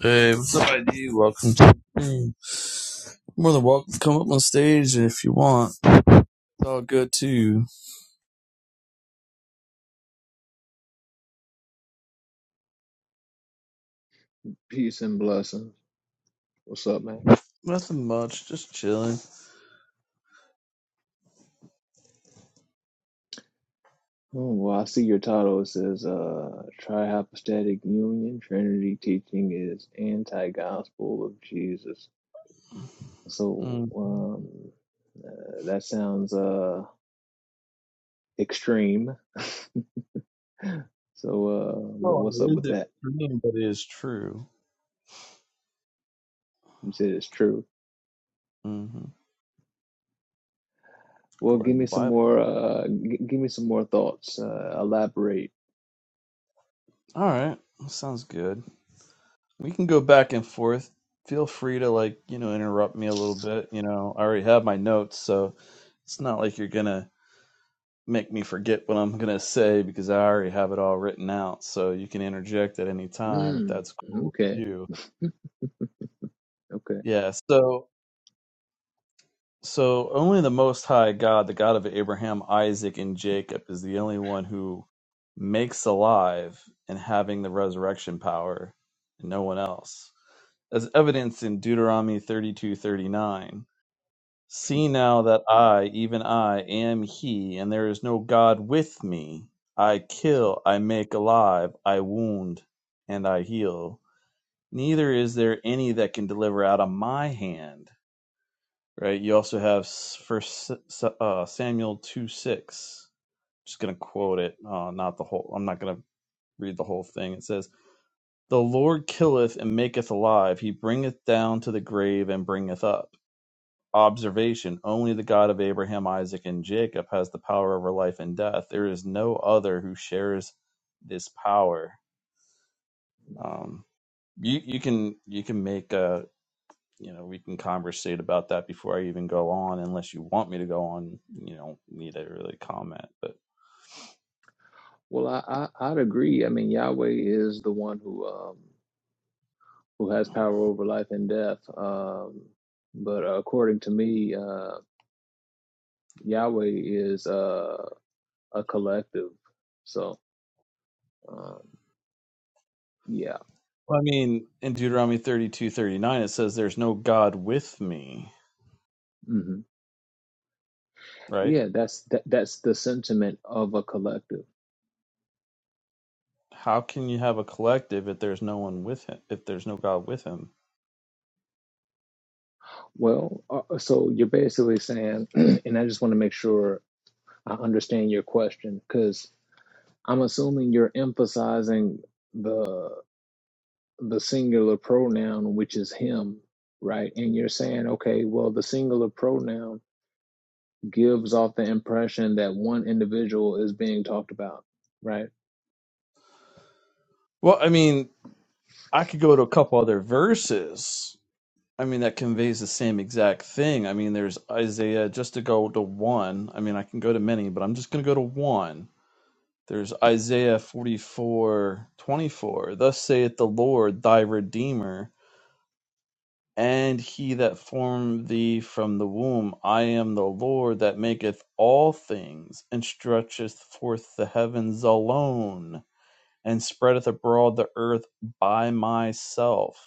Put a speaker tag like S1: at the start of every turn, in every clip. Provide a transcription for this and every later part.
S1: Hey, what's up, ID? Welcome to the room. More than welcome to come up on stage if you want. It's all good too.
S2: Peace and blessings. What's up, man?
S1: Nothing much, just chilling.
S2: Oh, well, I see your title. It says, uh, Trihypostatic Union Trinity Teaching is Anti-Gospel of Jesus. So,
S1: Mm.
S2: um, uh, that sounds, uh, extreme. So, uh, wh-
S1: Well,
S2: what's
S1: it
S2: up with
S1: is
S2: that?
S1: extreme, but it is true.
S2: You said it's true.
S1: hmm
S2: Well,
S1: According
S2: give
S1: to
S2: me
S1: the
S2: some
S1: Bible.
S2: more, uh, g- give me some more thoughts. Uh, elaborate.
S1: All right, sounds good. We can go back and forth. Feel free to like you know interrupt me a little bit. You know, I already have my notes, so it's not like you're gonna make me forget what I'm gonna say because I already have it all written out. So you can interject at any time if
S2: Mm,
S1: that's cool with
S2: okay,
S1: you.
S2: okay.
S1: Yeah. So so only the Most High God, the God of Abraham, Isaac, and Jacob, is the only one who makes alive and having the resurrection power, and no one else, as evidenced in Deuteronomy thirty two thirty nine. See now that I, even I, am He, and there is no God with me. I kill, I make alive, I wound, and I heal. Neither is there any that can deliver out of my hand. Right? You also have First uh, Samuel two six. Just gonna quote it, uh, not the whole. I'm not gonna read the whole thing. It says, "The Lord killeth and maketh alive; He bringeth down to the grave and bringeth up." observation only the God of Abraham, Isaac, and Jacob has the power over life and death. There is no other who shares this power. Um, you you can you can make a you know we can conversate about that before I even go on, unless you want me to go on. You don't need to really comment, but
S2: Well, I, I, I'd agree. I mean, Yahweh is the one who, um, who has power over life and death. Um, but uh, according to me, uh, Yahweh is uh, a collective. So um, yeah,
S1: well, I mean in Deuteronomy thirty two thirty nine it says, "There's no God with me."
S2: hmm
S1: Right?
S2: yeah, that's that, that's the sentiment of a collective.
S1: How can you have a collective if there's no one with him? If there's no God with him?
S2: Well, uh, so you're basically saying, and I just want to make sure I understand your question because I'm assuming you're emphasizing the the singular pronoun, which is him, right? And you're saying, okay, well, the singular pronoun gives off the impression that one individual is being talked about, right?
S1: Well, I mean, I could go to a couple other verses. I mean, that conveys the same exact thing. I mean, there's Isaiah, just to go to one. I mean, I can go to many, but I'm just going to go to one. There's Isaiah 44:24. Thus saith the Lord, thy Redeemer, and he that formed thee from the womb. I am the Lord that maketh all things, and stretcheth forth the heavens alone, and spreadeth abroad the earth by myself.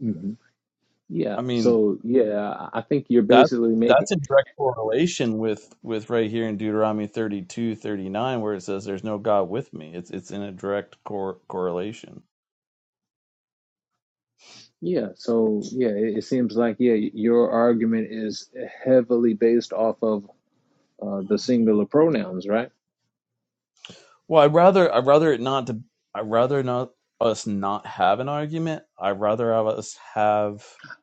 S2: hmm Yeah.
S1: I mean,
S2: So yeah, I think you're
S1: That
S2: basically making
S1: that's a direct correlation with with right here in Deuteronomy 32 39 where it says there's no God with me. It's it's in a direct cor- correlation.
S2: yeah. So yeah, it, it seems like yeah, your argument is heavily based off of uh, the singular pronouns, right?
S1: Well, I'd rather I'd rather it not to I'd rather not us not have an argument. I'd rather have us have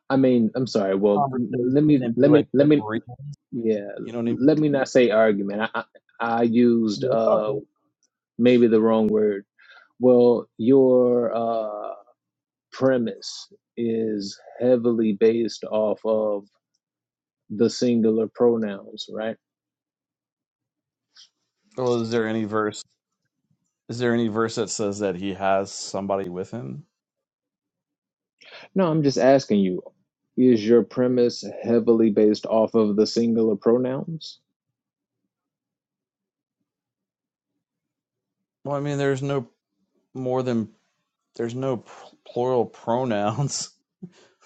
S2: I mean, I'm sorry. Well,
S1: conversation
S2: let me
S1: and be
S2: let
S1: like
S2: me let
S1: different
S2: me
S1: reasons.
S2: yeah,
S1: You know what I mean?
S2: let me not say argument. I I, I used
S1: Yeah, it's all
S2: uh
S1: good.
S2: maybe the wrong word. Well, your uh, premise is heavily based off of the singular pronouns, right?
S1: Well, is there any verse is there any verse that says that he has somebody with him?
S2: No, I'm just asking you, is your premise heavily based off of the singular pronouns?
S1: Well, I mean there's no more than there's no pl- plural pronouns.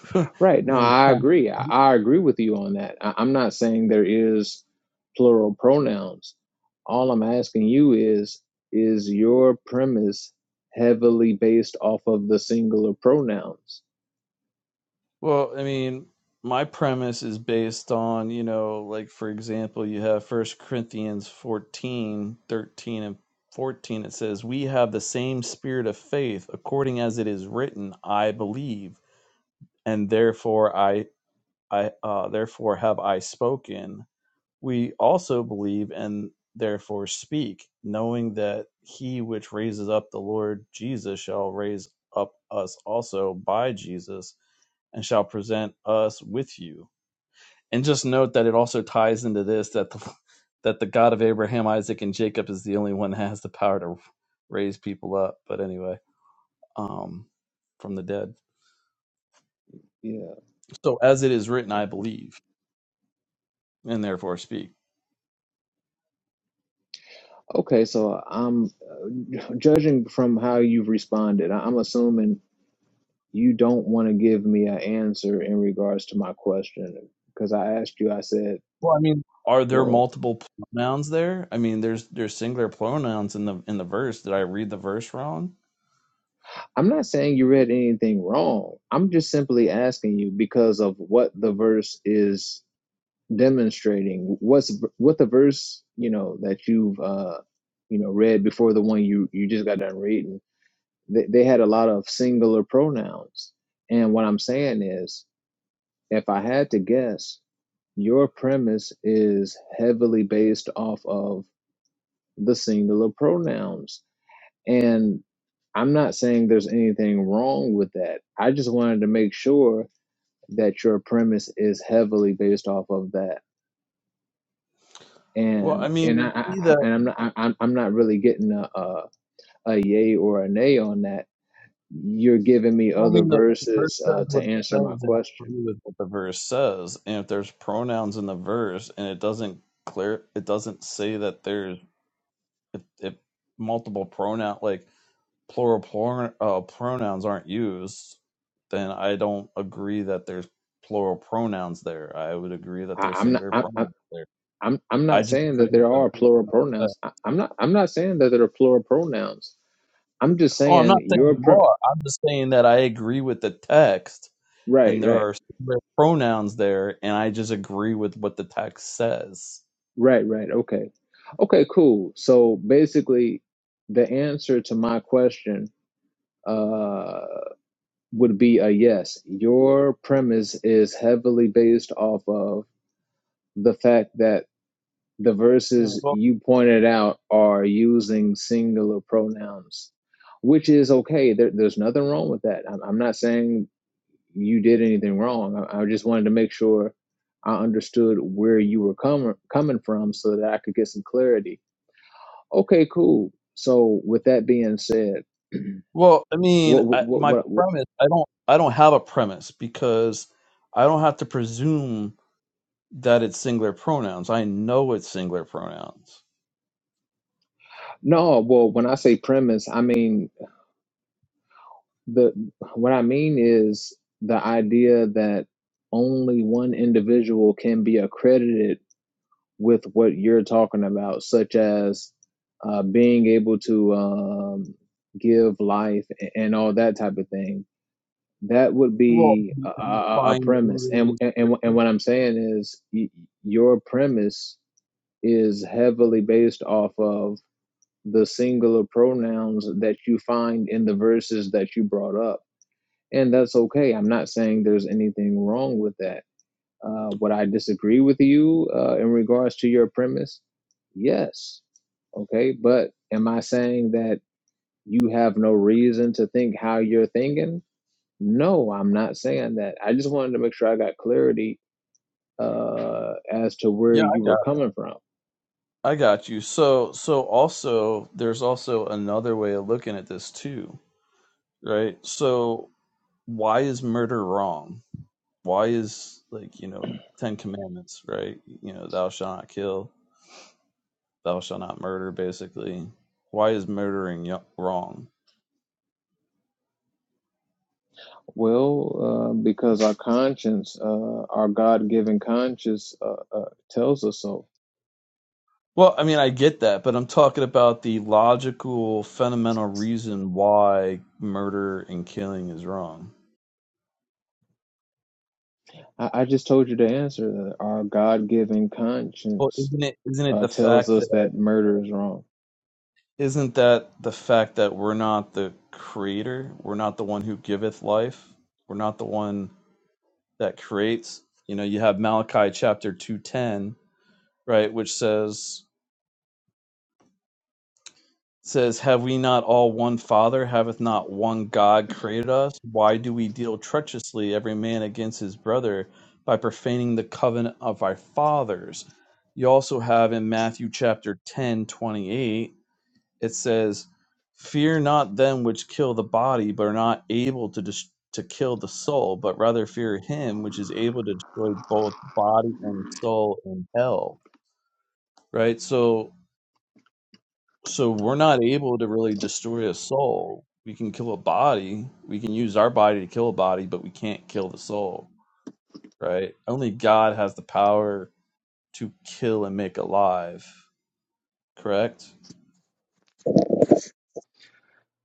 S1: I
S2: Right. No,
S1: mean,
S2: I agree. I, I agree with you on that. I, I'm not saying there is plural pronouns. All I'm asking you is, is your premise heavily based off of the singular pronouns?
S1: well, I mean, my premise is based on, you know, like for example, you have First Corinthians 14, 13, and 14 it says, "We have the same spirit of faith, according as it is written, I believe, and therefore I I uh, therefore have I spoken." We also believe and therefore speak, knowing that he which raises up the Lord Jesus shall raise up us also by Jesus and shall present us with you. And just note that it also ties into this that the, that the God of Abraham, Isaac, and Jacob is the only one that has the power to raise people up. But anyway, um, from the dead.
S2: Yeah.
S1: So as it is written, I believe, and therefore speak.
S2: Okay, so I'm uh, judging from how you've responded. I- I'm assuming you don't want to give me an answer in regards to my question because I asked you, I said,
S1: Well, I mean, are there
S2: well,
S1: multiple pronouns there? I mean, there's there's singular pronouns in the in the verse. Did I read the verse wrong?
S2: I'm not saying you read anything wrong. I'm just simply asking you because of what the verse is demonstrating. What's what the verse, you know, that you've uh, you know, read before the one you you just got done reading. They, they had a lot of singular pronouns. And what I'm saying is If I had to guess, your premise is heavily based off of the singular pronouns. And I'm not saying there's anything wrong with that. I just wanted to make sure that your premise is heavily based off of that.
S1: Well,
S2: And
S1: I
S2: and I,
S1: mean, we
S2: I
S1: see
S2: I-
S1: the
S2: and I'm not I, I'm I'm not really getting a, a a yay or a nay on that. You're giving me
S1: well, I
S2: other
S1: mean the, the verse
S2: verses uh,
S1: says
S2: to
S1: what it
S2: answer my
S1: says, and I
S2: question.
S1: agree with what the verse says. And if there's pronouns in the verse, and it doesn't clear, it doesn't say that there's if, if multiple pronoun like plural plur- uh, pronouns aren't used, then I don't agree that there's plural pronouns there. I would agree that
S2: I,
S1: there's
S2: I'm not.
S1: singular
S2: I,
S1: pronouns there.
S2: I'm I'm
S1: I
S2: not
S1: just
S2: saying
S1: agree
S2: that there
S1: with
S2: are plural
S1: the
S2: pronouns. I, I'm not I'm not saying that there are plural pronouns. I'm just
S1: Oh, I'm not
S2: saying
S1: saying
S2: your
S1: you
S2: pr-
S1: are. I'm just saying that I agree with the text
S2: right,
S1: and there
S2: right,
S1: are singular pronouns there and I just agree with what the text says.
S2: right, right. Okay, okay, cool. So basically, the answer to my question uh, would be a yes. Your premise is heavily based off of the fact that the verses
S1: Well,
S2: you pointed out are using singular pronouns which is okay. There, there's nothing wrong with that. I'm, I'm not saying you did anything wrong. I, I just wanted to make sure I understood where you were coming coming from so that I could get some clarity. Okay, cool. So with that being said,
S1: well, I mean,
S2: what
S1: I,
S2: what
S1: my
S2: what, what
S1: premise, I don't I don't have a premise because I don't have to presume that it's singular pronouns. I know it's singular pronouns.
S2: no, well when I say premise, I mean the what I mean is the idea that only one individual can be accredited with what you're talking about, such as uh, being able to um, give life a- and all that type of thing That would
S1: Well,
S2: be
S1: you
S2: a, a,
S1: can
S2: a
S1: find any
S2: premise, and
S1: way-
S2: and and what I'm saying is y- your premise is heavily based off of the singular pronouns that you find in the verses that you brought up, and that's okay. I'm not saying there's anything wrong with that. Uh, would I disagree with you uh, in regards to your premise? Yes. Okay, but am I saying that you have no reason to think how you're thinking? No, I'm not saying that. I just wanted to make sure I got clarity uh, as to where
S1: yeah, I
S2: you were
S1: got,
S2: coming from.
S1: I got you. So, so also, there's also another way of looking at this too, right? So, why is murder wrong? why is like you know ten commandments right you know thou shalt not kill thou shalt not murder basically why is murdering wrong
S2: Well, uh, because our conscience, uh, our God-given conscience, uh, uh, tells us so.
S1: well i mean i get that but i'm talking about the logical fundamental reason why murder and killing is wrong
S2: I, I just told you the answer that our God-given
S1: well
S2: conscience
S1: isn't it isn't it
S2: uh,
S1: the
S2: tells
S1: fact
S2: us
S1: that
S2: that murder is wrong.
S1: isn't that the fact that we're not the creator we're not the one who giveth life we're not the one that creates you know you have malachi chapter 210 right which says says have we not all one father haveth not one god created us why do we deal treacherously every man against his brother by profaning the covenant of our fathers you also have in matthew chapter 10, 28. it says fear not them which kill the body but are not able to dis- to kill the soul but rather fear him which is able to destroy both body and soul in hell right so So we're not able to really destroy a soul. We can kill a body. We can use our body to kill a body, but we can't kill the soul, right? Only God has the power to kill and make alive, correct?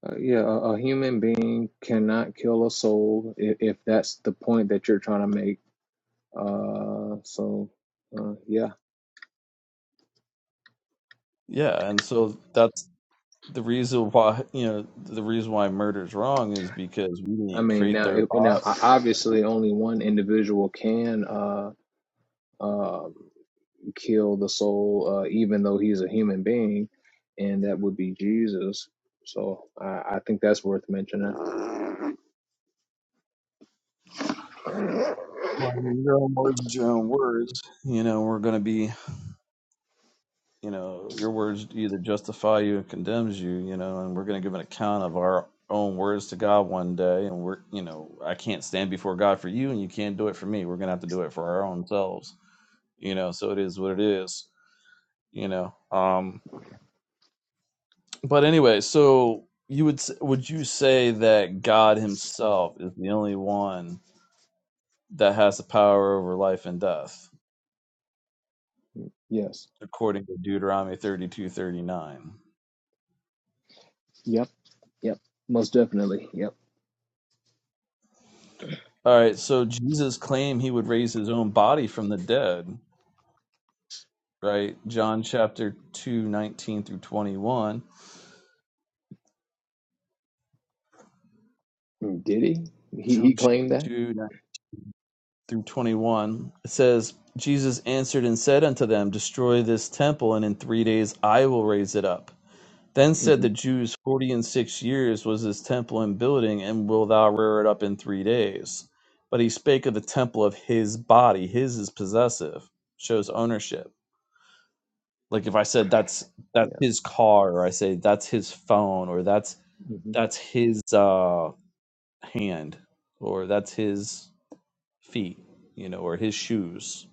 S2: Uh, yeah, a, a human being cannot kill a soul if, if that's the point that you're trying to make. Uh, so uh, yeah,
S1: Yeah, and so that's the reason why, you know, the reason why murder is wrong is because we
S2: I
S1: didn't
S2: mean
S1: create
S2: now
S1: their
S2: it,
S1: body.
S2: now o- obviously only one individual can uh, uh, kill the soul, uh, even though he's a human being, and that would be Jesus. So I, I think that's worth mentioning.
S1: Well, Your own words, is your own words. You know, we're going to be you know, your words either justify you or condemns you, you know, and we're going to give an account of our own words to God one day. And we're, you know, I can't stand before God for you and you can't do it for me. We're going to have to do it for our own selves, you know, so it is what it is, you know. Um, but anyway, so you would, s- would you say that God himself is the only one that has the power over life and death,
S2: Yes.
S1: according to Deuteronomy thirty two thirty nine?
S2: Yep. Yep. Most definitely. Yep.
S1: All right, so Jesus claimed he would raise his own body from the dead, right? John chapter 2 19 through 21.
S2: Mm, Did he? He he
S1: John chapter
S2: claimed that.
S1: two nineteen through 21. It says, Jesus answered and said unto them, Destroy this temple, and in three days I will raise it up. Then said
S2: hmm
S1: the Jews, Forty and six years was this temple in building, and wilt thou rear it up in three days? But he spake of the temple of his body. His is possessive, shows ownership like if i said that's that's
S2: Yeah.
S1: his car or i say that's his phone or that's
S2: hmm
S1: that's his uh hand or that's his feet you know or his shoes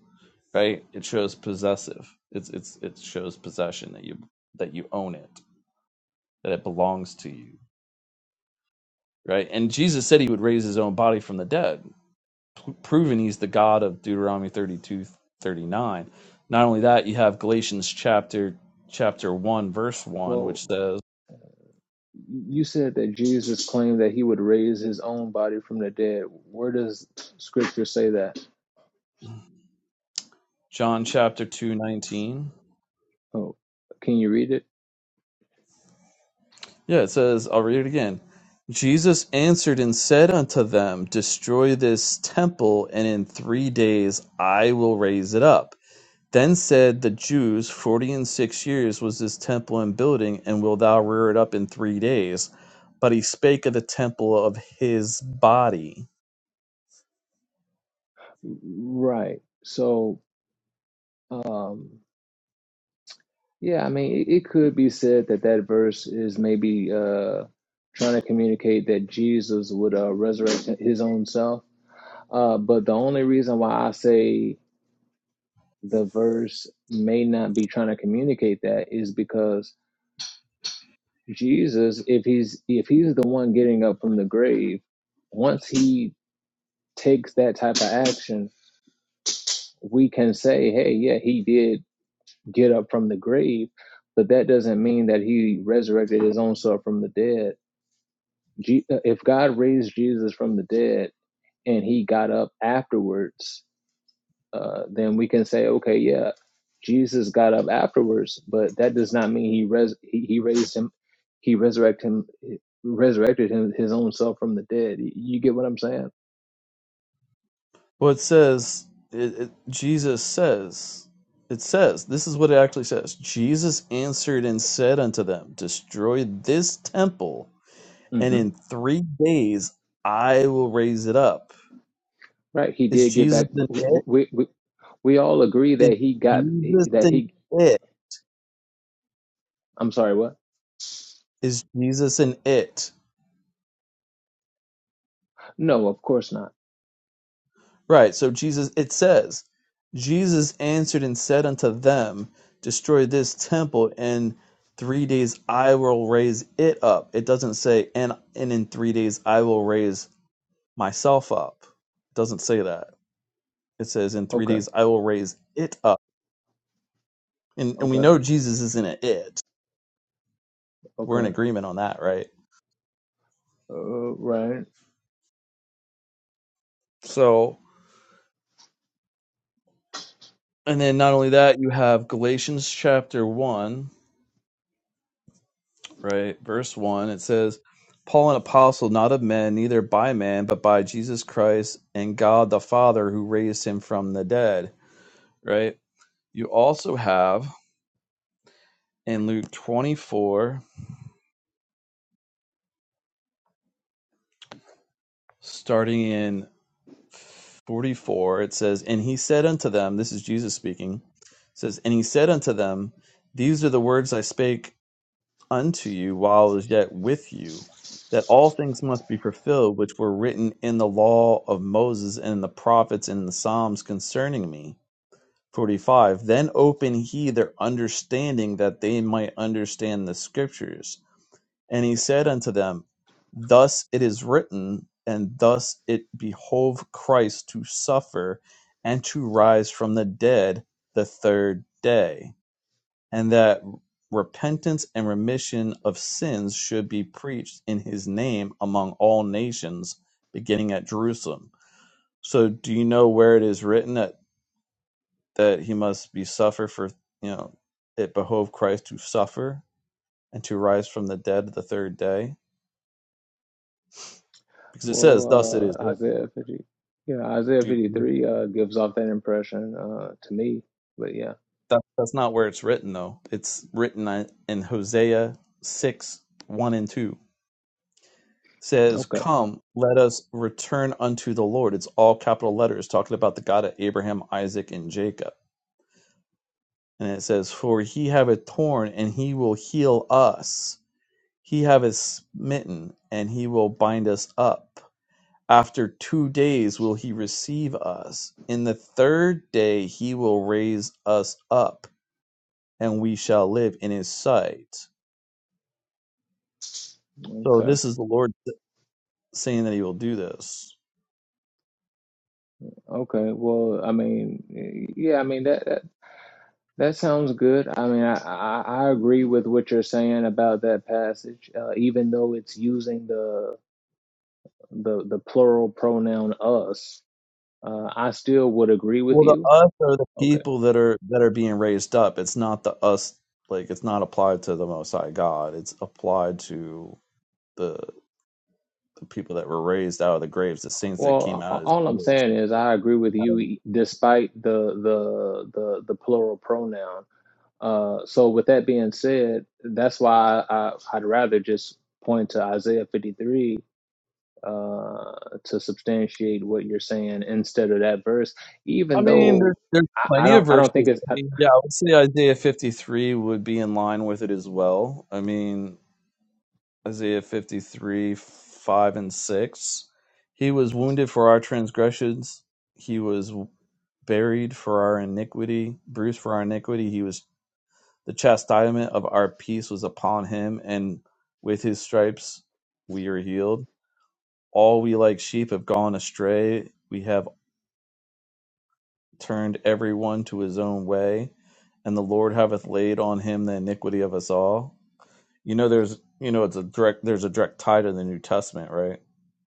S1: right it shows possessive it's it's it shows possession that you that you own it that it belongs to you right and jesus said he would raise his own body from the dead p- proving he's the god of deuteronomy 32 39. not only that you have galatians chapter chapter 1 verse 1
S2: Well,
S1: which says
S2: you said that Jesus claimed that he would raise his own body from the dead. Where does Scripture say that?
S1: John chapter 2 19.
S2: Oh, can you read it?
S1: Yeah, it says, I'll read it again. Jesus answered and said unto them, Destroy this temple, and in three days I will raise it up. Then said the Jews, Forty and six years was this temple in building, and wilt thou rear it up in three days? But he spake of the temple of his body.
S2: Right. So, um, yeah, I mean, it, it could be said that that verse is maybe uh, trying to communicate that Jesus would uh, resurrect his own self. Uh, but the only reason why I say the verse may not be trying to communicate that is because Jesus, if he's if he's the one getting up from the grave, once he takes that type of action, we can say, hey, yeah, he did get up from the grave, but that doesn't mean that he resurrected his own self from the dead. Je- uh, if God raised Jesus from the dead and he got up afterwards, uh, then we can say, okay, yeah, Jesus got up afterwards, but that does not mean he res he, he raised him, he resurrected him, resurrected him his own self from the dead. You get what I'm saying?
S1: Well, it says it, it, Jesus says it says this is what it actually says. Jesus answered and said unto them, Destroy this temple, and
S2: hmm
S1: in three days I will raise it up.
S2: Right? He
S1: Is
S2: did get
S1: Jesus
S2: back.
S1: in
S2: w-
S1: it?
S2: We, we we all agree
S1: Is
S2: that he got
S1: Jesus
S2: that
S1: in
S2: he.
S1: it?
S2: I'm sorry. What?
S1: Is Jesus in it?
S2: No, of course not.
S1: Right. So Jesus, it says, Jesus answered and said unto them, Destroy this temple, and three days I will raise it up. It doesn't say, and and in three days I will raise myself up. It doesn't say that. It says, in three
S2: Okay.
S1: days I will raise it up. And and we
S2: Okay,
S1: know Jesus isn't an it. We're
S2: okay.
S1: in agreement on that, right?
S2: Uh, right.
S1: So, and then not only that, you have Galatians chapter one. right? Verse 1, it says, Paul, an apostle, not of men, neither by man, but by Jesus Christ and God the Father who raised him from the dead, right? You also have in Luke 24, starting in 44, it says, And he said unto them, this is Jesus speaking, it says, And he said unto them, These are the words I spake unto you while I was yet with you, that all things must be fulfilled which were written in the law of Moses and in the prophets and in the Psalms concerning me. 45. Then opened he their understanding that they might understand the scriptures. And he said unto them, Thus it is written, and thus it behoved Christ to suffer and to rise from the dead the third day and that repentance and remission of sins should be preached in his name among all nations, beginning at Jerusalem. So, do you know where it is written that, that he must be suffer for, you know, it behoved Christ to suffer and to rise from the dead the third day? Because it says, thus it
S2: Well,
S1: is
S2: uh,
S1: written.
S2: Isaiah 50, yeah, Isaiah
S1: Do you,
S2: 53 uh, gives off that impression uh, to me. But yeah,
S1: that, that's not where it's written, though. It's written uh, in Hosea 6 1 and 2. says,
S2: okay,
S1: Come, let us return unto the Lord. It's all capital letters talking about the God of Abraham, Isaac, and Jacob. And it says, For he have a torn, and he will heal us. He have a smitten, and he will bind us up. After two days will he receive us. In the third day he will raise us up, and we shall live in his sight. So
S2: okay,
S1: this is the Lord saying that he will do this.
S2: okay. Well, I mean, y- yeah, I mean that that, that sounds good. I mean, I, I I agree with what you're saying about that passage, uh, even though it's using the the the plural pronoun us. Uh, I still would agree with
S1: Well, the
S2: you.
S1: us are the
S2: Okay,
S1: people that are that are being raised up. It's not the us like it's not applied to the Most High God. It's applied to the the people that were raised out of the graves, the saints that came
S2: Well, a-
S1: out of his
S2: all I'm
S1: graves.
S2: saying is I agree with you, e, despite the the the, the plural pronoun. Uh, so, with that being said, that's why I, I'd rather just point to Isaiah 53 uh, to substantiate what you're saying instead of that verse.
S1: I
S2: Even
S1: mean, there's
S2: though
S1: there's
S2: I, I
S1: plenty
S2: don't,
S1: of
S2: I don't think
S1: verses.
S2: it's.
S1: I
S2: I,
S1: mean, yeah, I would say Isaiah 53 would be in line with it as well. I mean, Isaiah 53 five and six. He was wounded for our transgressions. He was buried for our iniquity, bruised for our iniquity. He was The chastisement of our peace was upon him, and with his stripes we are healed. All we like sheep have gone astray. We have turned every one to his own way, and the Lord hath laid on him the iniquity of us all. You know, there's, you know, it's a direct, there's a direct tie to the New Testament, right?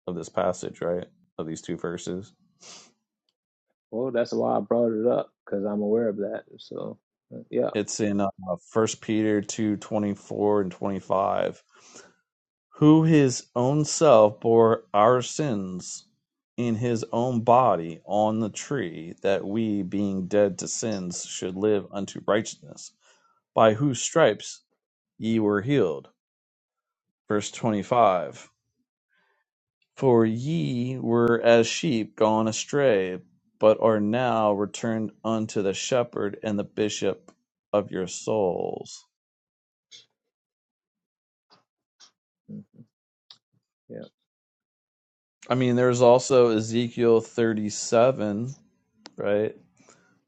S1: Of this passage, right? Of these two verses.
S2: well, that's why I brought it up because I'm aware of that. So, uh, yeah,
S1: It's in uh, 1 Peter two twenty four and 25 who his own self bore our sins in his own body on the tree, that we, being dead to sins, should live unto righteousness, by whose stripes ye were healed. Verse 25 For ye were as sheep gone astray, but are now returned unto the shepherd and the bishop of your souls.
S2: mm, yeah.
S1: I mean, there's also Ezekiel 37, right?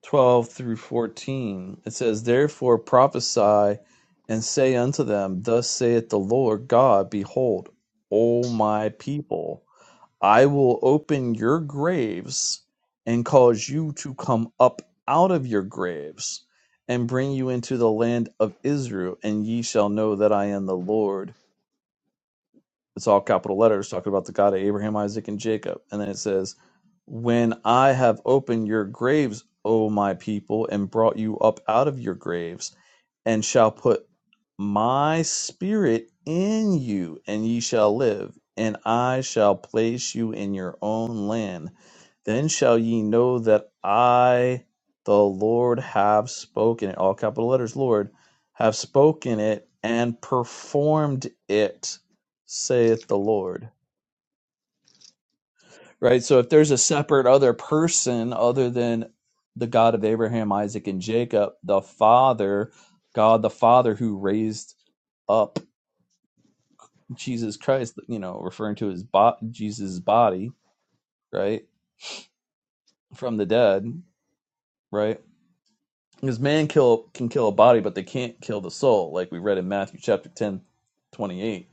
S1: 12 through 14. It says, Therefore prophesy and say unto them, Thus saith the Lord God, Behold, O my people, I will open your graves and cause you to come up out of your graves and bring you into the land of Israel, and ye shall know that I am the Lord. It's all capital letters talking about the God of Abraham, Isaac, and Jacob. And then it says, When I have opened your graves, O my people, and brought you up out of your graves and shall put my spirit in you, and ye shall live, and I shall place you in your own land. Then shall ye know that I, the Lord, have spoken it. All capital letters, Lord, have spoken it and performed it, saith the Lord right? So if there's a separate other person other than the God of Abraham, Isaac, and Jacob, the Father, God the Father who raised up Jesus Christ, you know, referring to his bo- Jesus' body, right, from the dead, right? Because man kill can kill a body, but they can't kill the soul, like we read in Matthew chapter 10, 28,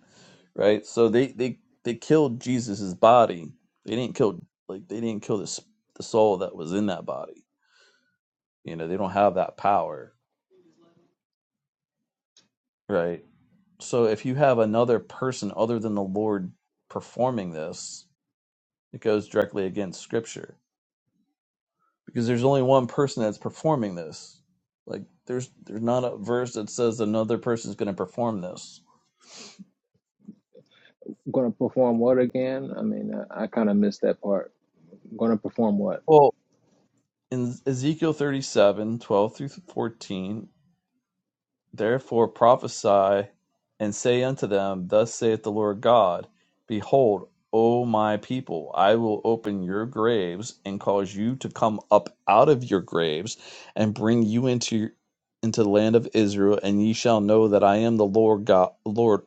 S1: right? So they they they killed Jesus' body. They didn't kill like they didn't kill the s- the soul that was in that body You know, they don't have that power, right? So if you have another person other than the Lord performing this, it goes directly against scripture because there's only one person that's performing this. Like there's there's not a verse that says another person's going to perform this.
S2: going to perform what again? I mean, I, I kind of missed that part. going to perform what?
S1: Well, in Ezekiel 37, 12 through 14, Therefore prophesy, and say unto them, Thus saith the Lord God, Behold, O my people, I will open your graves, and cause you to come up out of your graves, and bring you into into the land of Israel, and ye shall know that I am the Lord God, Lord,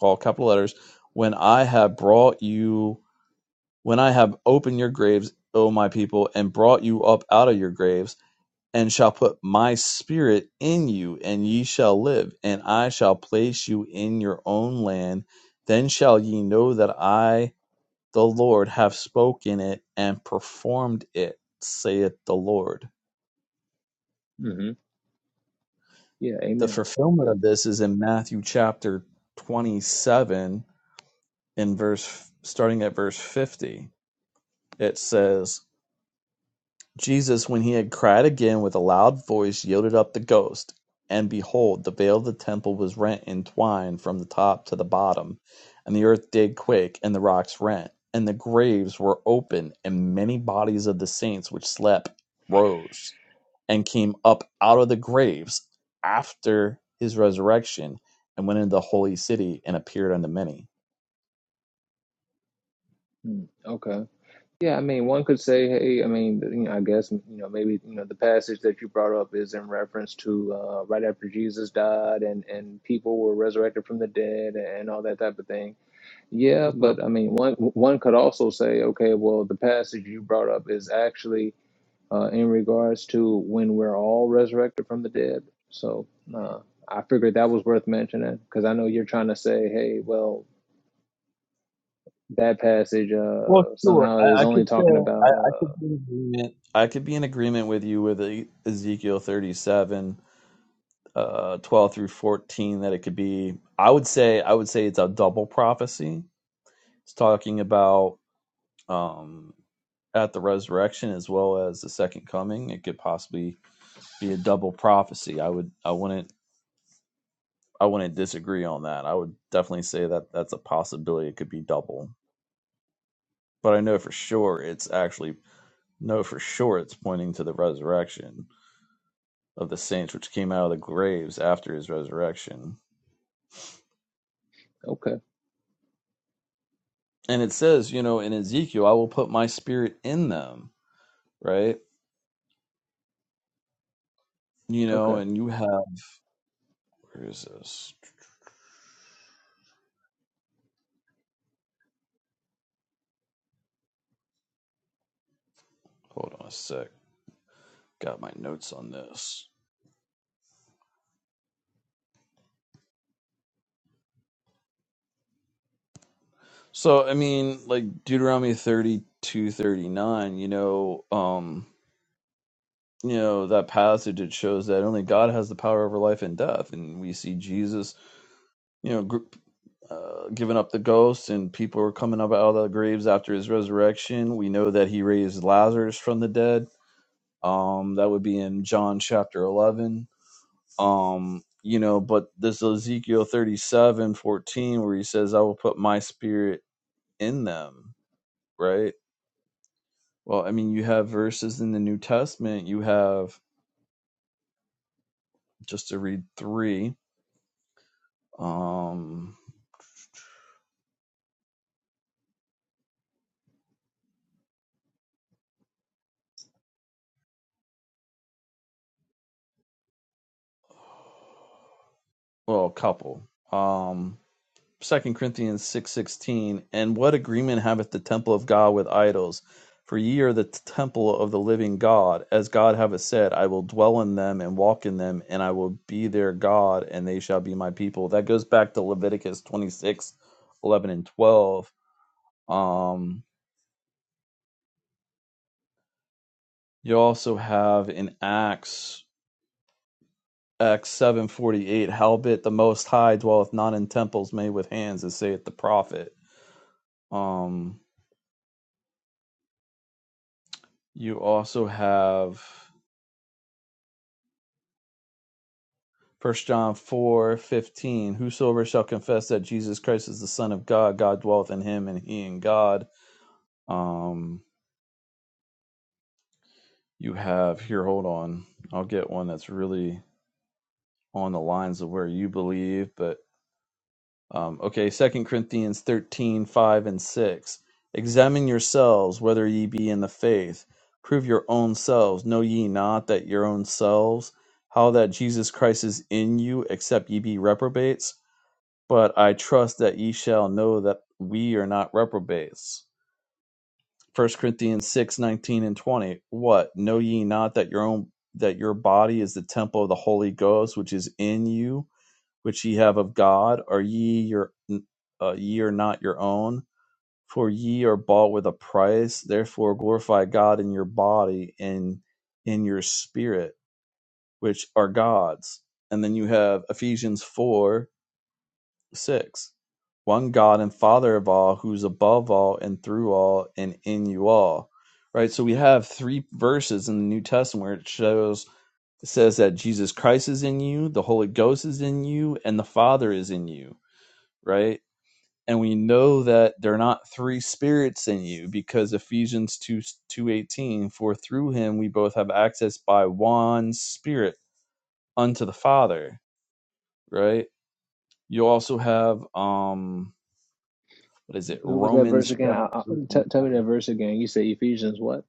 S1: all capital letters, when I have brought you, when I have opened your graves, O my people, and brought you up out of your graves and shall put my spirit in you, and ye shall live, and I shall place you in your own land. Then shall ye know that I, the Lord, have spoken it and performed it, saith the Lord.
S2: Yeah,
S1: The
S2: amen.
S1: fulfillment
S2: Yeah.
S1: of this is in Matthew chapter 27, in verse, starting at verse 50. It says, Jesus when he had cried again with a loud voice yielded up the ghost. And behold, the veil of the temple was rent in twine from the top to the bottom, and the earth did quake, and the rocks rent, and the graves were open, and many bodies of the saints which slept rose, and came up out of the graves after his resurrection, and went into the holy city, and appeared unto many.
S2: Mm, okay. Yeah, I mean, one could say, hey, I mean, you know, I guess, you know, maybe, you know, the passage that you brought up is in reference to uh, right after Jesus died and, and people were resurrected from the dead and all that type of thing. Yeah,
S1: What's up?
S2: but I mean, one one could also say, okay, well, the passage you brought up is actually uh, in regards to when we're all resurrected from the dead. So uh, I figured that was worth mentioning because I know you're trying to say, hey, well, that passage
S1: Well,
S2: uh
S1: sure.
S2: somehow
S1: I,
S2: is
S1: I could
S2: only
S1: say
S2: talking
S1: I,
S2: about
S1: I
S2: uh
S1: could be in agreement. I could be in agreement with you with E- Ezekiel 37, uh, 12 through 14 that it could be. I would say I would say it's a double prophecy. It's talking about um, at the resurrection as well as the second coming. It could possibly be a double prophecy. I would I wouldn't I wouldn't disagree on that. I would definitely say that that's a possibility. It could be double, but I know for sure it's actually No, for sure it's pointing to the resurrection of the saints which came out of the graves after his resurrection.
S2: okay
S1: And it says, you know, in Ezekiel, I will put my spirit in them, right? You know,
S2: okay
S1: and you have, where is this? Hold on a sec. Got my notes on this. So, I mean, like Deuteronomy 32:39, you know, um, you know, that passage, it shows that only God has the power over life and death. And we see Jesus you know, gr- uh, giving up the ghost and people are coming up out of the graves after his resurrection. We know that he raised Lazarus from the dead. Um, that would be in John chapter 11. Um, you know, but this Ezekiel 37 14, where he says, I will put my spirit in them, right? Well, I mean, you have verses in the New Testament, you have just to read three, um, well, a couple. Um, Second Corinthians 6:16, and what agreement haveth the temple of God with idols? For ye are the temple of the living God, as God hath said, I will dwell in them and walk in them, and I will be their God, and they shall be my people. That goes back to Leviticus twenty six eleven and 12. Um, you also have in Acts Acts 7:48, howbeit the most high dwelleth not in temples made with hands, as saith the prophet. Um, you also have First John four fifteen. Whosoever shall confess that Jesus Christ is the Son of God, God dwelleth in him and he in God. Um, you have here, hold on. I'll get one that's really on the lines of where you believe, but um, okay, Second Corinthians thirteen five and 6. Examine yourselves whether ye be in the faith. Prove your own selves. Know ye not that your own selves, how that Jesus Christ is in you, except ye be reprobates? but I trust that ye shall know that we are not reprobates. First Corinthians six nineteen and 20. What? Know ye not that your own that your body is the temple of the Holy Ghost which is in you, which ye have of God? Are ye your uh, ye are not your own? For ye are bought with a price, therefore glorify God in your body and in your spirit, which are God's. And then you have Ephesians 4 6. One God and Father of all, who's above all and through all and in you all. Right? So we have three verses in the New Testament where it shows it says that Jesus Christ is in you, the Holy Ghost is in you, and the Father is in you, right? And we know that they're not three spirits in you because Ephesians 2 2:18 for through him we both have access by one spirit unto the Father, right? You also have um what is it?
S2: what was that verse
S1: Romans
S2: again
S1: chapter
S2: I, I,
S1: 8,
S2: t- tell me that verse again you say ephesians what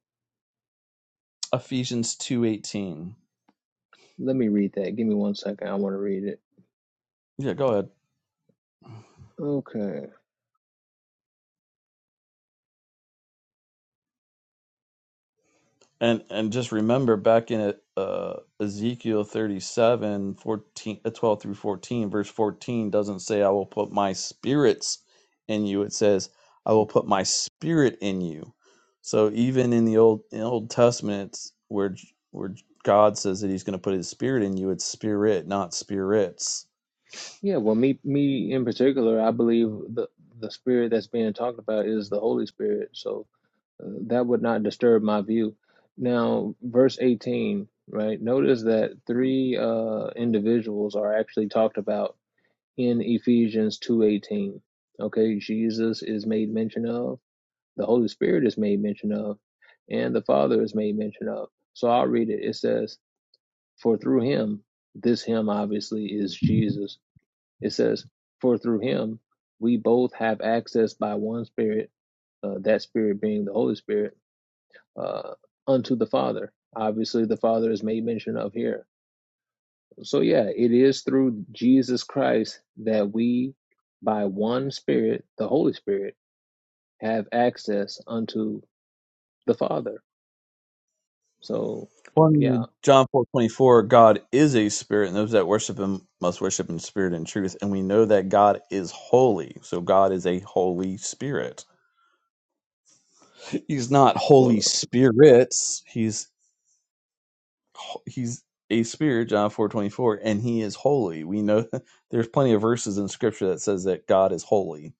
S1: Ephesians 2:18.
S2: let me read that give me one second i want to read it
S1: Yeah, go ahead.
S2: okay
S1: And and just remember back in uh, Ezekiel 37, fourteen, uh, 12 through 14, verse 14 doesn't say I will put my spirits in you. It says I will put my spirit in you. So even in the old in Old Testament it's where where God says that he's going to put his spirit in you, it's spirit, not spirits.
S2: yeah well me me in particular i believe the the spirit that's being talked about is the holy spirit so uh, that would not disturb my view now verse 18 right notice that three uh individuals are actually talked about in Ephesians 2:18. Okay, Jesus is made mention of, the Holy Spirit is made mention of, and the Father is made mention of. So I'll read it. It says, "For through him, this him obviously is Jesus. It says, "For through him we both have access by one Spirit, uh, that Spirit being the Holy Spirit, uh, unto the Father." Obviously, the Father is made mention of here. So, yeah, it is through Jesus Christ that we, by one Spirit, the Holy Spirit, have access unto the Father. So,
S1: Well,
S2: yeah,
S1: in John four twenty four, God is a spirit, and those that worship him must worship in spirit and truth. And we know that God is holy. So God is a holy spirit. He's not holy
S2: well,
S1: spirits. He's he's a spirit, John four twenty four, and he is holy. We know there's plenty of verses in scripture that says that God is holy.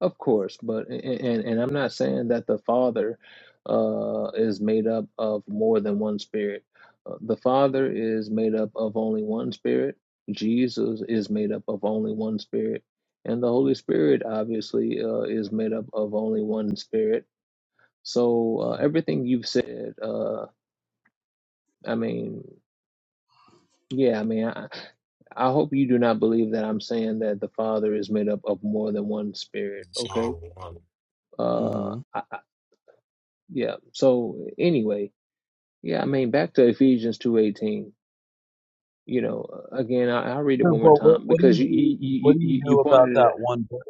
S2: of course, but and and, and I'm not saying that the Father uh, is made up of more than one Spirit. Uh, the Father is made up of only one Spirit. Jesus is made up of only one Spirit, and the Holy Spirit obviously uh, is made up of only one Spirit So uh, everything you've said, uh, I mean, yeah, I mean, I, I hope you do not believe that I'm saying that the Father is made up of more than one spirit.
S3: So
S2: Okay. Uh,
S1: hmm
S2: I, I, yeah. So anyway, yeah, I mean, back to Ephesians two eighteen. You know, uh, again, I, I'll read it one more
S1: Well, what,
S2: time
S1: what do
S2: because
S1: you
S2: you
S1: do?
S2: you you
S1: What do you
S2: you you
S1: do about
S2: pointed it.
S1: that one verse?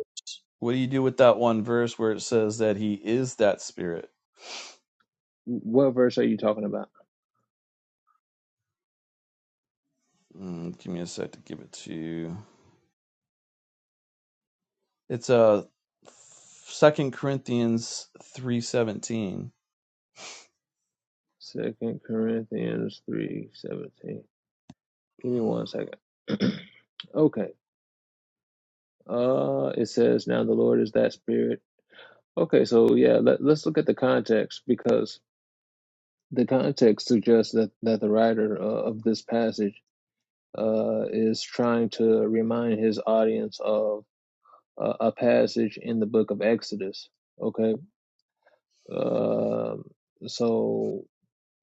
S1: What do you do with that one verse where it says that he is that spirit?
S2: What verse are you talking about?
S1: Mm, give me a sec to give it to you. It's uh Second Corinthians three seventeen.
S2: Second Corinthians three seventeen. Give me one second. okay. Uh, it says, "Now the Lord is that Spirit." Okay, so yeah, let, let's look at the context because the context suggests that that the writer uh, of this passage uh, is trying to remind his audience of uh, a passage in the book of Exodus. Okay, um, so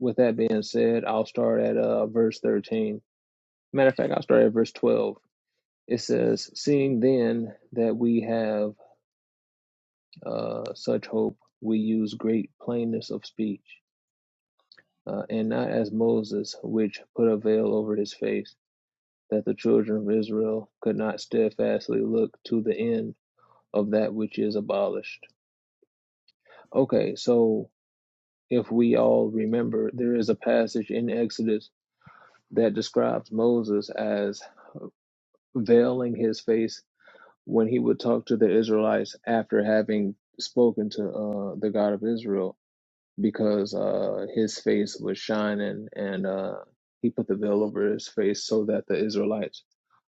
S2: with that being said, I'll start at uh, verse thirteen. Matter of fact, I'll start at verse twelve. It says, "Seeing then that we have." uh, such hope we use great plainness of speech, uh, and not as Moses, which put a veil over his face, that the children of Israel could not steadfastly look to the end of that which is abolished. Okay, so if we all remember, there is a passage in Exodus that describes Moses as veiling his face when he would talk to the Israelites after having spoken to uh, the God of Israel because uh, his face was shining and uh, he put the veil over his face so that the Israelites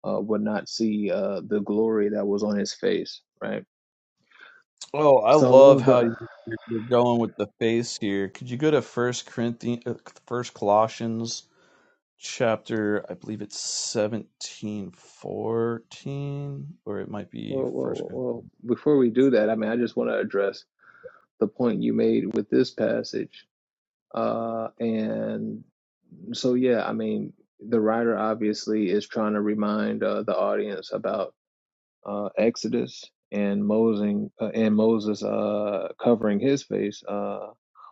S2: uh, would not see uh, the glory that was on his face, right?
S1: Oh, I love
S2: So
S1: how
S2: the
S1: you- are going with the face here. Could you go to First Corinthians, First Colossians chapter? I believe it's seventeen fourteen, or it might be
S2: well, well,
S1: First
S2: well,
S1: Corinthians.
S2: well, before we do that, I mean, I just want to address the point you made with this passage uh, and So yeah, I mean, the writer obviously is trying to remind uh, the audience about uh, Exodus and Moses uh, and Moses uh, covering his face uh,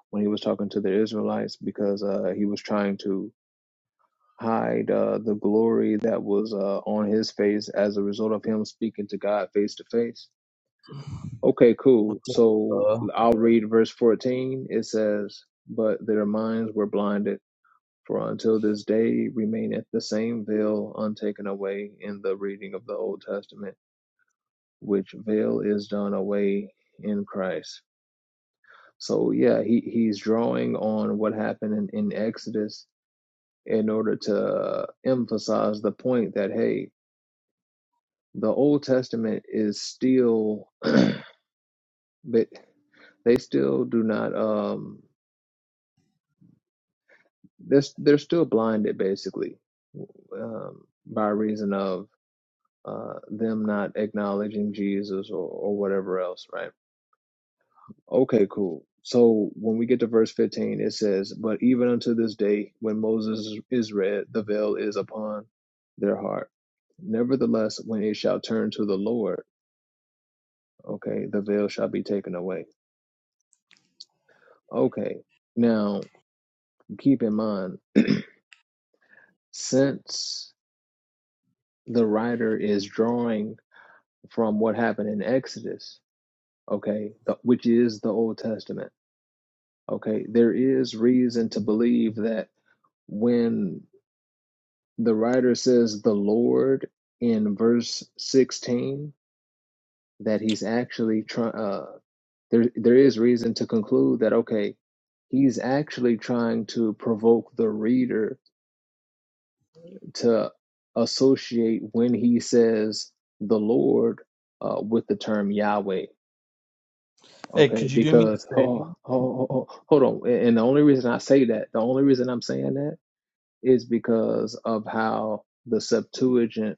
S2: when he was talking to the Israelites because uh, he was trying to hide uh, the glory that was uh, on his face as a result of him speaking to God face to face. Okay, cool.
S1: What's up?
S2: So
S1: Uh,
S2: I'll read verse 14. It says, "But their minds were blinded." For until this day remaineth the same veil untaken away in the reading of the Old Testament, which veil is done away in Christ. So yeah, he, he's drawing on what happened in, in Exodus in order to emphasize the point that hey, the Old Testament is still but they still do not um they're, they're still blinded basically um, by reason of uh, them not acknowledging Jesus or, or whatever else, right? Okay, cool. So when we get to verse 15, it says, But even unto this day, when Moses is read, the veil is upon their heart. Nevertheless, when it shall turn to the Lord, okay, the veil shall be taken away. Okay, now keep in mind, since the writer is drawing from what happened in Exodus, okay, the, which is the Old Testament Okay, there is reason to believe that when the writer says the Lord in verse 16, that he's actually trying, uh, there, there is reason to conclude that, okay, he's actually trying to provoke the reader to associate when he says the Lord uh, with the term Yahweh.
S1: hey,
S2: Okay,
S1: could you do me
S2: because
S1: a favor?
S2: oh, oh, oh, oh, hold on, and and the only reason I say that, the only reason I'm saying that is because of how the Septuagint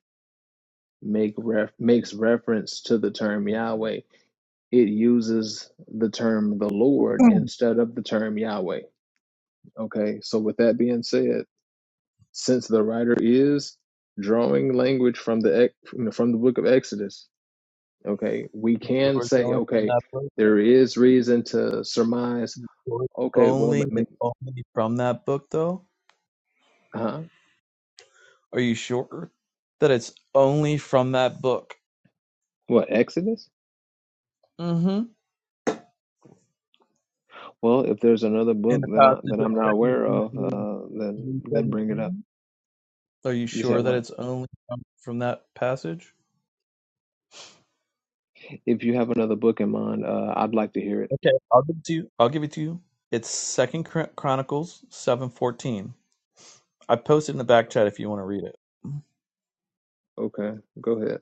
S2: make ref- makes reference to the term Yahweh. It uses the term the Lord instead of the term Yahweh. Okay, so with that being said, since the writer is drawing language from the ex- from the book of Exodus, okay, we can
S1: Doors
S2: say
S1: only from
S2: okay,
S1: that book.
S2: there is reason to surmise.
S1: Doors
S2: Okay, well,
S1: only
S2: ma- ma-
S1: and only from that book, though.
S2: huh?
S1: Are you sure that it's only from that book?
S2: What Exodus?
S1: Mm-hmm.
S2: Well, if there's another
S1: And
S2: book
S1: the
S2: that I
S1: passage
S2: that
S1: of
S2: I'm not
S1: Second
S2: aware of,
S1: Corinthians
S2: uh, then
S1: three
S2: then bring it up.
S1: seventeen. Are you
S2: You said
S1: sure that
S2: what?
S1: it's only from, from that passage?
S2: If you have another book in mind, uh, I'd like to hear it.
S1: Okay, I'll give it to you. I'll give it to you. It's Second Chronicles seven fourteen. I posted in the back chat if you want to read it.
S2: Okay, go ahead.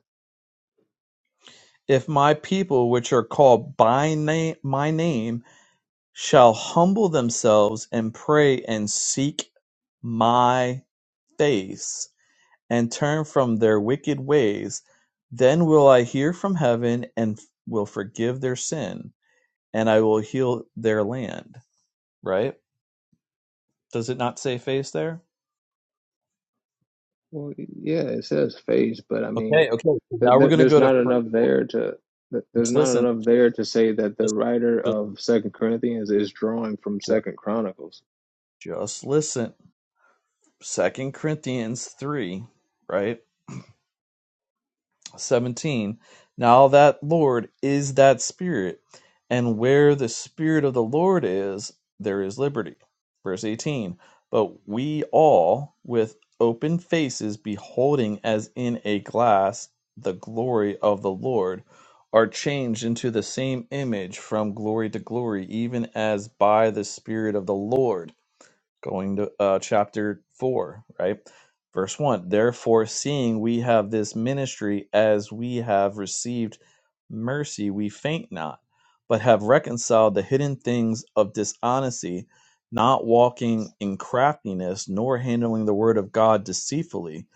S1: If my people, which are called by name, my name, shall humble themselves and pray and seek my face and turn from their wicked ways, then will I hear from heaven and will forgive their sin, and I will heal their land. Right? Does it not say face there?
S2: Well, yeah, it says phase, but I mean,
S1: Okay, okay.
S2: th
S1: Now we're
S2: th
S1: gonna
S2: there's
S1: go to
S2: not
S1: first.
S2: enough there to th there's
S1: Just
S2: not
S1: listen.
S2: enough there to say that the
S1: Just,
S2: writer of Second Corinthians is drawing from
S1: just,
S2: Second Chronicles.
S1: just listen. Second Corinthians three, right? 17 Now that Lord is that Spirit, and where the Spirit of the Lord is, there is liberty. Verse 18 But we all, with open faces, beholding as in a glass the glory of the Lord, are changed into the same image from glory to glory, even as by the Spirit of the Lord going to uh, chapter 4, right? Verse 1 Therefore, seeing we have this ministry as we have received mercy, we faint not, but have reconciled the hidden things of dishonesty, not walking in craftiness, nor handling the word of God deceitfully,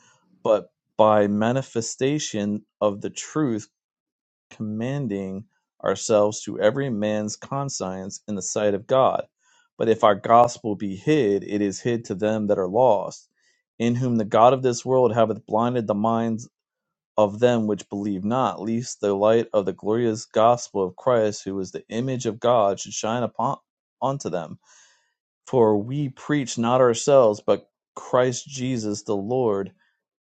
S1: but by manifestation of the truth commending ourselves to every man's conscience in the sight of God. But if our gospel be hid, it is hid to them that are lost, in whom the God of this world haveth blinded the minds of them which believe not, lest the light of the glorious gospel of Christ, who is the image of God, should shine upon unto them. For we preach not ourselves, but Christ Jesus the Lord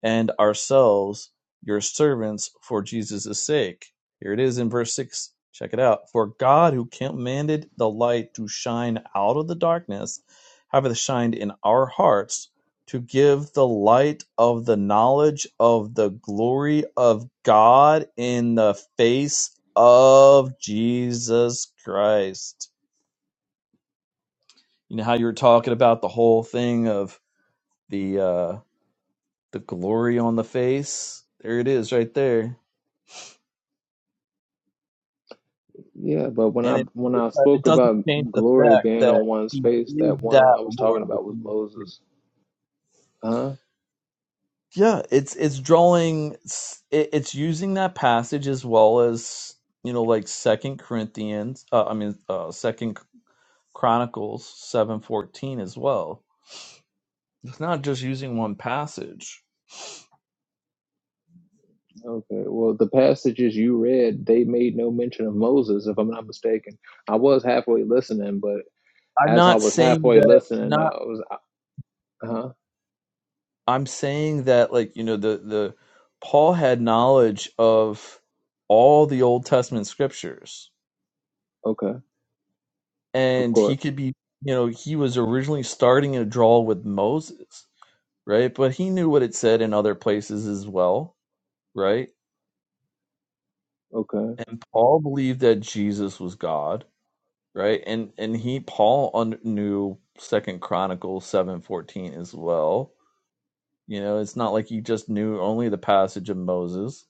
S1: and ourselves your servants for Jesus' sake. Here it is in verse 6. Check it out. For God, who commanded the light to shine out of the darkness, hath shined in our hearts to give the light of the knowledge of the glory of God in the face of Jesus Christ. You know how you were talking about the whole thing of the uh the glory on the face? There it is right there
S2: Yeah, but when I
S1: and it
S2: when I
S1: it
S2: spoke
S1: doesn't
S2: about
S1: change the
S2: glory
S1: fact
S2: being
S1: that
S2: on one's
S1: he
S2: face,
S1: is
S2: that one
S1: that
S2: I was talking
S1: Lord. that
S2: about
S1: he
S2: was
S1: is here.
S2: Moses. huh?
S1: Yeah, it's it's drawing, s- it, it's using that passage as well as you know, like Second Corinthians. Uh, I mean, uh, Second Chronicles seven fourteen as well. It's not just using one passage.
S2: Okay, well, the passages you read, they made no mention of Moses, if I'm not mistaken. I was halfway listening, but
S1: I'm
S2: as I
S1: not
S2: was
S1: saying
S2: halfway
S1: that
S2: listening, I
S1: not.
S2: was, huh?
S1: I'm saying that like you know the the Paul had knowledge of all the Old Testament scriptures
S2: Okay, of
S1: and he
S2: course.
S1: could be you know he was originally starting a draw with moses right but he knew what it said in other places as well right
S2: Okay,
S1: and paul believed that jesus was god right and and he paul un- knew second chronicles 714 as well you know it's not like he just knew only the passage of moses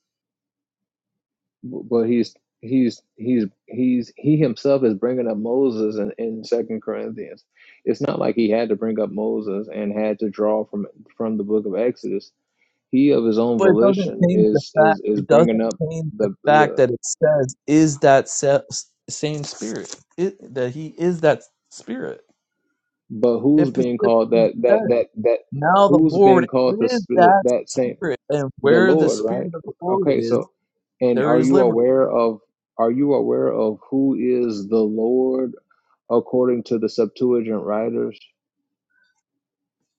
S2: B- but he's he's he's he's he himself is bringing up Moses in, in Second Corinthians. It's not like he had to bring up Moses and had to draw from from the book of Exodus. He of his own
S1: but it doesn't
S2: volition
S1: change the
S2: is is
S1: fact
S2: is
S1: it
S2: bringing
S1: doesn't
S2: up
S1: change the
S2: the.
S1: fact that it says is that se- same spirit it, that he is that spirit
S2: But
S1: It
S2: who's being called
S1: specifically
S2: that? That
S1: says,
S2: that that
S1: now the
S2: who's being
S1: Lord
S2: called the
S1: is
S2: sp-
S1: that
S2: that same
S1: spirit, and
S2: the
S1: where the
S2: Lord,
S1: spirit
S2: right?
S1: of the Lord
S2: Okay,
S1: is,
S2: so and
S1: there
S2: are
S1: is
S2: you
S1: liberty.
S2: aware of are you aware of who is the Lord according to the Septuagint writers?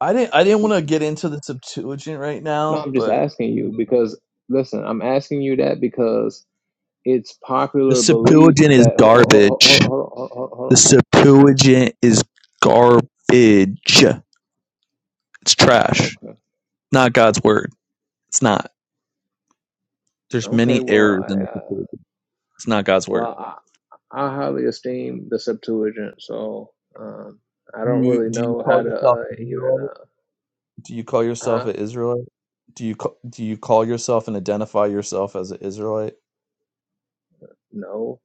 S1: I didn't I didn't want to get into the Septuagint right
S2: No,
S1: now,
S2: I'm just
S1: but I
S2: asking you
S1: mean,
S2: because listen, I'm asking you that because it's
S1: the
S2: popular belief
S1: Septuagint is
S2: that hold, hold,
S1: garbage.
S2: hold, hold, hold, hold, hold
S1: The
S2: on.
S1: Septuagint is garbage. It's trash.
S2: Okay.
S1: Not God's word. It's not. There's
S2: Okay.
S1: many
S2: Well,
S1: errors in
S2: I
S1: the
S2: uh,
S1: Septuagint. It's not God's word.
S2: well. I highly esteem the Septuagint, so um, I don't
S1: You
S2: really
S1: do you
S2: know how
S1: call
S2: to
S1: yourself
S2: uh,
S1: an
S2: even.
S1: Israelite?
S2: Uh,
S1: Do you call yourself
S2: huh?
S1: an Israelite? Do you ca- do you call yourself and identify yourself as an Israelite?
S2: No.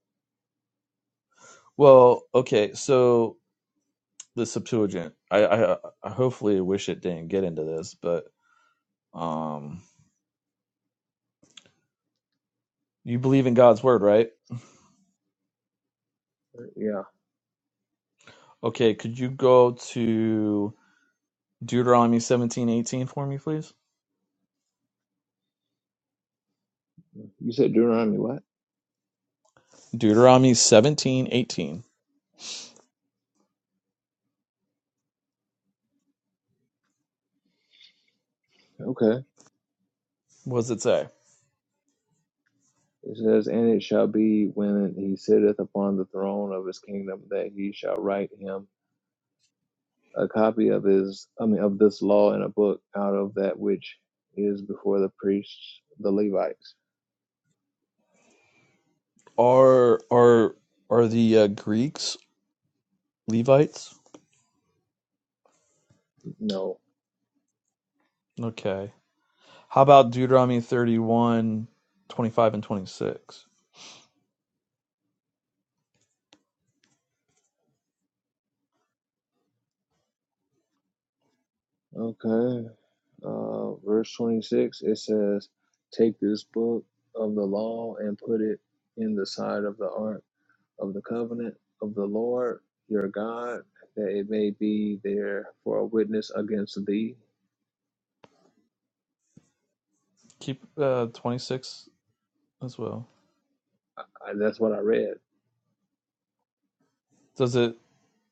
S1: Well, okay, so the Septuagint. I, I, I hopefully wish it didn't get into this, but um, you believe in God's word, right?
S2: Yeah.
S1: Okay, could you go to Deuteronomy seventeen eighteen for me, please?
S2: You said Deuteronomy what?
S1: Deuteronomy seventeen eighteen.
S2: Okay.
S1: What does it say?
S2: It says, And it shall be when he sitteth upon the throne of his kingdom that he shall write him a copy of his, I mean, of this law in a book out of that which is before the priests, the Levites.
S1: Are are are the uh, Greeks Levites?
S2: No.
S1: Okay. How about Deuteronomy 31, 25 and 26?
S2: Okay. Uh, verse 26, it says, Take this book of the law and put it in the side of the ark of the covenant of the Lord your God, that it may be there for a witness against thee.
S1: Keep uh, 26 as well.
S2: I, I, that's what I read.
S1: Does it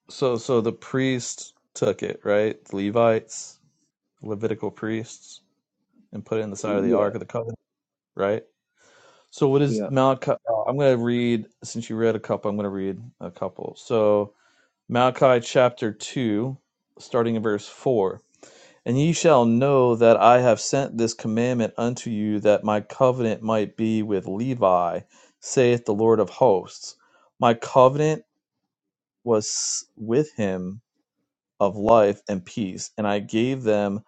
S1: so so the priests took it, right? The Levites, Levitical priests and put it in the side of the
S2: Yeah,
S1: ark of the covenant, right? So what is
S2: yeah.
S1: Malachi uh, I'm going to read since you read a couple, I'm going to read a couple. So Malachi chapter 2 starting in verse 4. And ye shall know that I have sent this commandment unto you, that my covenant might be with Levi, saith the Lord of hosts. My covenant was with him of life and peace, and I gave them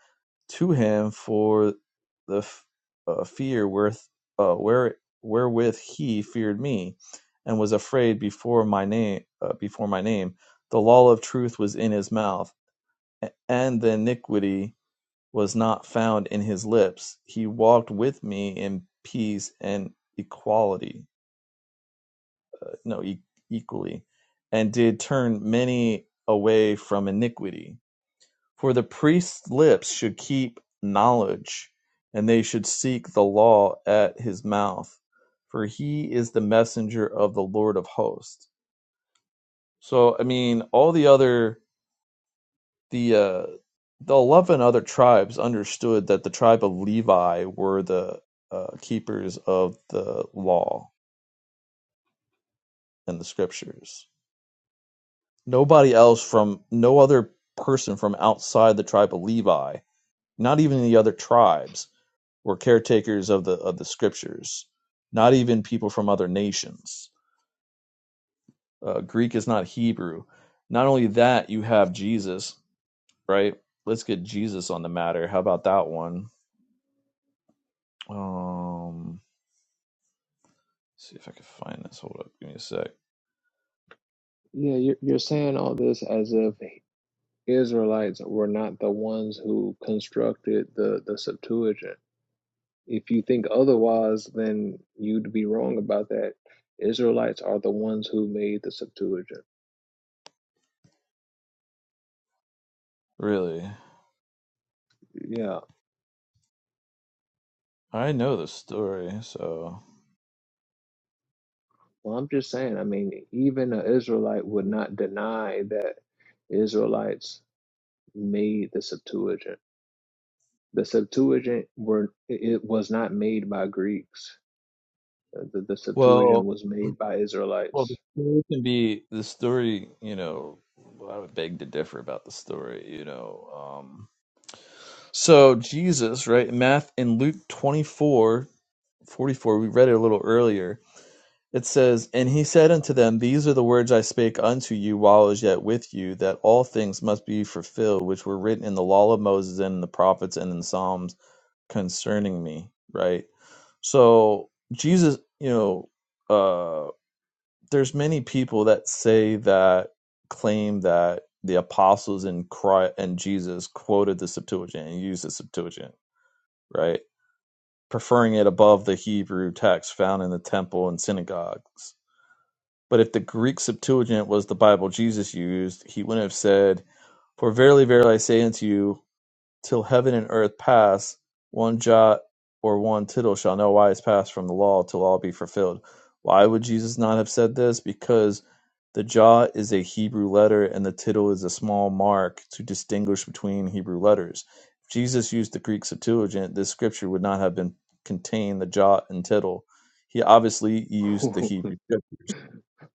S1: to him for the f- uh, fear whereth, uh, where, wherewith he feared me, and was afraid before my name. Uh, before my name, the law of truth was in his mouth, a- and the iniquity was not found in his lips. He walked with me in peace and equality, no, e- equally, and did turn many away from iniquity. For the priest's lips should keep knowledge, and they should seek the law at his mouth, for he is the messenger of the Lord of hosts. So, I mean, all the other the uh, the eleven other tribes understood that the tribe of Levi were the uh, keepers of the law and the scriptures. Nobody else from no other person from outside the tribe of Levi, not even the other tribes, were caretakers of the of the scriptures. Not even people from other nations. Uh, Greek is not Hebrew. Not only that, you have Jesus, right? Let's get Jesus on the matter. How about that one? Um, see if I can find this. Hold up, give me a sec.
S2: Yeah, you're, you're saying all this as if Israelites were not the ones who constructed the, the Septuagint. If you think otherwise, then you'd be wrong about that. Israelites are the ones who made the Septuagint.
S1: Really,
S2: Yeah.
S1: I know the story. So,
S2: Well, I'm just saying, I mean, even an Israelite would not deny that Israelites made the Septuagint. The Septuagint were it it was not made by Greeks. Uh, The, the Septuagint
S1: well,
S2: was made by
S1: well,
S2: Israelites.
S1: the story can be the story. You know, well, I would beg to differ about the story. You know, um, so Jesus, right? Math in Luke 24 44. We read it a little earlier. It says, And he said unto them, These are the words I spake unto you while I was yet with you, that all things must be fulfilled, which were written in the law of Moses and in the prophets and in Psalms concerning me right so jesus you know uh there's many people that say that claim that the apostles and christ and jesus quoted the septuagint and used the septuagint right preferring it above the hebrew text found in the temple and synagogues but if the greek septuagint was the bible jesus used he wouldn't have said for verily verily i say unto you till heaven and earth pass, one jot or one tittle shall no wise pass from the law till all be fulfilled. Why would Jesus not have said this? Because the jot is a Hebrew letter and the tittle is a small mark to distinguish between Hebrew letters. If Jesus used the Greek Septuagint, this scripture would not have been contained the jot and tittle. He obviously used the Hebrew scriptures,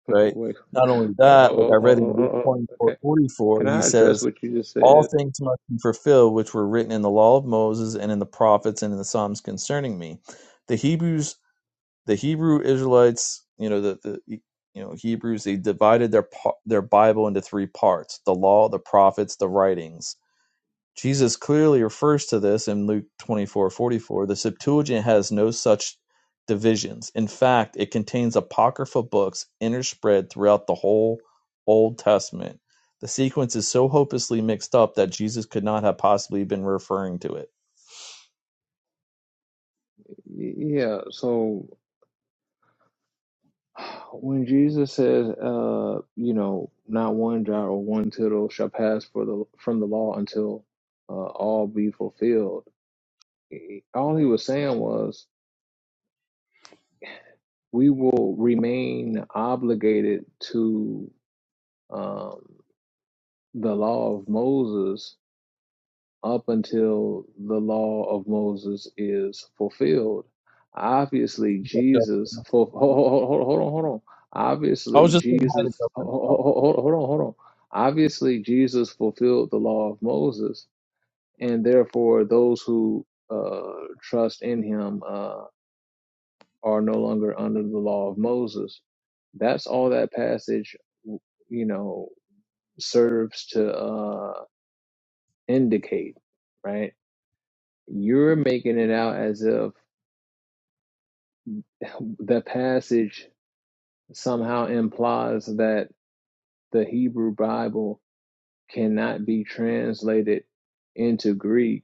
S1: right?
S2: Wait,
S1: Not only
S2: Oh, oh, oh,
S1: that, like I read in
S2: oh, oh,
S1: Luke
S2: oh.
S1: twenty
S2: oh.
S1: four 44,
S2: can
S1: he
S2: I
S1: says,
S2: address what you just
S1: all
S2: said?
S1: things must be fulfilled which were written in the law of Moses and in the prophets and in the Psalms concerning me. The Hebrews, the Hebrew Israelites, you know, the, the e, you know Hebrews, they divided their their Bible into three parts: the law, the prophets, the writings. Jesus clearly refers to this in Luke 24:44. The Septuagint has no such divisions. In fact, it contains apocryphal books interspread throughout the whole Old Testament. The sequence is so hopelessly mixed up that Jesus could not have possibly been referring to it.
S2: Yeah, so when Jesus says, uh, you know, not one jot or one tittle shall pass for the from the law until uh, all be fulfilled, he- all he was saying was, we will remain obligated to um, the law of Moses up until the law of Moses is fulfilled. Obviously, Jesus. hold, hold, hold, hold on, hold on.
S1: I
S2: Obviously,
S1: was just saying hi to
S2: Jesus. Hold,
S1: Dustin. so.
S2: hold, hold on, hold on. Obviously, Jesus fulfilled the law of Moses, and therefore those who uh, trust in Him uh, are no longer under the law of Moses. That's all that passage, you know, serves to uh, indicate, right? You're making it out as if the passage somehow implies that the Hebrew Bible cannot be translated into Greek,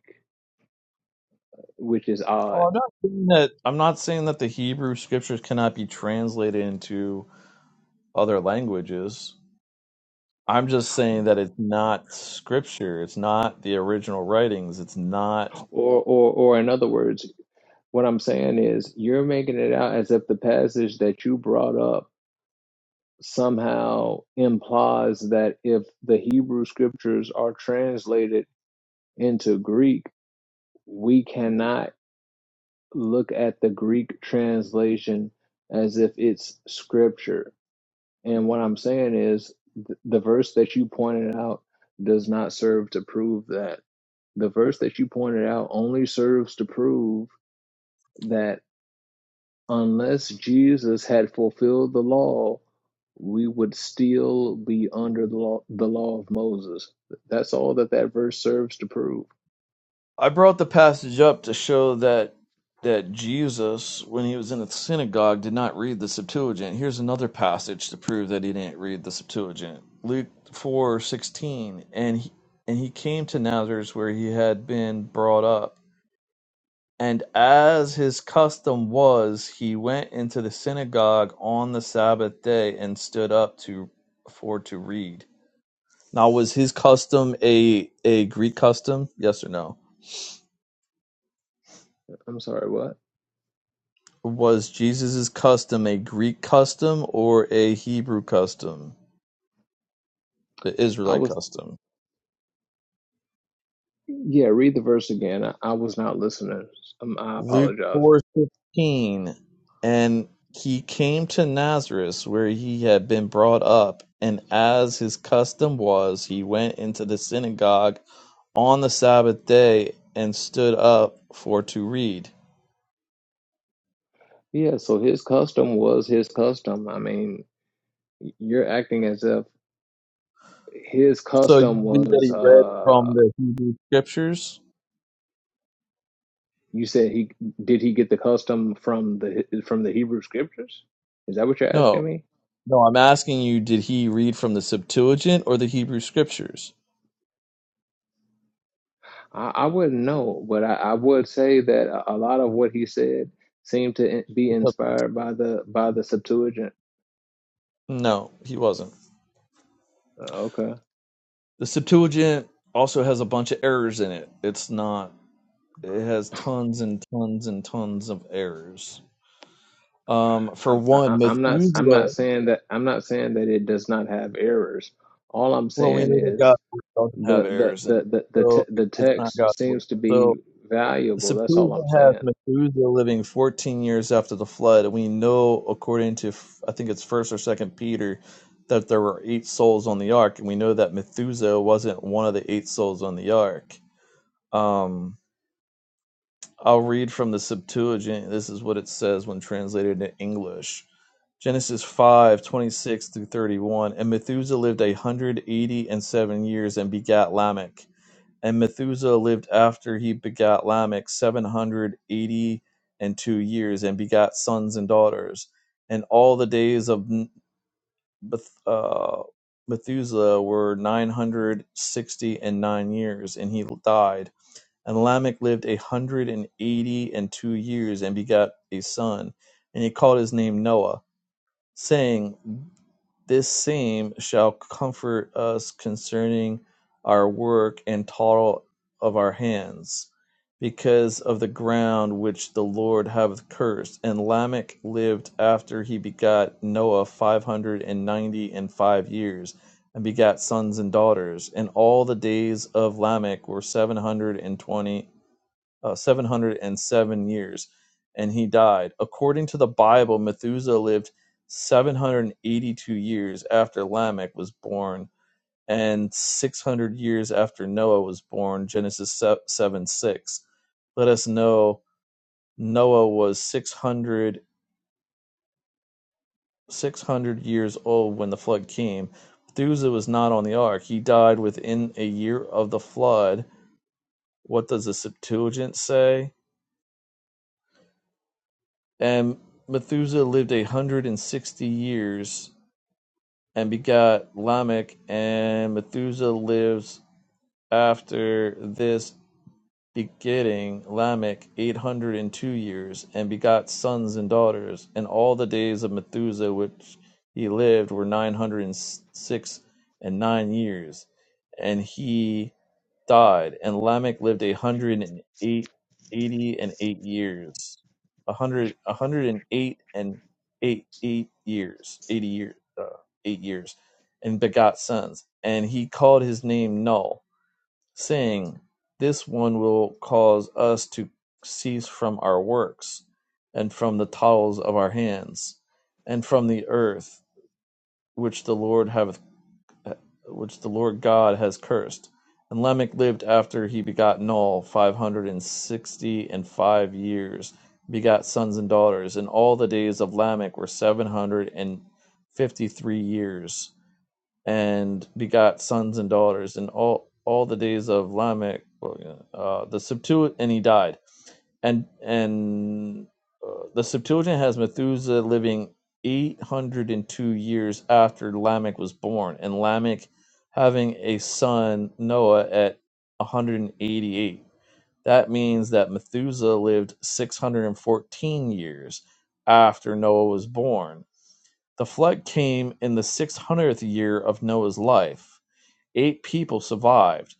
S2: which is
S1: Oh,
S2: odd.
S1: I'm not saying that I'm not saying that the Hebrew scriptures cannot be translated into other languages. I'm just saying that it's not scripture. It's not the original writings. It's not.
S2: Or, or, or in other words, what I'm saying is you're making it out as if the passage that you brought up somehow implies that if the Hebrew scriptures are translated into Greek, we cannot look at the Greek translation as if it's scripture. And what I'm saying is th- the verse that you pointed out does not serve to prove that. The verse that you pointed out only serves to prove that unless Jesus had fulfilled the law, we would still be under the law, the law of Moses. That's all that that verse serves to prove.
S1: I brought the passage up to show that that Jesus, when he was in the synagogue, did not read the Septuagint. Here's another passage to prove that he didn't read the Septuagint. Luke four sixteen, and he, and he came to Nazareth where he had been brought up And as his custom was, he went into the synagogue on the Sabbath day and stood up to for to read. Now, was his custom a a Greek custom? Yes or no?
S2: I'm sorry, what?
S1: Was Jesus' custom a Greek custom or a Hebrew custom, the
S2: I
S1: Israelite
S2: was.
S1: custom?
S2: Yeah, read the verse again. I, I was not listening. Um, I
S1: Luke
S2: apologize.
S1: four fifteen, and he came to Nazareth where he had been brought up, and as his custom was, he went into the synagogue on the Sabbath day and stood up for to read.
S2: Yeah, so his custom was his custom. I mean, you're acting as if his
S1: So you
S2: custom
S1: believe that
S2: was.
S1: he read
S2: uh
S1: from the Hebrew scriptures?
S2: You said he did he get the custom from the from the Hebrew scriptures? Is that what you're
S1: No.
S2: asking me?
S1: No, I'm asking you, did he read from the Septuagint or the Hebrew scriptures?
S2: I, I wouldn't know, but I, I would say that a a lot of what he said seemed to be inspired by the by the Septuagint.
S1: No, he wasn't.
S2: Uh, Okay.
S1: The Septuagint also has a bunch of errors in it. It's not, it has tons and tons and tons of errors. Um, for
S2: I'm, I-
S1: one,
S2: I'm not I'm not
S1: Methuselah,
S2: saying that I'm not saying that it does not have errors. All I'm
S1: well, we
S2: saying
S1: know that
S2: is
S1: God's word doesn't have
S2: the the
S1: errors in
S2: the
S1: it,
S2: the the,
S1: so
S2: te- the
S1: it's not
S2: text
S1: God's word.
S2: seems to
S1: So
S2: be
S1: The
S2: valuable. That's all
S1: Septuagint
S2: I'm
S1: has
S2: saying.
S1: Methuselah living 14 years after the flood, and we know, according to I think it's First or Second Peter, that there were eight souls on the ark, and we know that Methuselah wasn't one of the eight souls on the ark. Um, I'll read from the Septuagint. This is what it says when translated into English. Genesis 5 26 through 31. And Methuselah lived a 180 and seven years and begat Lamech. And Methuselah lived after he begat Lamech seven hundred eighty and two years, and begat sons and daughters. And all the days of uh, Methuselah were nine hundred sixty and nine years, and he died. And Lamech lived a hundred and eighty and two years, and begat a son, and he called his name Noah, saying. This same shall comfort us concerning our work and toil of our hands, because of the ground which the Lord hath cursed. And Lamech lived after he begat Noah five hundred and ninety and five years, and begat sons and daughters. And all the days of Lamech were seven hundred and twenty uh, 707 years and he died. According to the Bible, Methuselah lived 782 years after Lamech was born and 600 years after Noah was born, Genesis 7 6. Let us know Noah was 600, 600 years old when the flood came. Methuselah was not on the ark. He died within a year of the flood. What does the Septuagint say? And Methuselah lived a hundred and sixty years and begot Lamech. And Methuselah lives after this begetting Lamech eight hundred and two years and begot sons and daughters. And all the days of Methuselah which he lived were nine hundred and six and nine years. And he died, and Lamech lived a hundred and eight eighty and eight years. A hundred a hundred and eight and eight eight years. Eighty years uh, eight years. And begot sons. And he called his name Null, saying, This one will cause us to cease from our works, and from the toils of our hands, and from the earth which the Lord hath which the Lord God has cursed. And Lamech lived after he begot Noah five hundred and sixty and five years, begot sons and daughters, and all the days of Lamech were seven hundred and fifty three years, and begot sons and daughters, and all all the days of Lamech, well, yeah, uh, the Septuagint, and he died and and uh, the Septuagint has Methuselah living 802 years after Lamech was born, and Lamech having a son Noah at 188. That means that Methuselah lived 614 years after Noah was born. The flood came in the 600th year of Noah's life. Eight people survived.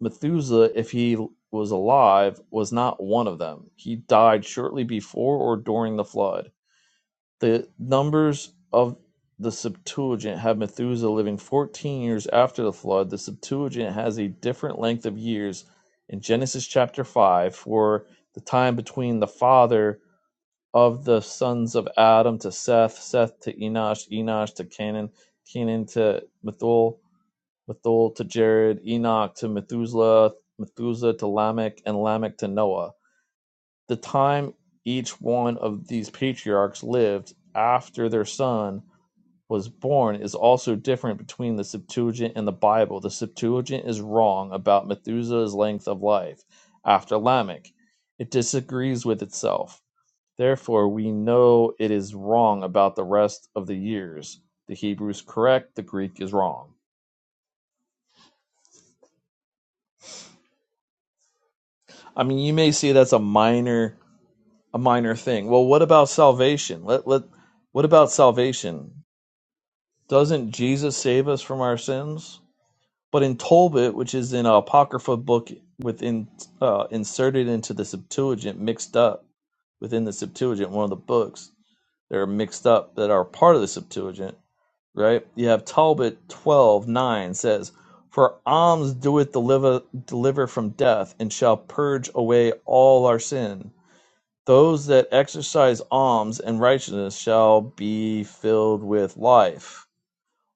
S1: Methuselah, if he was alive, was not one of them. He died shortly before or during the flood. The numbers of the Septuagint have Methuselah living 14 years after the flood. The Septuagint has a different length of years in Genesis chapter 5 for the time between the father of the sons of Adam to Seth, Seth to Enosh, Enosh to Canaan, Canaan to Methuel, Methuel to Jared, Enoch to Methuselah, Methuselah to Lamech, and Lamech to Noah. The time each one of these patriarchs lived after their son was born is also different between the Septuagint and the Bible. The Septuagint is wrong about Methuselah's length of life after Lamech, it disagrees with itself. Therefore, we know it is wrong about the rest of the years. The Hebrew is correct, the Greek is wrong. I mean, you may say that's a minor a minor thing. Well, what about salvation? Let let what about salvation? Doesn't Jesus save us from our sins? But in Tolbit, which is in an apocrypha book within uh, inserted into the Septuagint, mixed up within the Septuagint, one of the books that are mixed up that are part of the Septuagint, right? You have Talbot twelve nine says, For alms doeth deliver, deliver from death, and shall purge away all our sin. Those that exercise alms and righteousness shall be filled with life.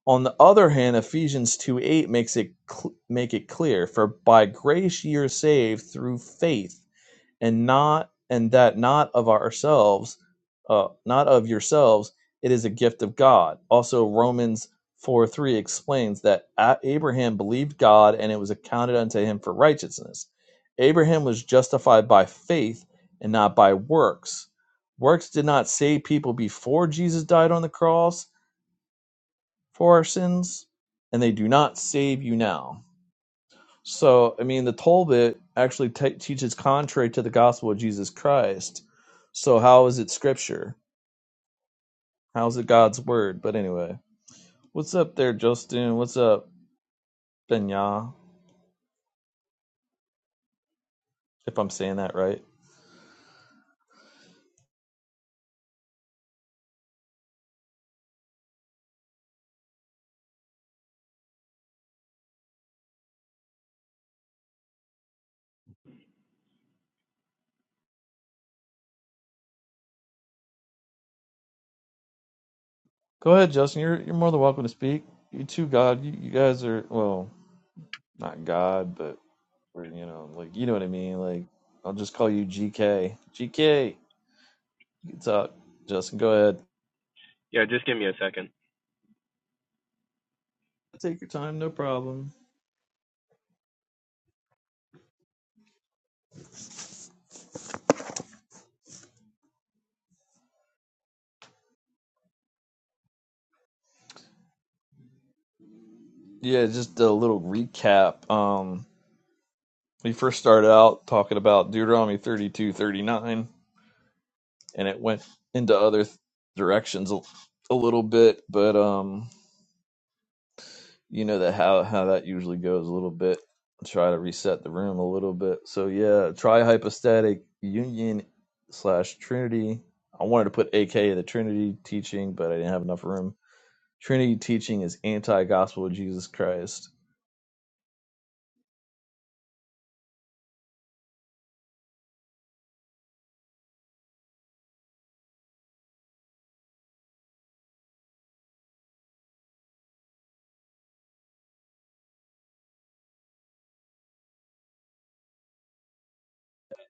S1: On the other hand, Ephesians 2 8 makes it cl- make it clear, for by grace ye are saved through faith and not and that not of ourselves uh, not of yourselves it is a gift of god also romans 4 3 explains that abraham believed god and it was accounted unto him for righteousness abraham was justified by faith and not by works works did not save people before jesus died on the cross for our sins and they do not save you now so, I mean, the Talmud actually te- teaches contrary to the gospel of Jesus Christ. So, how is it scripture? How is it God's word? But anyway, what's up there, Justin? What's up, Benya? If I'm saying that right. Go ahead, Justin. You're you're more than welcome to speak. You two, God. You, you guys are well, not God, but we're you know like you know what I mean. Like I'll just call you GK. GK, you can talk. Justin, go ahead.
S4: Yeah, just give me a second.
S1: Take your time, no problem. Yeah, just a little recap. Um, we first started out talking about Deuteronomy 32, 39, and it went into other th- directions a, a little bit, but um. you know that how how that usually goes a little bit. Try to reset the room a little bit. So yeah, try hypostatic union slash Trinity. I wanted to put AKA the Trinity teaching, but I didn't have enough room. Trinity teaching is anti gospel of Jesus Christ.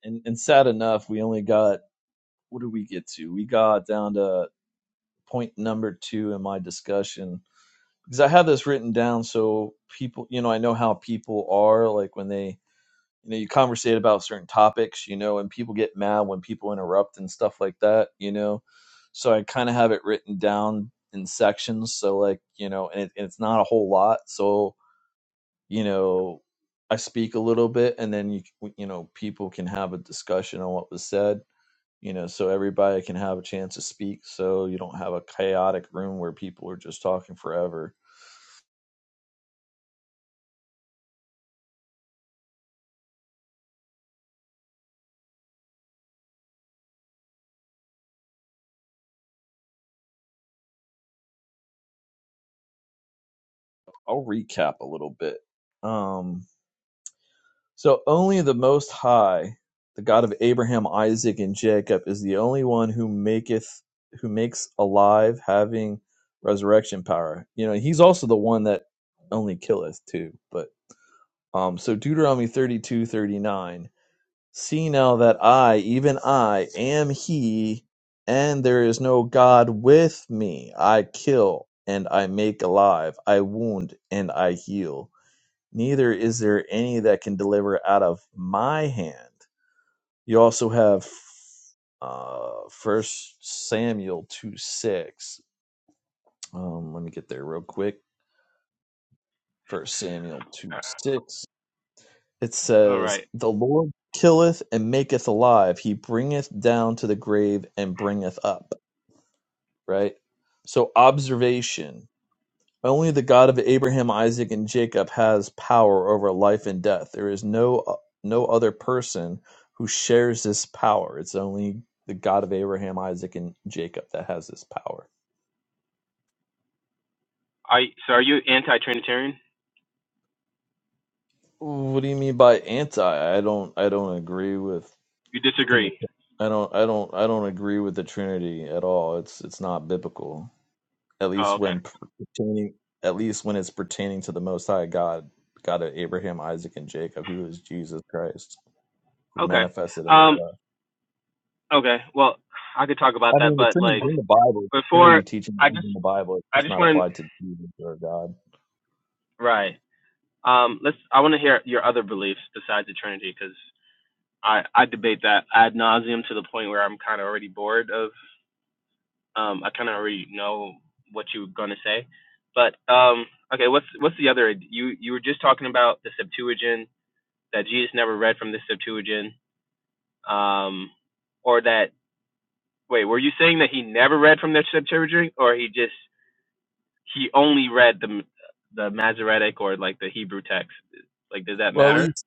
S1: And and sad enough, we only got what did we get to? We got down to point number two in my discussion because I have this written down so people, you know, I know how people are like when they, you know, you conversate about certain topics, you know, and people get mad when people interrupt and stuff like that, you know. So I kind of have it written down in sections. So like, you know, and, it, and it's not a whole lot. So, you know, I speak a little bit and then you, you know, people can have a discussion on what was said. You know, so everybody can have a chance to speak, so you don't have a chaotic room where people are just talking forever I'll recap a little bit. Um, so only the Most High, the God of Abraham, Isaac, and Jacob, is the only one who maketh, who makes alive, having resurrection power. You know, He's also the one that only killeth too. But um, so Deuteronomy thirty-two, thirty-nine. See now that I, even I, am He, and there is no God with me. I kill and I make alive. I wound and I heal neither is there any that can deliver out of my hand. You also have uh, First Samuel two six. Um, let me get there real quick. First Samuel two six. It
S4: All
S1: says,
S4: right.
S1: "The Lord killeth and maketh alive; He bringeth down to the grave and bringeth up." Right. So observation Only the God of Abraham, Isaac, and Jacob has power over life and death. There is no no other person who shares this power. It's only the God of Abraham, Isaac, and Jacob that has this power.
S4: I so are you anti-Trinitarian?
S1: What do you mean by anti? I don't I don't agree with
S4: You
S1: Trinity.
S4: disagree?
S1: I don't I don't I don't agree with the Trinity at all. It's it's not biblical. At
S4: Oh,
S1: least
S4: okay.
S1: when pertaining at least when it's pertaining to the most high God, God of Abraham, Isaac, and Jacob, who is Jesus Christ. who
S4: Okay.
S1: manifested in the
S4: Um.
S1: flesh.
S4: Okay. Well, I could talk about
S1: I
S4: that,
S1: mean, the
S4: but
S1: Trinity's
S4: like
S1: in the Bible. The Trinity
S4: before,
S1: teaching
S4: I
S1: is
S4: just
S1: in the Bible. It's
S4: I
S1: just
S4: just
S1: not
S4: want
S1: applied to Jesus or God.
S4: to right. Um. Let's. I want to hear your other beliefs besides the Trinity, because I I debate that ad nauseum to the point where I'm kind of already bored of. Um. I kind of already know what you're gonna say, but um. Okay. What's what's the other? You you were just talking about the Septuagint that Jesus never read from the Septuagint, um, or that wait, were you saying that he never read from the Septuagint, or he just he only read the the Masoretic or like the Hebrew text? Like, does that
S1: Well, at
S4: matter?
S1: least,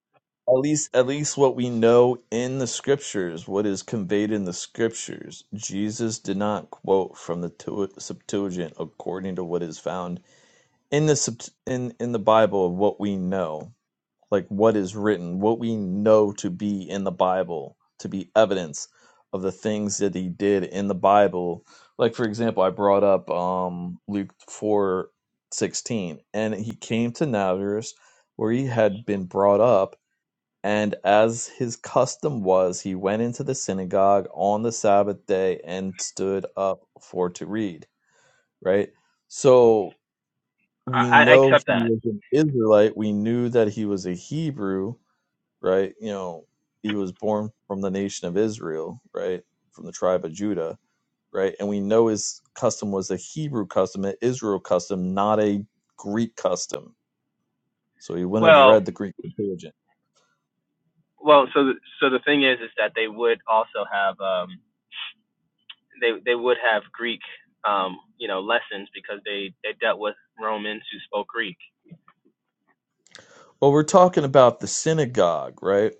S1: at least, at least, what we know in the Scriptures, what is conveyed in the Scriptures, Jesus did not quote from the Tu- Septuagint according to what is found in the Sept- in in the Bible of what we know. like what is written, what we know to be in the Bible, to be evidence of the things that he did in the Bible. Like for example, I brought up um Luke four sixteen, and he came to Nazareth where he had been brought up, and as his custom was, he went into the synagogue on the Sabbath day and stood up for to read. Right? So we
S4: I, I
S1: know he
S4: accept that.
S1: was an Israelite. We knew that he was a Hebrew right? You know, he was born from the nation of Israel, right? From the tribe of Judah, right? And we know his custom was a Hebrew custom, an Israel custom, not a Greek custom. So he wouldn't have
S4: Well,
S1: read the Greek Septuagint.
S4: well, so the, so the thing is, is that they would also have um, they they would have Greek um, you know lessons because they they dealt with Romans who spoke Greek.
S1: Well, we're talking about the synagogue, right?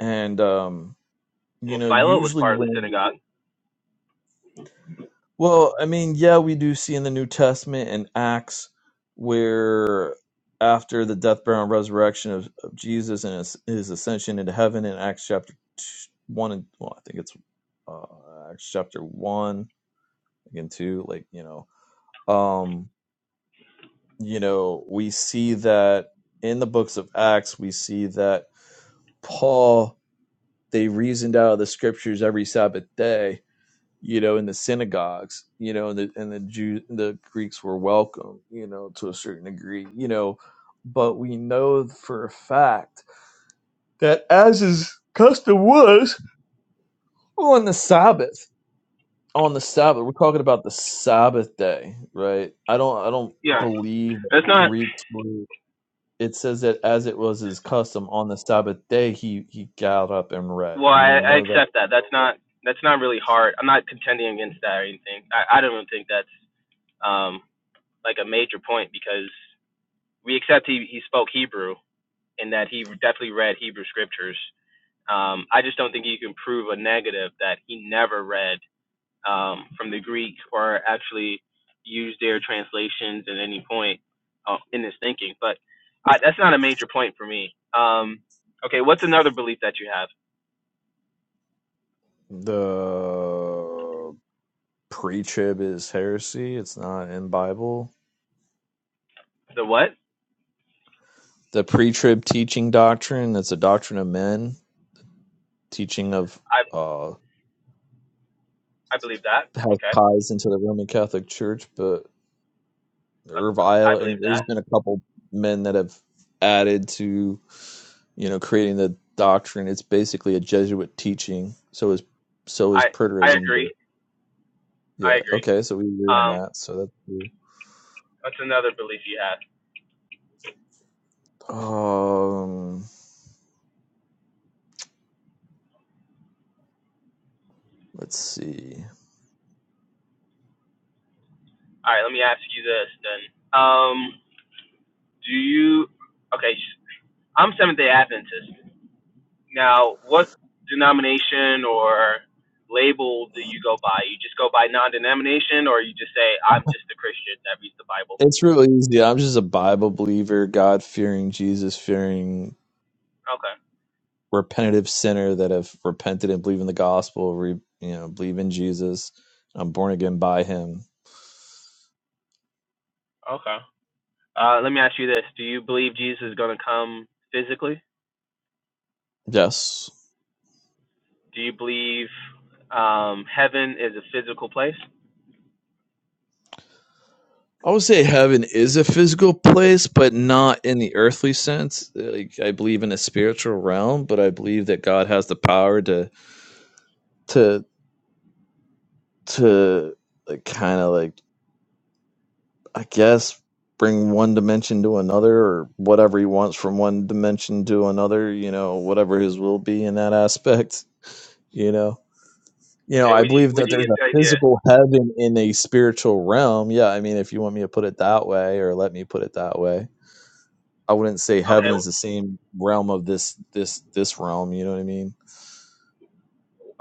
S1: And um, you
S4: Well,
S1: know,
S4: Philo was
S1: usually
S4: part of the
S1: when
S4: synagogue.
S1: Well, I mean, yeah, we do see in the New Testament and Acts where after the death, burial, and resurrection of, of Jesus and his, his ascension into heaven in Acts chapter t- 1 and, well, I think it's uh, Acts chapter 1, again, 2, like, you know, um, you know, we see that in the books of Acts, we see that Paul, they reasoned out of the scriptures every Sabbath day you know, in the synagogues, you know, and the and the Jew the Greeks were welcome, you know, to a certain degree, you know, but we know for a fact that as his custom was on the Sabbath, on the Sabbath, we're talking about the Sabbath day, right? I don't I don't
S4: Yeah,
S1: believe that
S4: it's not
S1: Greeks were. It says that as it was his custom on the Sabbath day, he he got up and read.
S4: Well,
S1: We
S4: I, I
S1: know that
S4: accept that. That's not that's not really hard. I'm not contending against that or anything. I, I don't even think that's um, like a major point because we accept he, he spoke Hebrew and that he definitely read Hebrew scriptures. Um, I just don't think you can prove a negative that he never read um, from the Greek or actually used their translations at any point uh, in his thinking. But I, that's not a major point for me. Um, okay, what's another belief that you have?
S1: the pre-trib is heresy. It's not in the Bible.
S4: The what?
S1: The pre-trib teaching doctrine, that's a doctrine of men, teaching of uh
S4: I believe that.
S1: has
S4: Okay.
S1: ties into the Roman Catholic Church, but
S4: Uh,
S1: they're
S4: I believe
S1: violating there's
S4: that.
S1: been a couple men that have added to, you know, creating the doctrine. It's basically a Jesuit teaching. So is so is
S4: I I
S1: preterism,
S4: agree.
S1: but
S4: I
S1: yeah,
S4: agree.
S1: okay, so we agree on
S4: Um,
S1: that. So that's
S4: that's another belief you had.
S1: cool. Um let's see.
S4: All right, let me ask you this then. Um, do you? Okay, i I'm Seventh Day Adventist. Now, what denomination or label do you go by? You just go by non-denomination, or you just say I'm just a Christian that reads the Bible?
S1: It's real easy. I'm just a Bible believer, God fearing, Jesus fearing,
S4: Okay.
S1: repentative sinner that have repented and believe in the gospel, re, you know, believe in Jesus. I'm born again by Him.
S4: Okay. Uh, let me ask you this: Do you believe Jesus is going to come physically?
S1: Yes,
S4: Do you believe um, heaven is a physical place?
S1: I would say heaven is a physical place, but not in the earthly sense. Like I believe in a spiritual realm, but I believe that God has the power to to to like kind of like I guess bring one dimension to another or whatever he wants from one dimension to another, you know, whatever his will be in that aspect, you know. You know,
S4: Okay,
S1: I
S4: where do you
S1: believe
S4: where
S1: that
S4: do you
S1: there's
S4: get
S1: a
S4: the idea?
S1: physical heaven in a spiritual realm. Yeah, I mean if you want me to put it that way or let me put it that way. I wouldn't say heaven is the
S4: Okay,
S1: same realm of this this this realm, you know what I mean?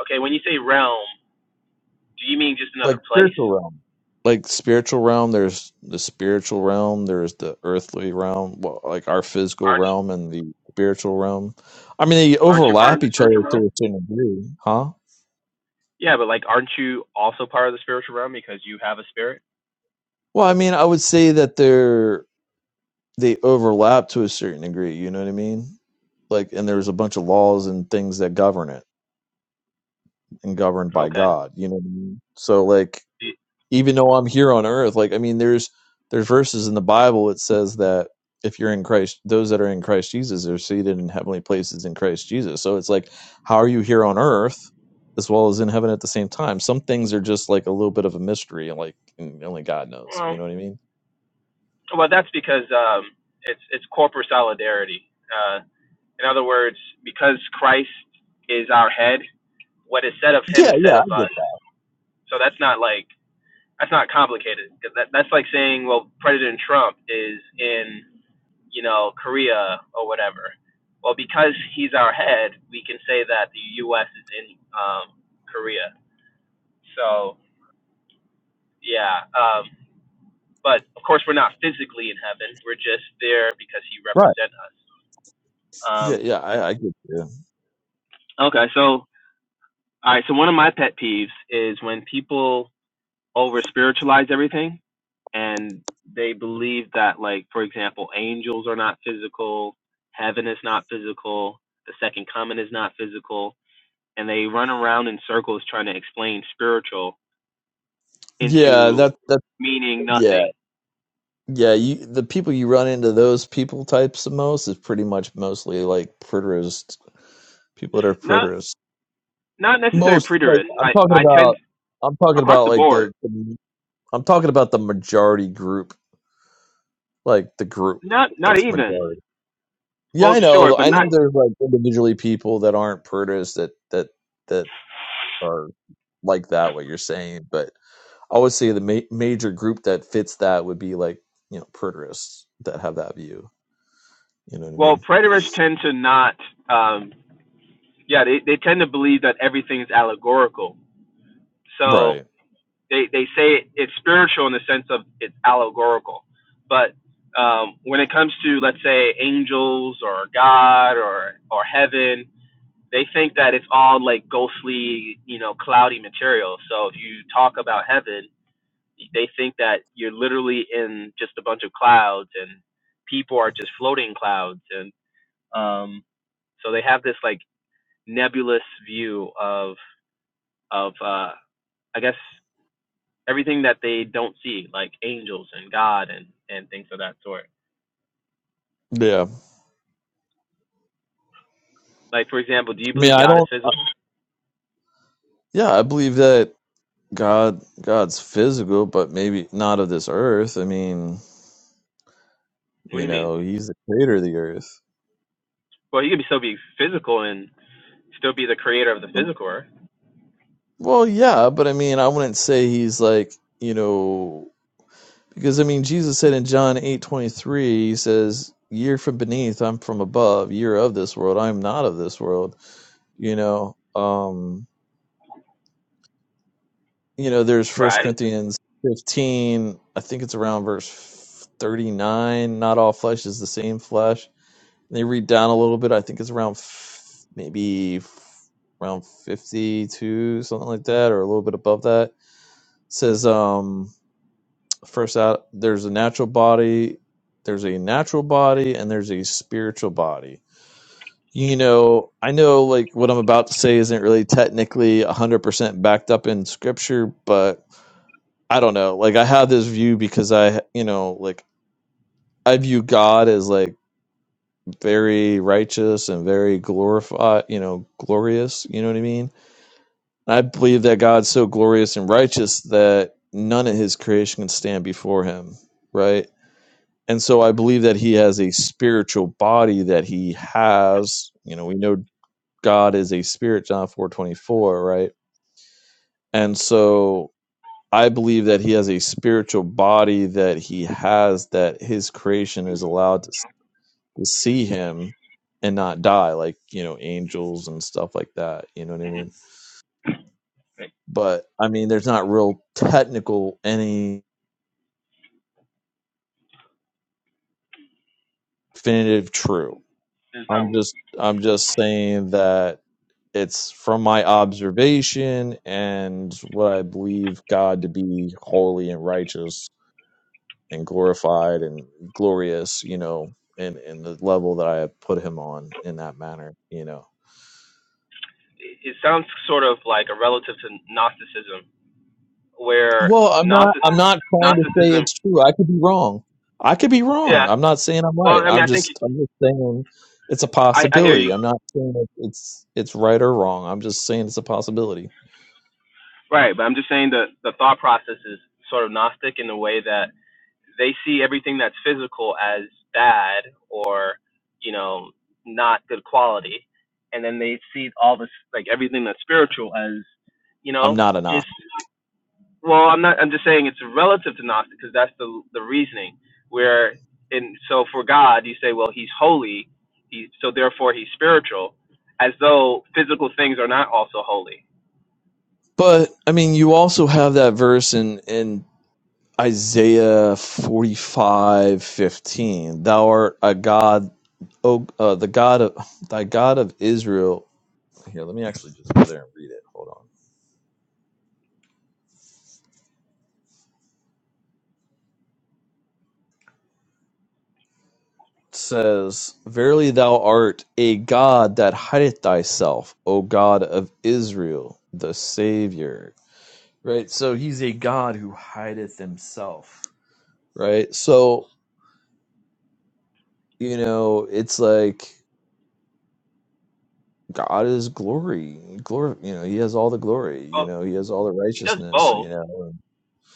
S4: okay. When you say realm, do you mean just another
S1: like
S4: place?
S1: spiritual realm. Like spiritual realm, there's the spiritual realm, there's the earthly realm, well, like our physical
S4: Aren't
S1: realm and the spiritual realm. I mean, they
S4: aren't you part
S1: overlap
S4: of the
S1: each other
S4: spiritual
S1: to
S4: realm?
S1: a certain degree, huh?
S4: Yeah, but like, aren't you also part of the spiritual realm because you have a spirit?
S1: Well, I mean, I would say that they're they overlap to a certain degree. You know what I mean? Like, and there's a bunch of laws and things that govern it and governed by
S4: Okay.
S1: God. You know what I mean? So, like, even though I'm here on earth. Like I mean, there's there's verses in the Bible that says that if you're in Christ, those that are in Christ Jesus are seated in heavenly places in Christ Jesus. So it's like, how are you here on earth as well as in heaven at the same time? Some things are just like a little bit of a mystery, and like and only God knows. You
S4: Well,
S1: know what I mean?
S4: well, that's because um, it's it's corporate solidarity. Uh, in other words, because Christ is our head, what is said of him
S1: Yeah,
S4: is
S1: yeah,
S4: said of
S1: I get
S4: us.
S1: that.
S4: So that's not like That's not complicated. That, that's like saying, well, President Trump is in, you know, Korea or whatever. Well, because he's our head, we can say that the U.S. is in um, Korea. So, yeah. Um, but of course, we're not physically in heaven. We're just there because he
S1: Right.
S4: represents us.
S1: Yeah,
S4: Um,
S1: yeah, I, I get you.
S4: okay, so all right. So one of my pet peeves is when people over spiritualize everything and they believe that like for example angels are not physical heaven is not physical the second coming is not physical and they run around in circles trying to explain spiritual
S1: Yeah,
S4: into
S1: that that
S4: meaning
S1: yeah.
S4: nothing
S1: Yeah, you the people you run into those people types the most is pretty much mostly like preterists people that are
S4: not
S1: preterists
S4: not necessarily
S1: most like
S4: preterist
S1: I'm
S4: i
S1: talking
S4: i tend
S1: about I'm talking
S4: across
S1: about
S4: the
S1: like
S4: board
S1: the, the I'm talking about the majority group, like the group
S4: not not
S1: that's
S4: even
S1: majority. Yeah,
S4: well
S1: I
S4: sure
S1: know.
S4: but
S1: I know
S4: not
S1: there's like individually people that aren't purtists that that that are like that what you're saying, but I would say the ma- major group that fits that would be like, you know, purtists that have that view. You know what I
S4: well
S1: mean?
S4: preterists tend to not um yeah they, they tend to believe that everything is allegorical so
S1: Right.
S4: they they say it's spiritual in the sense of it's allegorical, but um, when it comes to let's say angels or God or or heaven, they think that it's all like ghostly, you know, cloudy material. So if you talk about heaven, they think that you're literally in just a bunch of clouds and people are just floating clouds and um, so they have this like nebulous view of of uh, I guess everything that they don't see, like angels and God and and things of that sort.
S1: Yeah. I
S4: Like for example, do you
S1: mean,
S4: believe
S1: I
S4: God is
S1: don't
S4: physical?
S1: yeah, I believe that God God's physical, but maybe not of this earth. I mean,
S4: What do
S1: You
S4: you mean?
S1: know, he's the creator of the earth.
S4: Well, he could be still be physical and still be the creator of the physical earth,
S1: Well, yeah, but I mean, I wouldn't say he's like, you know, because I mean, Jesus said in John eight twenty three, he says, You're from beneath, I'm from above, you're of this world, I'm not of this world. You know, um, you know, there's First
S4: right?
S1: Corinthians 15, I think it's around verse 39, not all flesh is the same flesh. They read down a little bit. I think it's around f- maybe f- around 52, something like that, or a little bit above that. It says um first out there's a natural body, there's a natural body, and there's a spiritual body. You know, I know like what I'm about to say isn't really technically 100% backed up in scripture, but I don't know. Like I have this view because I, you know, like I view God as like very righteous and very glorified, you know, glorious, you know what I mean? I believe that God's so glorious and righteous that none of his creation can stand before him, right? And so I believe that he has a spiritual body that he has, you know, we know God is a spirit, John 4:24, right? And so I believe that he has a spiritual body that he has that his creation is allowed to to see him and not die like you know angels and stuff like that you know what i
S4: hmm
S1: mean but i mean there's not real technical any definitive true
S4: There's no.
S1: i'm just i'm just saying that it's from my observation and what i believe god to be holy and righteous and glorified and glorious you know in in the level that i have put him on in that manner you know
S4: It sounds sort of like a relative to Gnosticism, where
S1: Well, I'm not. I'm
S4: Gnosticism,
S1: not trying to say
S4: Gnosticism,
S1: it's true. I could be wrong. I could be wrong.
S4: yeah.
S1: I'm not saying I'm
S4: Well,
S1: right.
S4: I mean,
S1: I'm
S4: I think
S1: just. I'm just saying it's a
S4: I, I hear
S1: possibility.
S4: you,
S1: I'm not saying it- it's it's right or wrong. I'm just saying it's a possibility.
S4: right? But I'm just saying that the thought process is sort of Gnostic in the way that they see everything that's physical as bad or you know not good quality and then they see all this like everything that's spiritual as you
S1: I'm
S4: know
S1: not an eye.
S4: just well i'm not i'm just saying it's relative to gnostic because that's the the reasoning where and so for god you say well he's holy he so therefore he's spiritual as though physical things are not also holy
S1: But I mean, you also have that verse in in Isaiah 45:15. Thou art a God, oh, uh, the God of thy God of Israel. Here, let me actually just go there and read it. Hold on. says, Verily thou art a God that hideth thyself, O God of Israel, the Savior. Right? So he's a God who hideth himself. Right? So, you know, it's like God is glory. Glory you know, he has all the glory, you
S4: well
S1: know, he has all the
S4: he does
S1: righteousness, you
S4: both
S1: know.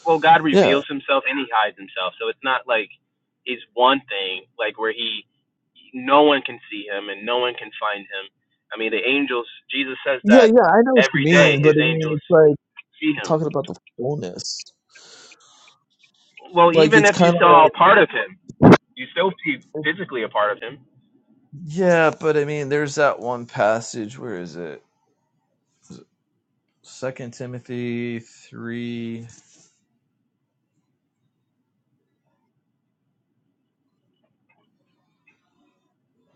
S4: well, God
S1: Yeah.
S4: reveals himself and he hides himself. So it's not like he's one thing, like where he no one can see him and no one can find him. I mean, the angels, Jesus says
S1: Yeah,
S4: that
S1: yeah, I know what you
S4: every day
S1: mean, but
S4: his
S1: I mean
S4: angels
S1: it's like
S4: see him.
S1: talking about the fullness.
S4: Well,
S1: Like
S4: even
S1: it's
S4: if you
S1: kinda
S4: saw
S1: like
S4: a part of him, you still see physically a part of him.
S1: yeah, but I mean there's that one passage, where is it? Second Timothy three.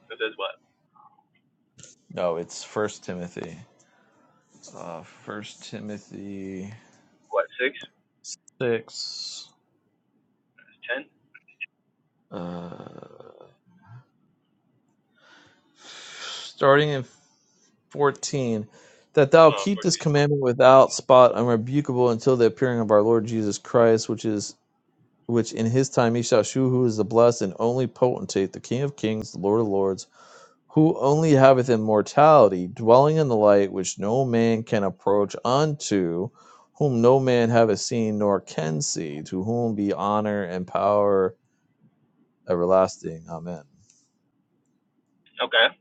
S4: This is what?
S1: No, it's First Timothy. Uh, First Timothy
S4: What, six,
S1: six.
S4: ten,
S1: Uh, starting in fourteen, that thou
S4: oh
S1: keep this
S4: 14.
S1: commandment without spot, unrebukable, until the appearing of our Lord Jesus Christ, which is which in His time He shall shew who is the blessed and only potentate, the King of Kings, the Lord of Lords who only haveth immortality, dwelling in the light which no man can approach unto, whom no man haveth seen nor can see, to whom be honor and power everlasting. Amen.
S4: Okay.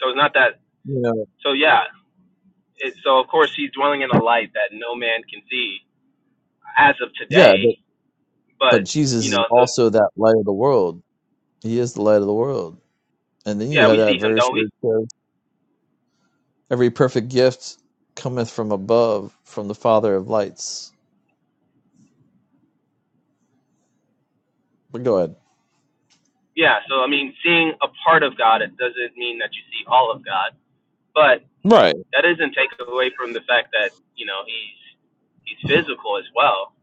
S4: So it's not that.
S1: You know,
S4: So yeah. It, so of course he's dwelling in a light that no man can see as of
S1: yeah,
S4: today,
S1: but, but
S4: but
S1: Jesus
S4: you
S1: is
S4: know the
S1: also that light of the world. He is the light of the world. And then you
S4: Yeah,
S1: have
S4: we
S1: that
S4: see him,
S1: verse
S4: don't
S1: where
S4: we?
S1: it says, Every perfect gift cometh from above, from the Father of lights. But go ahead.
S4: Yeah, so I mean, seeing a part of God, it doesn't mean that you see all of God, but
S1: Right.
S4: that doesn't take away from the fact that you know he's he's physical as well.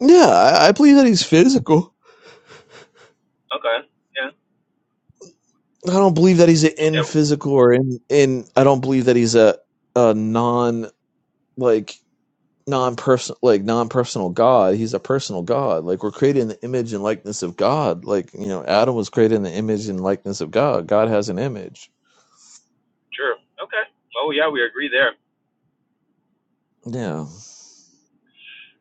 S1: Yeah, I, I believe that he's physical.
S4: Okay, yeah,
S1: I don't believe that he's an in
S4: okay,
S1: physical or in in. I don't believe that he's a a non like non person like non personal God. He's a personal God. Like we're created in the image and likeness of God. Like you know, Adam was created in the image and likeness of God. God has an image.
S4: true. Okay, Oh yeah, we agree there.
S1: Yeah,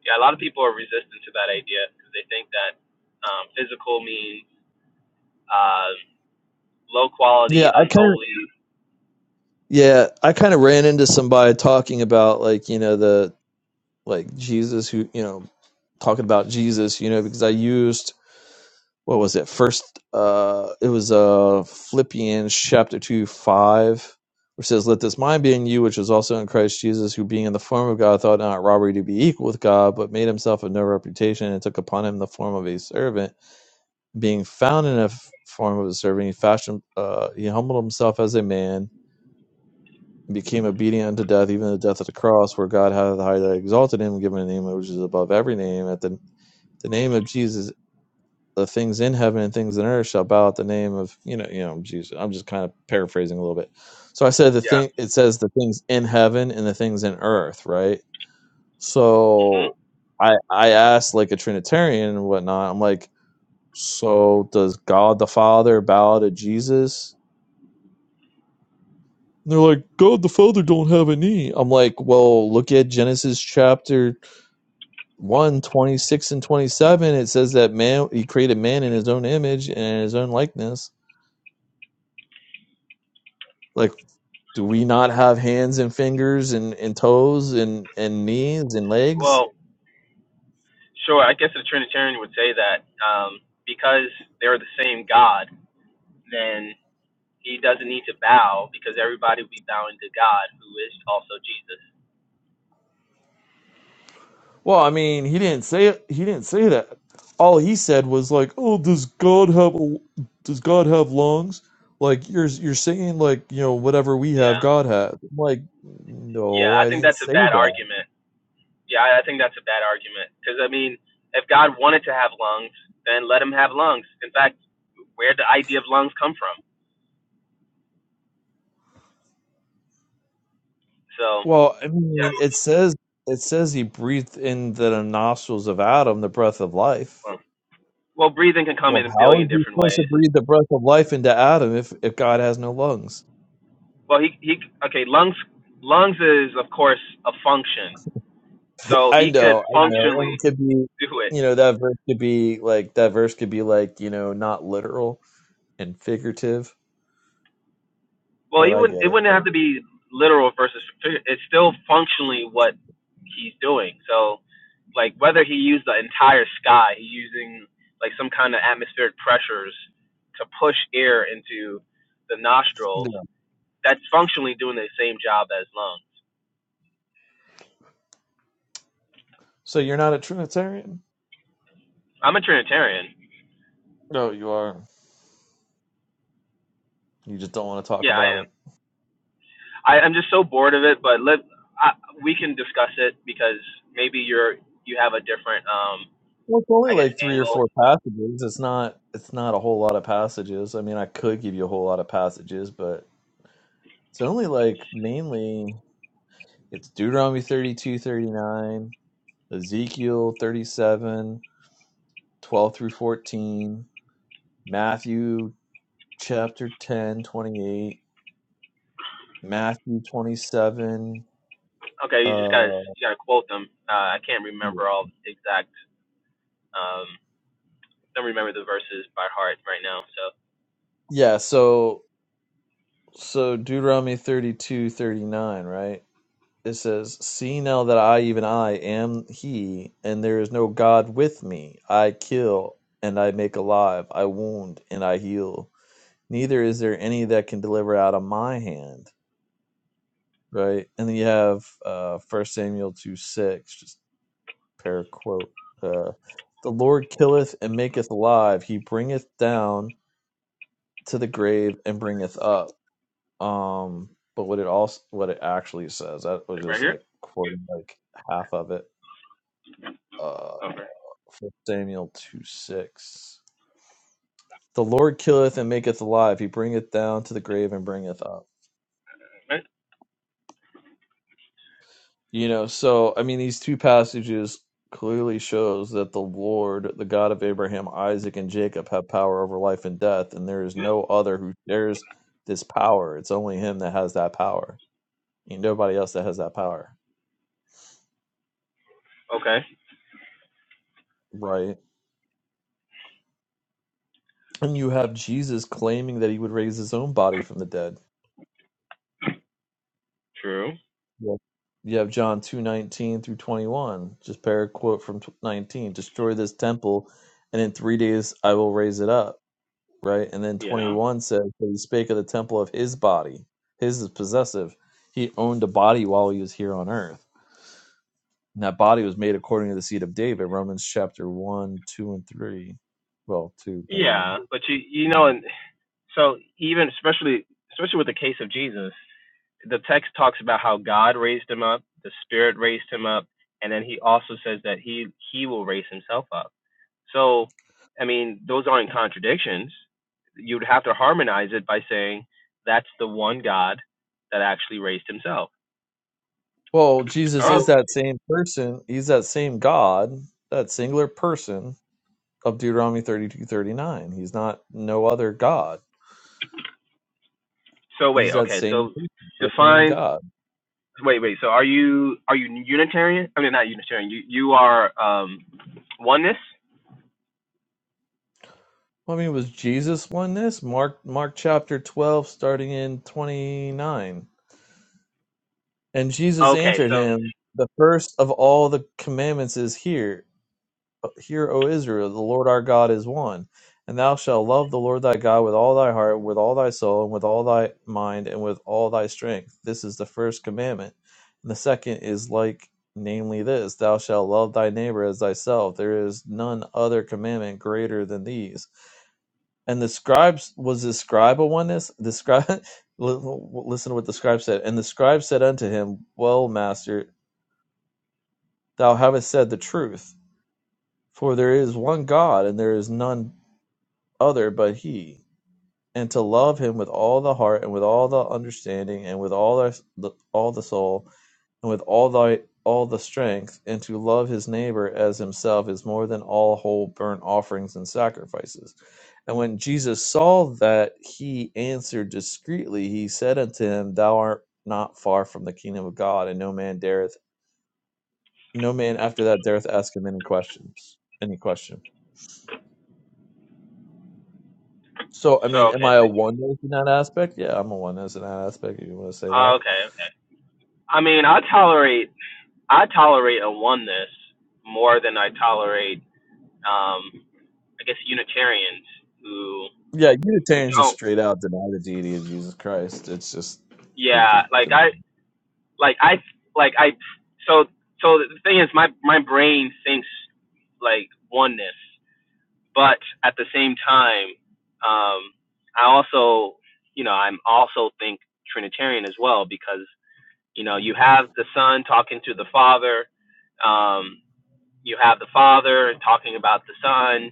S4: Yeah, a lot of people are resistant to that idea because they think that um, physical means uh, low
S1: yeah.
S4: quality,
S1: I kind of
S4: unholy.
S1: yeah. I kind of ran into somebody talking about like you know the like Jesus who you know talking about Jesus. You know because I used what was it first uh it was uh philippians chapter 2 5 which says let this mind be in you which was also in christ jesus who being in the form of god thought not robbery to be equal with god but made himself of no reputation and took upon him the form of a servant being found in the form of a servant he fashioned uh he humbled himself as a man and became obedient unto death even the death of the cross where god hath highly exalted him given a name which is above every name at the the name of jesus the things in heaven and things in earth shall bow at the name of you know you know Jesus. I'm just kind of paraphrasing a little bit. So I said the
S4: Yeah.
S1: thing it says the things in heaven and the things in earth, right?
S4: hmm
S1: So I I asked like a Trinitarian and whatnot. I'm like, so does God the Father bow to Jesus? And they're like, God the Father don't have a knee. I'm like, well, look at Genesis chapter one 26 and 27. It says that man, he created man in his own image and in his own likeness like. Do we not have hands and fingers and, and toes and, and knees and legs?
S4: Well, sure. I guess a Trinitarian would say that um, because they're the same God. then He doesn't need to bow because everybody will be bowing to God, who is also Jesus.
S1: Well, I mean, he didn't say it. He didn't say that. All he said was like, "Oh, does God have does God have lungs?" Like you're you're saying like you know whatever we have,
S4: Yeah.
S1: God has. I'm like,
S4: Yeah,
S1: no,
S4: I
S1: I
S4: think
S1: didn't
S4: that's a
S1: say
S4: bad
S1: that.
S4: argument. Yeah, I I think that's a bad argument. Because, I mean, if God wanted to have lungs, then let him have lungs. In fact, where did the idea of lungs come from? So,
S1: Well, I
S4: yeah.
S1: mean, it says it says he breathed in the nostrils of Adam the breath of life.
S4: Well, well, breathing can come
S1: Well,
S4: in a
S1: how
S4: billion
S1: is he
S4: different
S1: supposed to
S4: ways.
S1: breathe the breath of life into Adam if if God has no lungs?
S4: Well, he, he okay, lungs lungs is, of course, a function. So
S1: I
S4: he could
S1: know, I know. And it
S4: functionally
S1: could be,
S4: do it.
S1: you know, that verse could be like that verse could be like, you know, not literal and figurative,
S4: Well,
S1: but
S4: he
S1: I
S4: wouldn't.
S1: get
S4: It
S1: it.
S4: wouldn't have to be literal versus. figure- It's still functionally what he's doing. So, like whether he used the entire sky, he's using like some kind of atmospheric pressures to push air into the nostrils.
S1: Yeah.
S4: That's functionally doing the same job as lungs.
S1: So you're not a Trinitarian?
S4: I'm a Trinitarian.
S1: No, you are. You just don't want to talk
S4: Yeah, I
S1: about
S4: am.
S1: it.
S4: I, I'm just so bored of it. But let I, we can discuss it because maybe you're you have a different um
S1: Well, it's only
S4: I guess
S1: like three or
S4: angle
S1: four passages. It's not it's not a whole lot of passages. I mean, I could give you a whole lot of passages, but it's only like mainly it's Deuteronomy thirty-two, thirty-nine, Ezekiel 37, 12 through 14, Matthew chapter 10 28 Matthew 27.
S4: Okay, you just gotta
S1: Uh,
S4: you gotta quote them. Uh, I can't remember all the exact. Um, don't remember the verses by heart right now. So
S1: yeah, so so Deuteronomy thirty two thirty nine right? It says, See now that I, even I, am he, and there is no God with me. I kill and I make alive, I wound and I heal. Neither is there any that can deliver out of my hand, right? And then you have uh, First Samuel 2, 6. just paraquat. Uh, the Lord killeth and maketh alive. He bringeth down to the grave and bringeth up. Um, but what it also what it actually says that was
S4: like right
S1: just
S4: here.
S1: like quoting like half of it. Uh,
S4: Over.
S1: from Samuel two six. The Lord killeth and maketh alive. He bringeth down to the grave and bringeth up.
S4: Right.
S1: You know, so I mean these two passages clearly shows that the Lord, the God of Abraham, Isaac, and Jacob have power over life and death, and there is no other who shares this power. It's only him that has that power. Ain't nobody else that has that power.
S4: Okay.
S1: Right. And you have Jesus claiming that he would raise his own body from the dead.
S4: True.
S1: Yeah. You have John two nineteen through twenty one. Just pair a quote from tw- nineteen: "Destroy this temple, and in three days I will raise it up." right? And then
S4: Yeah.
S1: 21 says, "But He spake of the temple of his body. His is possessive. He owned a body while he was here on earth. And that body was made according to the seed of David, Romans chapter 1, 2, and 3. Well, 2 mainly.
S4: Yeah, but you you know, and so even especially especially with the case of Jesus, the text talks about how God raised him up, the Spirit raised him up, and then he also says that he he will raise himself up. So, I mean, those aren't contradictions. You'd have to harmonize it by saying that's the one God that actually raised himself.
S1: Well, Jesus
S4: Oh,
S1: is
S4: Oh,
S1: that same person. He's that same God, that singular person of Deuteronomy 32 39. He's not no other God.
S4: so
S1: He's
S4: wait,
S1: that
S4: okay.
S1: same
S4: So
S1: person, that same
S4: define
S1: God.
S4: wait, wait. So are you are you Unitarian? I mean not Unitarian. You you are um oneness?
S1: Well, I mean, was Jesus oneness? Mark Mark chapter twelve, starting in twenty nine. And Jesus
S4: Okay,
S1: answered
S4: so
S1: him, The first of all the commandments is here, Hear, O Israel, the Lord our God is one. And thou shalt love the Lord thy God with all thy heart, with all thy soul, and with all thy mind, and with all thy strength. This is the first commandment. And the second is like, namely, this Thou shalt love thy neighbor as thyself. There is none other commandment greater than these and the scribes was the scribe a oneness the scribe listen to what the scribe said and the scribe said unto him well master thou havest said the truth for there is one god and there is none other but he and to love him with all the heart and with all the understanding and with all the all the soul and with all thy all the strength, and to love his neighbor as himself is more than all whole burnt offerings and sacrifices. And when Jesus saw that he answered discreetly, he said unto him, Thou art not far from the kingdom of God, and no man dareth no man after that dareth ask him any questions. Any question. So I
S4: so
S1: mean, am
S4: okay.
S1: I a oneness in that aspect? Yeah, I'm a oneness in that aspect, if you want to say
S4: Uh,
S1: that.
S4: okay, okay. I mean, I tolerate I tolerate a oneness more than I tolerate um I guess Unitarians who
S1: Yeah,
S4: who
S1: Unitarians just
S4: don't
S1: straight out deny the deity of Jesus Christ. It's just they
S4: yeah
S1: just
S4: like
S1: deny.
S4: i like i like i so so the thing is my my brain thinks like oneness but at the same time um i also you know i'm also think trinitarian as well because you know you have the son talking to the father um you have the father talking about the son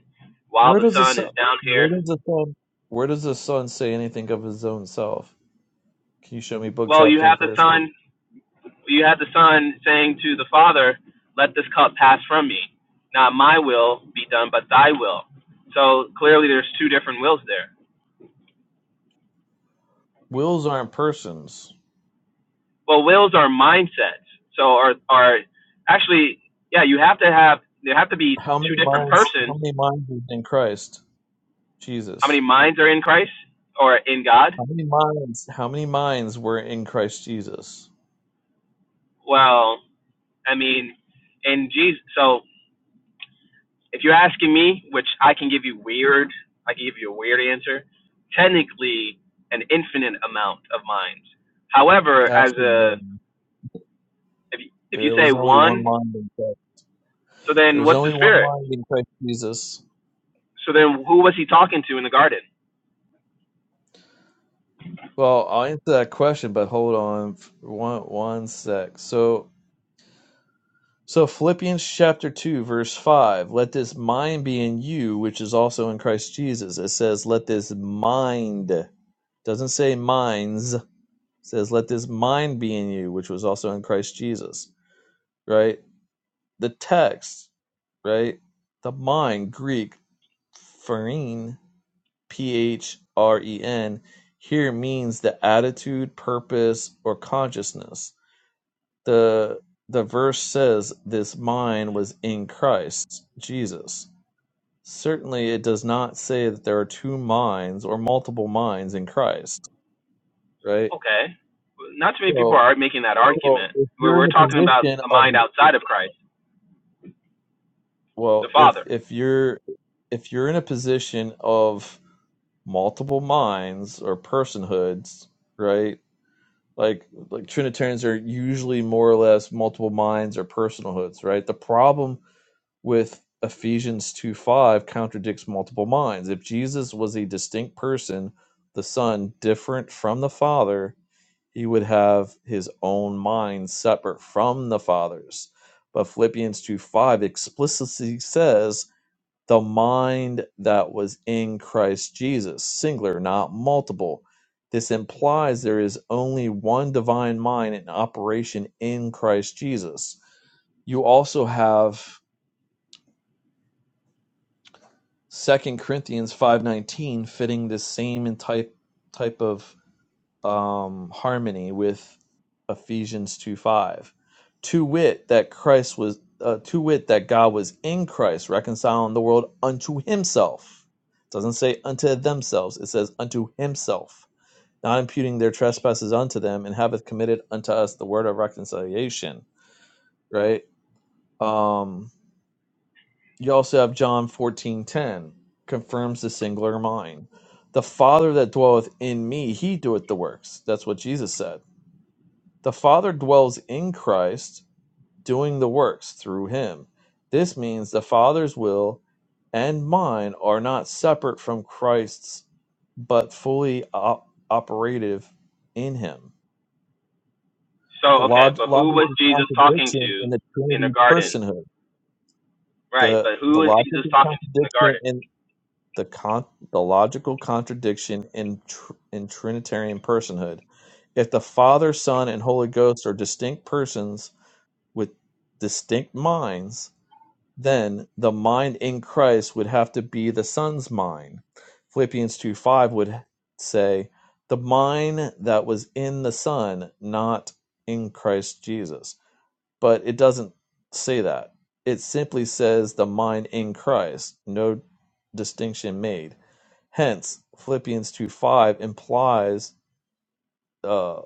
S4: while
S1: Where
S4: the
S1: does the
S4: son
S1: son,
S4: is down
S1: where
S4: here
S1: does the son, where does the son say anything of his own self? Can you show me book,
S4: well you
S1: chapter, and
S4: have the
S1: verse?
S4: son you had the son saying to the father, "Let this cup pass from me. Not my will be done, but thy will." So clearly, there's two different wills there.
S1: Wills aren't persons.
S4: Well, wills are mindsets. So are are actually, yeah, you have to have there have to be
S1: How
S4: two
S1: many
S4: different
S1: minds? How
S4: persons.
S1: many minds is in Christ
S4: How
S1: Jesus?
S4: many minds are in Christ or in God?
S1: How many minds? How many minds were in Christ Jesus?
S4: Well, I mean, in Jesus. So If you're asking me, which I can give you weird, I can give you a weird answer. Technically, an infinite amount of minds. However, as
S1: Actually,
S4: a
S1: no.
S4: if you, if you
S1: There
S4: say
S1: was only one
S4: one,
S1: mind in Christ.
S4: so
S1: There
S4: then
S1: was
S4: what's the
S1: only one
S4: spirit?
S1: mind in Christ Jesus.
S4: So then who was he talking to in the garden?
S1: Well, I'll answer that question, but hold on f- one one sec. So So Philippians chapter 2 verse 5, let this mind be in you which is also in Christ Jesus. It says let this mind. Doesn't say minds. It says let this mind be in you which was also in Christ Jesus, right? The text, right? The mind, Greek phren, P H R E N, here means the attitude, purpose or consciousness. The the verse says this mind was in Christ Jesus. Certainly it does not say that there are two minds or multiple minds in Christ, right?
S4: Okay, not too many people
S1: So
S4: are making that
S1: so
S4: argument.
S1: if
S4: We're
S1: you're in
S4: we're
S1: a
S4: talking about
S1: position
S4: the
S1: of
S4: mind outside of Christ, the
S1: well, if
S4: Father.
S1: if you're if you're in a position of multiple minds or personhoods, right? Like like Trinitarians are usually more or less multiple minds or personalhoods, right? The problem with Ephesians 2 5 contradicts multiple minds. If Jesus was a distinct person, the Son, different from the Father, he would have his own mind separate from the Father's. But Philippians 2 5 explicitly says, the mind that was in Christ Jesus, singular, not multiple. This implies there is only one divine mind in operation in Christ Jesus. You also have Second Corinthians five nineteen, fitting this same in type type of um, harmony with Ephesians two five, to wit that Christ was uh, to wit that God was in Christ reconciling the world unto Himself. It doesn't say unto themselves; it says unto Himself, not imputing their trespasses unto them, and hath committed unto us the word of reconciliation. Right. Um, you also have John 14:10 confirms the singular mind. The Father that dwelleth in me, he doeth the works. That's what Jesus said. The Father dwells in Christ, doing the works through him. This means the Father's will and mine are not separate from Christ's, but fully op- operative in him. The
S4: So okay,
S1: log-
S4: but who
S1: logic
S4: was
S1: of
S4: Jesus talking
S1: contradiction
S4: to
S1: in the
S4: in the
S1: Trinity
S4: garden?
S1: personhood.
S4: Right,
S1: The,
S4: but who
S1: the
S4: was
S1: logic
S4: Jesus
S1: of
S4: talking to in the
S1: contradiction
S4: garden?
S1: in the con the logical contradiction in tr in Trinitarian personhood. If the Father, Son, and Holy Ghost are distinct persons with distinct minds, then the mind in Christ would have to be the Son's mind. Philippians 2 5 would say, The mind that was in the Son, not in Christ Jesus. But it doesn't say that. It simply says the mind in Christ, no distinction made Hence, Philippians two five implies uh,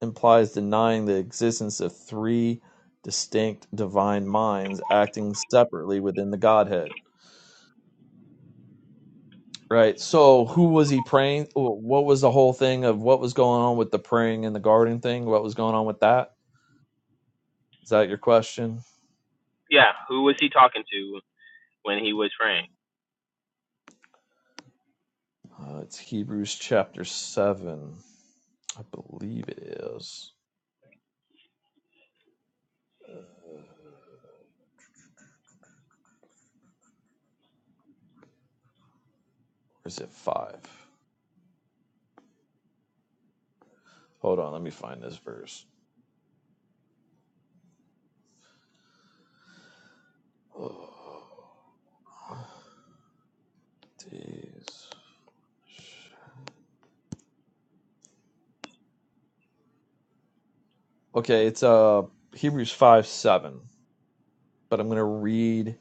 S1: implies denying the existence of three distinct divine minds acting separately within the Godhead. Right. So, who was he praying? What was the whole thing of what was going on with the praying in the garden thing? What was going on with that? Is that your question?
S4: Yeah, who was he talking to when he was praying?
S1: Uh, it's Hebrews chapter seven, I believe it is. Or is it five? Hold on, let me find this verse. Oh, days. Okay, it's uh Hebrews five seven, but I'm gonna read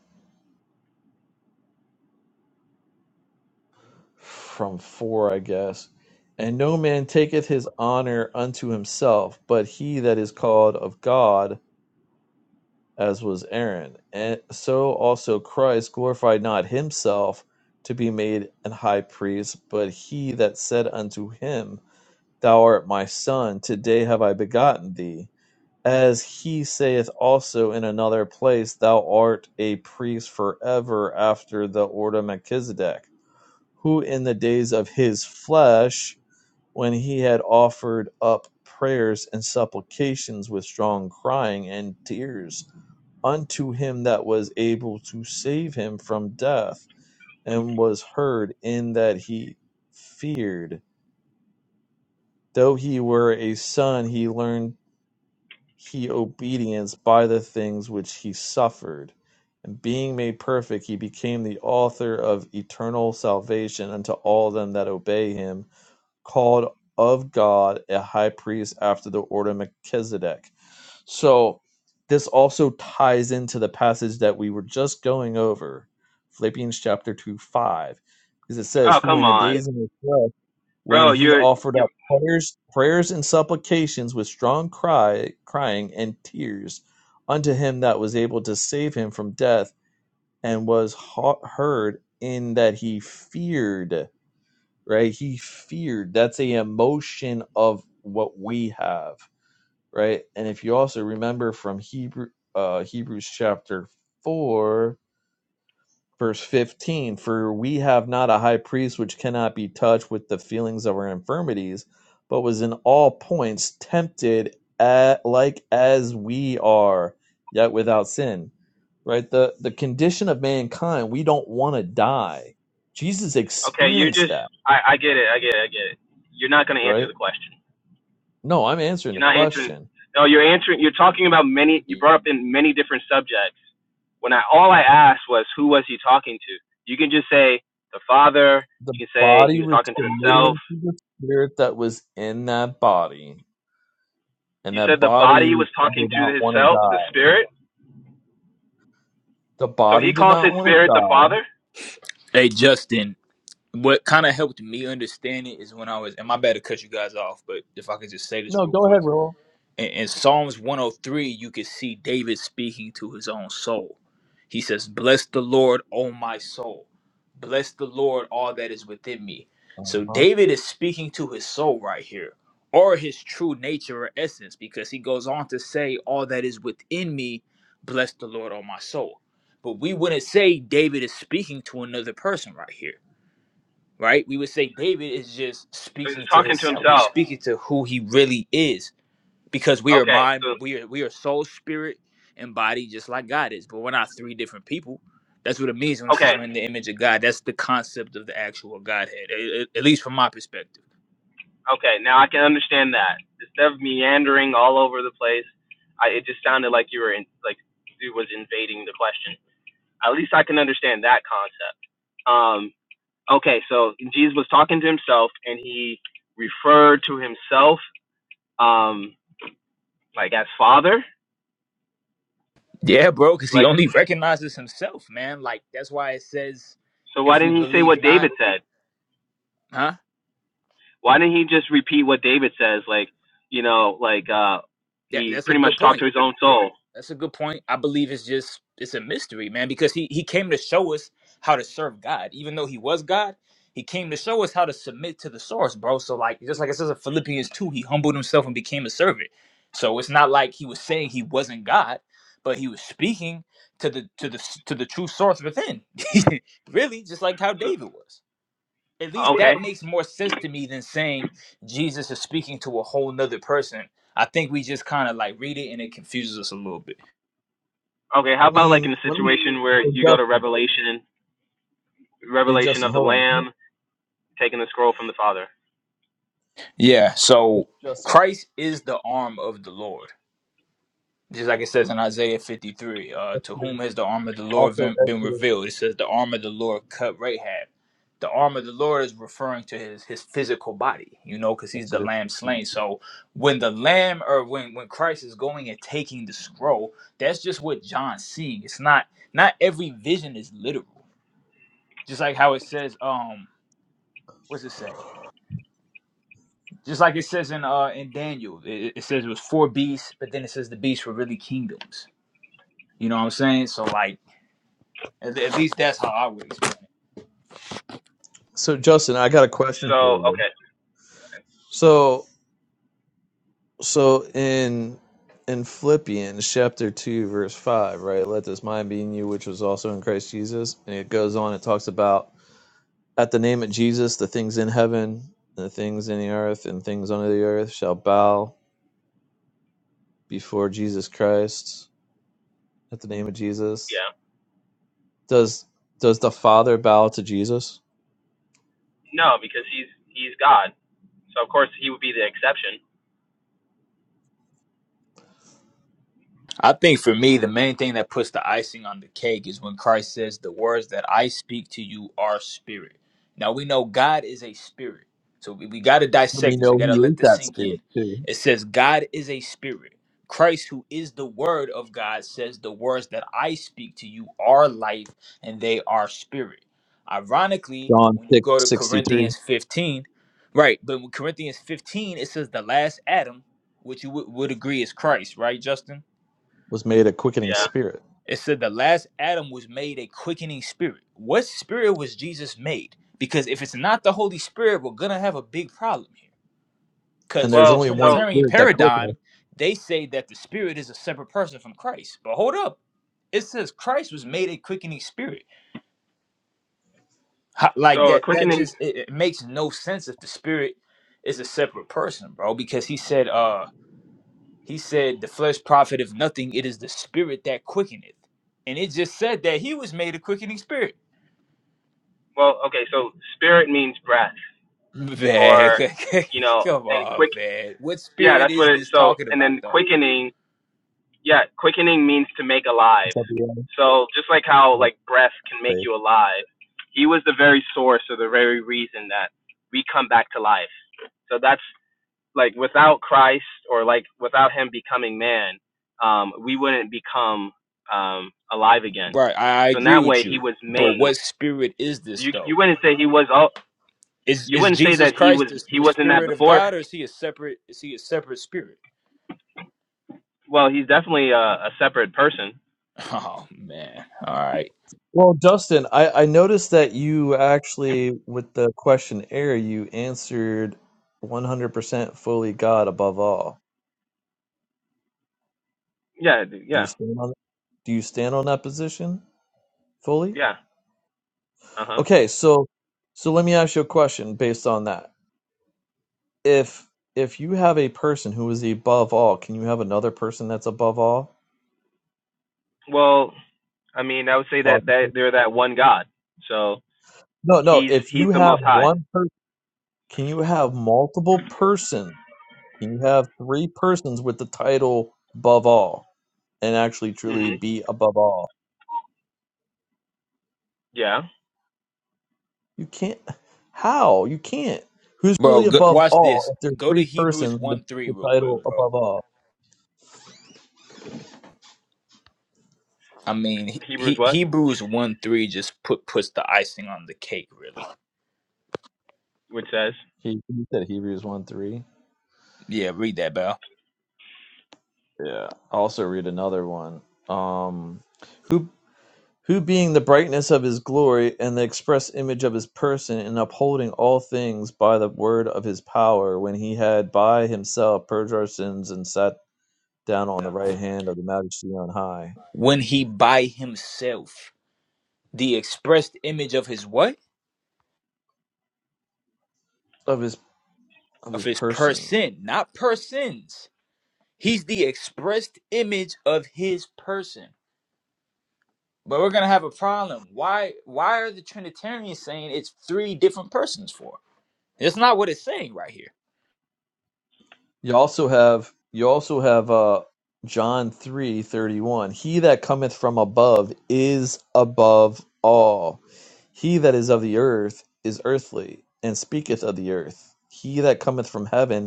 S1: from four, I guess. And no man taketh his honor unto himself, but he that is called of God, as was Aaron. And so also Christ glorified not himself to be made an high priest, but he that said unto him, Thou art my son, today have I begotten thee As he saith also in another place, Thou art a priest forever after the order of Melchizedek, who in the days of his flesh, when he had offered up prayers and supplications with strong crying and tears unto him that was able to save him from death, and was heard in that he feared. Though he were a son, he learned he obedience by the things which he suffered. And being made perfect, he became the author of eternal salvation unto all them that obey him, called of God a high priest after the order of Melchizedek. So this also ties into the passage that we were just going over, Philippians chapter 2, 5, because it says,
S4: Oh
S1: Who in
S4: come
S1: the
S4: on,
S1: days of the when
S4: bro.
S1: he
S4: You're
S1: offered
S4: you
S1: up prayers, prayers and supplications with strong cry, crying and tears unto him that was able to save him from death, and was heard in that he feared. Right, he feared. That's a emotion of what we have. Right, and if you also remember from Hebrew uh, Hebrews chapter four, verse 15 for we have not a high priest which cannot be touched with the feelings of our infirmities but was in all points tempted at, like as we are yet without sin right the the condition of mankind we don't want to die jesus
S4: are okay. You're
S1: experienced
S4: just
S1: that
S4: I, I get it. I get it. I get it. You're not gonna answer
S1: right
S4: the question.
S1: no i'm answering
S4: You're
S1: the
S4: not answering.
S1: question
S4: No, you're answering. You're talking about many. You brought
S5: Hey
S4: up in many different subjects. When I all I asked was who was he talking to. You can just say the father.
S1: the
S4: You can say he
S1: body
S4: was
S1: was
S4: talking to himself.
S1: submitting to the spirit that was in that body and
S4: You
S1: that
S4: said the
S1: body
S4: body was talking
S1: did not
S4: to his
S1: want to
S4: self,
S1: die
S4: the spirit.
S1: The
S4: So
S1: body
S4: he
S1: did
S4: calls
S1: not
S4: his
S1: want to
S4: spirit the
S1: die.
S4: father.
S5: Justin, what kind of helped me understand it is when I was, and my bad to cut you guys off, but if I could just say this
S1: No,
S5: real
S1: go
S5: quick.
S1: ahead, Roll.
S5: in, in Psalms 103, you can see David speaking to his own soul. He says, Bless the Lord, O my soul. Bless the Lord, all that is within me. So
S1: Uh-huh.
S5: David is speaking to his soul right here, or his true nature or essence, because he goes on to say, All that is within me, bless the Lord, O my soul. But we wouldn't say David is speaking to another person right here, right? We would say David is just
S4: So he was
S5: speaking to
S4: talking to
S5: himself. He's
S4: himself.
S5: speaking to who he really is because we are
S4: Okay.
S5: mind
S4: So
S5: we are we are soul spirit and body just like god is but we're not three different people that's what it means when it
S4: okay.
S5: says we're in the image of god that's the concept of the actual godhead a- a- at least from my perspective
S4: Okay, now I can understand that. Instead of meandering all over the place, I, it just sounded like you were in, like you was invading the question. At least I can understand that concept. Um, okay, so Jesus was talking to himself, and he referred to himself, um, like as Father.
S5: yeah bro because he
S4: Like,
S5: only recognizes himself man like that's why it says
S4: so why
S5: if we
S4: didn't he say
S5: believe
S4: what
S5: not
S4: David said?
S5: huh
S4: Why didn't he just repeat what David says? Like, you know, like uh,
S5: that,
S4: he
S5: that's a
S4: pretty much
S5: good
S4: talked
S5: point
S4: to his own soul.
S5: That's a good point. I believe it's just it's a mystery, man, because he he came to show us how to serve God. Even though he was God, he came to show us how to submit to the source, bro. So like just like it says in Philippians 2, he humbled himself and became a servant. So it's not like he was saying he wasn't God, but he was speaking to the to the to the true source within. really, just like how
S4: So,
S5: David was. At least
S4: okay,
S5: that makes more sense to me than saying Jesus is speaking to a whole nother person. I think we just kind of like read it and it confuses us a little bit.
S4: Okay,
S1: I
S4: how about like
S1: mean,
S4: in a
S1: let me.
S4: situation where
S1: Hey,
S4: you go to
S1: Justin.
S4: Revelation,
S1: Hey,
S4: Revelation
S1: Justin,
S4: of the
S1: hold on.
S4: Lamb, taking the scroll from the Father?
S5: Yeah, so
S1: Justin.
S5: Christ is the arm of the Lord. Just like it says in Isaiah 53, uh, to
S1: Yeah.
S5: whom has the arm of the Lord
S1: Also,
S5: been, been
S1: Exodus.
S5: revealed? It says the arm of the Lord cut Rahab. The arm of the Lord is referring to his his physical body, you know, because he's the
S1: Exodus
S5: lamb
S1: 15.
S5: slain. So when the lamb or when when Christ is going and taking the scroll, that's just what John's seeing. It's not not every vision is literal. Just like how it says, um, what's it say? Just like it says in uh in Daniel, it, it says it was four beasts, but then it says the beasts were really kingdoms. You know what I'm saying? So like, at, at least that's how I would explain.
S1: So, Justin, I got a question for
S4: So
S1: you.
S4: okay,
S1: So, so in in Philippians chapter two, verse five, right? Let this mind be in you, which was also in Christ Jesus, and it goes on. It talks about at the name of Jesus, the things in heaven, and the things in the earth, and things under the earth shall bow before Jesus Christ at the name of Jesus?
S4: yeah,
S1: Does does the Father bow to Jesus?
S4: no, because he's he's God, so of course he would be the exception.
S5: I think for me, the main thing that puts the icing on the cake is when Christ says, The words that I speak to you are spirit. Now we know God is a spirit. So we, we got to
S1: And We
S5: dissect this. We
S1: know
S5: got to
S1: he is
S5: let this
S1: that
S5: sink
S1: spirit
S5: in.
S1: too.
S5: It says, God is a spirit. Christ, who is the word of God, says, The words that I speak to you are life and they are spirit. Ironically,
S1: John
S5: when you
S1: six
S5: go to
S1: sixty three
S5: Corinthians 15, right, but when Corinthians 15, it says, The last Adam, which you would would agree is Christ, right, Justin?
S1: was made a quickening
S4: Yeah.
S1: spirit.
S5: It said the last Adam was made a quickening spirit. What spirit was Jesus made? Because if it's not the Holy Spirit, we're gonna have a big problem here.
S1: And
S5: Because from
S1: there's
S5: the
S4: Well,
S1: only one
S4: so
S5: Trinitarian
S1: spirit that quickeneth.
S5: paradigm, they say that the Spirit is a separate person from Christ. But hold up, it says Christ was made a quickening spirit. Ho- Like
S4: so a
S5: that, that
S4: quickening.
S5: just it, it makes no sense if the Spirit is a separate person, bro. Because he said, uh, he said the flesh profiteth nothing. It is the Spirit that quickeneth, and it just said that he was made a quickening spirit.
S4: Well, okay, so spirit means breath,
S5: Man,
S4: or you know,
S5: come
S4: and
S5: on,
S4: quick.
S5: man. What
S4: Yeah,
S5: spirit
S4: that's what
S5: is
S4: it.
S5: this
S4: So
S5: talking
S4: and
S5: about,
S4: then
S5: though?
S4: quickening yeah, quickening means to make
S1: It's
S4: alive.
S1: at the end
S4: So just like how
S1: of
S4: like breath can make
S1: faith.
S4: you alive, he was the very source or the very reason that we come back to life. So that's like without Christ or like without him becoming man, um, we wouldn't become um, alive again.
S5: Right, I, I
S4: So in
S5: agree
S4: that
S5: with
S4: way, he
S5: you,
S4: was
S5: but
S4: made.
S5: what spirit is this,
S4: You you
S5: though?
S4: wouldn't say he was all.
S5: Is
S4: You
S5: is
S4: wouldn't say
S5: Jesus
S4: that he was
S5: Christ the,
S4: he
S5: the
S4: wasn't that
S5: spirit of
S4: before.
S5: God, or is he a separate? Is he a separate spirit?
S4: Well, he's definitely a, a separate person.
S5: Oh man, all right,
S1: Well, Justin, I, I noticed that you actually, with the questionnaire, you answered 100% fully God above all.
S4: Yeah,
S1: Do you
S4: yeah,
S1: stand on do you stand on that position fully?
S4: yeah. Uh huh.
S1: Okay, so so let me ask you a question based on that. if if you have a person who is above all, can you have another person that's above all?
S4: Well, I mean, I would say that that
S1: Logically.
S4: they're that one God. So
S1: No, no.
S4: he's
S1: If
S4: he's
S1: you
S4: the
S1: have
S4: Most High.
S1: one person, can you have multiple person? Can you have three persons with the title above all and actually truly
S4: hmm
S1: be above all?
S4: Yeah.
S1: You can't. How? You can't. Who's
S5: bro.
S1: really
S5: Go,
S1: above
S5: watch
S1: all
S5: this.
S1: if there's
S5: Go to
S1: three
S5: Hebrews
S1: persons with
S5: one three
S1: the
S5: real quick,
S1: title
S5: bro.
S1: above all?
S5: I mean, he,
S4: Hebrews
S5: he,
S4: what?
S5: Hebrews one three just put puts the icing on the cake, really.
S4: Which says.
S1: He, he said Hebrews 1 3.
S5: Yeah, read that, bro.
S1: Yeah. I'll also read another one. Um, who? who being the brightness of his glory, and the express image of his person, and upholding all things by the word of his power, when he had by himself purged our sins and sat down on the right hand of the majesty on high
S5: When he by himself, the expressed image of his what?
S1: of his of
S5: of
S1: his
S5: his
S1: person.
S5: person, not persons. He's the expressed image of his person. But we're gonna have a problem. Why why are the Trinitarians saying it's three different persons for? It's not what it's saying right here.
S1: You also have you also have uh John three thirty one. He that cometh from above is above all. He that is of the earth is earthly, and speaketh of the earth. He that cometh from heaven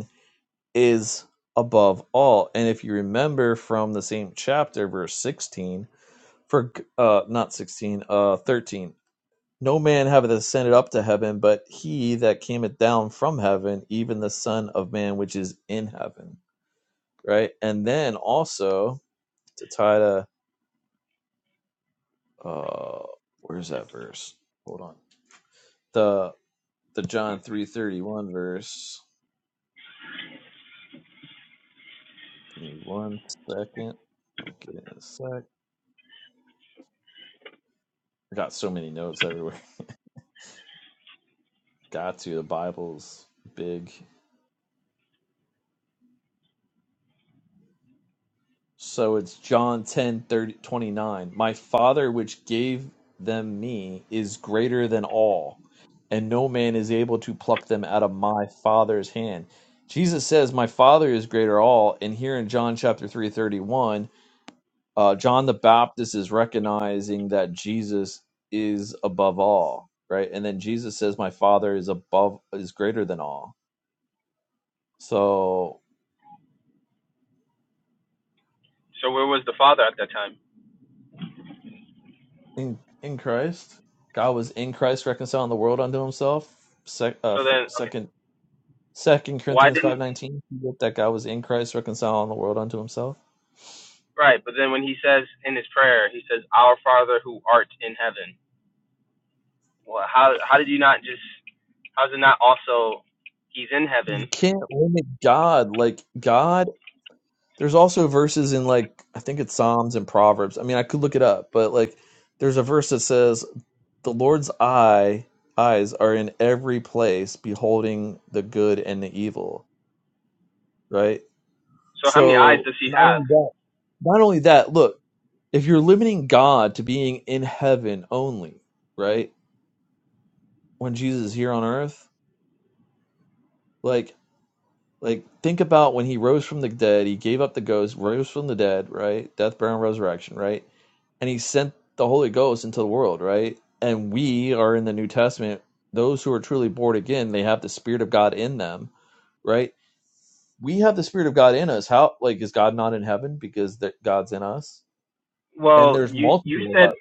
S1: is above all. And if you remember from the same chapter, verse 16, for uh, not 16, uh, 13, no man hath ascended up to heaven, but he that cameth down from heaven, even the Son of Man which is in heaven. Right? And then also to tie to, uh, where's that verse? Hold on. The the John 331 verse. Give me one second. I'll get it in a sec. I got so many notes everywhere. Got to. The Bible's big. So it's John 10 30 29. My Father, which gave them me, is greater than all, and no man is able to pluck them out of my Father's hand. Jesus says, My Father is greater all. And here in John chapter 3 31, uh, John the Baptist is recognizing that Jesus is above all, right? And then Jesus says, My Father is above, is greater than all. So
S4: So where was the Father at that time?
S1: in in Christ. God was in Christ reconciling the world unto Himself. Sec, uh,
S4: So
S1: fir-
S4: then, okay,
S1: second Second
S4: why
S1: Corinthians five
S4: didn't
S1: nineteen. That God was in Christ reconciling the world unto Himself.
S4: right? But then when he says in his prayer, he says, "Our Father who art in heaven." Well, how how did you not just? How's it not also? He's in
S1: You
S4: heaven.
S1: can't limit God. Like God, there's also verses in like I think it's Psalms and Proverbs. I mean, I could look it up, but like there's a verse that says the Lord's eye eyes are in every place, beholding the good and the evil. Right.
S4: So how many eyes
S1: So
S4: does he
S1: not
S4: have?
S1: only that, not only that. Look. if you're limiting God to being in heaven only, right? When Jesus is here on earth, like like think about when he rose from the dead, he gave up the ghost, rose from the dead, right? Death, burial, and resurrection, right? And he sent the Holy Ghost into the world, right? And we are in the New Testament, those who are truly born again, they have the Spirit of God in them, right? We have the Spirit of God in us. How like is God not in heaven because that God's in us? And
S4: Well,
S1: there's
S4: you you
S1: multiple of us
S4: said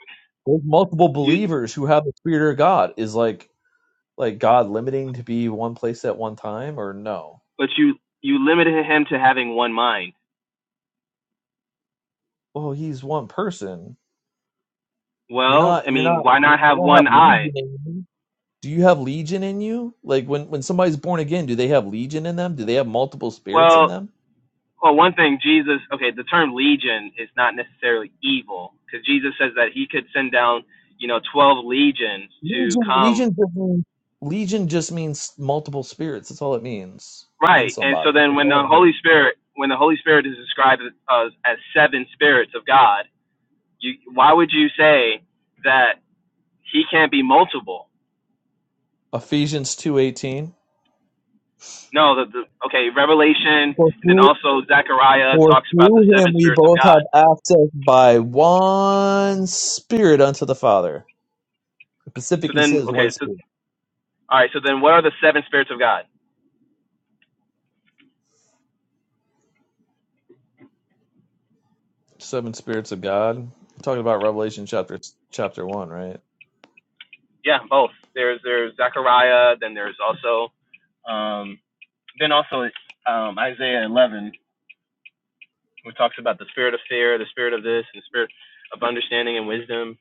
S1: There's multiple
S4: you,
S1: believers who have the spirit of God. Is like like God limiting to be one place at one time or no?
S4: but you you limited him to having one mind.
S1: Well, he's one person. You're
S4: Well,
S1: not
S4: I
S1: you're
S4: mean,
S1: not
S4: why
S1: you
S4: not have
S1: don't have
S4: one eye?
S1: legion in you. Do you have legion in you? Like when when somebody's born again, do they have legion in them? Do they have multiple spirits
S4: Well,
S1: in them?
S4: Well, one thing, Jesus, okay, the term legion is not necessarily evil because Jesus says that he could send down, you know, 12 legions to
S1: Legion
S4: come.
S1: legion just means legion just means multiple spirits. That's all it means in
S4: Right. And so
S1: somebody.
S4: then
S1: That's
S4: when
S1: all
S4: the
S1: it means.
S4: Holy Spirit, when the Holy Spirit is described as, as seven spirits of God, you, why would you say that he can't be multiple?
S1: Ephesians 2:18.
S4: No, the, the okay, Revelation, and then also Zechariah
S1: For
S4: talks about the
S1: through
S4: seven
S1: him we
S4: spirits of
S1: both have
S4: God.
S1: access by one spirit unto the Father. It
S4: So
S1: specifically
S4: then,
S1: says
S4: okay,
S1: one
S4: so,
S1: spirit.
S4: all right, so then what are the seven spirits of God?
S1: Seven spirits of God. We're talking about Revelation chapter chapter one, right?
S4: yeah, both. There's there's Zechariah, then there's also um, then also um, Isaiah 11, which talks about the spirit of fear, the spirit of this, and the spirit of understanding and wisdom.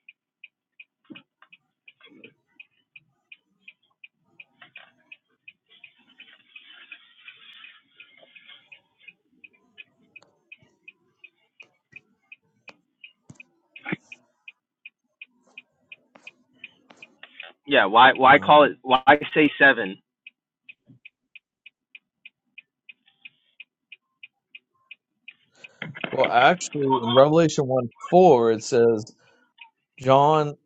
S4: Yeah, why why call
S1: Um,
S4: it? Why say seven?
S1: well, actually, in Revelation one four, it says, "John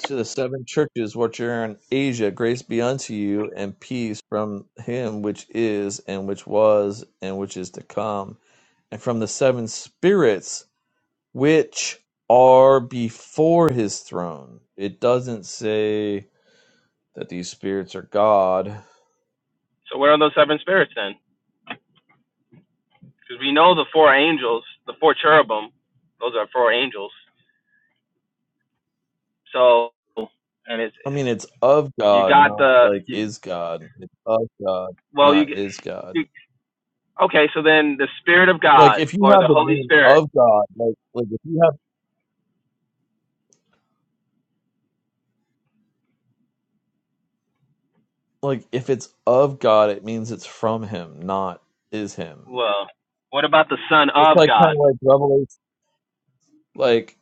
S1: to the seven churches which are in Asia, grace be unto you, and peace from him which is, and which was, and which is to come, and from the seven spirits." which are before his throne. It doesn't say that these spirits are God.
S4: So where are those seven spirits then? Because we know the four angels, the four cherubim, those are four angels. So and it's
S1: I mean, it's of
S4: you
S1: God,
S4: got
S1: not
S4: the
S1: like
S4: you,
S1: is God. It's of God,
S4: well you
S1: not
S4: get
S1: is God.
S4: you, okay. So then the spirit of
S1: Like
S4: God
S1: if you
S4: or
S1: have
S4: the
S1: the
S4: Holy
S1: name
S4: Spirit
S1: of God, like like if you have like if it's of God, it means it's from Him, not is Him.
S4: Well, what about the Son
S1: It's
S4: of
S1: like kind
S4: God?
S1: of like Revelation, like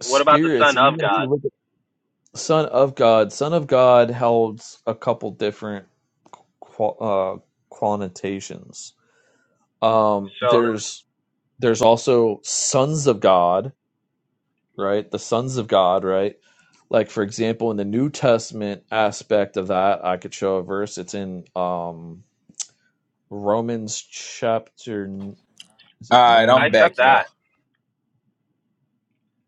S4: What about the
S1: spirits.
S4: Son
S1: Even
S4: of
S1: if you
S4: God?
S1: look Son of God. Son of God holds a couple different qual- uh, connotations. Um,
S4: So
S1: there's there's also sons of God, right? The sons of God, right? Like for example, in the New Testament aspect of that, I could show a verse. It's in um, Romans chapter. n- Is it
S5: Alright,
S4: I
S5: I'm
S1: nine?
S4: accept
S5: back, y'all.
S4: that.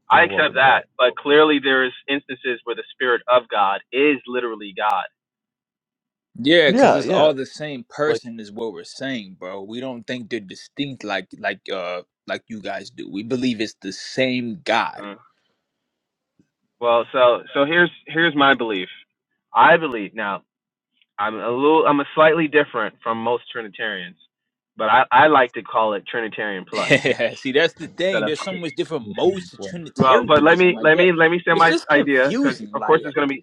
S4: I
S1: No,
S4: accept
S1: welcome back.
S4: that. But clearly, there's instances where the Spirit of God is literally God.
S5: Yeah, cause
S1: Yeah,
S5: it's
S1: yeah.
S5: all the same
S1: Like
S5: person is what we're saying, bro. We don't think they're distinct like like uh like you guys do. We believe it's the same God.
S4: Mm. Well, so so here's here's my belief. I believe now. I'm a little. I'm a slightly different from most Trinitarians, but I I like to call it Trinitarian plus
S5: Yeah, see, that's the
S4: instead
S5: thing.
S4: of.
S5: There's so much different modes to
S4: Well, but let
S5: Trinitarianism,
S4: me
S5: like
S4: let
S5: that.
S4: me let me say
S5: It's
S4: my
S5: just
S4: idea because
S5: confusing.
S4: of course
S5: Like,
S4: there's gonna be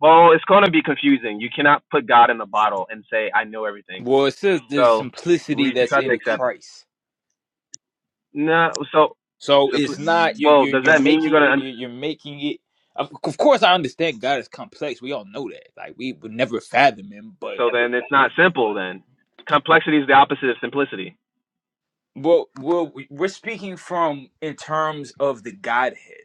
S4: Well, it's going to be confusing. You cannot put God in a bottle and say, I know everything.
S5: well, it says the
S4: So
S5: simplicity
S4: we just
S5: that's
S4: have to
S5: in
S4: accept it.
S5: Christ.
S4: No, so
S5: So
S4: simply,
S5: it's not you're
S4: well,
S5: you're,
S4: does
S5: you're
S4: that mean you're going to,
S5: making
S4: un-
S5: you're, you're making it. Of of course, I understand God is complex. We all know that. Like, we would never fathom Him, but
S4: so then it's
S5: we-
S4: not simple then. Complexity is the opposite of simplicity.
S5: well, well, we- we're speaking from in terms of the Godhead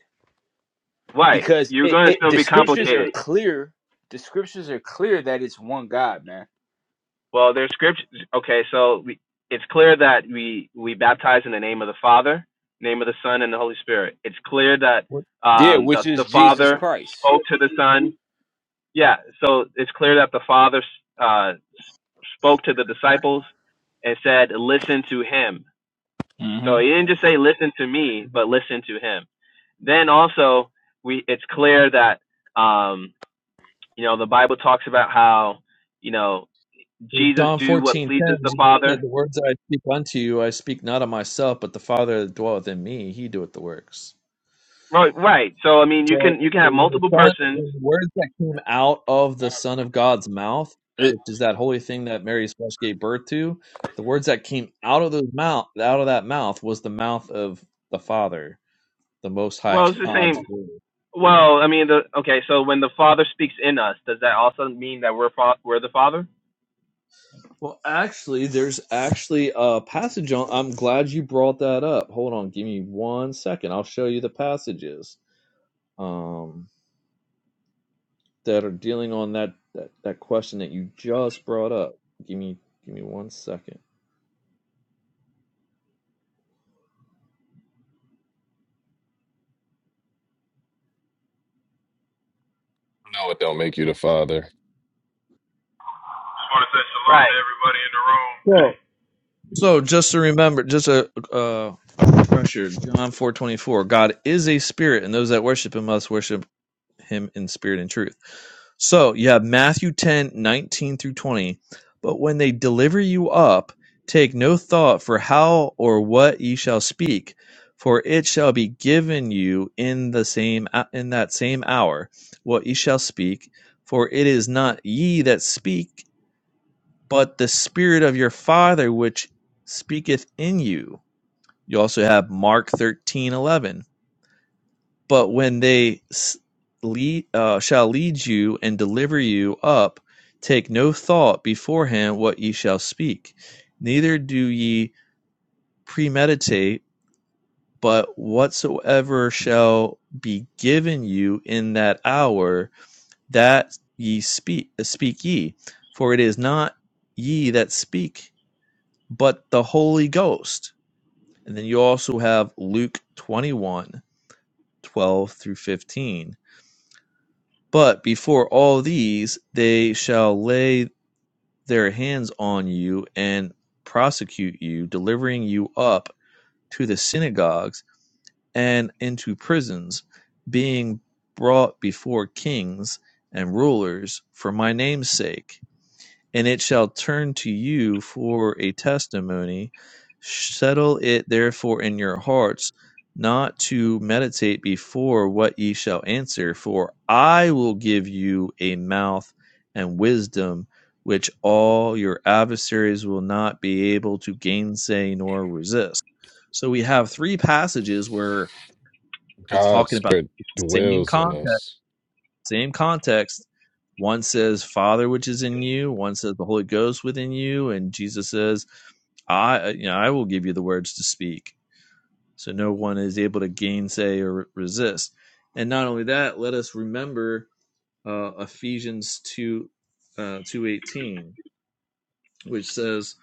S4: Right.
S5: because
S4: You're
S5: it,
S4: going to
S5: it
S4: still
S5: the
S4: be
S5: scriptures are
S4: complicated.
S5: clear. The scriptures are clear that it's one God, man
S4: Well, there's scripture. Okay, so we, it's clear that we, we baptize in the name of the Father, name of the Son, and the Holy Spirit. It's clear that
S5: Yeah,
S4: um, the,
S5: which is
S4: the
S5: Jesus
S4: Father
S5: Christ.
S4: spoke to the Son, yeah, so it's clear that the Father uh, spoke to the disciples and said, "Listen to him."
S5: hmm
S4: So he didn't just say, "Listen to me," but listen to him. Then also, we it's clear that um, you know the Bible talks about how you know Jesus
S1: John
S4: do what
S1: fourteen ten,
S4: pleases the
S1: Jesus
S4: Father.
S1: said, The words that I speak unto you, I speak not of myself, but the Father that dwelleth in me, he doeth the works.
S4: Right, right. So I mean, you
S1: So,
S4: can you can
S1: so
S4: have
S1: when the
S4: multiple
S1: Son,
S4: persons.
S1: when the words that came out of the Son of God's mouth,
S5: It,
S1: which is that holy thing that Mary's flesh gave birth to, the words that came out of those mouth, out of that mouth, was the mouth of the Father, the Most High
S4: Well, it's the
S1: God's
S4: same.
S1: word.
S4: Well, I mean, the okay. So when the Father speaks in us, does that also mean that we're we're the Father?
S1: Well, actually, there's actually a passage on. I'm glad you brought that up. Hold on, give me one second. I'll show you the passages um, that are dealing on that, that that question that you just brought up. Give me give me one second.
S3: no, it don't make you the father.
S6: I Just want to say shalom
S4: Right.
S6: to everybody in the room.
S1: Well, so just to remember, just a uh, pressure John four twenty four. God is a spirit, and those that worship Him must worship Him in spirit and truth. So you have Matthew 10 19 through 20. But when they deliver you up, take no thought for how or what ye shall speak, for it shall be given you in the same uh, in that same hour what ye shall speak, for it is not ye that speak, but the spirit of your father which speaketh in you. You also have Mark 13 11. But when they lead, uh, shall lead you and deliver you up, take no thought beforehand what ye shall speak, neither do ye premeditate, but whatsoever shall be given you in that hour, that ye speak, uh, speak ye. For it is not ye that speak, but the Holy Ghost. And then you also have Luke 21, 12 through 15 But before all these, they shall lay their hands on you, and prosecute you, delivering you up to the synagogues and into prisons, being brought before kings and rulers for my name's sake and it shall turn to you for a testimony. Settle it therefore in your hearts, not to meditate before what ye shall answer, for I will give you a mouth and wisdom which all your adversaries will not be able to gainsay nor resist. So we have three passages where it's
S3: God's
S1: talking about
S3: spirit
S1: the same
S3: dwells in
S1: concept
S3: us.
S1: same context. One says Father which is in you, one says the Holy Ghost within you, and Jesus says, I uh, you know, I will give you the words to speak. So no one is able to gainsay or resist. And not only that, let us remember uh, Ephesians 2 uh, 2:18, which says,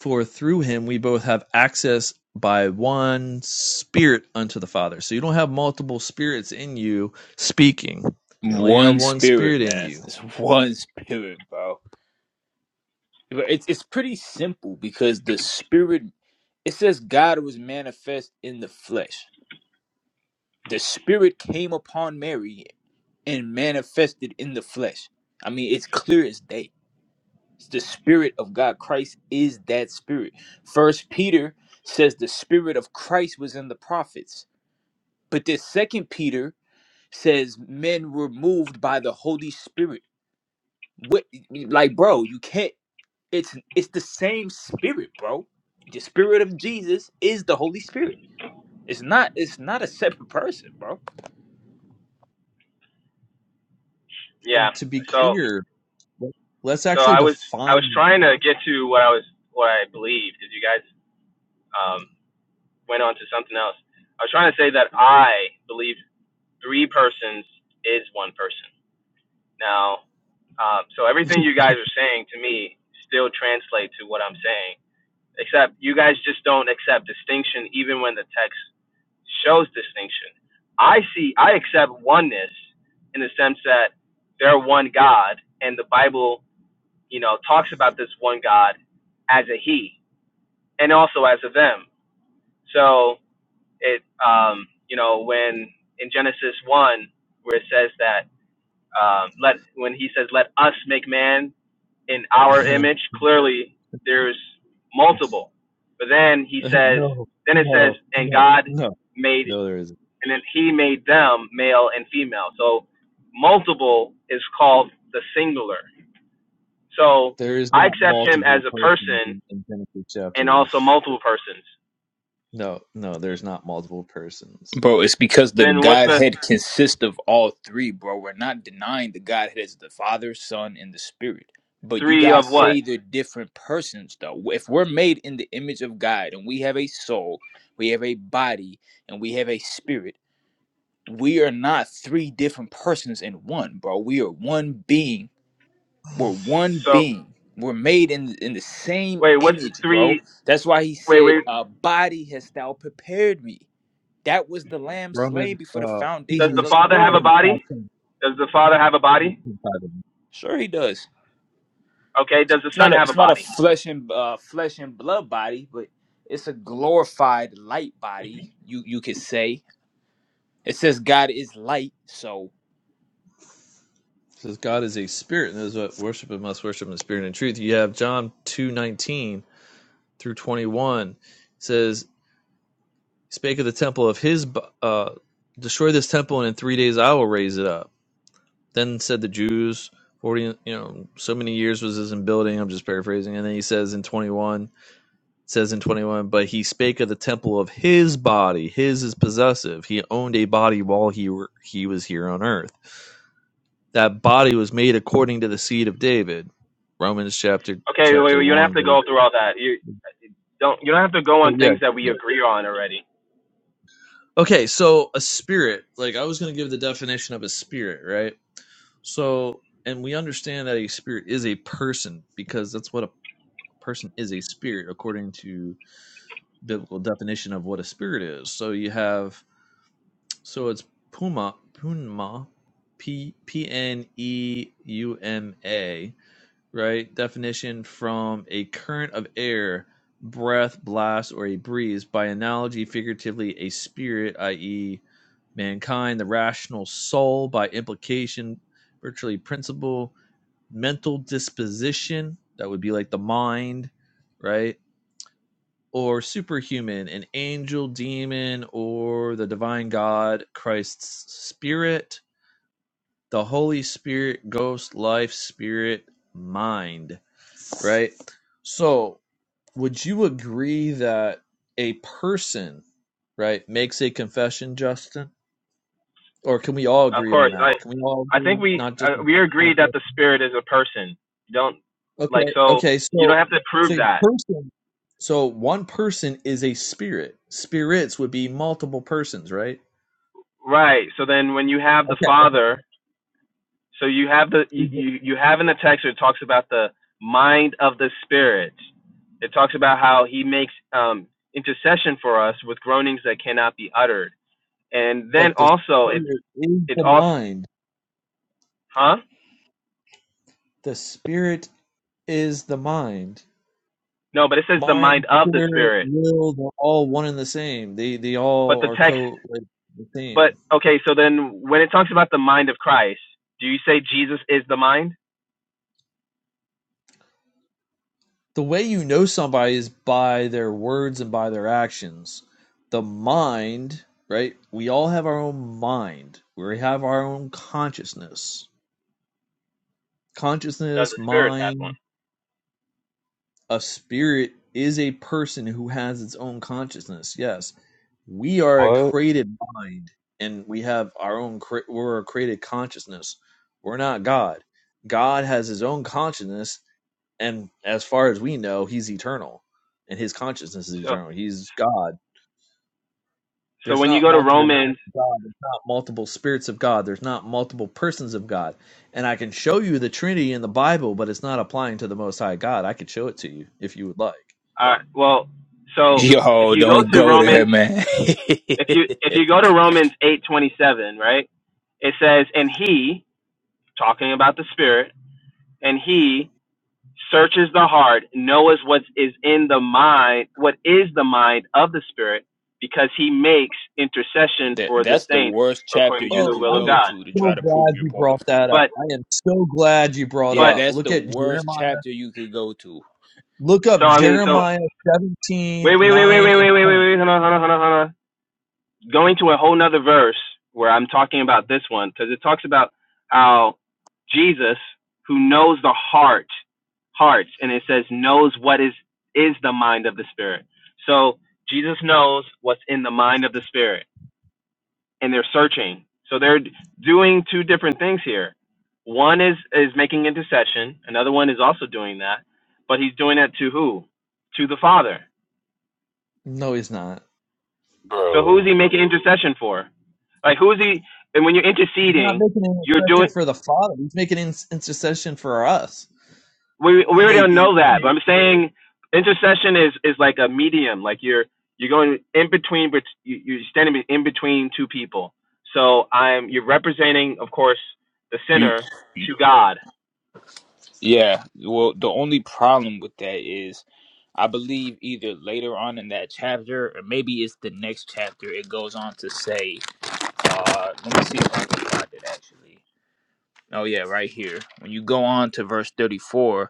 S1: "For through him we both have access by one spirit unto the Father." So you don't have multiple spirits in you speaking. You only have
S5: one
S1: one
S5: spirit,
S1: spirit in
S5: man.
S1: you.
S5: It's one spirit, bro. But It's it's pretty simple because the spirit. It says God was manifest in the flesh. The spirit came upon Mary and manifested in the flesh. I mean, it's clear as day. It's the spirit of God. Christ is that spirit. First Peter says the spirit of Christ was in the prophets. But this second Peter says men were moved by the Holy Spirit. What like bro, you can't it's it's the same spirit, bro. The spirit of Jesus is the Holy Spirit. It's not it's not a separate person, bro.
S4: Yeah.
S1: And to be
S4: So
S1: clear, let- let's
S4: so
S1: actually
S4: I was I was
S1: define.
S4: trying to get to what I was what I believed because you guys um, went on to something else. I was trying to say that I believe three persons is one person. Now, um, so everything you guys are saying to me still translates to what I'm saying, except you guys just don't accept distinction even when the text shows distinction. I see I accept oneness in the sense that they're one God and the Bible you know, talks about this one God as a he and also as a them. So it, um, you know, when in Genesis 1, where it says that, um, let, when he says, let us make man in our
S1: no,
S4: image, clearly there's multiple. But then he says,
S1: no,
S4: then it says,
S1: no,
S4: and
S1: no,
S4: God
S1: no.
S4: made,
S1: There isn't.
S4: and then he made them male and female. So multiple is called the singular. So
S1: There is
S4: I
S1: not
S4: accept him
S1: multiple
S4: as a
S1: persons
S4: person
S1: in in Genesis
S4: and
S1: chapter one.
S4: also multiple persons.
S1: No, no, there's not multiple persons.
S5: Bro, it's because the
S4: Then what's the
S5: Godhead consists of all three, bro. We're not denying the Godhead is the Father, Son, and the Spirit. But you
S4: three of
S5: guys
S4: what?
S5: say they're different persons, though. If we're made in the image of God and we have a soul, we have a body, and we have a spirit. we are not three different persons in one, bro. We are one being. We're one
S4: So
S5: being. We're made in in the same
S4: wait, what's the
S5: image, bro.
S4: three?
S5: That's why he
S4: Wait,
S5: said,
S4: wait.
S5: "A body hast thou prepared me." That was the lamb
S1: Roman,
S5: slain before the
S1: uh,
S4: Does
S5: foundations
S4: the
S5: of
S1: Hebrews,
S5: the
S4: father have a
S5: world.
S1: Hebrews five
S4: body?
S1: ten.
S4: Does the father have a
S1: Hebrews
S4: body?
S1: 5, 10.
S5: Sure, he does.
S4: Okay. Does the
S5: It's
S4: son
S5: not a
S4: have a
S5: it's not a
S4: body?
S5: flesh and uh, flesh and blood body, but it's a glorified light body. You you could say it says God is light, so
S1: It Says God is a spirit, and those that worship Him must worship Him in spirit and truth. You have John two nineteen through twenty one It says, "Spake of the temple of His, bo- uh, destroy this temple, and in three days I will raise it up." Then said the Jews, 40, you know, so many years was this in building. I'm just paraphrasing. And then he says in 21, says in 21, but he spake of the temple of his body. His is possessive. He owned a body while he were, he was here on earth. That body was made according to the seed of David. Romans chapter
S4: Okay. Wait,
S1: chapter
S4: you don't
S1: 1.
S4: have to
S1: But,
S4: go through all that. You don't. You don't have to go
S1: but
S4: on
S1: yeah,
S4: things that we
S1: yeah.
S4: agree on already.
S1: Okay, so a spirit, like I was going to give the definition of a spirit, right? So, and we understand that a spirit is a person because that's what a person is a spirit according to biblical definition of what a spirit is. So you have so it's puma punma p p n e u m a right definition from a current of air breath blast or a breeze by analogy figuratively a spirit i.e mankind the rational soul by implication virtually principle mental disposition that would be like the mind right or superhuman, an angel, demon, or the divine God, Christ's spirit, the Holy Spirit, ghost, life, spirit, mind, right? So, would you agree that a person, right, makes a confession, Justin? Or can we all
S4: Of
S1: agree on
S4: course. I.
S1: that? Can we all
S4: I
S1: agree?
S4: think we
S1: Not just,
S4: uh, we agree
S1: not
S4: that
S1: just.
S4: the spirit is a person. You don't like
S1: Okay,
S4: so.
S1: okay.
S4: You
S1: So,
S4: don't have to
S1: so
S4: prove
S1: a
S4: that.
S1: person, so one person is a spirit. Spirits would be multiple persons, right?
S4: Right. So then when you have the
S1: Okay, but
S4: father So you have the you, you have in the text where it talks about the mind of the spirit. It talks about how he makes um, intercession for us with groanings that cannot be uttered. And then
S1: but the
S4: also it
S1: spirit is
S4: it
S1: the
S4: also
S1: mind.
S4: huh?
S1: The spirit is the mind.
S4: No, but it says the
S1: Mind,
S4: mind of the
S1: spirit,
S4: spirit.
S1: will, they're all one and the same. They they all
S4: But the
S1: are
S4: text
S1: co like, the
S4: but
S1: same.
S4: okay, so then when it talks about the mind of Christ, do you say Jesus is the mind?
S1: The way you know somebody is by their words and by their actions. The mind, right? We all have our own mind. We have our own consciousness.
S4: Does
S1: Consciousness,
S4: the spirit have one?
S1: mind, a spirit is a person who has its own consciousness. Yes we are a
S3: What,
S1: created mind and we have our own cre- we're a created consciousness we're not god god has his own consciousness and as far as we know he's eternal and his consciousness is
S4: So
S1: eternal he's god
S4: so
S1: there's
S4: when you
S1: not
S4: go to
S1: multiple
S4: Romans,
S1: minds of god there's not multiple spirits of god there's not multiple persons of god and i can show you the trinity in the bible but it's not applying to the most high god i could show it to you if you would like
S4: uh, well, so if
S5: Yo,
S4: you go
S5: don't
S4: to
S5: go there,
S4: Romans
S5: man.
S4: if you if you go to Romans eight twenty seven, right, it says, "And he, talking about the Spirit, and he searches the heart, knows what is in the mind, what is the mind of the Spirit, because he makes intercession
S5: That
S4: for the
S5: that's the
S4: saints
S5: worst chapter
S4: according to
S5: you
S4: the
S1: Oh,
S5: could
S4: will
S1: I
S4: of
S5: go
S1: am
S4: God."
S5: to to
S1: so
S5: try to prove
S1: glad
S5: your
S1: you brought
S5: point.
S1: that up.
S4: But
S1: I am so glad you brought
S5: Yeah,
S4: but
S1: up.
S5: that's
S1: Look
S5: the
S1: at
S5: worst
S1: Jeremiah.
S5: chapter you could go to.
S1: Look up
S4: so I mean so
S1: Jeremiah 17
S4: wait wait wait wait
S1: 9
S4: wait
S1: and
S4: wait wait wait
S1: 10.
S4: wait hold on hold on hold on hold on going to a whole nother verse where I'm talking about this one because it talks about how Jesus, who knows the heart, hearts, and it says knows what is is the mind of the spirit. So Jesus knows what's in the mind of the spirit, and they're searching. So they're doing two different things here. One is is making intercession. Another one is also doing that, but he's doing that to who? To the Father.
S1: No, he's not.
S4: So who's he
S3: bro?
S4: making intercession for? Like who's he? And when you're
S1: He's not
S4: interceding,
S1: making an
S4: you're doing.
S1: intercession for the Father. He's making an intercession for us that
S4: We
S1: we
S4: we already
S1: may
S4: don't
S1: be
S4: know
S1: in.
S4: that,
S1: Him.
S4: but I'm saying intercession is is like a medium. Like you're you're going in between, but you- are standing in between two people. So I'm you're representing, of course, the
S5: You,
S4: sinner
S5: you-
S4: to God.
S5: yeah. Well, the only problem with that is I believe either later on in that chapter or maybe it's the next chapter. It goes on to say, uh, let me see if I can find it actually. Oh yeah, right here. When you go on to verse thirty-four,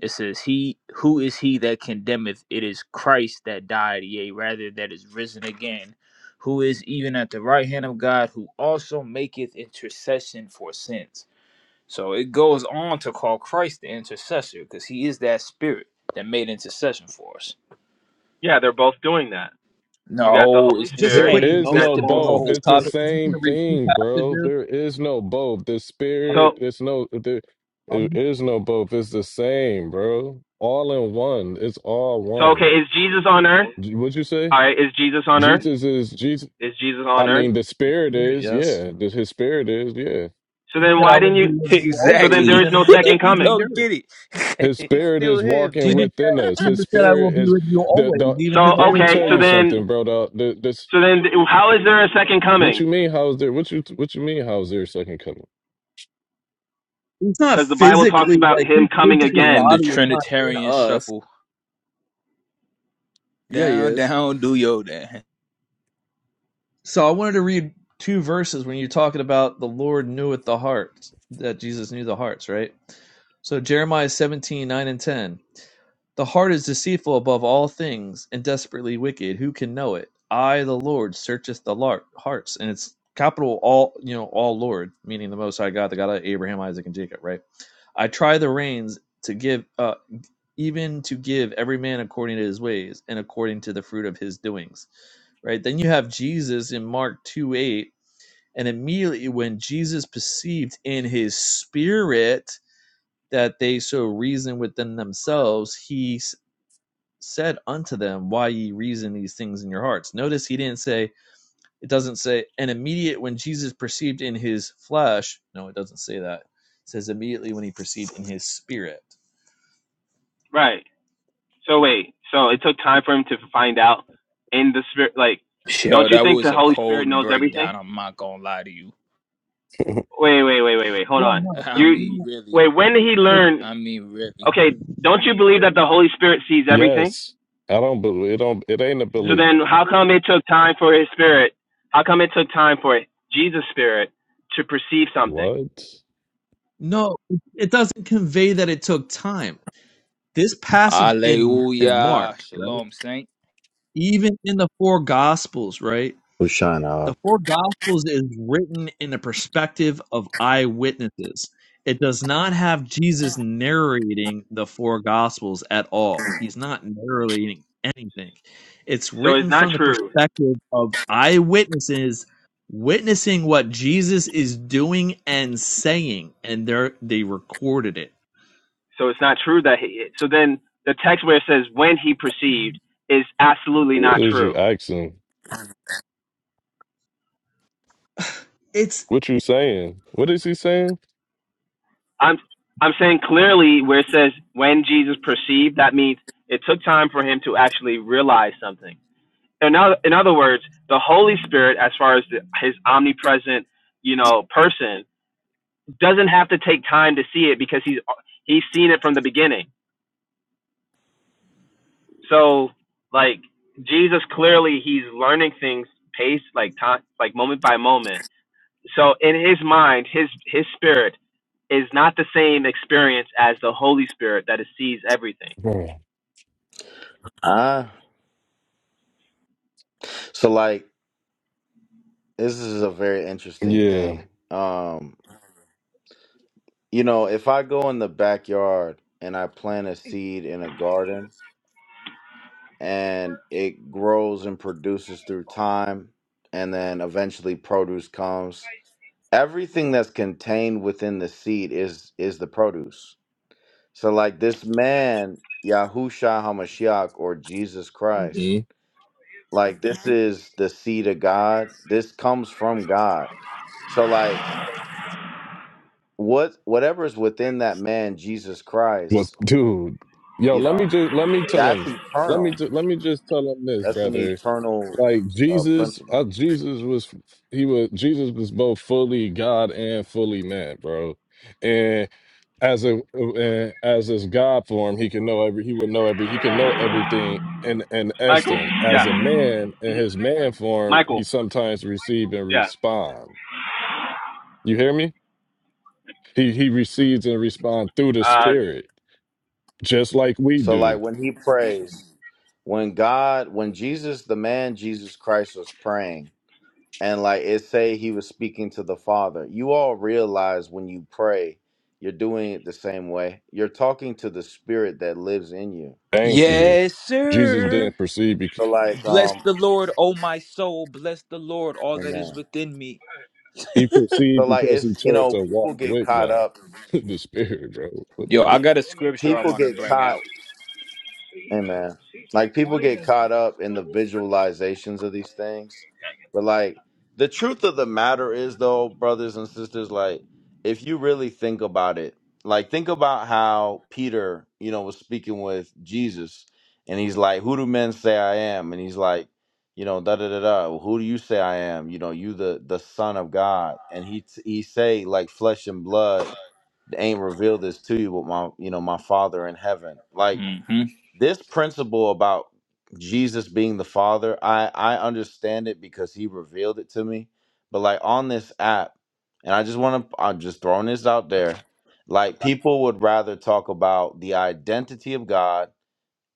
S5: It says, He who is he that condemneth? It is Christ that died, yea, rather that is risen again, who is even at the right hand of God, who also maketh intercession for sins. So it goes on to call Christ the intercessor, because he is that spirit that made intercession for us.
S4: Yeah, they're both doing that. You got the
S5: No,
S4: Holy
S5: it's
S1: And
S5: the
S1: just a
S3: There
S4: Spirit.
S1: quick
S5: same.
S3: is
S1: note
S5: It's
S4: That's
S3: no
S5: the
S1: while we're
S3: both.
S1: on this
S5: bro.
S3: It's the
S5: What?
S1: topic, I'm just going
S3: same
S1: to read two
S3: thing, bro.
S1: passages.
S3: There is no both. The spirit,
S4: so
S3: it's no there. There
S1: I'm just
S3: is no both. It's the same, bro. All in one. It's all
S4: so okay.
S3: one.
S4: Is Jesus on earth?
S3: J- What'd you say?
S4: All right. Is Jesus on earth?
S3: Jesus is Jesus.
S4: Is Jesus
S3: I
S4: on earth?
S3: mean, the spirit
S1: spirit,
S3: is
S1: yes.
S3: yeah. the- His spirit is yeah.
S4: So
S1: He
S4: then
S1: said, I
S4: why
S1: will
S4: didn't
S1: be
S4: you?
S1: with you
S4: So
S1: always,
S4: then there
S5: exactly.
S4: is
S1: even to
S4: no
S1: the
S4: second
S5: you
S1: end of
S4: coming.
S1: the
S5: don't
S1: earth.
S5: get it.
S3: His
S5: it's
S3: spirit
S5: still
S3: is
S5: him,
S3: walking
S1: Jesus
S5: man.
S1: said,
S3: within us. His
S1: Jesus said, I will
S3: spirit
S1: be
S3: is
S1: with you
S3: the
S1: always,
S3: the.
S1: even to
S4: So
S1: the
S3: Let
S1: end
S3: me
S1: of the
S4: okay,
S3: tell
S4: so
S3: you
S1: world.
S4: then,
S3: something, bro. The, the this
S4: so then, how is there a second
S3: what
S4: coming?
S3: you mean? How's there? What you what you mean? How's there a second coming?
S1: He's not
S4: Because the Bible talks
S1: physically
S4: about
S1: like his
S4: him coming
S5: it's
S1: physical
S5: doing
S4: again,
S5: the
S1: body is not in
S5: Trinitarian
S1: us.
S5: shuffle
S1: Yeah, he
S5: Down,
S1: is.
S5: down, do yo then.
S1: So I wanted to read two verses when you're talking about the Lord kneweth the hearts, that Jesus knew the hearts, right? So Jeremiah 17 9 and 10. The heart is deceitful above all things and desperately wicked. Who can know it? I, the Lord, searcheth the lar- hearts. And it's capital all, you know, all Lord, meaning the Most High God, the God of Abraham, Isaac, and Jacob, right? I try the reins to give. uh, even to give every man according to his ways and according to the fruit of his doings. Right? Then you have Jesus in Mark 2 8. And immediately when Jesus perceived in his spirit that they so reasoned within themselves, he said unto them, Why ye reason these things in your hearts? Notice he didn't say, it doesn't say, and immediate when Jesus perceived in his flesh. No, it doesn't say that. It says immediately when he perceived in his spirit.
S4: right? So wait, so it took time for him to find out in the spirit. Like,
S5: Yo,
S4: don't you
S5: that
S4: think
S5: was
S4: the
S5: a
S4: Holy Spirit
S5: cold
S4: knows everything?
S5: breakdown. I'm not gonna lie to you.
S4: Wait, wait, wait, wait, wait. Hold
S1: Well,
S4: on.
S1: no,
S5: I
S1: it's
S4: You
S5: mean,
S1: not.
S5: really.
S4: wait. When did he learn?
S5: I mean, really.
S4: Okay, don't you believe that the Holy Spirit sees everything?
S3: Yes, I don't believe it. Don't it ain't a
S1: Yeah.
S4: So
S3: belief.
S4: then, how come it took time for his spirit? How come it took time for Jesus' spirit to perceive something?
S3: What?
S1: No, it doesn't convey that it took time. This passage in in
S5: Hallelujah.
S1: Mark, right?
S5: Shalom, saint.
S1: Even in the four gospels, right?
S7: Ushana.
S1: The four gospels is written in the perspective of eyewitnesses. It does not have Jesus narrating the four gospels at all. He's not narrating anything. It's
S4: So it's
S1: written
S4: not
S1: from the
S4: true.
S1: perspective of eyewitnesses witnessing what Jesus is doing and saying, and they they recorded it
S4: So it's not true that he. So then the text where it says when he perceived is absolutely
S3: What
S4: not
S3: is you
S4: true.
S3: asking?
S1: It's.
S3: What you saying? What is he saying?
S4: I'm I'm saying clearly where it says when Jesus perceived, that means it took time for him to actually realize something. In other, in other words, the Holy Spirit, as far as the, his omnipresent, you know, person, doesn't have to take time to see it because he's he's seen it from the beginning. So like Jesus clearly he's learning things pace like time like moment by moment so in his mind his his spirit is not the same experience as the holy spirit that sees everything
S3: Bro.
S7: Ah, so like this is a very interesting
S3: Yeah.
S7: thing. Um, you know, if I go in the backyard and I plant a seed in a garden and it grows and produces through time and then eventually produce comes, everything that's contained within the seed is is the produce. So like this man, Yahusha Hamashiach or Jesus Christ,
S3: hmm
S7: like this is the seed of God. This comes from God So like what whatever is within that man Jesus
S3: Was
S7: Christ,
S3: dude. Yo,
S7: you
S3: let me
S7: know,
S3: just let me tell
S7: that's
S3: him. Let me
S7: eternal.
S3: ju- let me just tell him this,
S7: That's an
S3: brother.
S7: eternal
S3: Like
S7: uh,
S3: Jesus, uh,
S7: principle.
S3: Jesus was he was Jesus was both fully God and fully man, bro. And as a and as his God form, he can know every he would know every he can know everything in in
S4: Michael?
S3: essence. As a
S4: Yeah.
S3: man in his man form, he
S4: Michael?
S3: sometimes receive and
S4: Yeah.
S3: respond. You hear me? He he receives and responds through the
S4: Uh,
S3: Spirit, just like we
S7: So like
S3: do.
S7: when he prays, when God, when Jesus, the man Jesus Christ was praying, and like it say he was speaking to the Father. You all realize when you pray, you're doing it the same way. You're talking to the Spirit that lives in you.
S3: Thank you.
S5: Yes,
S3: Jesus
S5: sir.
S3: didn't perceive.
S7: So like
S5: Bless
S7: um,
S5: the Lord, oh my soul. Bless the Lord, all that
S7: amen.
S5: is within me.
S3: He
S7: So
S3: proceeded
S7: like
S3: because
S7: it's
S3: he
S7: you
S3: chose
S7: know
S3: to walk
S7: people get
S3: with
S7: caught
S3: God,
S7: up.
S3: the Spirit, bro. What
S5: Yo,
S3: the?
S5: I got a scripture I
S7: People
S5: want to
S7: get
S5: bring
S7: caught.
S5: out.
S7: Amen. Like people get caught up in the visualizations of these things, but like the truth of the matter is, though, brothers and sisters, like if you really think about it, like think about how Peter, you know, was speaking with Jesus, and he's like, "Who do men say I am?" And he's like, you know, da da da da. Who do you say I am? You know, you the the Son of God, and he t- he say like flesh and blood ain't revealed this to you, but my you know my Father in heaven, like
S5: hmm
S7: this principle about Jesus being the Father, I I understand it because he revealed it to me. But like on this app, and I just want to I'm just throwing this out there, like people would rather talk about the identity of God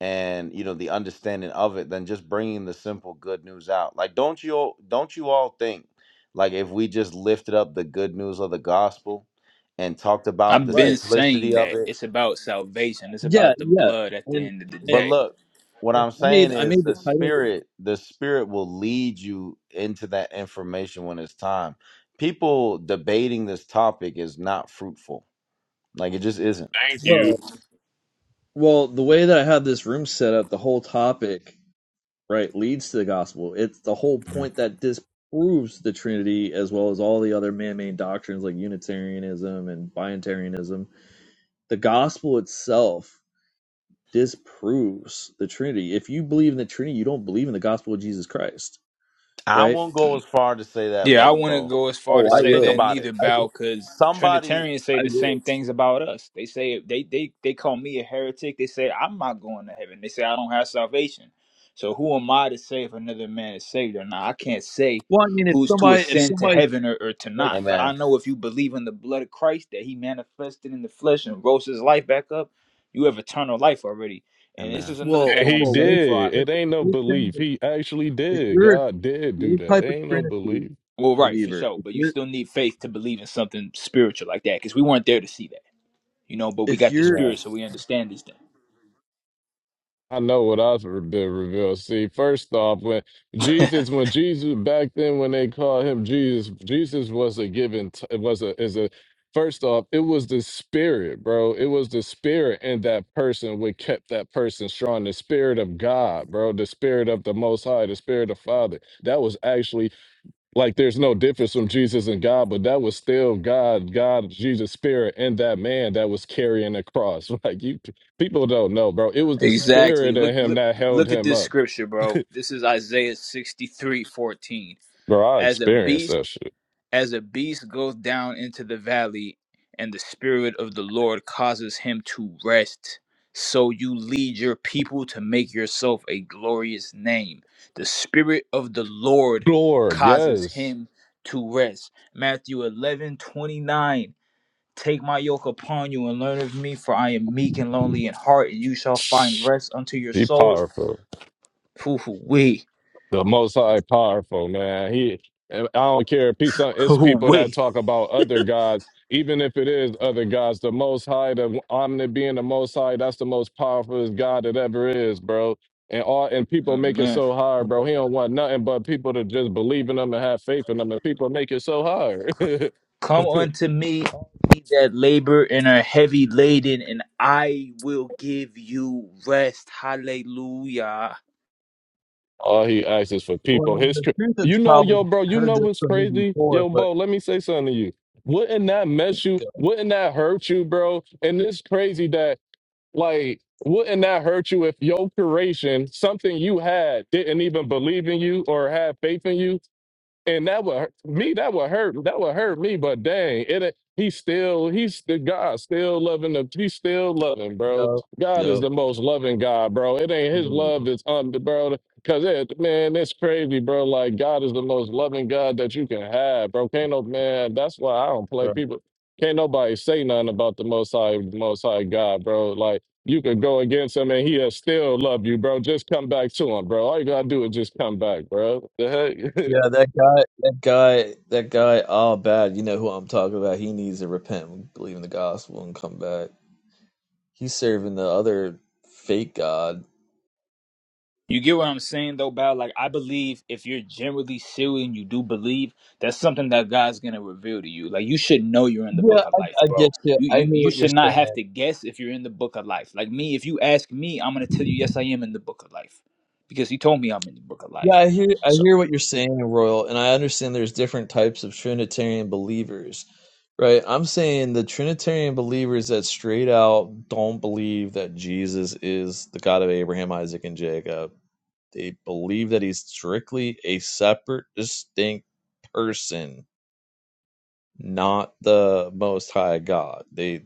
S7: and you know the understanding of it than just bringing the simple good news out. Like don't you all don't you all think like if we just lifted up the good news of the gospel and talked about the
S5: I've been
S1: Right.
S5: saying
S7: simplicity of
S5: that
S7: it
S5: it's about salvation. It's
S1: Yeah,
S5: about the
S1: yeah.
S5: blood at the
S1: And,
S5: end of the
S7: But
S1: and
S5: day.
S7: look, what
S1: and
S7: I'm
S1: I made
S7: saying
S1: I
S7: is
S1: made the
S7: the
S1: title as
S7: spirit, the spirit will lead you into that information when it's time. People debating this topic is not fruitful. Like it just isn't.
S3: Thank
S1: well.
S3: you.
S1: Well, the way that I had this room set up, the whole topic, right, leads to the gospel. It's the whole
S7: Mhm.
S1: point that disproves the Trinity as well as all the other man-made doctrines like Unitarianism and Binitarianism. The gospel itself disproves the Trinity. If you believe in the Trinity, you don't believe in the gospel of Jesus Christ,
S7: I
S1: right?
S7: won't go as far to say that,
S5: Yeah, I
S7: brother
S5: wouldn't
S7: Bo.
S5: go as far
S1: Oh,
S5: to
S1: I
S7: Like
S5: say
S7: think
S5: that
S1: will.
S7: about it.
S5: neither,
S1: I
S5: Bow,
S1: will.
S5: because
S7: Somebody
S5: Trinitarians say
S1: I
S5: the
S1: will.
S5: same things about us. They say they they they call me a heretic. They say I'm not going to heaven. They say I don't have salvation. So who am I to say if another man is saved or not? I can't say
S1: Well, I mean, if
S5: who's to
S1: somebody, if
S5: ascend to
S1: somebody
S5: heaven or, or to
S1: like
S5: not. But
S7: Amen.
S5: I know if you believe in the blood of Christ that He manifested in the flesh and rose His life back up, you have eternal life already. And this
S7: Amen.
S5: is another
S1: Well,
S5: thing
S3: And
S5: I
S3: he
S5: want to
S1: well,
S5: say before
S1: listen,
S5: I
S3: did. It
S1: listen.
S3: ain't
S1: If
S3: no
S1: you're,
S3: belief.
S1: saying-
S3: He actually
S1: if
S3: did.
S1: you're if
S3: God did
S1: you're
S3: do
S1: the
S3: that. It
S1: type of
S3: ain't no
S1: Trinity
S3: belief.
S5: Well, right, for
S1: believer,
S5: sure.
S1: if
S5: But you
S1: you're
S5: still need faith to believe in something spiritual like that, because we weren't there to see that, you know. But we
S1: if
S5: got the
S1: you're
S7: Amen.
S5: spirit, so we understand these things.
S3: I know what I've been revealed. See, first off, when Jesus, when Jesus back then, when they called him Jesus, Jesus was a given. T- it was a is a. First off, it was the spirit, bro. It was the spirit in that person what kept that person strong. The spirit of God, bro. The spirit of the Most High, the spirit of Father. That was actually like there's no difference from Jesus and God, but that was still God, God, Jesus spirit in that man that was carrying the cross. Like you people don't know, bro. It was the
S5: Exactly.
S3: spirit in
S5: Look,
S3: him
S5: look,
S3: that held
S5: look at
S3: him
S5: this
S3: up.
S5: scripture, bro. This is Isaiah sixty three fourteen.
S3: Bro, I
S5: As a
S3: experienced
S5: beast
S3: that shit.
S5: As a beast goes down into the valley, and the Spirit of the Lord causes him to rest, so you lead your people to make yourself a glorious name. The Spirit of the Lord
S3: Lord,
S5: causes
S3: yes.
S5: him to rest. Matthew 11 29. Take my yoke upon you and learn of me, for I am meek and lowly in heart, and you shall find rest unto your
S3: be
S5: souls.
S3: powerful.
S5: Hoo hoo wee.
S3: The Most High powerful man. He, eh, I don't care. if he's It's
S5: Hoo hoo
S3: people that
S5: wee.
S3: talk about other gods, even if it is other gods. The Most High, the omni being the Most High, that's the most powerful God that ever is, bro. And all and people
S5: Oh,
S3: make it
S5: man.
S3: so hard, bro. He don't want nothing but people to just believe in him and have faith in him. And people make it so hard.
S5: Come unto me, all ye that labor and are heavy laden, and I will give you rest. Hallelujah.
S3: all he asks is for
S1: well, I
S3: people.
S1: mean,
S3: His,
S1: the
S3: cr-
S1: truth has
S3: you know,
S1: probably
S3: yo, bro. You
S1: heard
S3: know
S1: this
S3: what's
S1: from me
S3: crazy,
S1: before,
S3: yo,
S1: but
S3: Bo. Let me say something to you wouldn't that mess you? Wouldn't that hurt you, bro? And it's crazy that Like, wouldn't that hurt you if your curation, something you had, didn't even believe in you or have faith in you? and that would me that would hurt that would hurt me but dang it it- he's still he's the god still loving the he's still loving bro
S1: yo,
S3: god is
S1: yo,
S3: the most loving god bro it ain't his
S1: yo,
S3: love is um bro because it man it's crazy bro like god is the most loving god that you can have bro can't no man that's why i don't play people can't nobody say nothing about the most high most high god bro like you could go against him and he'll still love you, bro. Just come back to him, bro. All you gotta do is just come back, bro. The heck?
S1: yeah, that guy, that guy, that guy, all bad. You know who I'm talking about. He needs to repent, believe in the gospel, and come back. He's serving the other fake god.
S5: You get what I'm saying though, Bow? Like I believe if you're generally serious and you do believe, that's something that God's gonna reveal to you. Like you should know you're in the
S1: Yeah,
S5: book of
S1: I,
S5: life,
S1: I get
S5: bro.
S1: you.
S5: You
S1: I hear
S5: you you
S1: what you're
S5: should not
S1: saying.
S5: have to guess if you're in the book of life. Like me, if you ask me, I'm gonna tell you, yes, I am in the book of life. Because he told me I'm in the book of
S1: Yeah,
S5: life.
S1: I hear I
S5: So.
S1: hear what you're saying, Royal, and I understand there's different types of Trinitarian believers, right? I'm saying the Trinitarian believers that straight out don't believe that Jesus is the God of Abraham, Isaac, and Jacob. They believe that he's strictly a separate, distinct person, not the most high God. They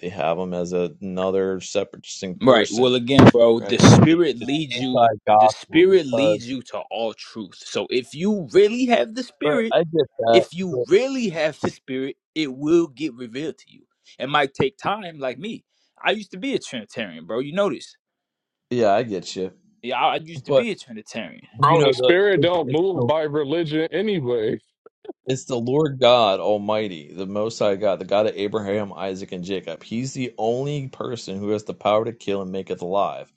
S1: they have him as another separate, distinct
S5: Right. Well,
S1: person,
S5: again, bro,
S1: right?
S5: the
S1: It,
S5: spirit
S1: it's
S5: leads you. The
S1: anti-gospel
S5: spirit
S1: because,
S5: leads you to all truth. So if you really have the
S1: right?
S5: spirit,
S1: I get
S5: if
S1: that.
S5: you really have the spirit, it will get revealed to you. It might take time, like me. I used to be a Trinitarian, bro. You know this.
S1: Yeah, I get you.
S5: Yeah, I, I used to
S1: But
S5: be a Trinitarian.
S1: you
S3: Bro,
S1: know
S3: the
S1: the
S3: spirit
S1: it,
S3: don't
S1: it's
S3: move
S1: the
S3: by religion anyway.
S1: it's the Lord God Almighty, the Most High God, the God of Abraham, Isaac, and Jacob. He's the only person who has the power to kill and maketh alive.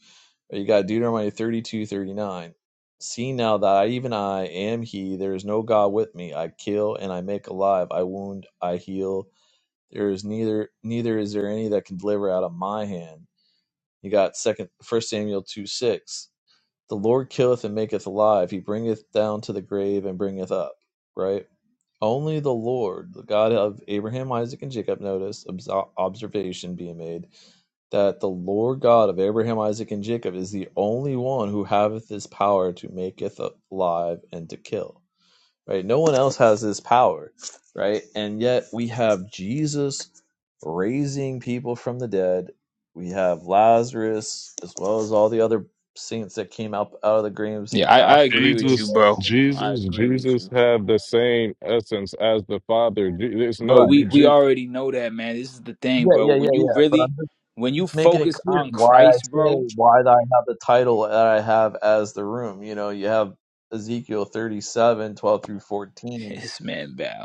S1: You got Deuteronomy thirty two thirty nine. See now that I, even I am He. There is no God with me. I kill and I make alive. I wound. I heal. There is neither neither is there any that can deliver out of my hand. You got second First Samuel two six The Lord killeth and maketh alive. He bringeth down to the grave and bringeth up. Right? Only the Lord, the God of Abraham, Isaac, and Jacob, notice observation being made that the Lord God of Abraham, Isaac, and Jacob is the only one who haveth this power to maketh alive and to kill right? No one else has this power, right? And yet we have Jesus raising people from the dead. We have Lazarus as well as all the other saints that came up out of the graves
S5: Yeah, I, I
S1: after. he
S5: agree with
S1: was
S5: you,
S3: Jesus,
S5: bro. I
S3: Jesus,
S5: agree with
S3: Jesus
S5: you.
S3: have the same essence as the Father. Je- There's
S5: Bro,
S3: no,
S1: Right.
S5: we, we
S3: Je-
S5: already know that, man. This is the thing,
S1: Yeah,
S5: bro.
S1: yeah, yeah,
S5: When you
S1: yeah. But
S5: really,
S1: I'm just
S5: when you
S1: making it
S5: focus
S1: clear
S5: on
S1: why I
S5: Christ,
S1: say
S5: bro,
S1: why I have the title that I have as the room. You know, you have Ezekiel 37, 12 through 14
S5: this man bow.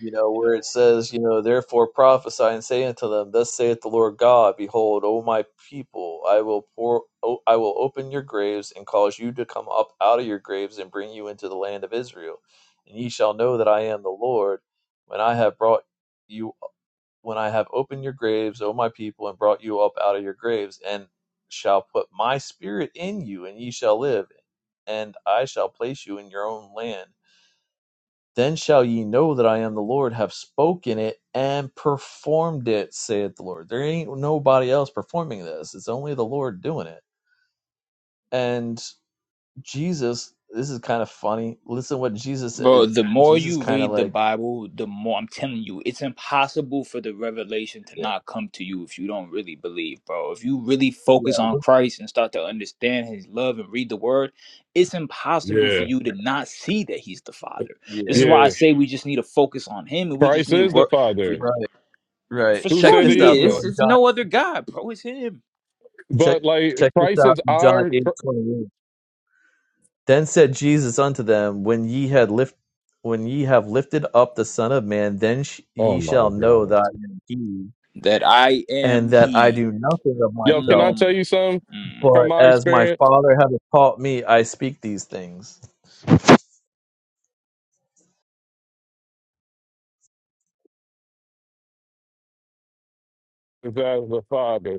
S1: you know, where it says, you know, therefore prophesy and say unto them, Thus saith the Lord God, Behold, O my people, I will pour, o- I will open your graves and cause you to come up out of your graves and bring you into the land of Israel, and ye shall know that I am the Lord when I have brought you, when I have opened your graves, O my people, and brought you up out of your graves, and shall put my spirit in you, and ye shall live, and I shall place you in your own land then shall ye know that I am the Lord, have spoken it and performed it, saith the Lord. There ain't nobody else performing this. It's only the Lord doing it. And Jesus, this is kind of funny. Listen what Jesus
S5: Bro,
S1: it,
S5: the more
S1: Jesus
S5: you
S1: kind of
S5: read the
S1: like
S5: Bible, the more I'm telling you, it's impossible for the revelation to
S1: yeah,
S5: not come to you if you don't really believe, bro. If you really
S1: yeah,
S5: focus on Christ and start to understand his love and read the word, it's impossible for
S3: yeah,
S5: you to not see that he's the Father.
S1: yeah.
S5: This is why I
S3: yeah.
S5: say we just need to focus on him and we just
S3: Christ
S5: need to
S3: is the
S5: work for,
S3: Father.
S1: Right.
S5: for
S1: Right.
S3: Who
S5: sure
S1: Check
S3: said
S1: this
S3: he
S5: he
S1: out though
S5: is.
S3: isn't?
S1: in
S5: It's
S1: John.
S5: no other God, bro. It's him.
S1: Check
S3: But like,
S1: check this
S3: Christ
S1: out
S3: is
S1: in John
S3: our.
S1: 8:28. Then said Jesus unto them, when ye had lift when ye have lifted up the son of man, then sh-
S3: Oh
S1: ye
S3: my
S1: shall know
S3: God.
S1: that I am he
S5: That I am
S1: and that I
S5: he.
S1: do nothing of
S3: Yo, can I
S1: myself,
S3: tell
S5: Mm,
S3: you something
S5: mm.
S3: from
S1: but
S3: my
S1: as my
S3: experience?
S1: Father hath taught me, I speak these things.
S3: Is as the Father.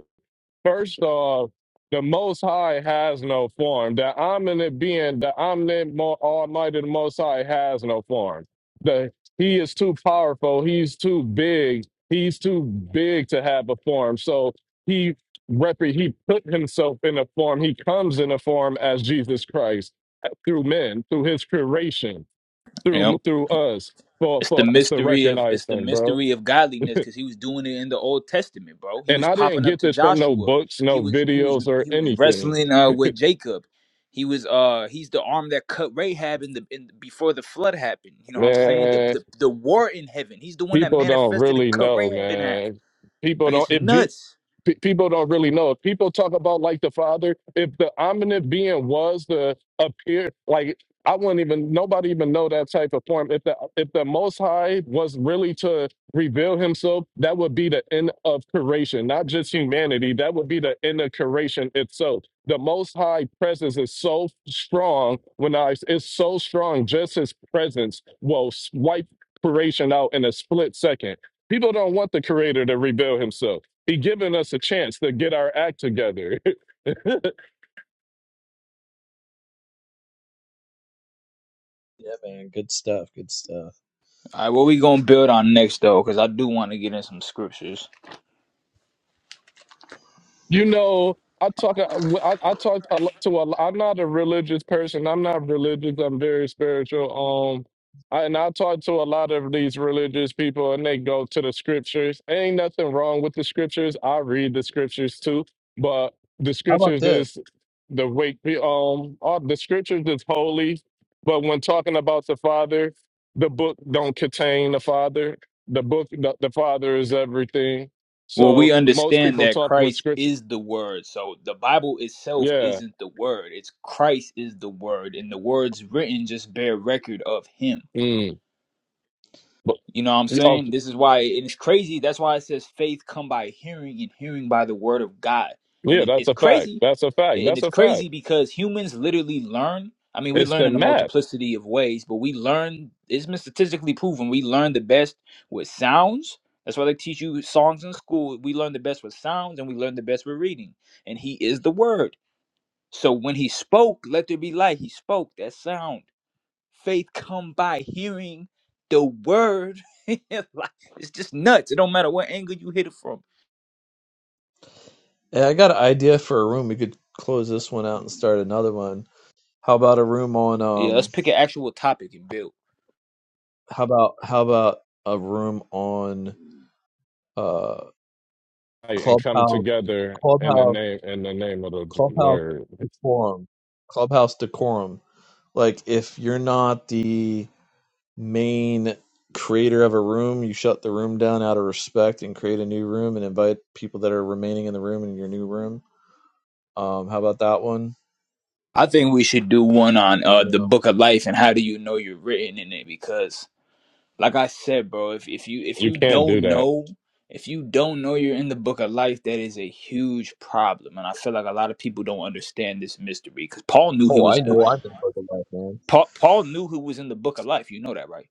S3: First off, the Most High has no form. The omnipotent being, the omnipotent, mo- almighty, the Most High has no form. The He is too powerful. He's too big. He's too big to have a form. So he rep- he put himself in a form. He comes in a form as Jesus Christ uh, through men, through His creation,
S5: Yep.
S3: through through us, for
S5: It's the
S3: for us to
S5: mystery of
S3: recognize
S5: it's the
S3: Him, bro.
S5: mystery of godliness because he was doing it in the Old Testament, bro. He
S3: And
S5: was
S3: I didn't
S5: popping up
S3: get
S5: to
S3: this from no
S5: Joshua.
S3: books,
S5: He
S3: no
S5: was he was
S3: videos, or
S5: he was
S3: anything.
S5: wrestling uh with Jacob. He was uh he's the arm that cut Rahab in the in before the flood happened. You know what I'm saying? The
S3: Man,
S5: the, the war in heaven. He's the one that
S3: people don't
S5: manifested and
S3: really
S5: cut
S3: know,
S5: Rahab in half.
S3: man. People
S5: Like
S3: don't
S5: it's
S3: if G
S5: nuts.
S3: P- people don't really know. If people talk about like the Father, if the omniscient being was the appear, like I wouldn't even nobody even know that type of form. If the if the Most High was really to reveal Himself, that would be the end of creation, not just humanity. That would be the end of creation itself. The Most High presence is so strong. When I it's so strong, just His presence will wipe creation out in a split second. People don't want the Creator to reveal Himself he giving us a chance to get our act together.
S1: Yeah, man, good stuff, good stuff.
S5: All right, what we gonna build on next though? Because I do want to get in some scriptures.
S3: You know, I talk. I, I talk a lot to. A, lo- I'm not a religious person. I'm not religious. I'm very spiritual. Um, I, and I talk to a lot of these religious people, and they go to the scriptures. Ain't nothing wrong with the scriptures. I read the scriptures too, but the
S1: How about
S3: scriptures
S1: this?
S3: is the wake. Um, all, the scriptures is holy, but when talking about the Father, the book don't contain the Father. The book, the, the Father is everything.
S5: Well, we
S3: So most
S5: understand
S3: people
S5: that
S3: talk with
S5: Christ
S3: scripture.
S5: is the Word. So the Bible itself
S3: Yeah.
S5: isn't the Word. It's Christ is the Word, and the words written just bear record of Him.
S3: Mm. But
S5: You know what I'm
S3: oh,
S5: saying? This is why, and it's crazy. That's why it says faith come by hearing, and hearing by the word of God. And
S3: yeah,
S5: it,
S3: that's
S5: it's
S3: a fact.
S5: crazy,
S3: That's a fact.
S5: and
S3: That's
S5: it's
S3: a fact.
S5: crazy because humans literally learn. I mean, we
S3: It's
S5: learn
S3: the
S5: in a
S3: map
S5: multiplicity of ways, but we learn. It's been statistically proven. We learn the best with sounds. That's why they teach you songs in school. We learn the best with sounds, and we learn the best with reading. And He is the Word. So when He spoke, let there be light. He spoke that sound faith come by hearing the word. Like, it's just nuts. It don't matter what angle you hit it from.
S1: Yeah, I got an idea for a room. We could close this one out and start another one. How about a room on
S5: Yeah, let's
S1: um?
S5: pick an actual topic and build.
S1: How about how about a room on uh
S3: right, and come
S1: clubhouse
S3: together in the
S1: clubhouse
S3: name in the name of the
S1: clubhouse
S3: Lord.
S1: decorum clubhouse decorum? Like if you're not the main creator of a room, you shut the room down out of respect and create a new room and invite people that are remaining in the room in your new room. Um, how about that one?
S5: I think we should do one on
S1: You
S5: uh the
S1: know,
S5: book of life and how do you know you're written in it because like I said, bro, if if you if
S3: You
S5: you
S3: can't do
S5: don't
S3: that.
S5: know if you don't know you're in the book of life, that is a huge problem, and I feel like a lot of people don't understand this mystery. Because Paul knew he
S1: oh,
S5: was
S1: I
S5: uh,
S1: know I've been fucking like man.
S5: Paul. Paul knew who was in the book of life. You know that, right?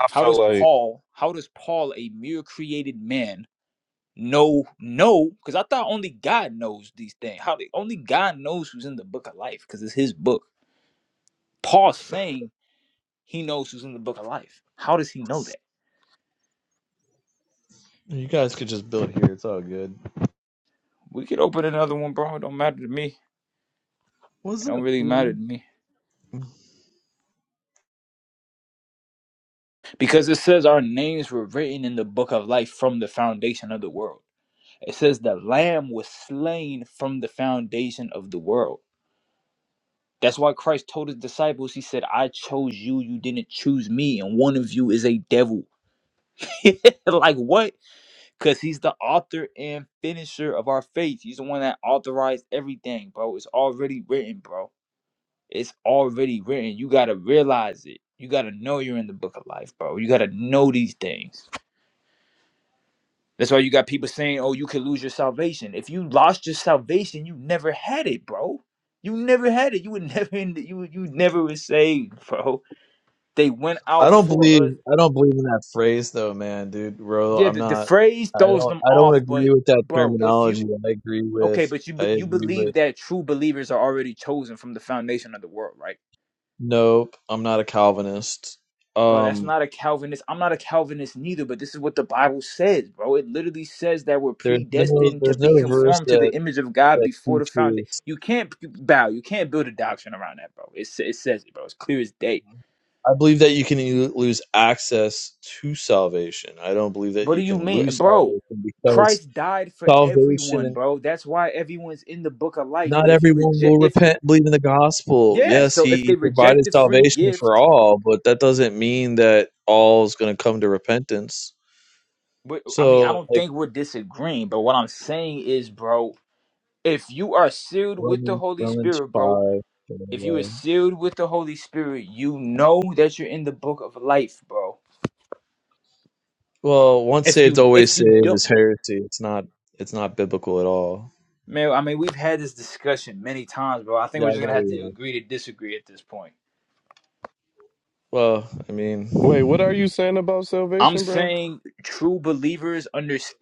S3: I
S5: How
S3: feel
S5: does
S3: like
S5: Paul, how does Paul, a mere created man, know know? Because I thought only God knows these things. How the only God knows who's in the book of life, because it's his book. Paul's saying he knows who's in the book of life. How does he know that?
S1: You guys could just build here. It's all good.
S5: We could open another one, bro. It don't matter to me.
S1: What's
S5: It
S1: up,
S5: don't really matter
S1: dude?
S5: to me. Because it says our names were written in the book of life from the foundation of the world. It says the lamb was slain from the foundation of the world. That's why Christ told his disciples, he said, I chose you, you didn't choose me, and one of you is a devil. like what? Because he's the author and finisher of our faith. He's the one that authorized everything, bro. It's already written, bro. It's already written. You gotta realize it. You gotta know you're in the book of life, bro. You gotta know these things. That's why you got people saying, Oh, you could lose your salvation. If you lost your salvation, you never had it, bro. You never had it. You would never you you never was saved, bro They went
S1: I
S5: out
S1: don't
S5: for us.
S1: believe I don't believe in that phrase though, man, dude. Bro,
S5: Yeah,
S1: I'm
S5: the, the
S1: not.
S5: phrase
S1: I
S5: throws
S1: don't.
S5: them
S1: I don't
S5: off, but
S1: agree with that
S5: bro, if
S1: terminology.
S5: you
S1: I agree
S5: okay,
S1: with.
S5: but you
S1: I
S5: be- you
S1: agree with.
S5: believe that true believers are already chosen from the foundation of the world, right?
S1: Nope. I'm not a Calvinist.
S5: Bro, that's
S1: Um,
S5: not a Calvinist. I'm not a Calvinist neither, but this is what the Bible says, bro. It literally says that we're
S1: There's no
S5: predestined to
S1: there's
S5: be
S1: no verse
S5: conformed to
S1: that
S5: the image of God
S1: that
S5: before the
S1: teaches.
S5: foundation. You can't bow. You can't build a doctrine around that, bro. It, sa- it says it, bro. It's clear as day
S1: I believe that you can e- lose access to salvation. I don't believe that
S5: What do
S1: you
S5: you
S1: can
S5: mean,
S1: lose
S5: bro?
S1: salvation because
S5: Christ died for everyone,
S1: salvation.
S5: bro. That's why everyone's in the book of life.
S1: Not
S5: But if you
S1: everyone
S5: reject,
S1: will
S5: if you,
S1: repent and believe in the gospel.
S5: yeah,
S1: Yes,
S5: so if they
S1: he
S5: reject
S1: provided
S5: the free
S1: salvation for
S5: gift,
S1: all, but that doesn't mean that all is going to come to repentance.
S5: but I mean, I
S1: So,
S5: don't
S1: like
S5: think we're disagreeing. But what I'm saying is, bro, if you are sealed with the
S1: Romans,
S5: Holy
S1: Romans
S5: Spirit, bro,
S1: five,
S5: if you are
S1: anyway.
S5: sealed with the Holy Spirit, you know that you're in the book of life, bro.
S1: Well, once
S5: If
S1: saved,
S5: you,
S1: always
S5: if you
S1: saved
S5: don't,
S1: is heresy. It's not. It's not biblical at all.
S5: man, I mean, we've had this discussion many times, bro. I think
S1: Yeah, I
S5: we're just gonna have to
S1: know.
S5: agree to disagree at this point.
S1: Well, I mean,
S3: wait, what are you saying about
S5: I'm
S3: salvation, bro?
S5: saying true believers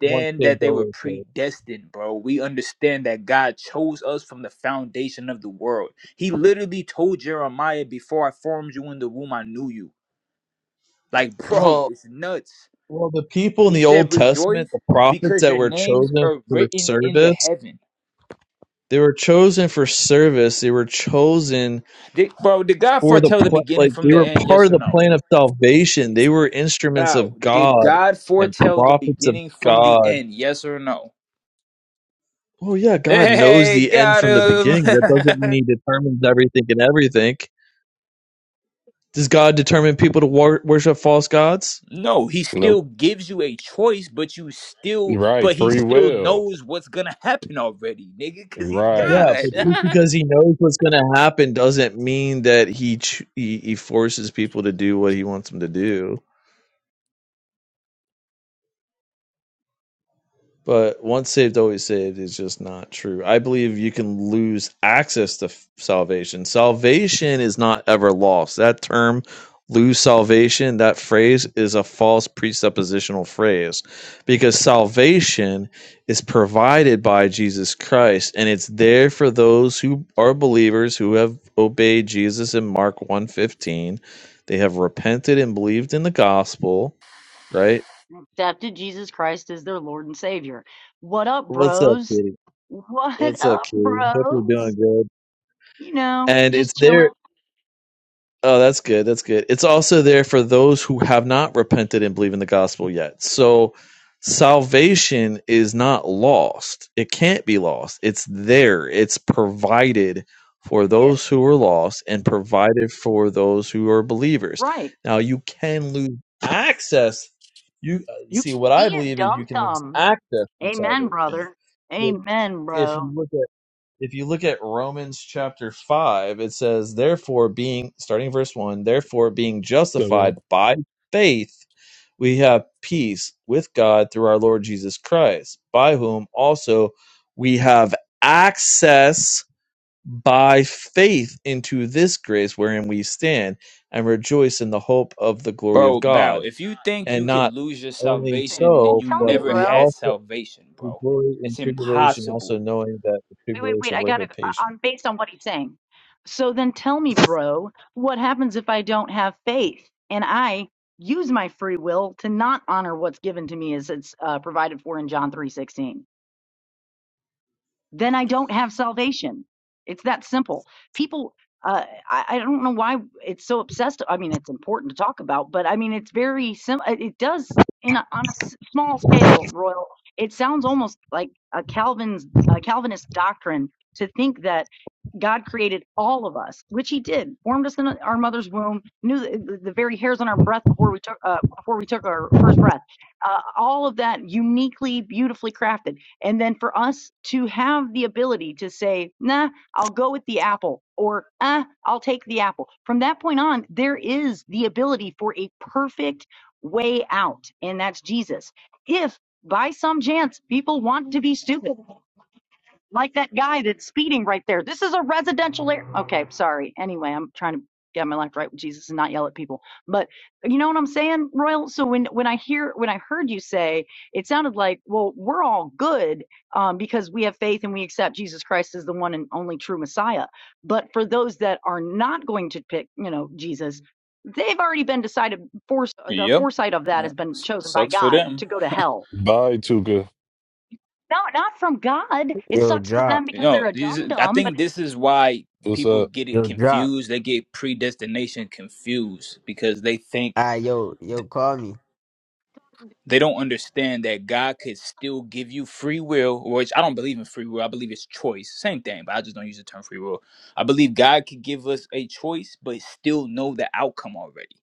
S1: one
S5: that
S1: kid's
S5: they were
S1: always saved.
S5: predestined, bro. We understand that God chose us from the foundation of the world. He literally told Jeremiah, Before I formed you in the womb, I knew you. Like, bro,
S1: Well,
S5: it's nuts.
S1: well, the people in
S5: He
S1: the Old
S5: said, Rejoice
S1: Testament, the prophets
S5: because
S1: that
S5: your
S1: were
S5: names
S1: chosen
S5: are
S1: for
S5: written in the
S1: service,
S5: heaven.
S1: they were chosen for service. They were chosen
S5: Did, bro, did God
S1: for the
S5: foretell the
S1: pl-
S5: beginning
S1: like
S5: from
S1: they
S5: the
S1: were
S5: end?
S1: part
S5: Yes
S1: of
S5: or
S1: the
S5: no?
S1: plan of salvation. They were instruments
S5: Bow,
S1: of
S5: did
S1: God
S5: God
S1: and
S5: foretell the
S1: prophets of
S5: beginning from the
S1: God.
S5: end? Yes or no?
S1: Oh yeah, God knows
S5: Hey,
S1: the end
S5: got
S1: from the beginning. That
S5: him.
S1: doesn't mean He determines everything and everything. Does God determine people to wor- worship false gods?
S5: No, he
S3: Nope.
S5: still gives you a choice, but you still,
S3: Right.
S5: but he
S3: Free
S5: still
S3: will.
S5: knows what's gonna happen already, nigga, because he's
S1: Yeah,
S3: Right.
S5: God.
S1: but just because he knows what's going to happen doesn't mean that he, ch- he he forces people to do what he wants them to do. But once saved, always saved is just not true. I believe you can lose access to f- salvation. Salvation is not ever lost. That term, lose salvation, that phrase is a false presuppositional phrase because salvation is provided by Jesus Christ and it's there for those who are believers who have obeyed Jesus in Mark one fifteen, They have repented and believed in the gospel, right?
S8: accepted Jesus Christ as their Lord and Savior. What up,
S1: What's up,
S8: bros?
S1: kitty?
S8: What
S1: What's up,
S8: up,
S1: Key? Hope you're doing
S8: bros?
S1: good.
S8: You know,
S1: And it's
S8: just
S1: there.
S8: chilling.
S1: Oh, that's good. That's good. It's also there for those who have not repented and believe in the gospel yet. So salvation is not lost. It can't be lost. It's there. It's provided for
S8: Yes,
S1: those who are lost and provided for those who are believers.
S8: right.
S1: Now, you can lose access. You uh,
S8: You
S1: see,
S8: can
S1: what I
S8: be a
S1: believe is
S8: dum
S1: you can lose
S8: dum.
S1: access to
S8: Amen,
S1: salvation
S8: brother. Amen,
S1: if you
S8: bro.
S1: look if you look at Romans chapter 5, it says, Therefore, being, starting verse 1, therefore, being
S3: So,
S1: justified by faith, we have peace with God through our Lord Jesus Christ, by whom also we have access by faith into this grace wherein we stand and rejoice in the hope of the glory of
S5: bro, Bow,
S1: God.
S5: if you think you
S1: And
S5: could
S1: not
S5: lose your
S1: only
S5: salvation, then
S8: Well,
S1: so,
S5: you
S8: tell me,
S1: but
S5: never
S1: we
S8: bro.
S5: had
S1: also
S5: salvation,
S1: we
S5: bro.
S1: glory in
S5: It's
S1: tribulation, also
S5: impossible.
S1: knowing that the
S8: Wait, wait, wait.
S1: tribulation
S8: I gotta.
S1: worketh
S8: I-
S1: patience
S8: I'm based on what he's saying. So then, tell me, bro. What happens if I don't have faith and I use my free will to not honor what's given to me as it's uh, provided for in John three sixteen? then I don't have salvation. It's that simple. People, uh, I, I don't know why it's so obsessed. I mean, it's important to talk about, but I mean, it's very simple. It does in a, on a s- small scale, Royal. It sounds almost like a Calvin's a Calvinist doctrine to think that God created all of us, which He did, formed us in our mother's womb, knew the, the very hairs on our breath before we took uh, before we took our first breath. Uh, all of that uniquely, beautifully crafted and then for us to have the ability to say, nah, I'll go with the apple or ah, I'll take the apple. From that point on, there is the ability for a perfect way out, and that's Jesus. If by some chance people want to be stupid like that guy that's speeding right there. This is a residential area. Okay, sorry. Anyway, I'm trying to get my life right with Jesus and not yell at people. But you know what I'm saying, Royal? So when when I hear when I heard you say, it sounded like, well, we're all good um, because we have faith and we accept Jesus Christ as the one and only true Messiah. But for those that are not going to pick, you know, Jesus, they've already been decided. Force the
S5: Yep.
S8: foresight of that
S5: Uh,
S8: has been
S5: s-
S8: chosen by
S5: Sucks for
S8: God
S5: them.
S8: to go to hell
S3: bye, Tuka.
S8: not not from God. It
S9: Yo,
S8: sucks for them
S9: drop.
S5: You
S8: because
S5: know,
S8: they're a
S5: these,
S8: dum
S5: is- I
S8: dum. But
S5: think this is why
S3: What's
S5: people
S3: up?
S5: get it
S9: Yo, drop.
S5: confused. They get predestination confused because they think
S9: Ah, yo, yo, call me.
S5: they don't understand that God could still give you free will, which I don't believe in free will. I believe it's choice. Same thing, but I just don't use the term free will. I believe God could give us a choice, but still know the outcome already.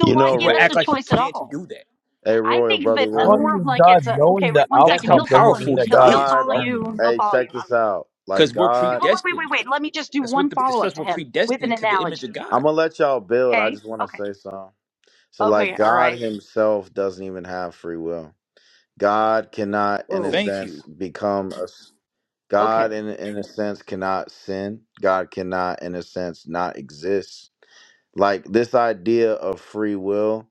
S8: so
S7: You
S8: why
S7: know
S5: People
S8: give us
S5: act
S8: a
S7: Royal.
S5: like he
S8: choice at
S5: can't
S8: all?
S5: do that,
S7: Hey
S8: I
S7: Royal,
S8: think
S7: brother
S8: that uh,
S5: huh?
S1: Well, I
S7: Royal.
S8: more of
S1: mean,
S8: like
S1: God
S8: it's a okay.
S1: knowing the
S8: Wait one
S5: That's
S8: second.
S5: how
S1: outcome
S8: He'll
S1: doesn't
S8: follow
S1: mean
S5: powerful
S8: you.
S1: that
S5: he
S8: He'll
S1: God
S8: he'll
S5: is,
S7: God,
S8: follow
S5: bro.
S1: determined
S8: you.
S1: it.
S8: He'll
S7: hey,
S8: follow
S7: check
S8: you.
S7: this out. Like
S5: Because we're
S8: Wait
S7: God,
S8: wait wait wait.
S5: predestined.
S8: wait. Let me just do
S5: That's what
S8: one
S5: the it
S8: follow up
S5: says
S8: to
S5: we're
S8: him with an
S5: predestined to the image of
S8: analogy.
S7: I'm
S5: God.
S7: gonna let y'all build. I
S8: Okay.
S7: just wanna
S8: Okay.
S7: say something. So, like,
S8: Okay. All
S7: God
S8: right.
S7: Himself doesn't even have free will. God cannot, in a
S8: Oh.
S5: Thank
S7: sense,
S5: you.
S7: become a God.
S8: Okay.
S7: In in a sense, cannot sin. God cannot, in a sense, not exist. Like this idea of free will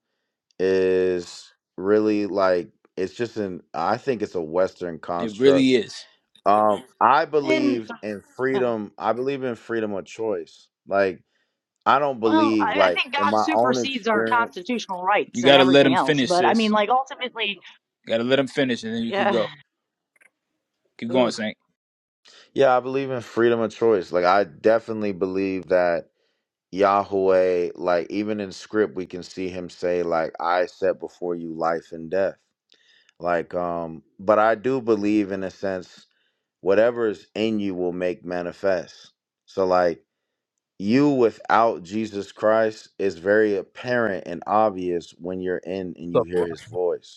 S7: is really like it's just an. I think it's a Western
S5: It
S7: construct.
S5: really is.
S7: Um, I
S8: And
S7: believe in
S8: uh,
S7: freedom. I believe in freedom of choice. Like, I don't
S8: well,
S7: believe
S8: I, I
S7: like
S8: think
S7: in
S8: God
S7: my own
S8: supersedes our
S7: experience.
S8: constitutional
S5: You
S8: rights and
S5: gotta let
S8: everything
S5: him
S8: else.
S5: finish,
S8: But I mean,
S5: sis.
S8: like ultimately,
S5: You gotta let him finish, and then you can
S8: yeah.
S5: go. Keep
S8: Ugh.
S5: going, Saint.
S7: Yeah, I believe in freedom of choice. Like I definitely believe that Yahweh, like even in script we can see him say like I set before you life and death. Like um but I do believe in a sense whatever is in you will make manifest. So like you without Jesus Christ is very apparent and obvious when you're in and you
S1: What's up,
S7: hear
S1: Ron?
S7: his voice.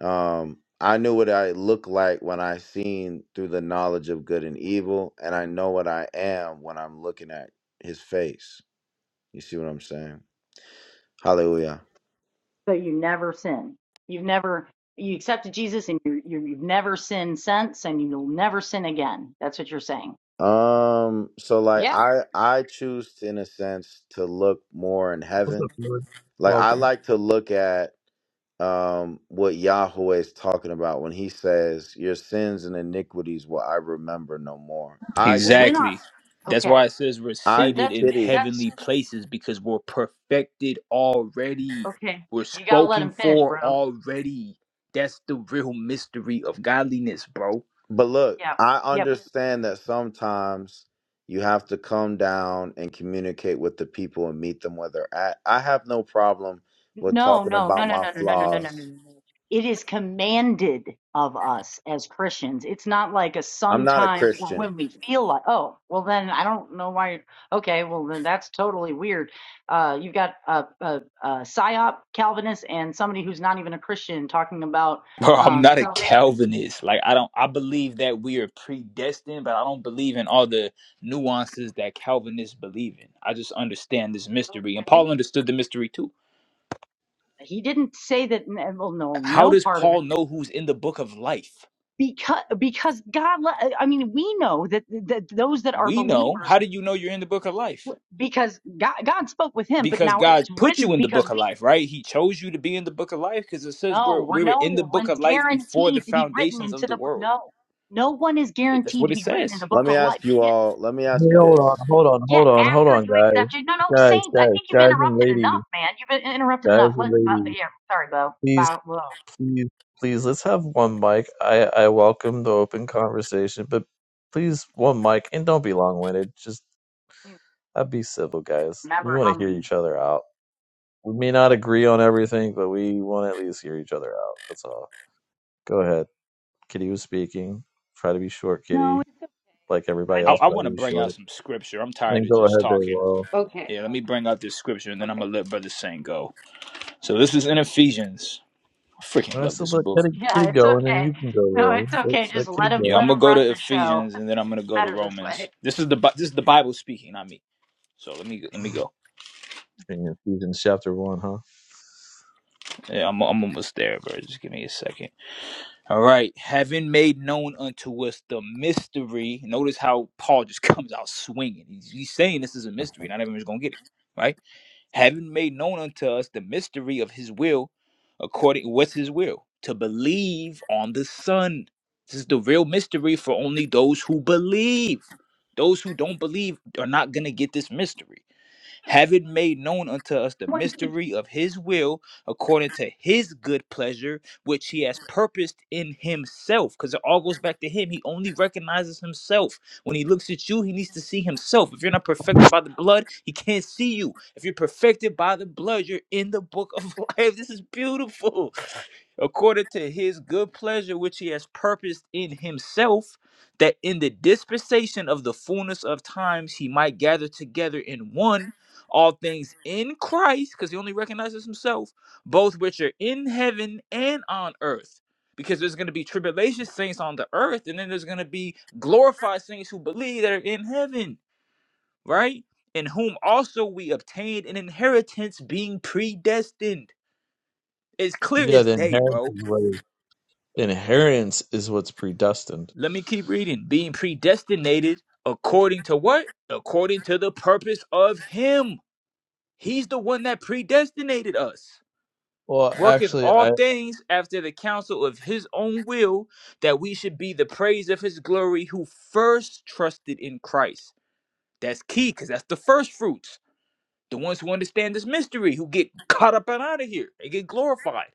S7: Um, I knew what I looked like when I seen through the knowledge of good and evil, and I know what I am when I'm looking at his face. You see what I'm saying? Hallelujah.
S8: but you never sin. You've never you accepted Jesus and you, you you've never sinned since, and you'll never sin again. That's what you're saying.
S7: Um, so like
S8: Yeah.
S7: I I choose in a sense to look more in
S1: What's
S7: heaven.
S1: up, Lord?
S7: Like I
S1: Welcome.
S7: like to look at um what Yahweh is talking about when he says, Your sins and iniquities will I remember no more. I
S8: Well, when
S7: choose
S8: are
S5: Exactly. That's
S8: okay?
S5: why it says we're
S7: I
S8: That
S5: seated
S8: that's
S5: in
S7: pity.
S8: that's
S5: heavenly places because we're perfected already.
S8: okay.
S5: We're
S8: You got to let
S5: spoken
S8: him finish,
S5: for
S8: bro.
S5: already. That's the real mystery of godliness, bro.
S7: But look,
S8: Yeah,
S7: I
S8: Yeah.
S7: understand that sometimes you have to come down and communicate with the people and meet them where they're at. I have no problem with
S8: No,
S7: talking
S8: no, no,
S7: about
S8: no,
S7: my
S8: no, no, no, no, no, no, no, no.
S7: flaws.
S8: no. It is commanded of us as Christians. It's not like a
S7: I'm not a
S8: sometimes or
S7: Christian.
S8: when we feel like, oh, well, then I don't know why. you're- Okay, well, then that's totally weird. Uh, you've got a, a, a psyop Calvinist and somebody who's not even a Christian talking about
S5: Bro, I'm
S8: um,
S5: not a
S8: salvation.
S5: Calvinist. Like I don't I believe that we are predestined, but I don't believe in all the nuances that Calvinists believe in. I just understand this mystery. And
S8: Okay.
S5: Paul understood the mystery too.
S8: He didn't say that. n- Well, no,
S5: How
S8: no
S5: does
S8: part of it.
S5: Paul know who's in the book of life?
S8: Because because God, le- I mean, we know that that those that are
S5: We know. How
S8: believers
S5: do you know you're in the book of life?
S8: because God, God spoke with him, but
S5: because
S8: now
S5: God
S8: it's
S5: put you
S8: written
S5: in the
S8: because
S5: book of
S8: we
S5: life, right? He chose you to be in the book of life because it says we're
S8: know we're
S5: we were in the
S8: no
S5: book
S8: one's
S5: of life before the
S8: guaranteed to be written
S5: foundations of
S8: into
S5: the
S8: the book.
S5: world.
S8: No, no one is
S5: It- That's
S8: guaranteed
S5: what
S8: to
S5: it
S8: be written in
S5: says.
S8: the book
S7: Let me
S8: of life.
S7: ask you
S8: Yet,
S7: all, let me
S1: Hey,
S7: ask you
S1: hold
S7: this.
S1: on, hold on, hold
S8: yet
S1: on, hold
S8: after
S1: on,
S8: you
S1: guys.
S8: accept it, no, no,
S1: Guys,
S8: Saint, I
S1: guys,
S8: think you've
S1: guys and
S8: interrupted
S1: ladies,
S8: enough, man. You've in- interrupted
S1: guys
S8: enough.
S1: and
S8: Let, but
S1: ladies,
S8: yeah, sorry, Bo.
S1: please,
S8: Bo, Bo. Let
S1: please, please, let's have one mic. I, I welcome the open conversation, but please, one mic, and don't be long-winded. Just,
S8: me
S1: i be civil, guys. We
S8: remember
S1: want to
S8: how
S1: hear
S8: many.
S1: each other out. We may not agree on everything, but we want to at least hear each other out. That's all. Go ahead. Kitty was speaking. Try to be short,
S8: No,
S1: Kitty,
S8: it's,
S1: like
S8: I
S1: everybody
S5: I,
S8: mean,
S1: else.
S5: I
S1: Try
S5: want to
S1: to be
S5: bring
S1: short.
S5: out some scripture. I'm tired
S1: Then
S5: of
S1: go
S5: just
S1: ahead there,
S5: talking.
S1: Will.
S8: okay,
S5: Yeah, let me bring out this scripture and then I'm
S8: okay.
S5: gonna let Brother Saint go. So this is in Ephesians. I freaking
S1: And I
S5: love
S1: said,
S5: this
S1: let Kitty,
S5: book.
S8: Yeah,
S1: Kitty
S8: it's
S1: go, and then
S8: okay.
S1: you can go,
S8: No,
S1: Will.
S8: it's
S1: Let,
S8: okay. Just
S1: let Kitty
S8: let him,
S5: Yeah,
S1: go.
S5: I'm
S8: let him
S5: gonna go
S8: run
S5: to
S8: the show.
S5: Ephesians and then I'm gonna
S8: It's
S5: go to
S8: better this
S5: Romans.
S8: way.
S5: This is the Bi- this is the Bible speaking, not me. So let me let me go.
S1: In Ephesians chapter one, huh?
S5: Yeah, I'm I'm almost there, bro. Just give me a second. All right, having made known unto us the mystery. Notice how Paul just comes out swinging. He's, he's saying this is a mystery. Not everyone's gonna get it, right? Having made known unto us the mystery of His will, according what's His will to believe on the Son. This is the real mystery for only those who believe. Those who don't believe are not gonna get this mystery
S8: No
S5: having
S8: one,
S5: made known unto us the
S8: no one's been. Just
S5: mystery of his will according to his good pleasure, which he has purposed in himself. Because it all goes back to him. He only recognizes himself. When he looks at you, he needs to see himself. If you're not perfected by the blood, he can't see you. If you're perfected by the blood, you're in the book of life. This is beautiful according to his good pleasure which he has purposed in himself that in the dispensation of the fullness of times he might gather together in one all things in Christ because he only recognizes himself both which are in heaven and on earth because there's going to be tribulation saints on the earth and then there's going to be glorified saints who believe that are in heaven right in whom also we obtained an inheritance being predestined it's clear
S1: Yeah,
S5: as
S1: the
S5: day
S1: inheritance
S5: bro
S1: is what is inheritance is what's predestined.
S5: Let me keep reading. Being predestinated according to what? According to the purpose of Him. He's the one that predestinated us.
S1: Well,
S5: Worketh
S1: actually,
S5: all
S1: I
S5: things after the counsel of His own will, that we should be the praise of His glory who first trusted in Christ. That's key because that's the first fruits. The ones who understand this mystery, who get caught up and out of here, they get glorified.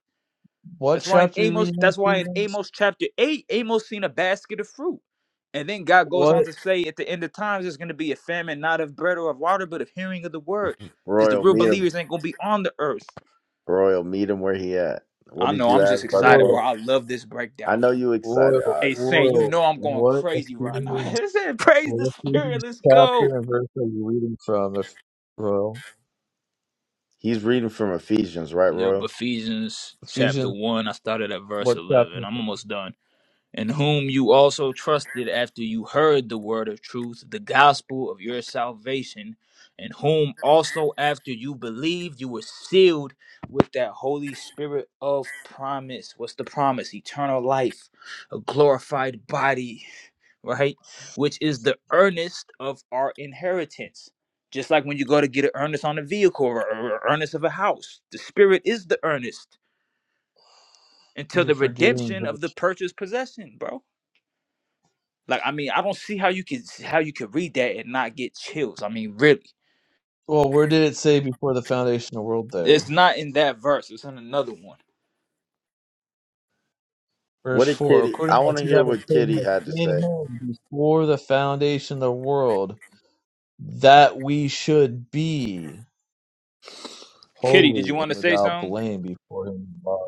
S1: what
S5: That's why in
S1: chapter are you
S5: Amos,
S1: reading in
S5: that's why in
S1: Ephesians?
S5: Amos chapter 8, Amos seen a basket of fruit. And then God goes
S1: What
S5: on to say at the end of times there's gonna be a famine, not of bread or of water, but of hearing of the word. Because the
S7: Royal,
S5: real
S7: meet him.
S5: believers ain't gonna be on the earth.
S7: Royal, meet him where he at. What
S5: I
S7: did
S5: know,
S7: you
S5: I'm just
S7: ask, Brother
S5: excited,
S7: Bo?
S1: royal,
S5: bro. I love this
S7: I
S5: breakdown.
S7: know you excited.
S1: royal,
S7: All right.
S5: Hey Saint, you
S1: royal?
S5: know I'm going
S1: What
S5: crazy right now.
S1: Ephesians?
S5: Saint, Praise the
S1: What
S5: spirit,
S1: Ephesians
S5: let's go.
S1: chapter and verse are you reading from? If royal
S7: He's reading from Ephesians, right,
S5: Yep,
S7: Royal?
S5: Ephesians chapter
S1: Ephesians,
S5: one. I started at verse
S1: what chapter?
S5: eleven. I'm almost done. in whom you also trusted after you heard the word of truth, the gospel of your salvation, in whom also after you believed, you were sealed with that Holy Spirit of promise. What's the promise? Eternal life, a glorified body, right? Which is the earnest of our inheritance. Just like when you go to get an earnest on a vehicle or or earnest of a house, the Spirit is the earnest until
S1: You're
S5: the
S1: forgetting.
S5: redemption
S1: But,
S5: of the purchased possession, bro like I mean, I don't see how you could how you could read that and not get chills. I mean, really,
S1: well, where did it say before the foundation of the world? There,
S5: it's not in that verse. It's in another one.
S1: verse
S7: What did
S1: four.
S7: Kitty
S1: According
S7: I
S1: as
S7: wanna
S1: he
S7: hear
S1: hath
S7: what
S1: chosen
S7: Kitty
S1: us
S7: had to
S1: in Him
S7: say.
S1: before the foundation of the world, that we should be
S5: Kitty, did you
S1: holy
S5: want
S1: and
S5: to say
S1: without
S5: something?
S1: blame before Him, in love,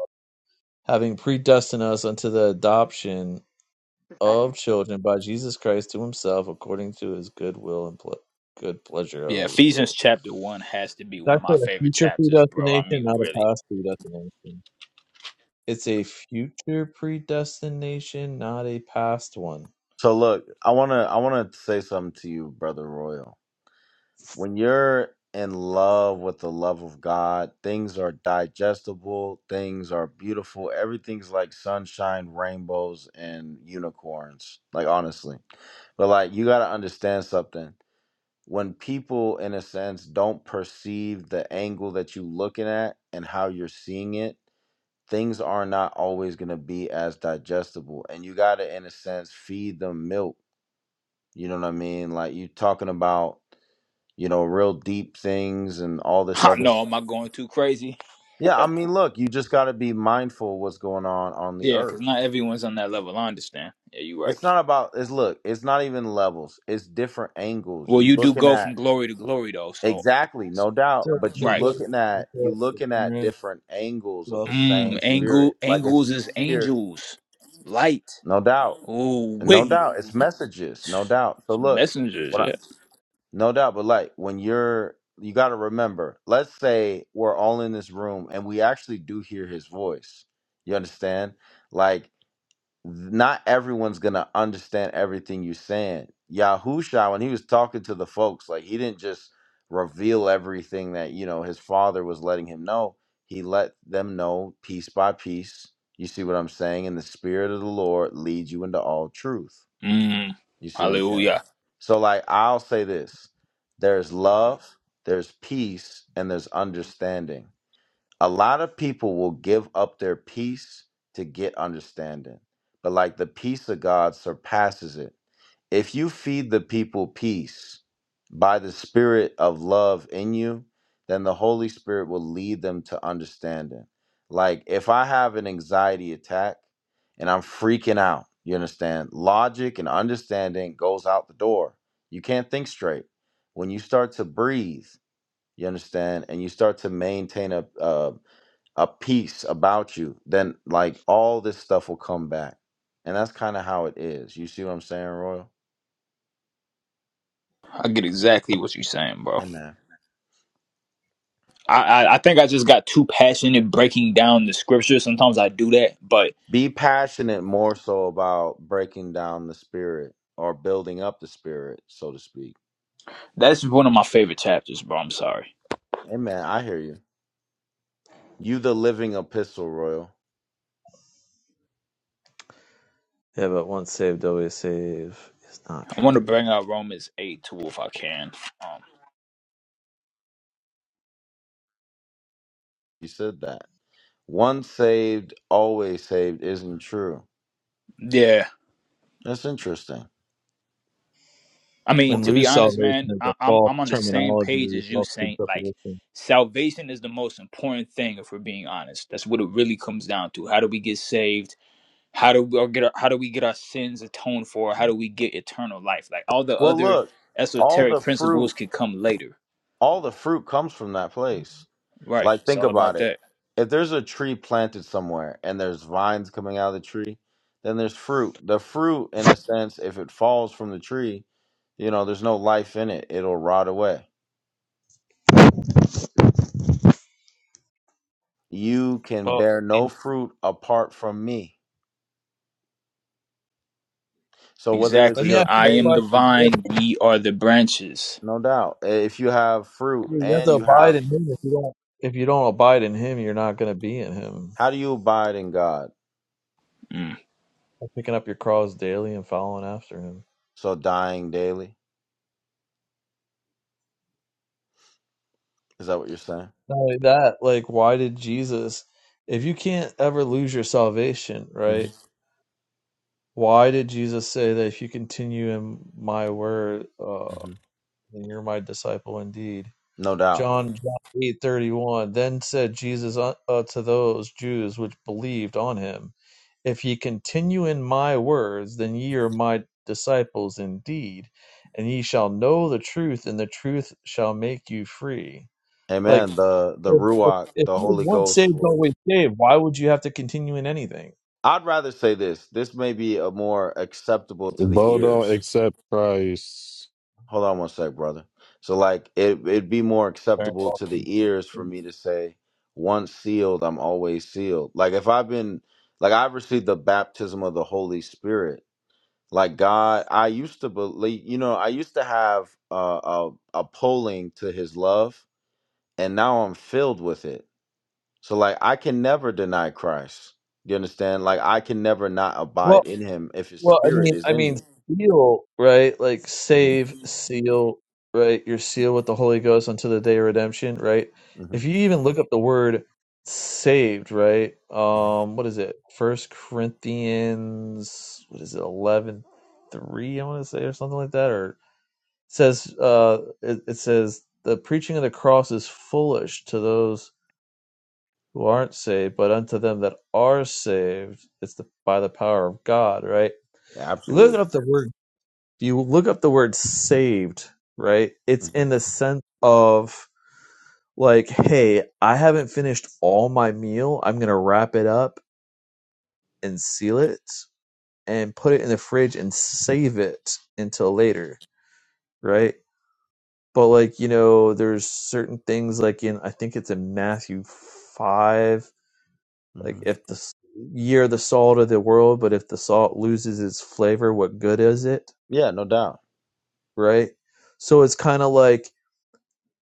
S1: having predestined us unto the adoption
S8: a second.
S1: of children by Jesus Christ to Himself, according to His good will and ple- good pleasure
S5: Yeah,
S1: of His
S5: Ephesians
S1: will.
S5: chapter one has to be one
S1: That's
S5: of
S1: a
S5: my favorite
S1: future
S5: chapters, bro. I
S1: predestination,
S5: mean,
S1: not a
S5: really.
S1: past predestination. It's a future predestination, not a past one.
S7: So look, I wanna I wanna say something to you, Brother Royal. when you're in love with the love of God, things are digestible, things are beautiful, everything's like sunshine, rainbows, and unicorns. Like, honestly. But, like, you got to understand something. When people, in a sense, don't perceive the angle that you're looking at and how you're seeing it, things are not always going to be as digestible. And you got to, in a sense, feed them milk. You know what I mean? Like, you talking about you know, real deep things and all this
S5: I
S7: other
S5: know,
S7: stuff.
S5: am I going too crazy?
S7: Yeah, I mean, look, you just got to be mindful what's going on on the
S5: Yeah, because
S7: earth.
S5: not everyone's on that level. I understand. Yeah, you're right.
S7: It's not about it's look, it's not even levels. It's different angles.
S5: Well,
S7: You
S5: you do
S7: looking
S5: go from
S7: at
S5: glory to glory, though. So,
S7: exactly, no doubt,
S1: So,
S7: but you
S5: right.
S1: Nicholas,
S7: looking at you looking at different angles of
S1: welcome,
S7: the
S5: Mm,
S7: same
S1: welcome.
S7: spirit.
S5: angle
S7: Like if
S5: angles
S7: you
S5: is
S7: hear,
S5: angels. Light.
S7: no doubt,
S5: Oh
S7: no
S5: wait.
S7: doubt, it's messages, no doubt. So look.
S5: Messengers.
S7: what.
S5: Yeah.
S7: No doubt, but like when you're, you got to remember, let's say we're all in this room and we actually do hear his voice. You understand? Like, th- not everyone's going to understand everything you're saying. Yahusha, when he was talking to the folks, like, he didn't just reveal everything that, you know, his father was letting him know. He let them know piece by piece. You see what I'm saying? And the Spirit of the Lord leads you into all truth.
S5: Mm,
S7: You see what I'm saying?
S5: hallelujah.
S7: So, like, I'll say this there's love, there's peace, and there's understanding. A lot of people will give up their peace to get understanding, but like the peace of God surpasses it. If you feed the people peace by the spirit of love in you, then the Holy Spirit will lead them to understanding. Like if I have an anxiety attack and I'm freaking out, you understand? Logic and understanding goes out the door. You can't think straight. When you start to breathe, you understand, and you start to maintain a a, a peace about you, then like all this stuff will come back. And that's kind of how it is. You see what I'm saying, Royal?
S5: I get exactly what you're saying, bro.
S7: Amen.
S5: I, I, I think I just got too passionate breaking down the scripture. Sometimes I do that, but
S7: Be passionate more so about breaking down the spirit or building up the spirit, so to speak.
S5: that's one of my favorite chapters, bro. I'm sorry.
S7: Amen. I hear you. You, the living epistle, Royal.
S1: Yeah, but once saved, always saved is not
S5: I want to
S1: true.
S5: bring out Romans 8 too if I can. Um,
S7: You said that. Once saved, always saved isn't true.
S5: yeah.
S7: That's interesting.
S5: I mean,
S1: And
S5: to be
S1: lose
S5: honest,
S1: salvation
S5: man,
S1: is
S5: I,
S1: a
S5: I'm
S1: false
S5: I'm on the same page
S1: terminology,
S5: as you,
S1: false
S5: Saint. Like,
S1: presupposition.
S5: salvation is the most important thing if we're being honest. That's what it really comes down to. How do we get saved? how do we get our, how do we get our sins atoned for how do we get eternal life like all the
S7: Well,
S5: other
S7: look, all
S5: esoteric
S7: the
S5: principles
S7: fruit,
S5: could come later
S7: all the fruit comes from that place.
S5: right
S7: Like,
S5: it's
S7: think
S5: all
S7: about
S5: about
S7: it.
S5: that
S7: If there's a tree planted somewhere and there's vines coming out of the tree, then there's fruit. The fruit, in a sense, if it falls from the tree, you know, there's no life in it, it'll rot away. You can
S1: Well, I
S7: bear no
S1: mean,
S7: fruit apart from me. So, whether
S1: let
S7: it's
S1: me
S5: exactly
S1: ask
S7: your
S1: you
S5: i
S1: a
S5: am the
S7: faith,
S1: question.
S5: vine
S1: If
S5: ye are the branches
S7: no doubt, if you have fruit
S1: You you have
S7: and
S1: to
S7: you
S1: abide
S7: have,
S1: in him. If you don't, if you don't abide in him, you're not going to be in him.
S7: how do you abide in God?
S5: Mm.
S1: Picking up your cross daily and following after him.
S7: So, dying daily? Is that what you're saying?
S1: Not only that, like, why did Jesus, if you can't ever lose your salvation,
S7: hmm
S1: right? Why did Jesus say that if you continue in my word, uh,
S7: hmm
S1: then you're my disciple indeed?
S7: No doubt.
S1: John, John eight thirty one. Then said Jesus uh, uh, to those Jews which believed on him, If ye continue in my words, then ye are my disciples indeed, and ye shall know the truth, and the truth shall make you free Like
S7: Amen. The the
S1: if, if,
S7: Ruach,
S1: if
S7: the
S1: you're
S7: Holy
S1: once
S7: Ghost
S1: saved,
S7: will
S1: always saved, why would you have to continue in anything?
S7: I'd rather say this. This may be a more acceptable to the
S3: Bo don't
S7: ears.
S3: accept Christ.
S7: Hold on one sec, brother. So like it it'd be more
S1: Very
S7: acceptable
S1: well,
S7: to the ears for me to say, once sealed, I'm always sealed. Like if I've been like I've received the baptism of the Holy Spirit. Like God, I used to believe, you know, I used to have uh, a a pulling to His love, and now I'm filled with it. So like I can never deny Christ. You understand? Like I can never not
S1: well,
S7: abide in Him if His
S1: well, I
S7: Spirit
S1: mean,
S7: is
S1: I
S7: in
S1: mean,
S7: me.
S1: seal, right? Like
S7: hmm
S1: save, seal, right? You're sealed with the Holy Ghost until the day of redemption, right?
S7: hmm
S1: If you even look up the word saved, right? Um, what is it? First Corinthians, what is it? Eleven three, I want to say, or something like that, or it says, uh, it, it says the preaching of the cross is foolish to those who aren't saved, but unto them that are saved, it's the, by the power of God, right?
S7: Yeah,
S1: You look
S7: absolutely.
S1: up the word, you look up the word saved, right? It's
S7: hmm
S1: in the sense of like, hey, I haven't finished all my meal. I'm going to wrap it up and seal it and put it in the fridge and save it until later, right? But like, you know, there's certain things like in, I think it's in Matthew 5 Like
S7: hmm
S1: if the s- you're the salt of the world, but if the salt loses its flavor, what good is it?
S7: Yeah, no doubt.
S1: Right? So it's kind of like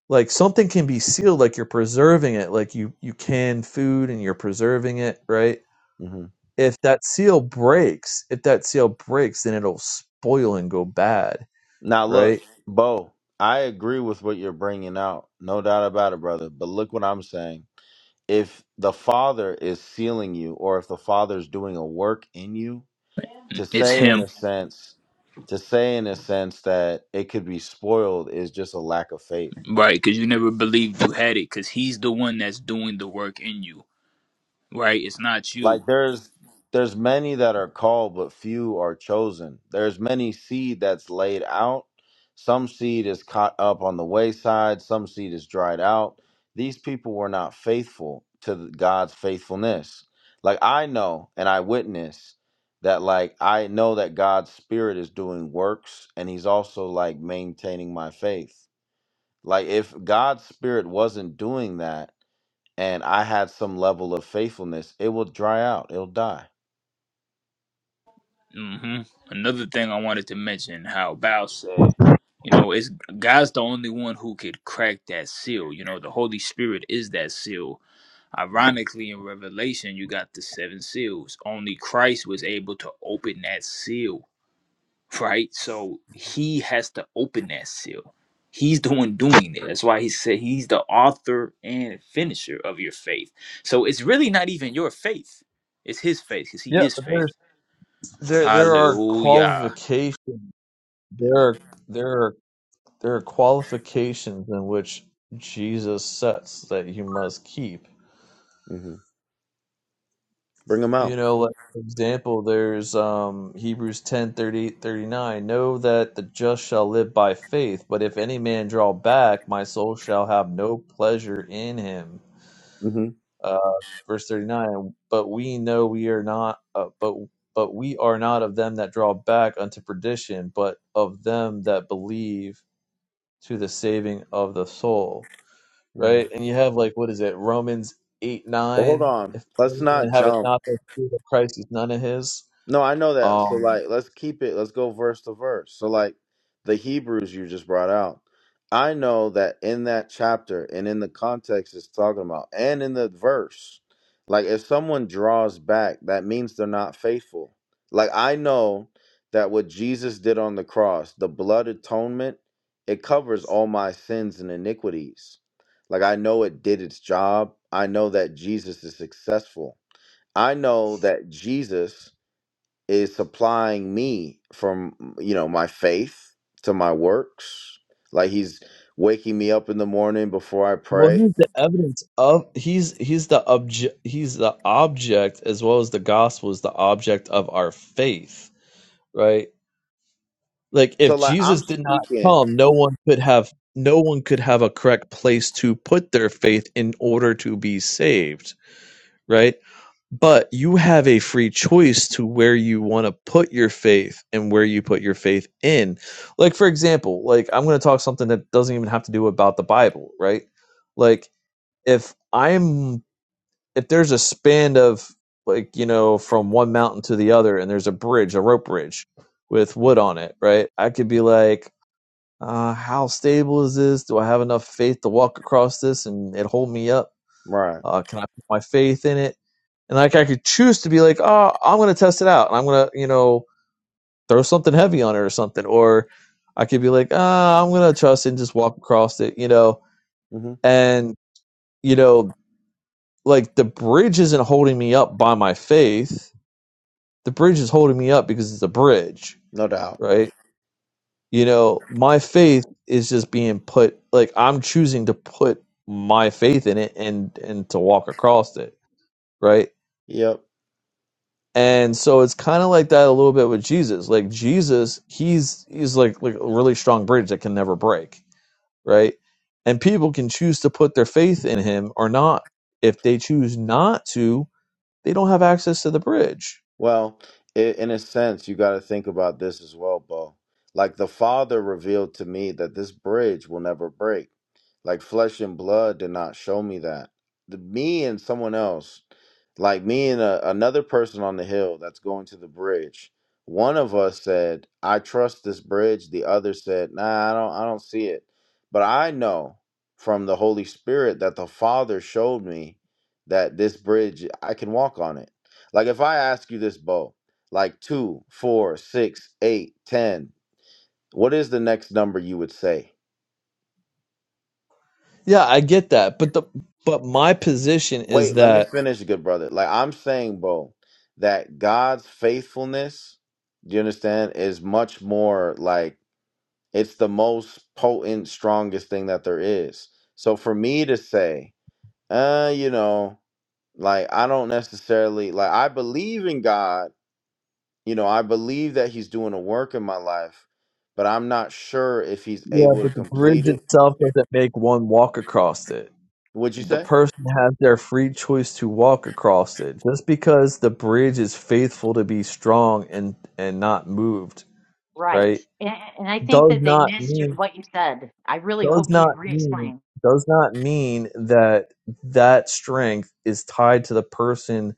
S1: like something can be sealed, like you're preserving it, like you you can food and you're preserving it, right?
S7: hmm
S1: If that seal breaks, if that seal breaks, then it'll spoil and go bad,
S7: Now look,
S1: right?
S7: Bo, I agree with what you're bringing out. No doubt about it, brother. But look what I'm saying. If the Father is sealing you, or if the Father's doing a work in you, to
S5: it's
S7: say in
S5: him
S7: a sense, to say in a sense that it could be spoiled is just a lack of faith
S5: right because you never believed you had it because he's the one that's doing the work in you right it's not you
S7: Like there's there's many that are called, but few are chosen. There's many seed that's laid out. Some seed is caught up on the wayside. Some seed is dried out. These people were not faithful to the- God's faithfulness. Like I know and I witness that like I know that God's spirit is doing works and he's also like maintaining my faith. Like if God's spirit wasn't doing that and I had some level of faithfulness, it will dry out. It'll die.
S5: hmm another thing i wanted to mention how bao said you know it's god's the only one who could crack that seal you know the holy spirit is that seal
S7: Amen.
S5: Ironically, in Revelation, you got the seven seals. Only Christ was able to open that seal, right? So he has to open that seal. He's the one doing it. That's why he said he's the author and finisher of your faith. So it's really not even your faith, it's his faith because
S1: Yeah,
S5: he is
S1: but there's
S5: faith.
S1: there there are
S5: Hallelujah.
S1: qualifications there
S7: Amen.
S1: are there are there are qualifications in which Jesus sets that you must keep
S7: hmm Bring them
S1: You
S7: out.
S1: know, like for example, there's um Hebrews 10 38 39. Know that the just shall live by faith, but if any man draw back, my soul shall have no pleasure in him.
S7: hmm
S1: Uh, verse 39. But we know we are not uh, but but we are not of them that draw back unto perdition, but of them that believe to the saving of the soul. Right?
S7: But
S1: And you have like what is it, Romans eight
S7: hold
S1: nine?
S7: on.
S1: If
S7: Let's
S1: any
S7: not
S1: man haveth
S7: jump.
S1: not the spirit of Christ, he's none of his.
S7: No, I know that. So
S1: Um,
S7: like let's keep it let's go verse to verse. So like the Hebrews you just brought out. I know that in that chapter and in the context it's talking about and in the verse, like if someone draws back, that means they're not faithful. Like I know that what Jesus did on the cross, the blood atonement, it covers all my sins and iniquities. Like I know it did its job. I know that Jesus is successful. I know that Jesus is supplying me from you know my faith to my works like he's waking me up in the morning before i
S1: well,
S7: pray
S1: he's the evidence of he's he's the object he's the object as well as the gospel is the object of our faith, right? Like
S7: so
S1: if
S7: like i'm
S1: Jesus did not
S7: speaking
S1: come, no one could have no one could have a correct place to put their faith in order to be saved, right? But you have a free choice to where you want to put your faith and where you put your faith in. Like for example, like I'm going to talk something that doesn't even have to do about the Bible, right? Like if I'm if there's a span of like you know from one mountain to the other and there's a bridge, a rope bridge with wood on it, right? I could be like, uh, how stable is this? Do I have enough faith to walk across this and it hold me up?
S7: right
S1: Uh, can I put my faith in it? And like I could choose to be like, oh, I'm gonna test it out and I'm gonna you know throw something heavy on it or something, or I could be like, ah, oh, I'm gonna trust it and just walk across it, you know.
S7: hmm
S1: And you know like the bridge isn't holding me up by my faith. The bridge is holding me up because it's a bridge,
S7: no doubt
S1: right? You know, my faith is just being put like I'm choosing to put my faith in it and and to walk across it, right?
S7: yep
S1: And so it's kind of like that a little bit with Jesus. Like Jesus, he's he's like like a really strong bridge that can never break, right? And people can choose to put their faith in him or not. If they choose not to, they don't have access to the bridge
S7: well i in a sense you got to think about this as well bo like the father revealed to me that this bridge will never break Like flesh and blood did not show me that. The me and someone else, like me and a, another person on the hill that's going to the bridge. One of us said, "I trust this bridge." The other said, "Nah, I don't. I don't see it." But I know from the Holy Spirit that the Father showed me that this bridge I can walk on it. Like if I ask you this, Bo, like two, four, six, eight, ten, what is the next number you would say?
S1: Yeah, I get that, but the but my position is
S7: Wait, let me
S1: that
S7: finish, good brother. Like I'm saying, bro, that God's faithfulness, do you understand, is much more like it's the most potent, strongest thing that there is. So for me to say, uh, you know, like I don't necessarily like I believe in God, you know, I believe that He's doing a work in my life, but I'm not sure if He's
S1: yeah,
S7: able to
S1: but the bridge
S7: complete it.
S1: itself doesn't make one walk across it.
S7: Would you
S1: The
S7: say?
S1: person has their free choice to walk across it. Just because the bridge is faithful to be strong and and not moved,
S8: Right.
S1: right?
S8: And, and I think
S1: Does
S8: that they
S1: not
S8: missed your,
S1: mean
S8: what you said. I really
S1: does
S8: hope you
S1: not mean
S8: re-explain.
S1: does not mean that that strength is tied to the person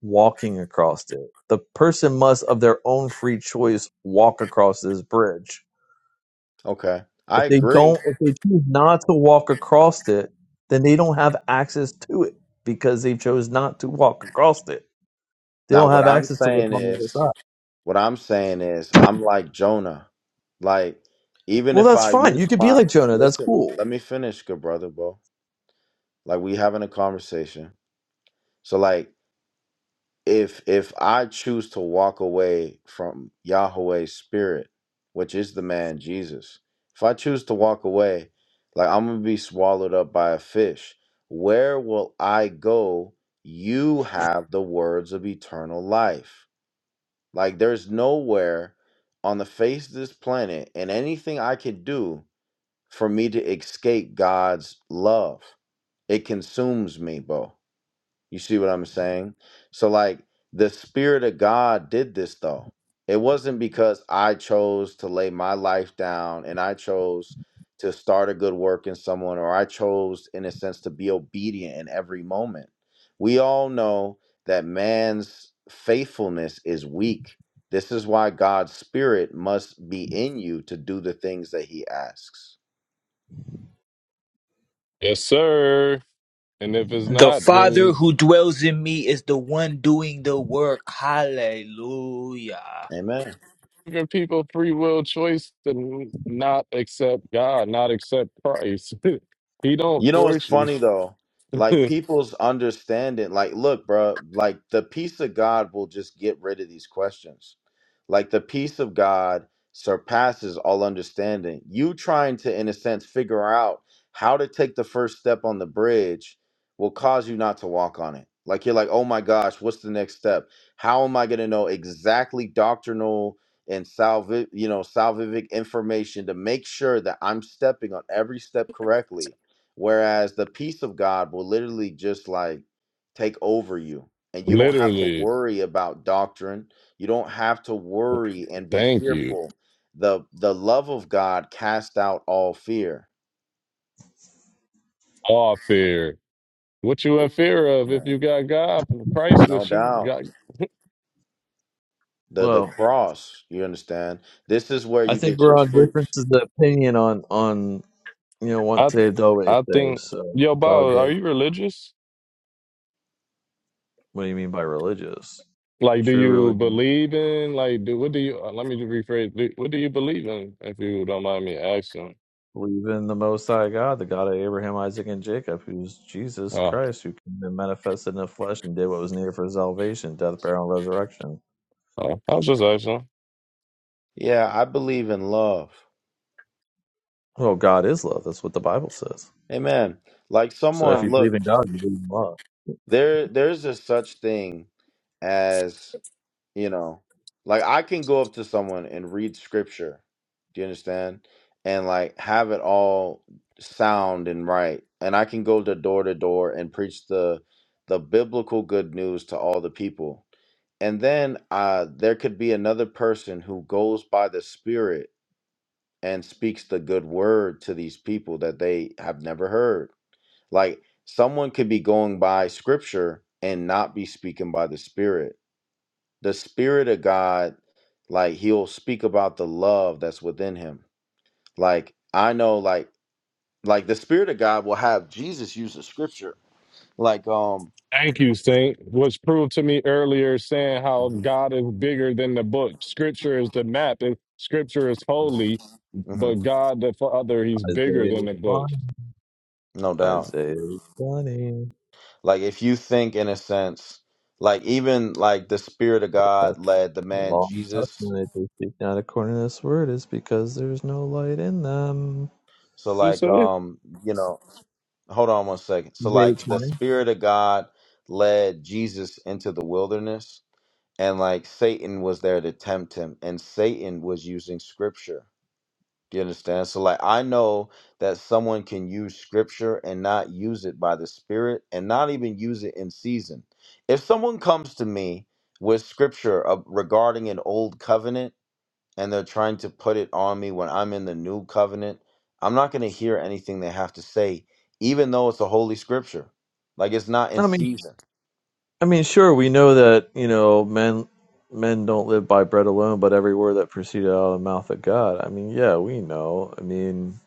S1: walking across it. The person must of their own free choice walk across this bridge
S7: Okay.
S1: If
S7: I
S1: they
S7: agree.
S1: don't, if they choose not to walk across it, then they don't have access to it because they chose not to walk across it. They
S7: Now
S1: don't
S7: what
S1: have
S7: I'm
S1: access to what's
S7: saying
S1: on the other
S7: is
S1: side.
S7: What I'm saying is, I'm like Jonah. Like, even
S1: Well,
S7: if
S1: that's
S7: I
S1: fine. You
S7: use
S1: could be
S7: my
S1: like Jonah. That's
S7: listen,
S1: cool.
S7: let me finish, good brother, bro. Like, we having a conversation. So, like, if if I choose to walk away from Yahweh's spirit, which is the man Jesus, if I choose to walk away, like I'm gonna be swallowed up by a fish. Where will I go? You have the words of eternal life. Like there's nowhere on the face of this planet and anything I can do for me to escape God's love. It consumes me, Bo. You see what I'm saying? So, like, the Spirit of God did this, though. It wasn't because I chose to lay my life down and I chose to start a good work in someone, or I chose, in a sense, to be obedient in every moment. We all know that man's faithfulness is weak. This is why God's Spirit must be in you to do the things that He asks.
S3: Yes, sir. And if it's
S5: The
S3: not, then
S5: Father
S3: you,
S5: who dwells in me is the one doing the work. Hallelujah.
S7: Amen.
S3: giving people free will choice to not accept God, not accept Christ. he don't
S7: You know what's
S3: force you.
S7: funny though? Like people's understanding, like, look, bro, like the peace of God will just get rid of these questions. Like the peace of God surpasses all understanding. You trying to, in a sense, figure out how to take the first step on the bridge will cause you not to walk on it. Like you're like, oh my gosh, what's the next step? How am I gonna know exactly doctrinal and salvific, you know, salvific information to make sure that I'm stepping on every step correctly? Whereas the peace of God will literally just like take over you. And you don't have to
S3: Literally.
S7: worry about doctrine. You don't have to worry and be
S3: Thank you.
S7: fearful. The the love of God cast out all fear.
S3: All fear. What you in fear of if
S7: No,
S3: you got God and Christ
S7: no
S3: with you?
S7: doubt.
S3: God,
S7: The the
S1: Well,
S7: cross, you understand? This is where
S1: I
S7: you
S1: think
S7: get your
S1: we're on
S7: fruits.
S1: differences of opinion on on you know
S3: I
S1: once saved always
S3: I
S1: saved.
S3: think
S1: So
S3: yo,
S1: it's all
S3: Bob, are
S1: good.
S3: you religious?
S1: What do you mean by religious?
S3: Like, do
S1: True
S3: you
S1: religion.
S3: believe in like do what do you? uh, Let me rephrase. Do, what do you believe in? If you don't mind me asking,
S1: Believe in the Most High God, the God of Abraham, Isaac, and Jacob, who's Jesus
S3: uh,
S1: Christ, who came and manifested in the flesh and did what was needed for salvation, death, burial, and resurrection.
S3: uh, I was just asking.
S7: Yeah, I believe in love.
S1: Well, God is love. That's what the Bible says.
S7: Amen. Like
S1: So if
S7: someone,
S1: you believe
S7: look,
S1: in God, you believe in love.
S7: there there's a such thing as. You know, like I can go up to someone and read scripture. Do you understand? And like have it all sound and right. And I can go to door to door and preach the the biblical good news to all the people. And then uh there could be another person who goes by the spirit and speaks the good word to these people that they have never heard. Like someone could be going by scripture and not be speaking by the spirit the spirit of god like he'll speak about the love that's within him like i know like like the spirit of god will have jesus use the scripture like um
S3: Thank you, Saint. Was proved to me earlier saying how
S7: Mhm,
S3: God is bigger than the book. Scripture is the map, and Scripture is
S7: mhm,
S3: holy, but
S7: mhm,
S3: God the Father, He's bigger than
S1: Isaiah
S3: the book.
S1: twenty.
S7: no doubt
S1: Isaiah 20.
S7: like if you think in a sense like even like the spirit of
S1: That's
S7: god led the
S1: the
S7: man
S1: law and
S7: jesus
S1: testament. If they speak not according to this word, is because there's no light in them.
S7: so
S3: You
S7: like
S3: say?
S7: um you know hold on one second so
S1: Isaiah
S7: like the
S1: 20.
S7: spirit of god led jesus into the wilderness and like satan was there to tempt him and satan was using scripture Do You understand? So, like, I know that someone can use scripture and not use it by the Spirit and not even use it in season. If someone comes to me with scripture uh, regarding an old covenant and they're trying to put it on me when I'm in the new covenant, I'm not going to hear anything they have to say, even though it's a holy scripture. Like, it's not in
S1: I mean.
S7: season.
S1: I mean, sure, we know that, you know, men men don't live by bread alone, but every word that proceeded out of the mouth of God. I mean, yeah, we know. I mean,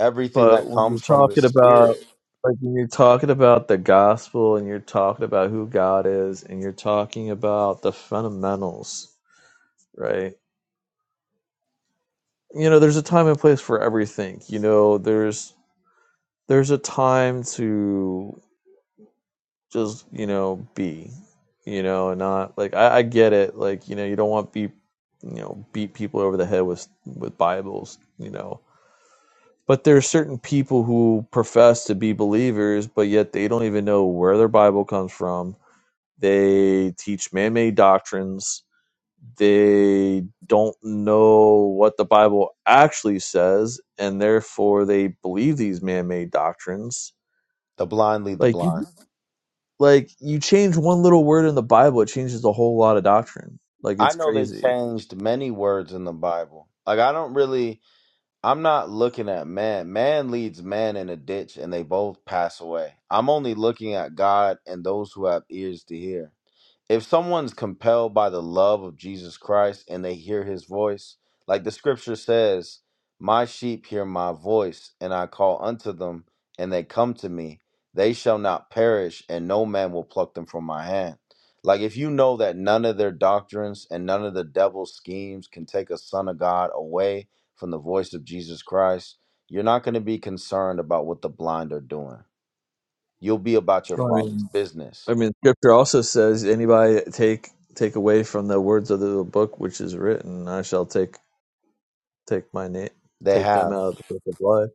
S7: Everything
S1: but
S7: that
S1: when you're
S7: comes from the
S1: talking about
S7: Spirit,
S1: like when you're talking about the gospel and you're talking about who God is and you're talking about the fundamentals, right? You know, there's a time and place for everything. You know, there's there's a time to just you know be you know and not like I, I get it like you know you don't want to be, you know beat people over the head with with bibles you know but there are certain people who profess to be believers but yet they don't even know where their bible comes from they teach man-made doctrines they don't know what the bible actually says and therefore they believe these man-made doctrines
S7: the blind lead the
S1: Like, you
S7: blind.
S1: Like you change one little word in the Bible, it changes a whole lot of doctrine. Like
S7: I
S1: it's
S7: know they
S1: crazy.
S7: changed many words in the Bible. Like, I don't really. I'm not looking at man. Man leads man in a ditch and they both pass away. I'm only looking at God and those who have ears to hear if someone's compelled by the love of Jesus Christ and they hear his voice, like the scripture says, My sheep hear my voice, and I call unto them, and they come to me. They shall not perish, and no man will pluck them from my hand. Like if you know that none of their doctrines and none of the devil's schemes can take a son of God away from the voice of Jesus Christ, you're not going to be concerned about what the blind are doing. You'll be about your
S1: I Right.
S7: father's
S1: mean,
S7: business.
S1: I mean, Scripture also says, "Anybody take take away from the words of the book which is written, I shall take take my name,
S7: They
S1: take them
S7: have
S1: out of the book of life."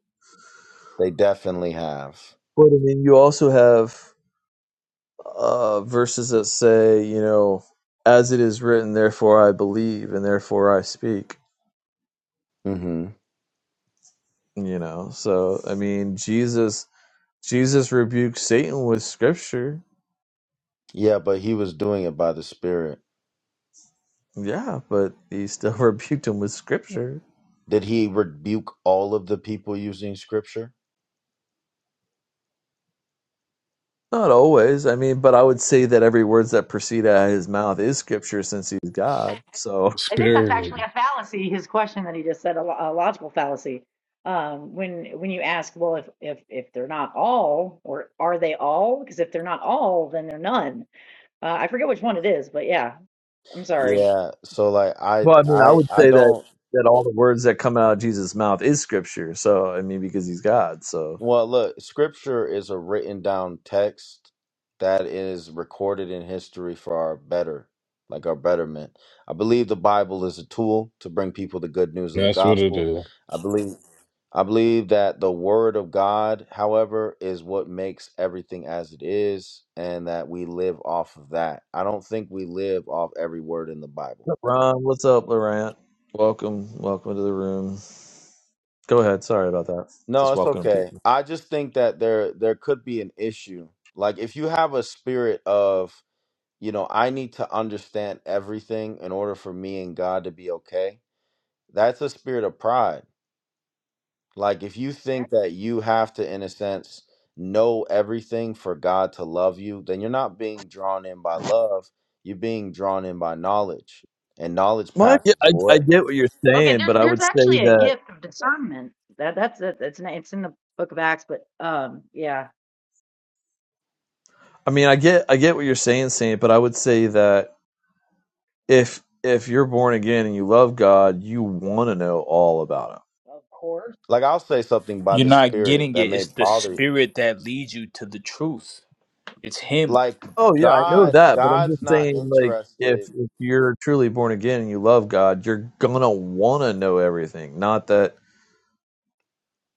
S7: They definitely have.
S1: But I mean, you also have uh, verses that say, you know, "As it is written, therefore I believe, and therefore I speak."
S7: hmm
S1: You know, so I mean, Jesus Jesus rebuked Satan with Scripture
S7: Yeah, but he was doing it by the Spirit.
S1: Yeah, but he still rebuked him with scripture.
S7: Did he rebuke all of the people using Scripture?
S1: Not always. I mean, but I would say that every words that proceed out of his mouth is scripture since he's God. So,
S8: I think that's
S3: Spirit.
S8: actually a fallacy. His question that he just said, a, lo- a logical fallacy. Um, when when you ask, well, if if if they're not all, or are they all? Because if they're not all, then they're none. Uh, I forget which one it is, but yeah, I'm sorry.
S7: Yeah. So like, I,
S1: well, I mean, I
S7: I,
S1: would
S7: I
S1: say that
S7: don't.
S1: that all the words that come out of Jesus' mouth is scripture. So, I mean, because he's God. So,
S7: Well, look, Scripture is a written down text that is recorded in history for our better, like our betterment. I believe the Bible is a tool to bring people the good news of the
S3: That's what it
S7: gospel.
S3: is.
S7: I believe. I believe that the word of God, however, is what makes everything as it is, and that we live off of that. I don't think we live off every word in the Bible.
S1: What's up, Ron, what's up, Laurent? Welcome, welcome to the room. Go ahead. Sorry about that.
S7: No,
S1: Just
S7: it's
S1: welcome
S7: okay.
S1: people.
S7: I just think that there there could be an issue. Like if you have a spirit of, you know, I need to understand everything in order for me and God to be okay. That's a spirit of pride Like if you think that you have to, in a sense, know everything for God to love you, then you're not being drawn in by love. You're being drawn in by knowledge, and knowledge
S1: Well, I, get-
S7: passes
S1: I, I
S7: away.
S1: get what you're
S8: Okay,
S1: saying,
S8: there's
S1: but I
S8: there's
S1: would say
S8: actually a
S1: that
S8: gift of discernment. That that's it. It's in, it's in the Book of Acts, but um, yeah.
S1: I mean, I get I get what you're saying, Saint, but I would say that if if you're born again and you love God, you want to know all about Him.
S8: Of course.
S7: Like I'll say something by
S5: You're
S7: the
S5: not
S7: Spirit
S5: getting
S7: that
S5: it.
S7: may
S5: It's the
S7: bother you.
S5: spirit that leads you to the truth. It's him.
S7: Like
S1: Oh yeah, I know
S7: God,
S1: that, but I'm
S7: God's
S1: just
S7: not
S1: saying, like, if
S7: interested.
S1: if you're truly born again and you love God, you're gonna want to know everything. Not that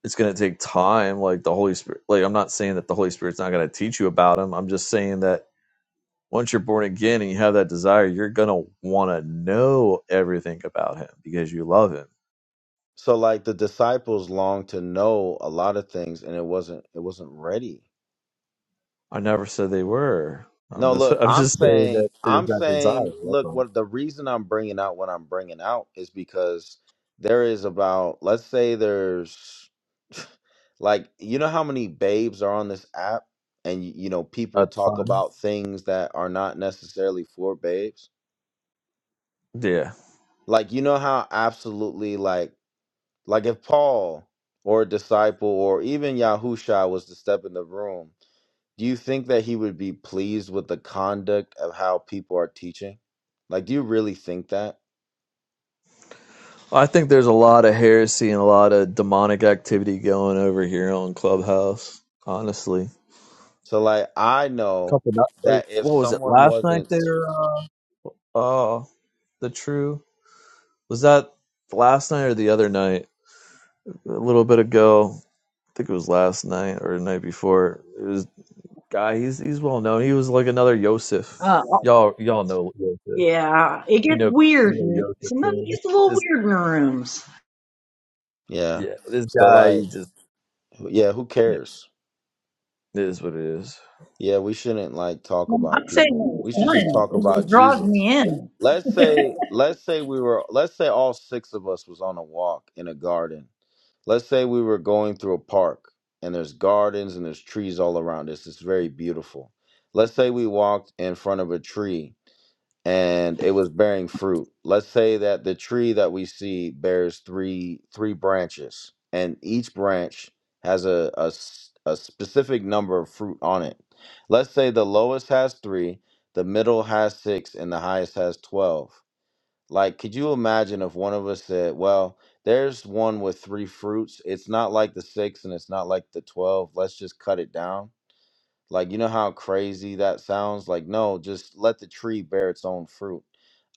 S1: it's gonna take time, like the Holy Spirit. Like, I'm not saying that the Holy Spirit's not gonna teach you about Him. I'm just saying that once you're born again and you have that desire, you're gonna want to know everything about Him because you love Him.
S7: So like the disciples longed to know a lot of things, and it wasn't it wasn't ready
S1: I never said they were. I'm
S7: No,
S1: just
S7: look,
S1: I'm
S7: I'm
S1: just saying
S7: saying,
S1: that there's
S7: I'm
S1: that desire.
S7: saying,
S1: That's
S7: look,
S1: all.
S7: what the reason I'm bringing out what I'm bringing out is because there is about, let's say there's like, you know how many babes are on this app and, y- you know, people
S1: That's
S7: talk
S1: fine.
S7: about things that are not necessarily for babes?
S1: Yeah.
S7: Like, you know how absolutely like, like if Paul or a disciple or even Yahusha was to step in the room Do you think that he would be pleased with the conduct of how people are teaching? Like, do you really think that?
S1: I think there's a lot of heresy and a lot of demonic activity going over here on Clubhouse, honestly.
S7: So, like, I know
S1: Couple not- like,
S7: that if
S1: what was it
S7: someone
S1: last night
S7: wasn't,
S1: there uh oh the true was that last night or the other night? A little bit ago. I think it was last night or the night before. It was guy, he's he's well known. He was like another Yosef. Y'all y'all know Yosef.
S8: Yeah, it
S1: You
S8: gets
S1: know
S8: weird.
S1: you
S8: and-
S1: know
S8: Sometimes it
S1: Yosef.
S8: gets a little
S1: This
S8: weird in the rooms.
S7: yeah.
S1: yeah, this
S7: So,
S1: guy he
S7: like,
S1: just
S7: yeah, who
S1: yeah,
S7: cares?
S1: it is what it is.
S7: Yeah, we shouldn't like talk
S8: No, I'm
S7: about people.
S8: saying it's
S7: We should just talk
S8: fun.
S7: about
S8: It draws
S7: Jesus.
S8: me in.
S7: Let's say, let's say we were, let's say all six of us was on a walk in a garden let's say we were going through a park and there's gardens and there's trees all around us. It's very beautiful. Let's say we walked in front of a tree and it was bearing fruit. Let's say that the tree that we see bears three three branches and each branch has a, a s- a specific number of fruit on it. Let's say the lowest has 3, the middle has 6 and the highest has 12. Like, could you imagine if one of us said, Well, there's one with three fruits. It's not like the six and it's not like the 12. Let's just cut it down. Like, you know how crazy that sounds? Like, no, just let the tree bear its own fruit.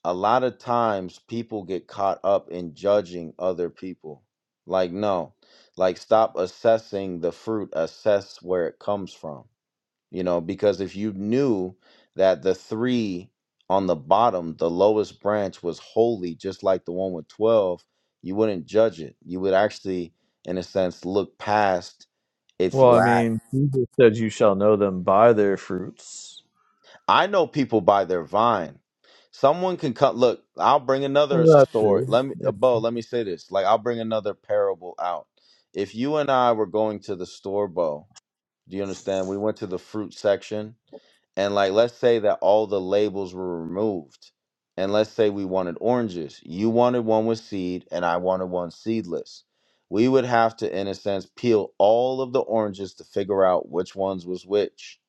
S7: A lot of times people get caught up in judging other people. Like, no, like, stop assessing the fruit, assess where it comes from you know, because if you knew that the three on the bottom, the lowest branch was holy, just like the one with 12, you wouldn't judge it. You would actually, in a sense, look past its
S1: Well, I
S7: lack.
S1: mean, Jesus said, "You shall know them by their fruits."
S7: I know people by their vine. Someone can cut. Look, I'll bring another
S1: Well, that's
S7: story.
S1: true.
S7: Let me, uh,
S1: Yeah.
S7: Bo. Let me say this. Like, I'll bring another parable out. If you and I were going to the store, Bo, do you understand? We went to the fruit section and like let's say that all the labels were removed and let's say we wanted oranges you wanted one with seed and i wanted one seedless we would have to in a sense peel all of the oranges to figure out which ones was which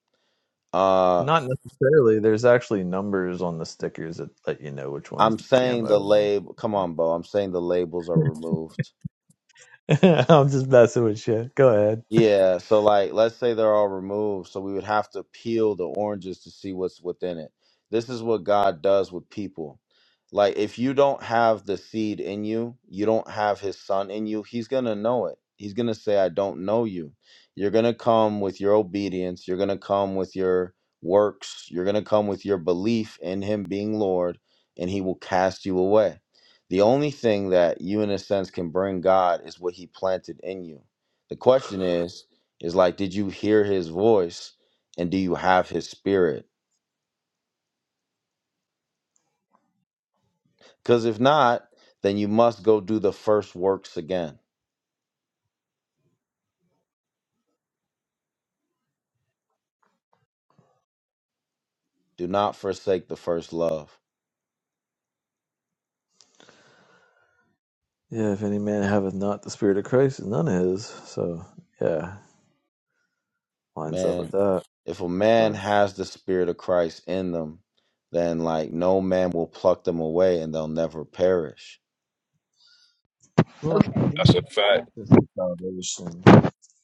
S7: uh
S1: Not necessarily. There's actually numbers on the stickers that let you know which one's
S7: i'm saying
S1: GMO.
S7: the label come on bo i'm saying the labels are removed
S1: I'm just messing with you. Go ahead.
S7: Yeah, so like let's say they're all removed, so we would have to peel the oranges to see what's within it. This is what God does with people. Like if you don't have the seed in you, you don't have his son in you, he's going to know it. He's going to say I don't know you. You're going to come with your obedience, you're going to come with your works, you're going to come with your belief in him being Lord, and he will cast you away. The only thing that you in a sense can bring God is what he planted in you the question is, is like, did you hear his voice and do you have his spirit? Because if not, then you must go do the first works again. Do not forsake the first love.
S1: Yeah, if any man haveth not the spirit of Christ, is none of his. So, yeah, lines up with
S7: Man,
S1: that.
S7: if a man
S1: So,
S7: has the spirit of Christ in them, then like no man will pluck them away and they'll never perish.
S1: well,
S8: Okay.
S3: That's a fact.
S1: Baptist salvation.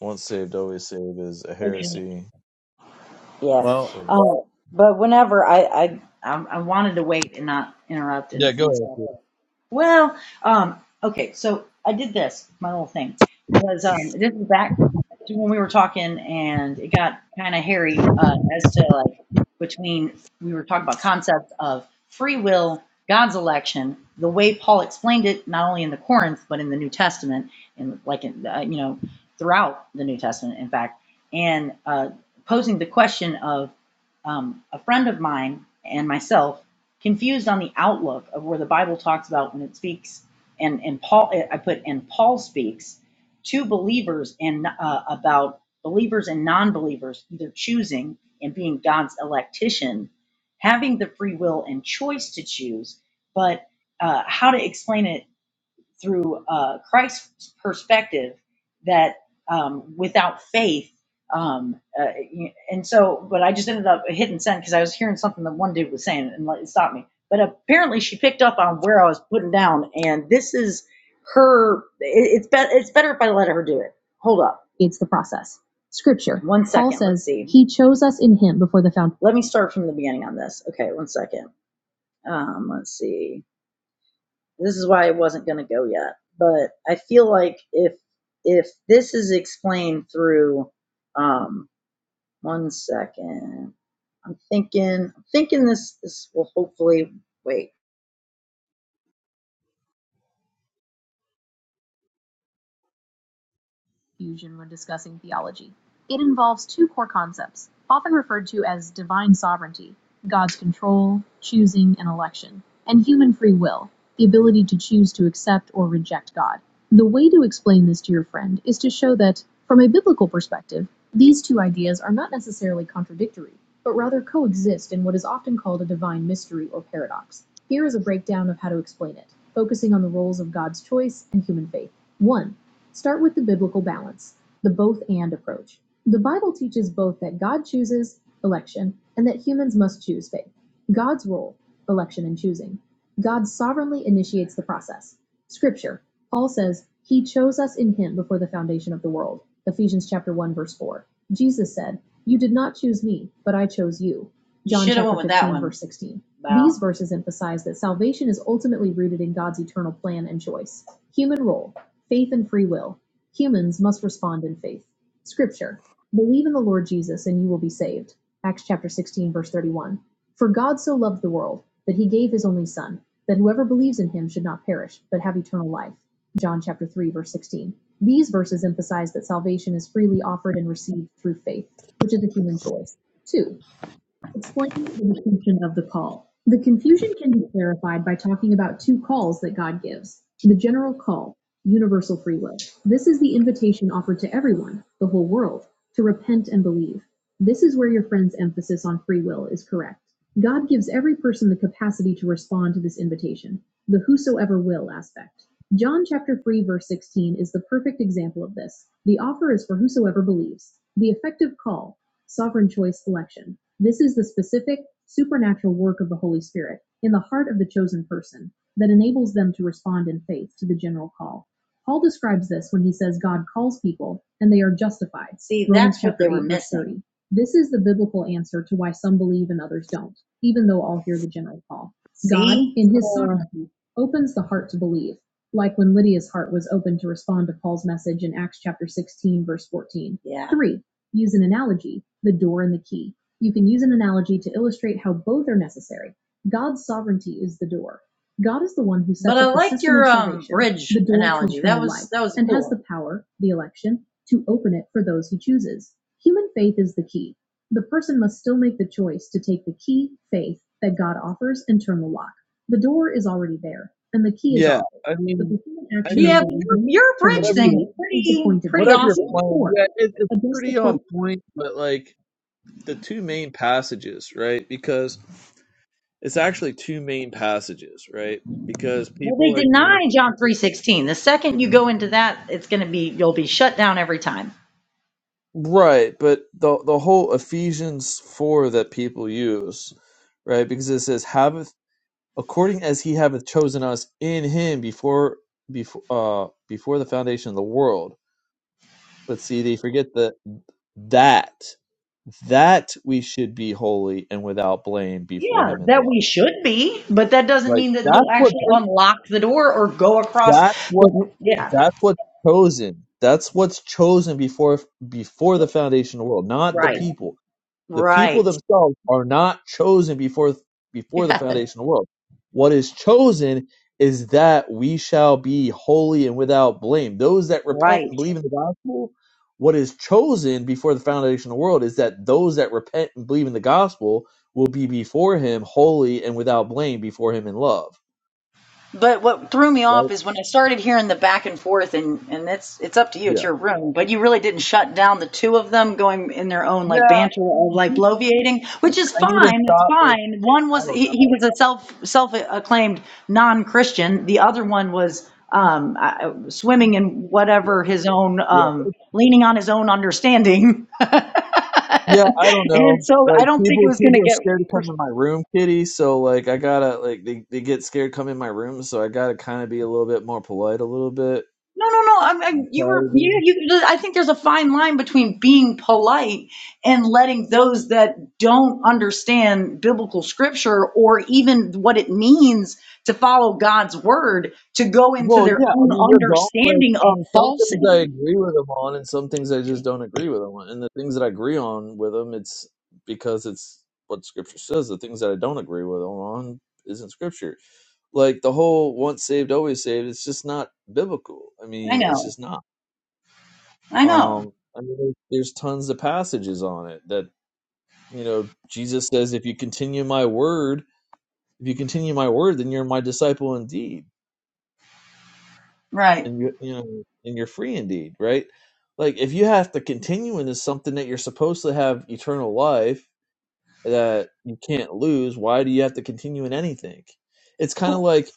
S1: Once saved, always saved is a
S8: Okay.
S1: heresy.
S8: Yeah. Uh, but whenever I, I I I wanted to wait and not interrupt
S1: Yeah,
S8: and,
S1: go
S8: and stuff.
S1: ahead.
S8: Well, um, okay, so I did this. My little thing was um, this is back to when we were talking, and it got kind of hairy uh, as to like between we were talking about concepts of free will, God's election, the way Paul explained it, not only in the Corinth but in the New Testament, and like in, uh, you know throughout the New Testament, in fact, and uh, posing the question of um, a friend of mine and myself confused on the outlook of where the Bible talks about when it speaks, and and Paul eh, I put and Paul speaks to believers and uh, about believers and non-believers either choosing and being God's electician, having the free will and choice to choose, but uh, how to explain it through uh, Christ's perspective that um, without faith, um, uh, and so, but I just ended up hitting send because I was hearing something that one dude was saying and it stopped me. But apparently, she picked up on where I was putting down, and this is her. It, it's better. It's better if I let her do it. Hold up, It's the process. Scripture. One second. Paul says, He chose us in Him before the foundation. Let me start from the beginning on this. Okay, one second. Um, let's see this is why it wasn't going to go yet. But I feel like if if this is explained through, um, one second, I'm thinking, I'm thinking this this will hopefully wait. fusion when discussing theology. It involves two core concepts, often referred to as divine sovereignty, God's control, choosing, and election, and human free will, the ability to choose to accept or reject God. The way to explain this to your friend is to show that, from a biblical perspective, these two ideas are not necessarily contradictory, but rather coexist in what is often called a divine mystery or paradox. Here is a breakdown of how to explain it, focusing on the roles of God's choice and human faith. 1. Start with the biblical balance, the both and approach. The Bible teaches both that God chooses election and that humans must choose faith. God's role, election and choosing. God sovereignly initiates the process. Scripture, Paul says, He chose us in Him before the foundation of the world. Ephesians chapter 1, verse 4. Jesus said, You did not choose me, but I chose you. John Shoulda chapter 15, verse 16. Wow. These verses emphasize that salvation is ultimately rooted in God's eternal plan and choice. Human role. Faith and free will. Humans must respond in faith. Scripture. Believe in the Lord Jesus and you will be saved. Acts chapter 16 verse 31. For God so loved the world that he gave his only son that whoever believes in him should not perish but have eternal life. John chapter 3 verse 16. These verses emphasize that salvation is freely offered and received through faith, which is a human choice. 2. Explaining the distinction of the call. The confusion can be clarified by talking about two calls that God gives. The general call, universal free will. This is the invitation offered to everyone, the whole world, to repent and believe. This is where your friend's emphasis on free will is correct. God gives every person the capacity to respond to this invitation, the whosoever will aspect. John chapter 3 verse 16 is the perfect example of this. The offer is for whosoever believes. The effective call, sovereign choice election. This is the specific, supernatural work of the Holy Spirit in the heart of the chosen person that enables them to respond in faith to the general call. Paul describes this when he says God calls people and they are justified. See, Romans that's what they were missing. This is the biblical answer to why some believe and others don't, even though all hear the general call. See, God, in his
S1: Uh,
S8: sovereignty, opens the heart to believe, like when Lydia's heart was open to respond to Paul's message in Acts chapter 16, verse 14. Yeah. 3. Use an analogy, the door and the key. You can use an analogy to illustrate how both are necessary. God's sovereignty is the door. God is the one who But sets But I up the liked system your of um salvation, bridge the door to analogy. That eternal was life, that was and has cool. the power, the election, to open it for those he chooses. Human faith is the key. The person must still make the choice to take the key, faith, that God offers and turn the lock. The door is already there, and the key is
S1: yeah,
S8: offered,
S1: I
S8: but
S1: mean,
S8: the human
S1: I
S8: action of Yeah,
S1: mean,
S8: the but believer, your, believing, your turning bridge the
S1: whatever.
S8: thing
S1: your
S8: key, is is the pretty point of pretty
S1: whatever
S8: entry.
S1: you're
S8: awesome.
S1: playing,
S8: Four,
S1: yeah, it, it's
S8: address the
S1: pretty
S8: core
S1: on point. But like the two main passages, right? Because it's actually two main passages, right? Because
S8: Well,
S1: people
S8: they
S1: like to use
S8: deny John 3:16. The second you go into that, it's going to be you'll be shut down every time.
S1: right, but the the whole Ephesians four that people use, right? Because it says, "Haveth according as He hath chosen us in Him before before uh before the foundation of the world." But see, they forget that that that we should be holy and without blame before
S8: Yeah,
S1: Him in
S8: that
S1: love.
S8: we should be, but that doesn't
S1: Like
S8: mean that
S1: that's
S8: you'll
S1: what
S8: actually unlock the door or go across
S1: that's what
S8: the yeah,
S1: that's what's chosen. That's what's chosen before before the foundation of the world, not the
S8: right.
S1: people. the people
S8: Right.
S1: themselves are not chosen before before the
S8: Yeah,
S1: foundation of the world what is chosen is that we shall be holy and without blame those that repent and
S8: right.
S1: believe in the gospel what is chosen before the foundation of the world is that those that repent and believe in the gospel will be before him holy and without blame before him in love
S8: But what threw me
S1: right
S8: off is when I started hearing the back and forth, and and it's it's up to you,
S1: yeah
S8: it's your room, but you really didn't shut down the two of them going in their own
S1: yeah
S8: like banter
S1: i
S8: or
S1: mean,
S8: like
S1: people-
S8: bloviating, which is
S1: I need to
S8: fine, it's
S1: stop like
S8: fine. One
S1: i
S8: was
S1: don't
S8: he,
S1: know
S8: he was a self self acclaimed non Christian, the other one was um I-
S1: Yeah.
S8: swimming in
S1: Yeah.
S8: whatever his own um leaning on his own understanding.
S1: Yeah, I don't know.
S8: And so I
S1: Like
S8: don't think it
S1: people,
S8: was going to
S1: people are scared to
S8: get
S1: come in my room, Kitty. So like, I gotta like they, they get scared to come in my room. So I gotta kind of be a little bit more polite, a little bit.
S8: No, no, no. I'm,
S1: I
S8: I'm you
S1: try to
S8: were
S1: be.
S8: you, you. I think there's a fine line between being polite and letting those that don't understand biblical scripture or even what it means to follow God's word to go into
S1: Well,
S8: their
S1: yeah. I
S8: own
S1: mean, they're gone. Like,
S8: understanding
S1: I mean,
S8: of
S1: some things I
S8: falsity.
S1: agree with them on, and some things I just don't agree with them on. And the things that I agree on with them, it's because it's what Scripture says. The things that I don't agree with them on isn't Scripture. Like the whole "once saved, always saved." It's just not biblical. I
S8: I
S1: mean, it's
S8: know.
S1: just not.
S8: I know.
S1: Um, I mean, there's tons of passages on it that, you know, Jesus says, if you continue my word, if you continue my word, then you're my disciple indeed.
S8: Right.
S1: And you, you know, and you're free indeed, right? Like if you have to continue in into something that you're supposed to have eternal life that you can't lose, why do you have to continue in anything? It's kind of
S8: Well,
S1: like,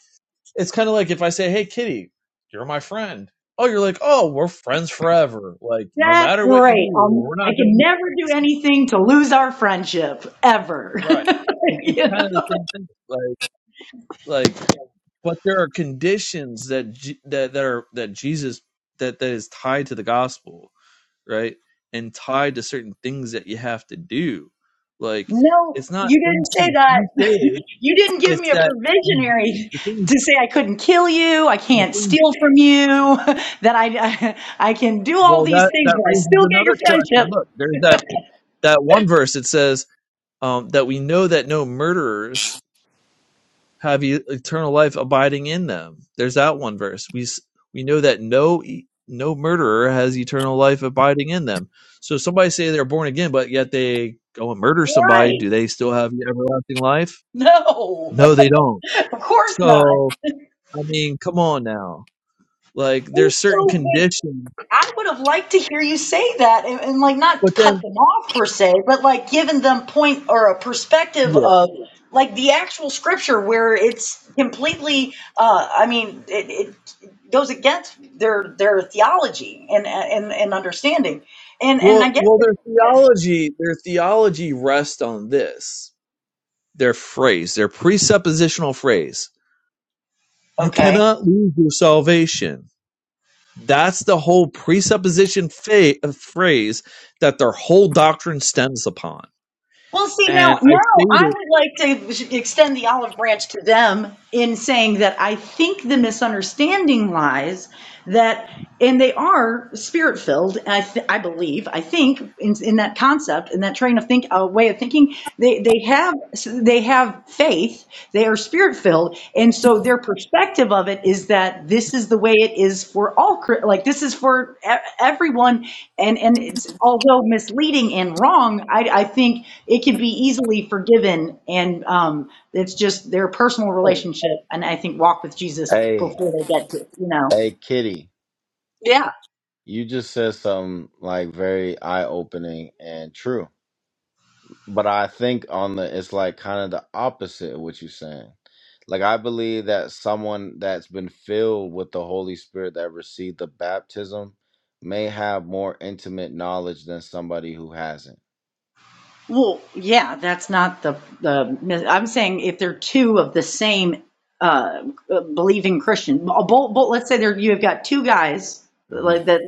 S1: it's kind of like if I say, Hey, Kitty, you're my friend. Oh, you're like, oh, we're friends forever. Like, no
S8: that's
S1: matter what you
S8: great.
S1: do,
S8: Um,
S1: we're
S8: I
S1: not gonna
S8: can
S1: be
S8: never
S1: friends
S8: do anything to lose our friendship ever.
S1: Right. It's it's
S8: You
S1: kind of the same thing. Like, like, but there are conditions that J- that that are that Jesus that that is tied to the gospel, right? And tied to certain things that you have to do. Like,
S8: No,
S1: it's not
S8: you
S1: things
S8: didn't say
S1: to
S8: that.
S1: be saved.
S8: You didn't give
S1: It's
S8: me a
S1: that you-
S8: provisionary
S1: the thing,
S8: to say I couldn't kill you, I
S1: the
S8: can't
S1: thing.
S8: steal from you, that I, I, I can do all
S1: Well,
S8: these
S1: that
S8: things,
S1: that
S8: but I
S1: raises
S8: still get
S1: another
S8: your
S1: question. Look,
S8: friendship.
S1: there's that that one verse. It says um, that we know that no murderers. have e- eternal life abiding in them. There's that one verse. We we know that no e- no murderer has eternal life abiding in them. So somebody say they're born again, but yet they go and murder somebody. Do
S8: Right.
S1: they still have everlasting life?
S8: No,
S1: No, they don't.
S8: of course not.
S1: So I mean, come on now. Like there's
S8: It's
S1: certain
S8: so
S1: conditions,
S8: I would have liked to hear you say that and, and like
S1: but
S8: not cut
S1: then
S8: them off per se, but like giving them point or a perspective
S1: yeah.
S8: of like the actual scripture where it's completely uh I mean it, it goes against their their theology and and and understanding. And and
S1: Well,
S8: I guess
S1: well, their
S8: yeah.
S1: theology, their theology rests on this. Their phrase, their presuppositional phrase. You
S8: Okay.
S1: cannot lose your salvation That's the whole presupposition fa- uh, phrase that their whole doctrine stems upon.
S8: Well, see, now,
S1: And I
S8: now I
S1: stated,
S8: would like to extend the olive branch to them in saying that I think the misunderstanding lies that, and they are spirit filled. I, th- I believe, I think in, in that concept, in that train of think, uh, way of thinking, they, they have, they have faith. They are spirit filled and so their perspective of it is that this is the way it is for all cri- like this is for e- everyone and and it's although misleading and wrong i i think it could be easily forgiven and um it's just their personal
S1: oh,
S8: relationship and i think walk with jesus
S7: Hey,
S8: before they get to you know
S7: hey, kitty,
S8: yeah.
S7: you just said something like very eye opening and true. But I think on the, it's like kind of the opposite of what you're saying Like I believe that someone that's been filled with the Holy Spirit that received the baptism may have more intimate knowledge than somebody who hasn't.
S8: Well, yeah, that's not the the. I'm saying if they're two of the same uh, believing Christian, both, both, let's say there you've got two guys
S7: hmm
S8: like that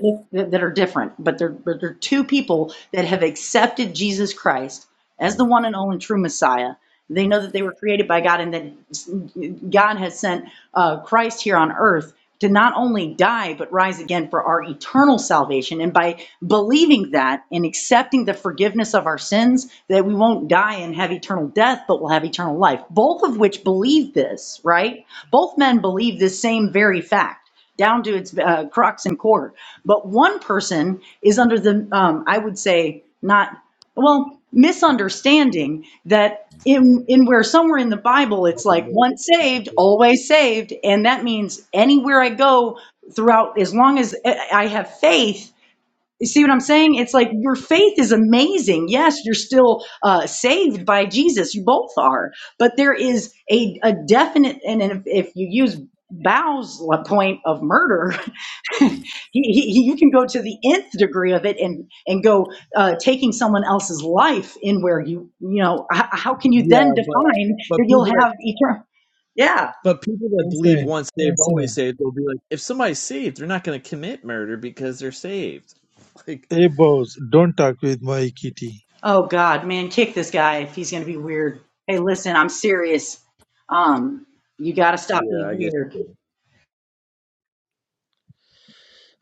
S8: that are different, but they're but they're two people that have accepted Jesus Christ
S7: hmm
S8: as the one and only true Messiah, they
S7: hmm
S8: know that they were created by God and that God has sent uh, Christ here on earth to not only die, but rise again for our eternal salvation. And by believing that and accepting the forgiveness of our sins, that we won't die and have eternal death, but we'll have eternal life. Both of which believe this, right? Both men believe this same very fact down to its uh, crux and core. But one person is under the, um, I would say, not well, misunderstanding that in in where somewhere in the Bible it's like once saved, always saved, and that means anywhere I go throughout, as long as I I have faith you see what I'm saying? It's like your faith is amazing. Yes, you're still uh, saved by Jesus. You both are. But there is a, a definite, and if, if you use Bow's point of murder,
S7: hmm
S8: he, he, he- you can go to the nth degree of it and, and go uh, taking someone else's life in where you, you know, how, how can you
S1: yeah,
S8: then define
S1: but
S8: that
S1: but
S8: you'll
S1: people that
S8: have eternal?
S1: but people that believe
S10: Insane!
S1: once saved always
S10: Insane!
S1: saved, they'll be like, if somebody's saved, they're not going to commit murder because they're saved. Like,
S10: Hey boss, don't talk with my kitty.
S8: Oh God, man, kick this guy if he's gonna be weird. Hey, listen, I'm serious. Um, you gotta stop
S1: yeah,
S8: being
S1: I get.
S8: weird.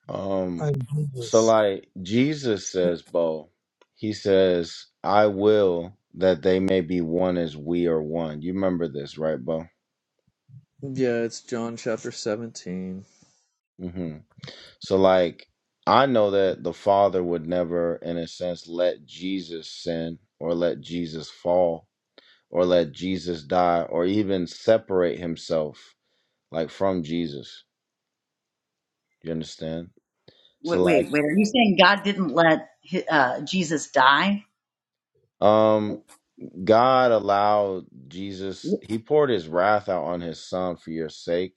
S7: Um,
S10: I'm
S7: so
S10: serious.
S7: like Jesus says, Bo, he says, "I will that they may be one as we are one." You remember this, right, Bo?
S1: Yeah, it's John chapter seventeen.
S7: hmm So like, I know that the Father would never, in a sense, let Jesus sin or let Jesus fall or let Jesus die or even separate himself like from Jesus. You understand? So
S8: Wait,
S7: like
S8: wait, wait. Are you saying God didn't let hi- uh, Jesus die?
S7: um God allowed Jesus he poured his wrath out on his son for your sake,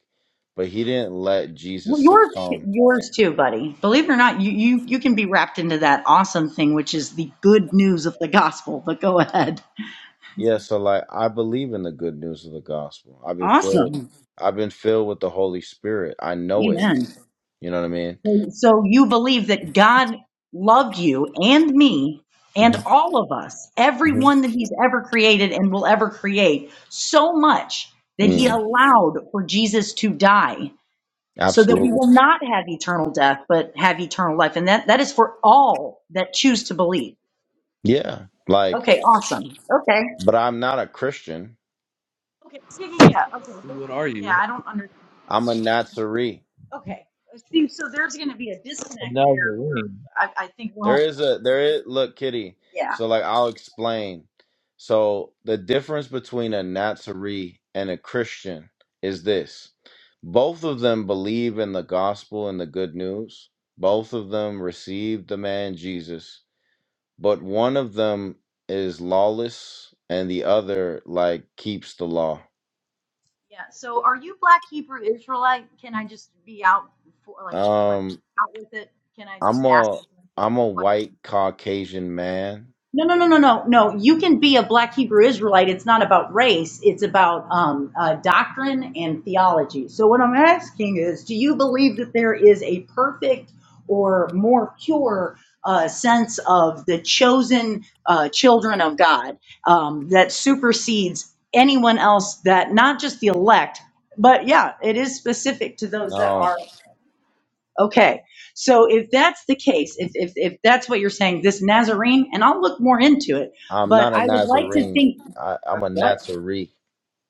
S7: but he didn't let Jesus
S8: Well, yours,
S7: succumb.
S8: yours too, buddy. Believe it or not, you you you can be wrapped into that awesome thing, which is the good news of the gospel. But go ahead.
S7: Yeah, so like I believe in the good news of the gospel. I've been filled
S8: Awesome.
S7: I've been filled with the Holy Spirit. I know it.
S8: Amen.
S7: You know what I mean?
S8: So you believe that God loved you and me and
S7: hmm
S8: all of us,
S7: hmm
S8: everyone that he's ever created and will ever create, so much that he
S7: Mm,
S8: allowed for Jesus to die so that we
S7: absolutely.
S8: will not have eternal death, but have eternal life. And that, that is for all that choose to believe.
S7: Yeah. Like,
S8: Okay, awesome. Okay.
S7: but I'm not a Christian.
S8: Okay. Yeah, yeah, yeah. Okay. that-
S1: What are
S8: Yeah,
S1: you?
S8: I don't under,
S7: I'm a Natsari.
S8: okay. See, so there's going to be a
S1: A
S8: disconnect there where
S1: Nazarene,
S8: I, I think we'll
S7: There
S8: have,
S7: is a there is look, Kitty.
S8: yeah.
S7: So like I'll explain. So the difference between a Natsari and a Christian is this. Both of them believe in the gospel and the good news. Both of them received the man Jesus, but one of them is lawless and the other like keeps the law.
S8: Yeah. So are you Black Hebrew Israelite? Can I just be out for like like
S7: Um
S8: out with it? Can I
S7: I'm
S8: just ask
S7: a
S8: a blanket
S7: I'm a
S8: question?
S7: white Caucasian man.
S8: No, no, no, no, no, no. You can be a black Hebrew Israelite. It's not about race, it's about um, uh, doctrine and theology. So, what I'm asking is do you believe that there is a perfect or more pure uh, sense of the chosen uh, children of God um, that supersedes anyone else that not just the elect, but yeah, it is specific to those that
S7: No.
S8: are. Okay, so if that's the case, if, if, if that's what you're saying, this Nazarene, and I'll look more into it,
S7: I'm
S8: but
S7: not a
S8: I would like to
S7: Nazarene.
S8: think,
S7: I, I'm
S8: or
S7: a
S8: what?
S7: Nazarene.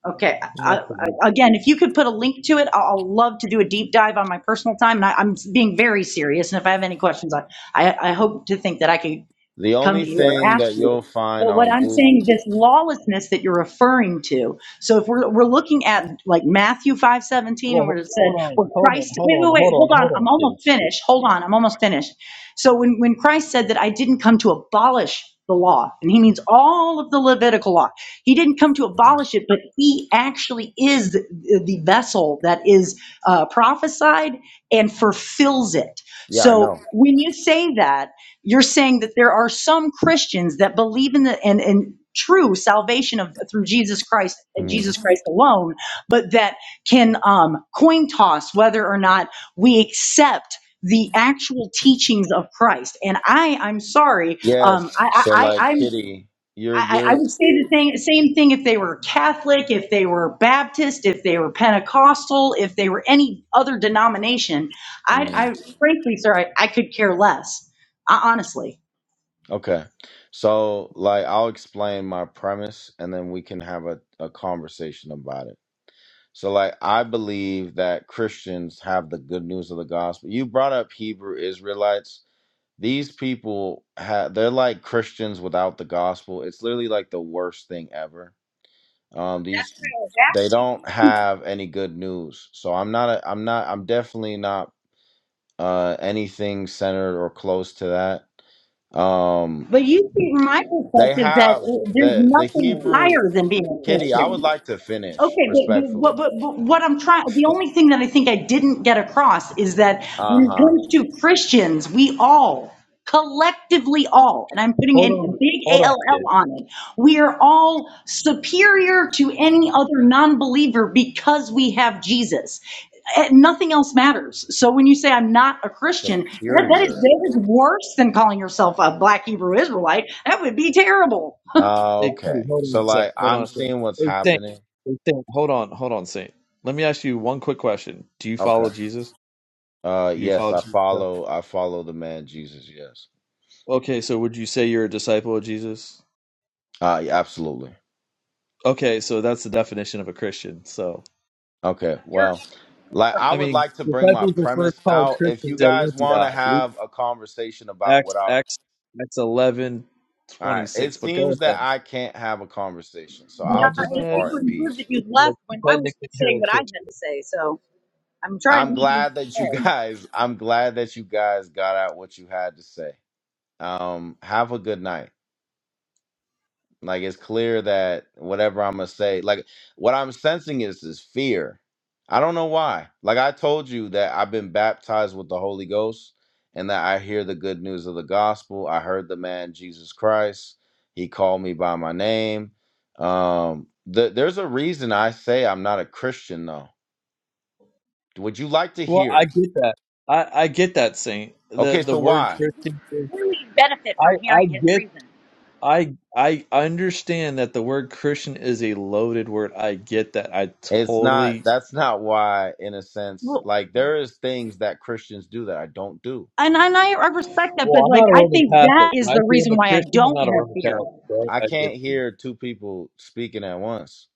S8: Okay,
S1: not
S8: I,
S1: the.
S8: I, again, if you could put a link to it, I'll, I'll love to do a deep dive on my personal time, and I, I'm being very serious, and if I have any questions, I, I, I hope to think that I could
S7: The
S8: come
S7: only
S8: to you or
S7: thing
S8: ask
S7: that
S8: you.
S7: you'll find
S8: But what
S7: on
S8: I'm
S7: Google.
S8: saying, this lawlessness that you're referring to. So if we're, we're looking at like Matthew 5:17
S1: Well,
S8: and we're
S1: ho-
S8: said,
S1: hold on,
S8: well,
S1: hold on,
S8: Christ,
S1: hold
S8: wait, wait,
S1: on,
S8: wait,
S1: hold
S8: hold
S1: on,
S8: on.
S1: hold on,
S8: I'm
S1: kid.
S8: almost finished. Hold on. I'm almost finished. So when, when Christ said that I didn't come to abolish the law, and he means all of the Levitical law, he didn't come to
S7: Mhm.
S8: abolish it, but he actually is the the vessel that is uh, prophesied and fulfills it.
S7: Yeah, I
S8: So
S7: know.
S8: when you say that, you're saying that there are some Christians that believe in the and, and true salvation of through Jesus Christ and Jesus
S7: Mhm.
S8: Christ alone, but that can um, coin toss whether or not we accept the actual teachings of Christ. And I, I'm sorry, um,
S7: Yes.
S8: I,
S7: So,
S8: I, I,
S7: like,
S8: I'm.
S7: Kitty, you're
S8: I, I
S7: you're.
S8: would say the thing, same thing if they were Catholic, if they were Baptist, if they were Pentecostal, if they were any other denomination. I, I
S7: mm,
S8: frankly, sir, I, I could care less, uh, honestly.
S7: Okay. So, like, I'll explain my premise, and then we can have a, a conversation about it. So, like, I believe that Christians have the good news of the gospel. You brought up Hebrew Israelites. These people, have they're like Christians without the gospel. It's literally like the worst thing ever Um,
S8: That's
S7: these
S8: what I was
S7: they
S8: asking.
S7: don't have any good news. So I'm not a, I'm not I'm definitely not uh anything centered or close to that. Um
S8: But you see, from my
S7: they
S8: perspective, that
S7: have
S8: there's
S7: the the
S8: nothing
S7: Hebrew
S8: higher than being a
S7: Kitty, I would
S8: Christian.
S7: like to finish
S8: Okay, but, but, what,
S7: respectfully.
S8: but, but what I'm trying, the only thing that I think I didn't get across is that when it
S7: Uh-huh.
S8: comes to Christians, we all, collectively all, and I'm putting
S1: Hold
S8: in a
S1: on, hold
S8: big
S1: on, kid.
S8: ALL on it, we are all superior to any other non-believer because we have Jesus. Eh, Nothing else matters. So when you say I'm not a Christian, that, that is
S7: Superior.
S8: that is worse than calling yourself a Black Hebrew Israelite. That would be terrible.
S7: Uh,
S1: Hey,
S7: okay.
S1: Queen, hold on
S7: So
S1: a sec.
S7: like
S1: Hold on
S7: I'm
S1: a sec.
S7: seeing what's
S1: Hey, Saint.
S7: happening.
S1: Hey, Saint. Hold on. Hold on, Saint. Let me ask you one quick question. Do you follow
S7: Okay.
S1: Jesus?
S7: Uh
S1: Do you
S7: yes,
S1: follow
S7: I
S1: Jesus? Yeah.
S7: follow I follow the man Jesus, yes.
S1: Okay, so would you say you're a disciple of Jesus?
S7: Uh yeah, absolutely.
S1: Okay, so that's the definition of a Christian. So,
S7: Okay,
S8: You're
S7: well, like I
S1: I
S7: would
S1: mean,
S7: like to bring my
S1: disciples are first
S7: premise
S1: called
S7: out. If you
S1: Christians at
S7: guys want
S1: Antioch.
S7: to
S1: Luke-
S7: have a conversation about
S1: Acts,
S7: what I, all
S1: Acts, Acts 11,
S7: right, it
S1: twenty-six. But go
S7: seems that
S1: ahead.
S7: I can't have a conversation, so I'll
S8: Yeah,
S1: Mhm.
S8: and
S7: just
S1: Go
S8: it's
S1: ahead.
S7: depart
S8: people
S7: in
S8: who proved that
S7: peace.
S8: you
S1: Like,
S8: left when I was
S1: technically, you're
S8: saying
S1: a
S8: what I had
S1: Christian.
S8: to say. So I'm trying to
S7: I'm
S8: meet you
S7: glad that you
S8: halfway.
S7: guys, I'm glad that you guys got out what you had to say. Um, have a good night. Like it's clear that whatever I'm gonna say, like what I'm sensing is is fear. I don't know why. Like I told you that I've been baptized with the Holy Ghost and that I hear the good news of the gospel. I heard the man Jesus Christ. He called me by my name. Um th- there's a reason I say I'm not a Christian though. Would you like to
S1: Well, I
S7: hear?
S1: get that. I, I get that, Saint. The
S7: Okay,
S1: the
S7: so
S1: word
S8: I
S7: why?
S8: would
S1: Christian is
S8: really benefit
S1: I
S8: from
S1: I
S8: hearing his
S1: get
S8: reason.
S1: I I understand that the word Christian is a loaded word. I get that. I
S7: It's not
S1: totally.
S7: that's not why in a sense.
S8: Well,
S7: Like there is things that Christians do that I don't do
S8: and, and I, I respect that, but
S1: Well, I'm
S8: like
S1: not a
S8: I
S1: Roman
S8: think
S1: Catholic.
S8: that is
S1: When I
S8: the
S1: say I'm
S8: reason
S1: a
S8: why I
S1: Christian, I'm
S8: don't
S1: not a
S8: have
S1: Roman
S8: beer.
S1: Catholic. Right?
S7: I
S1: I get
S7: can't
S1: you.
S7: hear two people speaking at once.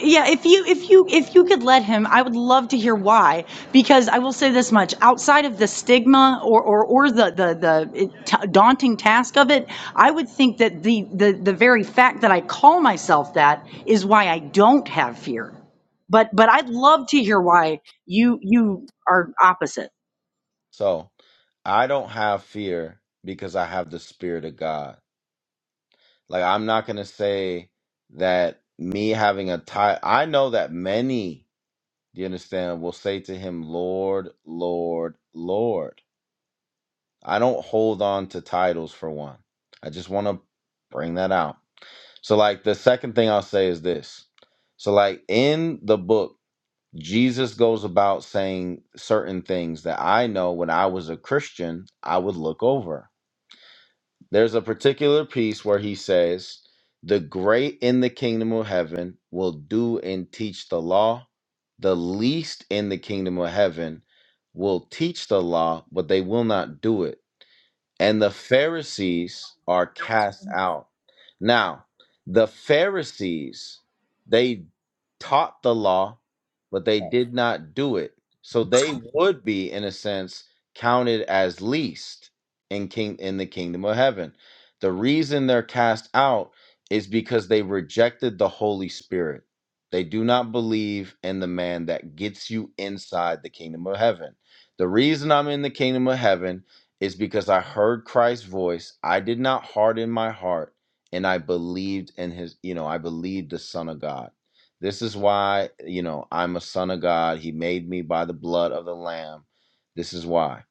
S8: yeah, if you if you if you could let him, I would love to hear why. Because I will say this much: outside of the stigma or or, or the the the t- daunting task of it, I would think that the the the very fact that I call myself that is why I don't have fear. But but I'd love to hear why you you are opposite.
S7: So I don't have fear because I have the spirit of God. Like I'm not gonna say that me having a title. I know that many, do you understand, will say to him, Lord, Lord, Lord. I don't hold on to titles for one. I just wanna bring that out. So like the second thing I'll say is this. So like in the book Jesus goes about saying certain things that I know when I was a Christian, I would look over. There's a particular piece where he says, The great in the kingdom of heaven will do and teach the law. The least in the kingdom of heaven will teach the law, but they will not do it and the Pharisees are cast out. Now, the Pharisees, they taught the law, but they did not do it. So they would be, in a sense, counted as least in king in the kingdom of heaven. The reason they're cast out is because they rejected the Holy Spirit. They do not believe in the man that gets you inside the kingdom of heaven. The reason I'm in the kingdom of heaven is because I heard Christ's voice. I did not harden my heart, and I believed in his, you know, I believed the Son of God. This is why, you know, I'm a son of God. He made me by the blood of the Lamb. This is why.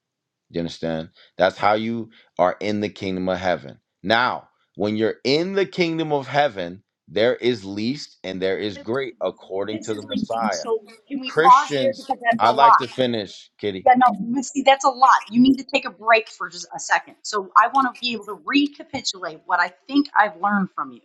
S7: Do you understand? That's how you are in the kingdom of heaven. Now, when you're in the kingdom of heaven, there is least and there is great according
S8: This
S7: to the
S8: is lengthy,
S7: Messiah.
S8: so can we pause there
S7: Christians,
S8: because that's a
S7: I'd like to
S8: lot.
S7: finish, Kitty.
S8: Yeah, no, but See, that's a lot. You need to take a break for just a second. So I want to be able to recapitulate what I think I've learned from you.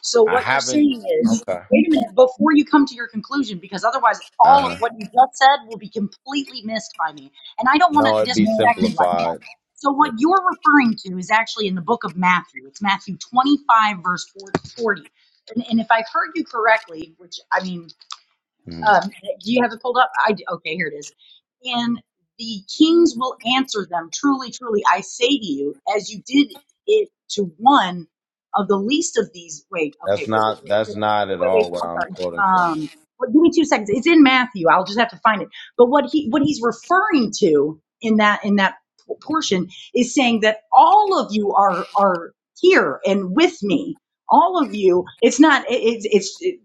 S8: So
S7: I
S8: what you're
S7: haven't.
S8: saying is,
S7: Okay.
S8: wait a minute, before you come to your conclusion, because otherwise
S7: Uh
S8: all
S7: huh.
S8: of what you just said will be completely missed by me. And I don't want to
S7: No, it'd be
S8: disrespect you like that.
S7: simplified.
S8: So what you're referring to is actually in the book of Matthew. It's Matthew 25, verse 40. And, and if I heard you correctly, which I mean,
S7: hmm
S8: um, do you have it pulled up? I do. okay, here it is. And the kings will answer them. Truly, truly, I say to you, as you did it to one of the least of these. Wait, okay,
S7: That's
S8: wait, wait,
S7: not
S8: wait,
S7: that's
S8: wait,
S7: not at
S8: wait, wait.
S7: all what
S8: I'm
S7: I'm
S8: sorry.
S7: quoting from.
S8: Um, but give me two seconds. It's in Matthew. I'll just have to find it. But what he what he's referring to in that in that p- portion is saying that all of you are are here and with me all of you it's not it, it's it's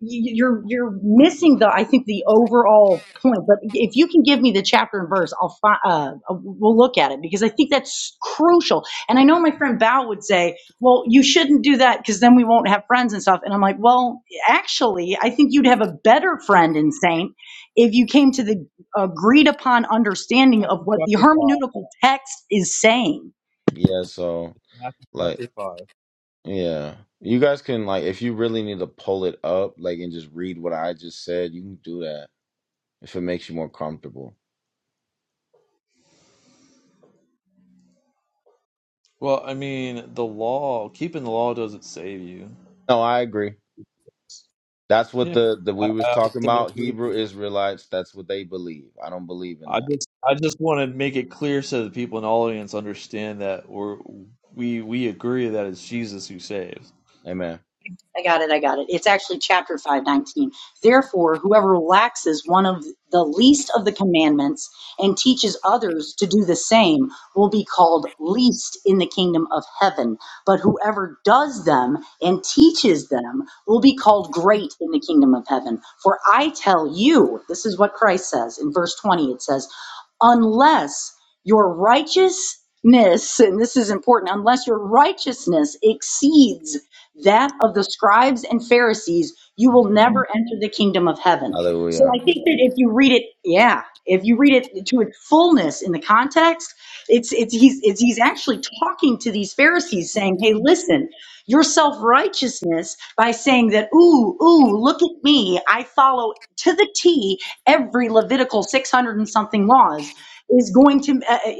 S8: you- you're you're missing the I think the overall point. But if you can give me the chapter and verse, I'll find. Uh, uh, we'll look at it because I think that's crucial. And I know my friend Bao would say, "Well, you shouldn't do that because then we won't have friends and stuff." And I'm like, "Well, actually, I think you'd have a better friend in Saint if you came to the agreed upon understanding of
S1: Matthew
S8: what the
S1: chapter five.
S8: hermeneutical text is saying."
S7: Yeah, so
S1: Matthew chapter
S7: like
S1: five.
S7: yeah. You guys can like if you really need to pull it up, like and just read what I just said, you can do that if it makes you more comfortable.
S1: Well, I mean, the law, keeping the law doesn't save you.
S7: No, I agree. That's what
S1: Yeah,
S7: the the
S1: I,
S7: we was
S1: I would
S7: talking
S1: say that's
S7: about, Hebrew
S1: ridiculous.
S7: Israelites, that's what they believe. I don't believe in
S1: I
S7: that.
S1: just I just want to make it clear so that people in the audience understand that we're we we agree that it's Jesus who saves.
S7: Amen.
S8: I got it. I got it. It's actually chapter 519. Therefore, whoever relaxes one of the least of the commandments and teaches others to do the same will be called least in the kingdom of heaven. But whoever does them and teaches them will be called great in the kingdom of heaven. For I tell you, this is what Christ says in verse 20, it says, unless your righteousness, and this is important, unless your righteousness exceeds that of the scribes and Pharisees, you will
S1: Huh?
S8: never enter the kingdom of heaven. So
S7: Hallelujah.
S8: I think that if you read it, yeah, if you read it to its fullness in the context, it's it's he's it's, he's actually talking to these Pharisees, saying, "Hey, listen, your self righteousness by saying that, ooh, ooh, look at me, I follow to the T every Levitical six hundred and something laws." Is going to uh, uh,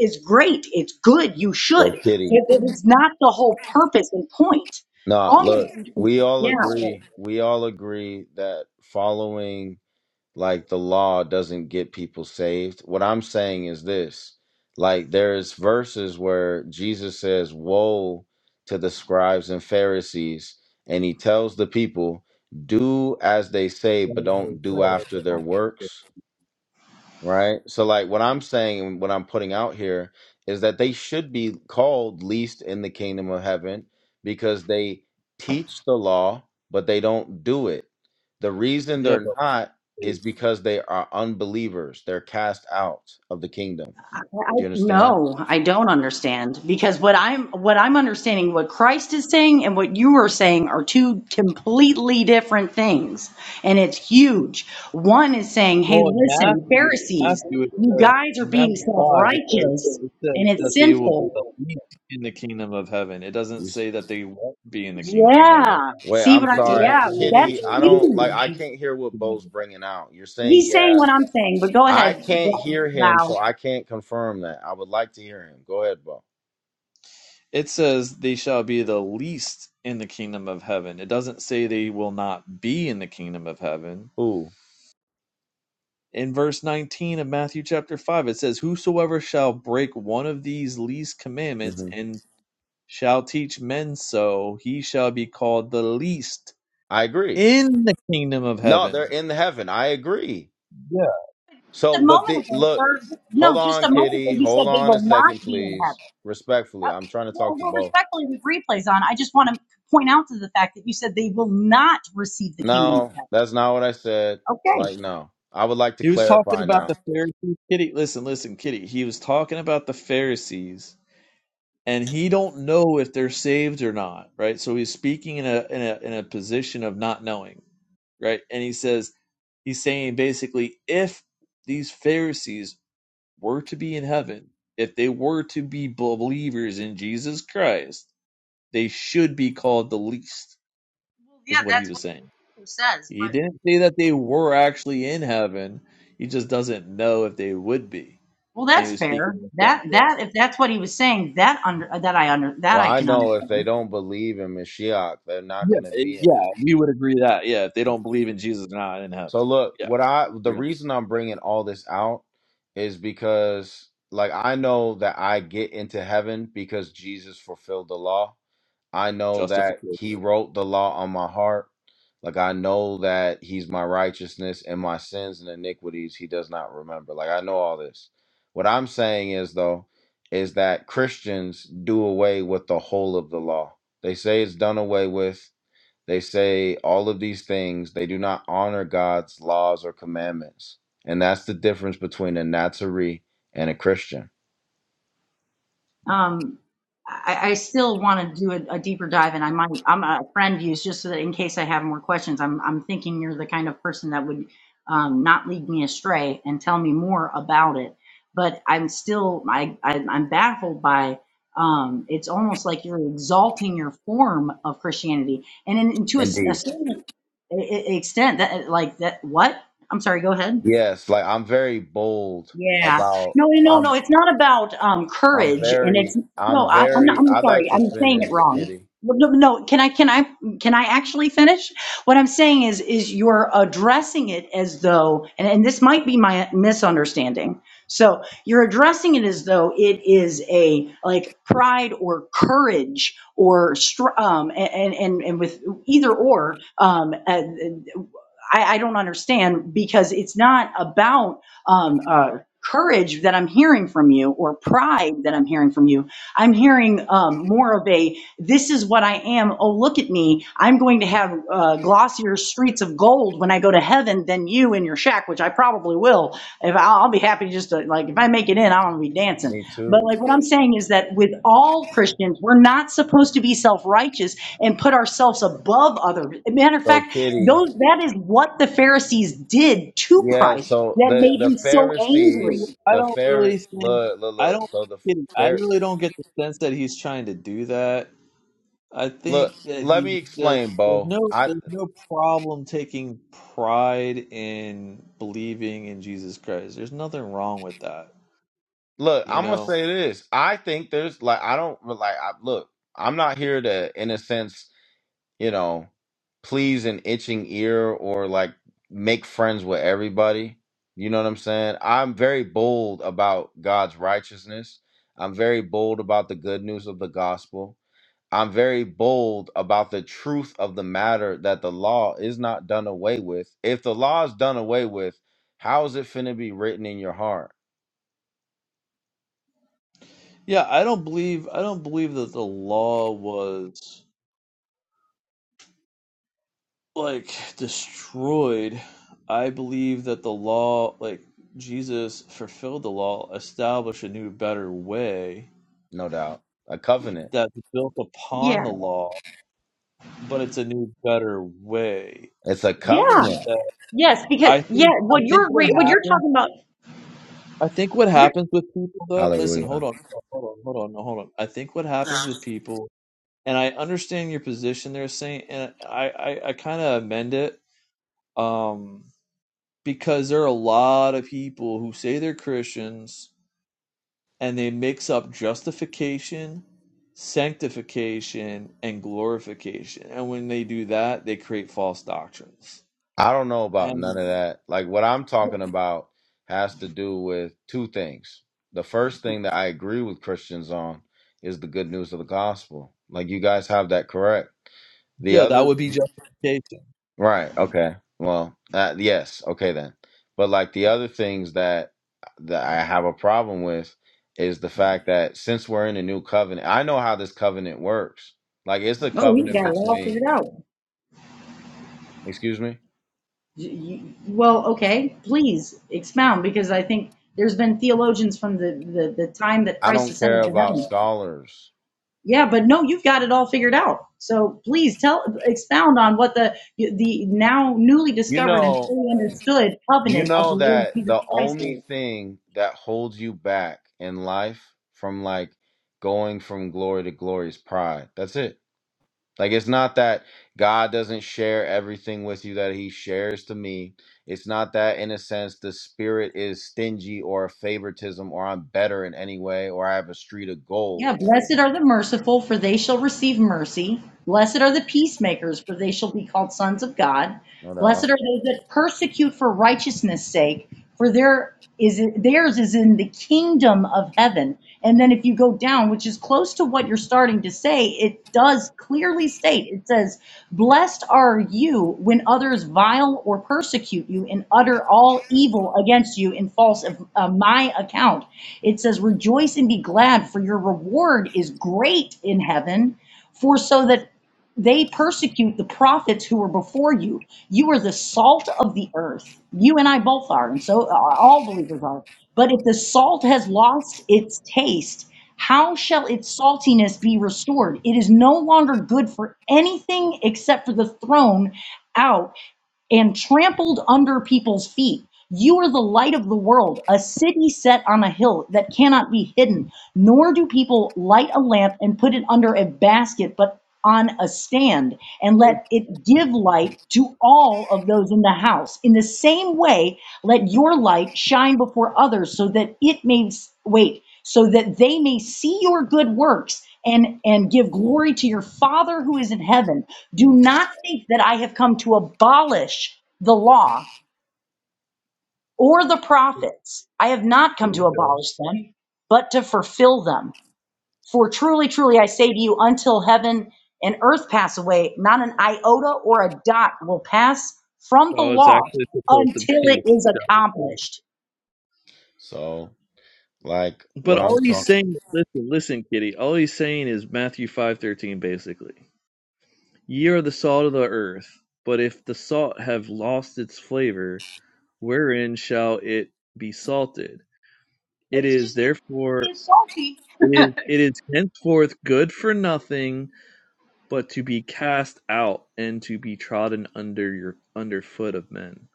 S8: is great. It's good. You
S7: Go,
S8: should, but
S7: kitty.
S8: it's not the whole purpose and point.
S7: Nah,
S8: All
S7: look,
S8: of,
S7: we all
S8: yeah,
S7: agree. We all agree that following like the law doesn't get people saved. What I'm saying is this like there's verses where Jesus says, Woe to the scribes and Pharisees, and he tells the people, Do as they say, but don't do after their works Right. So, like, what I'm saying and what I'm putting out here is that they should be called least in the kingdom of heaven because they teach the law, but they don't do it. The reason
S1: Yeah,
S7: they're
S1: but
S7: not is because they are unbelievers. They're cast out of the kingdom.
S8: I,
S7: Do you understand?
S8: no, I don't understand because what I'm what I'm understanding, what Christ is saying and what you are saying are two completely different things, and it's huge. One is saying, "Hey,
S1: well, in
S8: listen,
S1: Matthew,
S8: Pharisees,
S1: Matthew it
S8: you
S1: says
S8: guys are
S1: in
S8: being
S1: Matthew five, it says
S8: self-righteous,
S1: it says
S8: and
S1: that
S8: it's
S1: they will be the
S8: sinful."
S1: least in the kingdom of heaven. It doesn't
S7: You s-
S1: say that they won't be in the kingdom of heaven.
S8: Yeah,
S7: Wait,
S8: see
S7: I'm
S8: what I?
S1: It says
S7: sorry,
S1: that
S8: Yeah,
S1: they will be
S8: that's
S7: Kitty. I
S1: the least.
S7: don't like. I
S8: huge.
S7: can't hear what
S1: in the kingdom
S7: Bo's
S1: of heaven.
S7: bringing out. You're saying,
S8: He's saying
S7: yeah,
S8: what I'm saying, but go
S7: I
S8: ahead,
S7: can't hear him,
S8: Val.
S7: so I can't confirm that. I would like to hear him. Go ahead, Bo.
S1: It says they shall be the least in the kingdom of heaven. It doesn't say they will not be in the kingdom of heaven.
S7: Who?
S1: In verse 19 of Matthew chapter 5, it says, Whosoever shall break one of these least commandments and shall teach men so, he shall be called the least
S7: I agree.
S1: in the kingdom of
S7: No, they're
S1: heaven.
S7: in heaven. I agree.
S1: Yeah.
S7: So,
S8: a
S7: but the,
S8: moment ago,
S7: look,
S8: sir.
S7: hold
S8: No, just
S7: on,
S8: a moment
S7: Kitty.
S8: ago, you
S7: Hold
S8: said they
S7: on a
S8: will not
S7: second,
S8: be in
S7: please.
S8: heaven.
S7: Respectfully,
S8: Uh,
S7: I'm trying to
S8: well,
S7: talk to
S8: well,
S7: both.
S8: respectfully, with replays on, I just want to point out to the fact that you said they will not receive the kingdom of
S7: No,
S8: heaven.
S7: that's not what I said.
S8: Okay.
S7: Like, no. I would like to
S1: He was talking
S7: clarify
S1: about
S7: now.
S1: the Pharisees. Kitty, listen, listen, Kitty. He was talking about the Pharisees, and he don't know if they're saved or not, right? So he's speaking in a in a in a position of not knowing, right? And he says he's saying basically if these Pharisees were to be in heaven, if they were to be believers in Jesus Christ, they should be called the least
S8: Well,
S1: is
S8: yeah,
S1: what he
S8: that's
S1: was
S8: what
S1: saying.
S8: it says,
S1: He
S8: but.
S1: didn't say that they were actually in heaven. He just doesn't know if they would be.
S8: Well,
S1: And he
S8: that's
S1: was speaking
S8: fair.
S1: in the sense
S8: That
S1: of,
S8: that if that's what he was saying, that under that I under that
S7: Well,
S8: I
S7: I
S8: can
S7: know if
S8: understand.
S7: they don't believe in Mashiach, they're not
S1: yeah,
S7: going to
S1: it-
S7: be in heaven.
S1: yeah, we would agree that. Yeah, if they don't believe in Jesus, they're not in heaven.
S7: So, look,
S1: Yeah,
S7: what I,
S1: we
S7: the
S1: agree on
S7: reason I'm bringing all this out is because, like, I know that I get into heaven because Jesus fulfilled the law I know that
S1: justification.
S7: he wrote the law on my heart. Like I know that he's my righteousness and my sins and iniquities he does not remember. Like I know all this. What I'm saying is though is that Christians do away with the whole of the law. They say it's done away with. They say all of these things. They do not honor God's laws or commandments. And that's the difference between a Nazarene and a Christian.
S8: Um, I, I still want to do a, a deeper dive, and I might I'm a friend use just so that in case I have more questions, I'm I'm thinking you're the kind of person that would um, not lead me astray and tell me more about it. But I'm still I, I I'm baffled by um, it's almost like you're exalting your form of Christianity, and in, in to a, s- a
S7: Indeed.
S8: certain e- e- extent that like that what I'm sorry, go ahead.
S7: Yes, like I'm very bold
S8: Yeah.
S7: about
S8: No, no,
S7: I'm
S8: no. It's not about um,
S7: I'm
S8: courage, and it's
S7: very, I'm
S8: no. I, I'm not,
S7: very,
S8: I'm
S7: I'd like
S8: sorry.
S7: to
S8: I'm saying it
S7: finish,
S8: wrong.
S7: Kitty.
S8: No, no. no, Can I? Can I? Can I actually finish? What I'm saying is, is you're addressing it as though, and, and this might be my misunderstanding. So you're addressing it as though it is a like pride or courage or str- um and and and with either or um uh, I, I don't understand because it's not about um, uh, courage that I'm hearing from you or pride that I'm hearing from you. I'm hearing um, more of a, this is what I am. Oh, look at me. I'm going to have uh, glossier streets of gold when I go to heaven than you in your shack, which I probably will. If I'll, I'll be happy just to, like, if I make it in, I want to be dancing.
S7: Me
S8: But
S7: too.
S8: like what I'm saying is that with all Christians, we're not supposed to be self-righteous and put ourselves above other. Matter of
S7: So,
S8: fact,
S7: Kitty,
S8: those, that is what the Pharisees did to
S7: yeah,
S8: Christ
S7: so
S8: that
S7: the,
S8: made
S7: the
S8: him so angry.
S7: Pharisees,
S1: I
S7: the
S1: don't really
S7: Pharisees,
S1: think,
S7: look, look,
S1: I
S7: look.
S1: don't,
S7: So the
S1: I
S7: Pharisees,
S1: really don't get the sense that he's trying to do that. I
S7: look
S1: think that
S7: let
S1: he
S7: me
S1: just,
S7: explain
S1: there's
S7: bo
S1: no,
S7: i
S1: there's no problem taking pride in believing in Jesus Christ. There's nothing wrong with that
S7: look
S1: You
S7: i'm gonna
S1: know,
S7: say this i think there's like i don't like I, look i'm not here to in a sense you know, please an itching ear or like make friends with everybody. You know what I'm saying? I'm very bold about God's righteousness. I'm very bold about the good news of the gospel. I'm very bold about the truth of the matter that the law is not done away with. If the law is done away with, how is it finna be written in your heart?
S1: yeah, I don't believe I don't believe that the law was like destroyed. I believe that the law, like Jesus fulfilled the law, established a new better way
S7: No doubt. A covenant.
S1: that's built upon
S8: Yeah.
S1: the law, but it's a new better way.
S7: It's a
S8: Yeah.
S1: And
S7: covenant.
S1: uh,
S8: Yes, because
S1: I
S8: yeah,
S1: think I
S8: what
S1: think
S8: you're
S1: what
S8: re- what you're
S1: happens
S8: talking about,
S1: I think what
S8: you're
S1: happens with people though, listen,
S7: Hallelujah.
S1: hold on, hold on, hold on, hold on. I think what happens with people and I understand your position there, Saint, and I, I, I kind of amend it um, because there are a lot of people who say they're Christians and they mix up justification, sanctification, and glorification. And when they do that, they create false doctrines.
S7: I don't know about none
S1: And
S7: of that. Like what I'm talking about has to do with two things. The first thing that I agree with Christians on is the good news of the gospel. Like you guys have that correct. The
S1: yeah, that
S7: other
S1: would be justification.
S7: right, okay. Well, uh, yes, okay then. But like the other things that that I have a problem with is the fact that since we're in a new covenant, I know how this covenant works. Like it's a
S8: Oh, he's
S7: covenant
S8: got it all
S7: between,
S8: figured out.
S7: excuse me.
S8: Y- y- Well, okay, please expound because I think there's been theologians from the, the, the time that
S7: I
S8: Christ
S7: don't care
S8: ascended to
S7: about
S8: heaven.
S7: scholars.
S8: Yeah, but no, you've got it all figured out. So please tell, expound on what the the now newly
S7: You
S8: discovered and
S7: know,
S8: fully understood
S7: you
S8: covenant of
S7: know
S8: the Lord
S7: that
S8: Jesus
S7: the
S8: Christ
S7: only
S8: is.
S7: thing that holds you back in life from like going from glory to glory is pride. That's it. Like it's not that God doesn't share everything with you that he shares to me. It's not that in a sense the spirit is stingy or a favoritism or I'm better in any way or I have a street of gold.
S8: Yeah, blessed are the merciful, for they shall receive mercy. Blessed are the peacemakers, for they shall be called sons of God.
S7: No
S8: Blessed
S7: doubt.
S8: are those that persecute for righteousness' sake, for their is theirs is in the kingdom of heaven. And then if you go down, which is close to what you're starting to to say, it does clearly state, it says, Blessed are you when others vile or persecute you and utter all evil against you in false of uh, my account. It says, Rejoice and be glad, for your reward is great in heaven. For so that they persecute the prophets who were before you. You are the salt of the earth. You and I both are, and so uh, all believers are. But if the salt has lost its taste, how shall its saltiness be restored? It is no longer good for anything except for the thrown out and trampled under people's feet. You are the light of the world, a city set on a hill that cannot be hidden. Nor do people light a lamp and put it under a basket, but on a stand, and let it give light to all of those in the house. In the same way, let your light shine before others so that it may wait, so that they may see your good works and and give glory to your father who is in heaven do
S7: Mhm.
S8: not think that i have come to abolish the law or the prophets i have not
S1: There
S8: come
S1: you
S8: to
S1: go.
S8: abolish them but to fulfill them for truly truly i say to you until heaven and earth pass away not an iota or a dot will pass from the
S1: Oh, it's
S8: law
S1: actually supposed to
S8: until it
S1: be.
S8: is
S1: justification.
S8: accomplished
S7: So like what
S1: But
S7: I'm
S1: all
S7: talking.
S1: he's saying, listen, listen, Kitty, all he's saying is Matthew 5:13 basically. Ye are the salt of the earth: but if the salt have lost its flavor, wherein shall it be salted? It
S8: it's
S1: is
S8: just
S1: therefore
S8: it's salty
S1: it is it is henceforth good for nothing but to be cast out and to be trodden under your underfoot of men.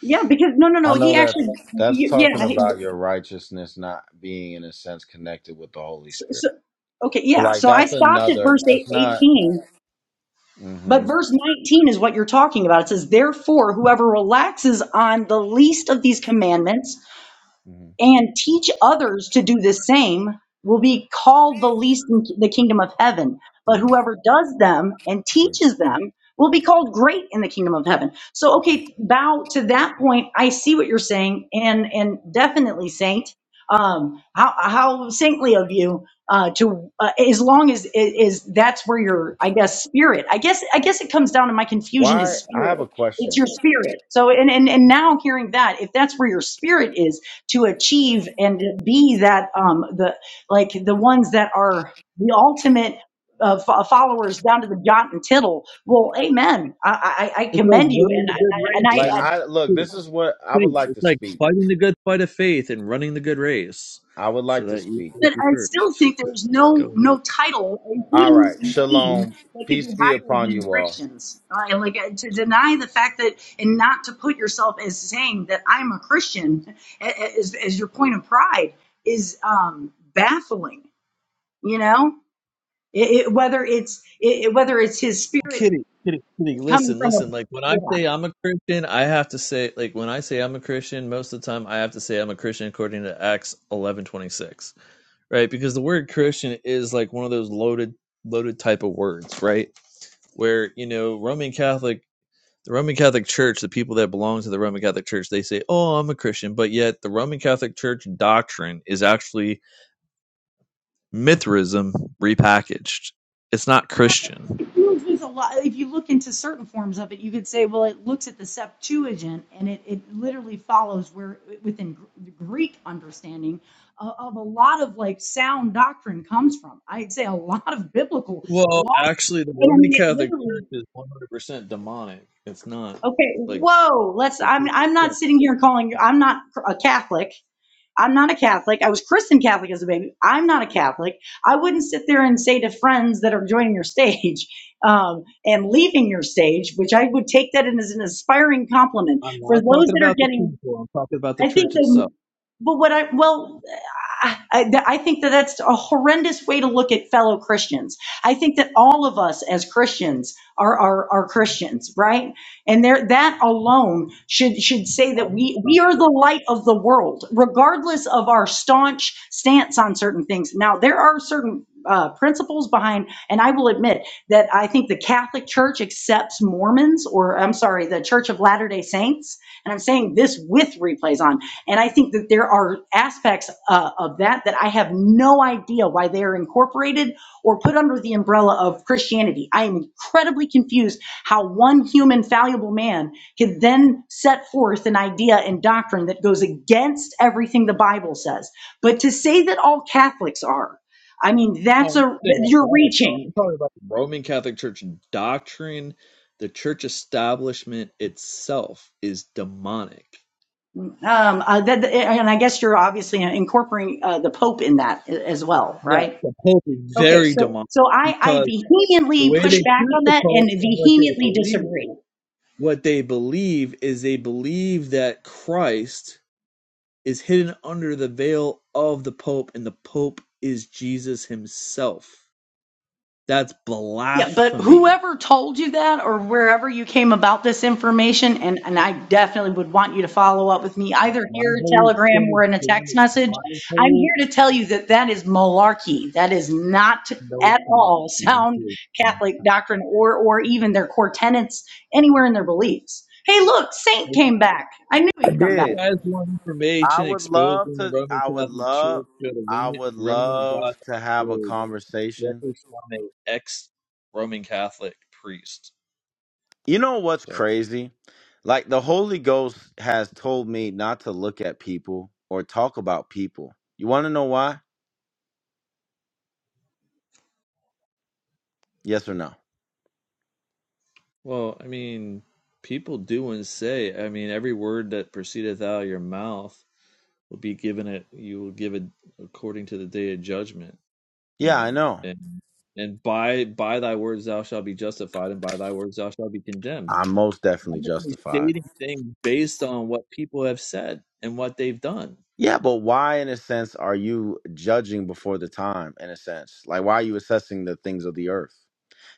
S8: yeah because no no no
S7: I know
S8: he
S7: that
S8: actually y-
S7: that's talking
S8: yeah
S7: about your righteousness not being in a sense connected with the Holy
S8: So, so,
S7: Spirit.
S8: okay,
S7: But
S8: yeah.
S7: like
S8: So I
S7: that's
S8: stopped at
S7: another
S8: verse eight,
S7: that's not
S8: 18, but
S7: hmm
S8: verse 19 is what you're talking about. It says, Therefore, whoever relaxes on the least of these commandments
S7: hmm
S8: and teach others to do the same will be called the least in the kingdom of heaven.
S7: hmm
S8: But whoever does them and
S7: hmm
S8: teaches them will be called great in the kingdom of heaven. So, okay, bow to that point. I see what you're saying, and and definitely, saint. Um, how how saintly of you uh, to uh, as long as is that's where your I guess spirit. I guess I guess it comes down to my confusion is
S7: Why I
S8: spirit.
S7: have a
S8: It's
S7: question.
S8: your spirit. So and and and now hearing that, if that's where your spirit is to achieve and be that um the like the ones that are the ultimate uh, fo- followers down to the jot and tittle. Well, amen. I, I, I
S1: It's like
S8: commend you,
S1: running
S8: and
S1: the
S8: I-
S1: good
S8: and
S1: race,
S8: I, and
S7: Like
S8: I
S1: kitty.
S7: I look,
S1: Kitty,
S7: this is what I would
S1: kitty.
S7: like
S1: It's
S7: to
S1: like
S7: speak.
S1: fighting the good fight of faith and running the good race,
S7: I would
S1: so
S7: like to
S1: that you
S7: speak.
S8: but I
S1: first.
S8: still think there's
S1: Go
S8: no
S1: ahead.
S8: no title,
S7: All right.
S8: including name,
S7: Shalom.
S8: that could
S7: Peace
S8: be
S7: be
S8: higher
S7: upon
S8: than
S7: you all.
S8: Christians. I, like uh, to deny the fact that and not to put yourself as saying that I'm a Christian a- a- as, as your point of pride is um, baffling. You know, It, it, whether it's it, whether it's his spirit
S1: Kitty, kitty, kitty,
S8: coming
S1: listen,
S8: from a
S1: listen. Like when I
S8: yeah.
S1: say I'm a Christian, I have to say like when I say I'm a Christian, most of the time I have to say I'm a Christian according to Acts eleven twenty six. Right? Because the word Christian is like one of those loaded loaded type of words, right? Where, you know, Roman Catholic the Roman Catholic Church, the people that belong to the Roman Catholic Church, they say, Oh, I'm a Christian, but yet the Roman Catholic Church doctrine is actually Mithraism repackaged. It's not Christian
S8: It deals with a lot. If you look into certain forms of it, you could say, well, it looks at the Septuagint, and it, it literally follows where within the Greek understanding of, of a lot of like sound doctrine comes from. I'd say a lot of biblical
S1: Well,
S8: law,
S1: actually, the
S8: and I
S1: Roman
S8: mean it
S1: Catholic Church
S8: literally.
S1: is 100% demonic. It's not
S8: Okay,
S1: like
S8: whoa. Let's.
S1: the
S8: I'm.
S1: church
S8: I'm not
S1: itself.
S8: sitting here calling. I'm not a Catholic. I'm not a Catholic. I was christened Catholic as a baby. I'm not a Catholic. I wouldn't sit there and say to friends that are joining your stage um, and leaving your stage, which I would take that in as an aspiring compliment.
S1: I'm
S8: For those
S1: not talking
S8: that are
S1: about the
S8: getting
S1: people. I'm talking about the
S8: I
S1: church
S8: think that,
S1: itself.
S8: but what I, well, I, I I think that that's a horrendous way to look at fellow Christians. I think that all of us as Christians are, are, are Christians, right? And there, that alone should, should say that
S1: I'm not
S8: we,
S1: trying
S8: we are
S1: to-
S8: the light of the world, regardless of our staunch stance on certain things. Now, there are certain uh, principles behind, and I will admit that I think the Catholic Church accepts Mormons, or I'm sorry, the Church of Latter-day Saints and I'm saying this with replays on. And I think that there are aspects uh, of that that I have no idea why they are incorporated or put under the umbrella of Christianity. I am incredibly confused how one human, fallible man can then set forth an idea and doctrine that goes against everything the Bible says. But to say that all Catholics are, I mean,
S1: Oh,
S8: that's
S1: I'm
S8: a,
S1: saying all
S8: you're
S1: Catholics are.
S8: reaching.
S1: I'm talking about the Roman Catholic Church doctrine. The church establishment itself is demonic.
S8: Um, uh, that, and I guess you're obviously incorporating uh, the Pope in that as well,
S1: Yeah,
S8: right?
S1: the Pope is
S8: Okay,
S1: very
S8: so,
S1: demonic
S8: so I, I
S1: because the
S8: vehemently
S1: way they
S8: push back
S1: choose
S8: on
S1: the
S8: that
S1: Pope
S8: and
S1: and what they
S8: vehemently
S1: believe,
S8: disagree.
S1: what they believe is they believe that Christ is hidden under the veil of the Pope, and the Pope is Jesus himself. That's
S8: Yeah, but
S1: blasphemy.
S8: whoever told you that or wherever you came about this information, and, and I definitely would want you to follow up with me either
S1: My
S8: here,
S1: whole
S8: Telegram,
S1: extended
S8: or in a text message.
S1: my
S8: I'm
S1: whole
S8: here to tell you that that is malarkey. That is not
S1: no, it's
S8: at
S1: not.
S8: all sound Catholic doctrine or, or even their core tenets anywhere in their beliefs. Hey, look, Saint
S1: If
S8: came back. I knew
S7: I
S8: he'd come
S1: you
S8: back.
S7: did.
S1: guys want
S7: I
S1: information
S7: would
S1: exposing
S7: love
S1: the
S7: to
S1: Roman
S7: I would
S1: Catholic
S7: love
S1: Church, go to
S7: I
S1: remnant-
S7: would love to have a
S1: remnantgod.org.
S7: conversation
S1: Records from an ex Roman Catholic priest.
S7: You know what's
S1: So,
S7: crazy? Like the Holy Ghost has told me not to look at people or talk about people. You want to know why? Yes or no?
S1: well, I mean, people do and say, I mean, every word that proceedeth out of your mouth. will be given it you will give it according to the day of judgment you
S7: Yeah, I
S1: know
S7: know.
S1: and and by by thy words thou shalt be justified and by thy words thou shalt be condemned
S7: I'm most definitely
S1: i'm only
S7: justified.
S1: stating things based on what people have said and what they've done
S7: Yeah, but why, in a sense, are you judging before the time, in a sense? Like, why are you assessing the things of the earth?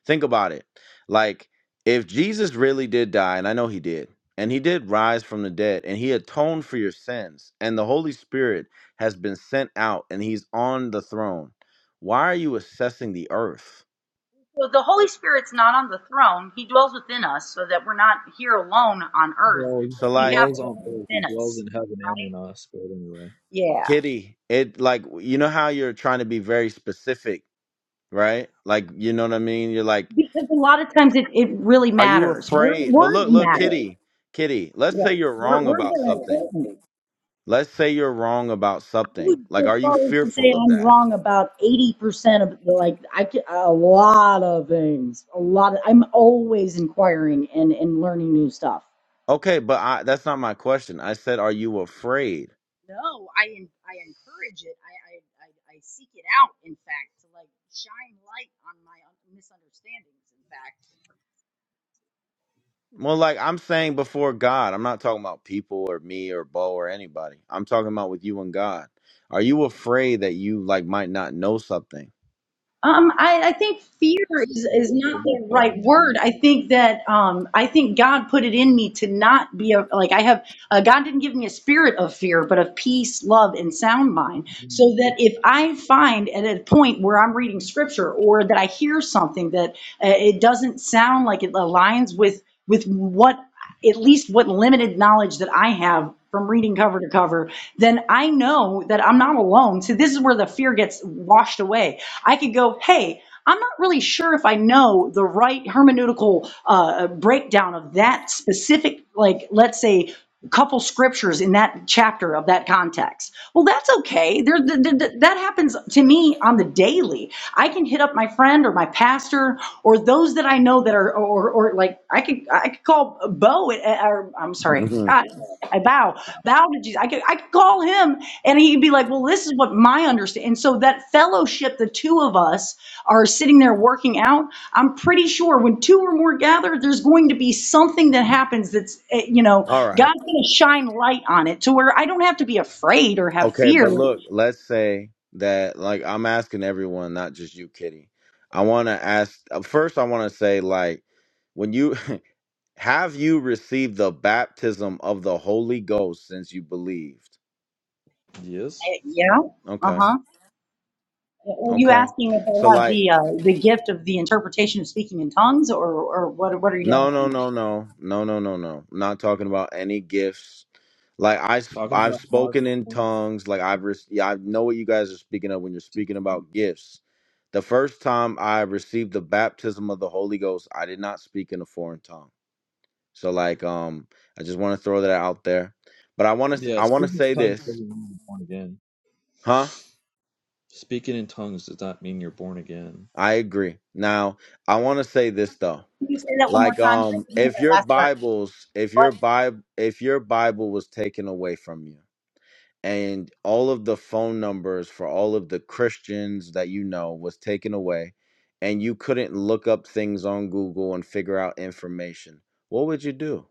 S7: Think about it. Like, if Jesus really did die, and I know he did, and he did rise from the dead, and he atoned for your sins, and the Holy Spirit has been sent out and he's on the throne, why are you assessing the earth?
S8: So the Holy Spirit's not on the throne. He dwells within us so that we're not here alone on earth.
S1: well
S7: So,
S8: We
S7: like,
S8: have
S1: dwells on
S8: God
S1: both he
S8: within
S1: dwells
S8: us,
S1: in heaven and
S8: right?
S1: in us but anyway
S8: Yeah.
S7: kitty, it, like, you know how you're trying to be very specific, right? Like, you know what I mean? You're like,
S8: Because a lot of times it, it really
S7: are you
S8: matters. Word,
S7: afraid? But
S8: words
S7: look, look,
S8: matter.
S7: kitty, kitty, let's
S8: Yeah.
S7: say you're
S8: Word,
S7: wrong
S8: words
S7: about
S8: are
S7: something.
S8: important.
S7: Let's say you're wrong about
S8: I
S7: something.
S8: would
S7: Like,
S8: go
S7: are you
S8: far as to say
S7: fearful of
S8: I'm
S7: that?
S8: wrong about 80% of the, like, I, ca- a lot of things. A lot of, I'm always inquiring and, and learning new stuff.
S7: Okay, but I, that's not my question. I said, are you afraid?
S8: No, I en- I encourage it. I, I I I seek it out. In fact, to like shine light on my un- misunderstandings. In fact,
S7: Well, like I'm saying before God, I'm not talking about people or me or Bo or anybody. I'm talking about with you and God. Are you afraid that you like might not know something?
S8: Um, I, I think fear
S1: it's a
S8: is, is
S1: terrible
S8: not
S1: thing to
S8: the
S1: fall
S8: right
S1: in
S8: word. I
S1: the
S8: think that um, I think God put it in me to not be a, like I have. Uh, God didn't give me a spirit of fear, but of peace, love, and sound mind.
S1: hands
S8: so that if I find at a point where I'm reading scripture or that I hear something that uh, it doesn't sound like it aligns with with what at least what limited knowledge that I have from reading cover to cover, then I know that I'm not alone. So this is where the fear gets washed away. I could go, hey, I'm not really sure if I know the right hermeneutical uh, breakdown of that specific, like, let's say couple scriptures in that chapter of that context. Well, that's okay. There, th- th- th- that happens to me on the daily. I can hit up my friend or my pastor or those that I know that are, or, or like I could, I could call Bo, at- at- or I'm sorry,
S7: hmm
S8: God, I bow, bow to Jesus. I could, I could call him and he'd be like, Well, this is what my understanding. And so that fellowship, the two of us are sitting there working out. I'm pretty sure when two or more gather, there's going to be something that happens that's, eh, you know,
S7: All right.
S8: God's going to shine light on it to where I don't have to be afraid or have
S7: Okay,
S8: fear.
S7: but look, let's say that like I'm asking everyone, not just you, Kitty. I want to ask uh, first. I want to say like when you have you received the baptism of the Holy Ghost since you believed?
S1: of. yes
S8: Eh, Yeah. Uh
S7: Okay.
S8: huh. Are you
S7: Okay.
S8: asking if I
S7: So
S8: have
S7: like
S8: the, uh, the gift of the interpretation of speaking in tongues or, or what, what are you
S7: no no
S8: asking?
S7: no no no no no no. Not talking about any gifts. Like I s-
S1: talking
S7: I've
S1: about mark
S7: spoken in
S1: one.
S7: tongues. Like I've re- yeah, I know what you guys are speaking of when you're speaking about gifts. The first time I received the baptism of the Holy Ghost, I did not speak in a foreign tongue. So like um I just want to throw that out there. But I want to
S1: yeah
S7: I want to
S1: speaking
S7: say
S1: in tongues
S7: this.
S1: doesn't mean you're born again
S7: Huh?
S1: speaking in tongues does not mean you're born again
S7: I agree. Now, I want to say this though.
S8: Can you say that one more
S7: Like
S8: time? I
S7: um
S8: didn't hear
S7: if
S8: that
S7: your
S8: last part.
S7: Bibles if your Bible if your Bible was taken away from you and all of the phone numbers for all of the Christians that you know was taken away and you couldn't look up things on Google and figure out information, what would you do?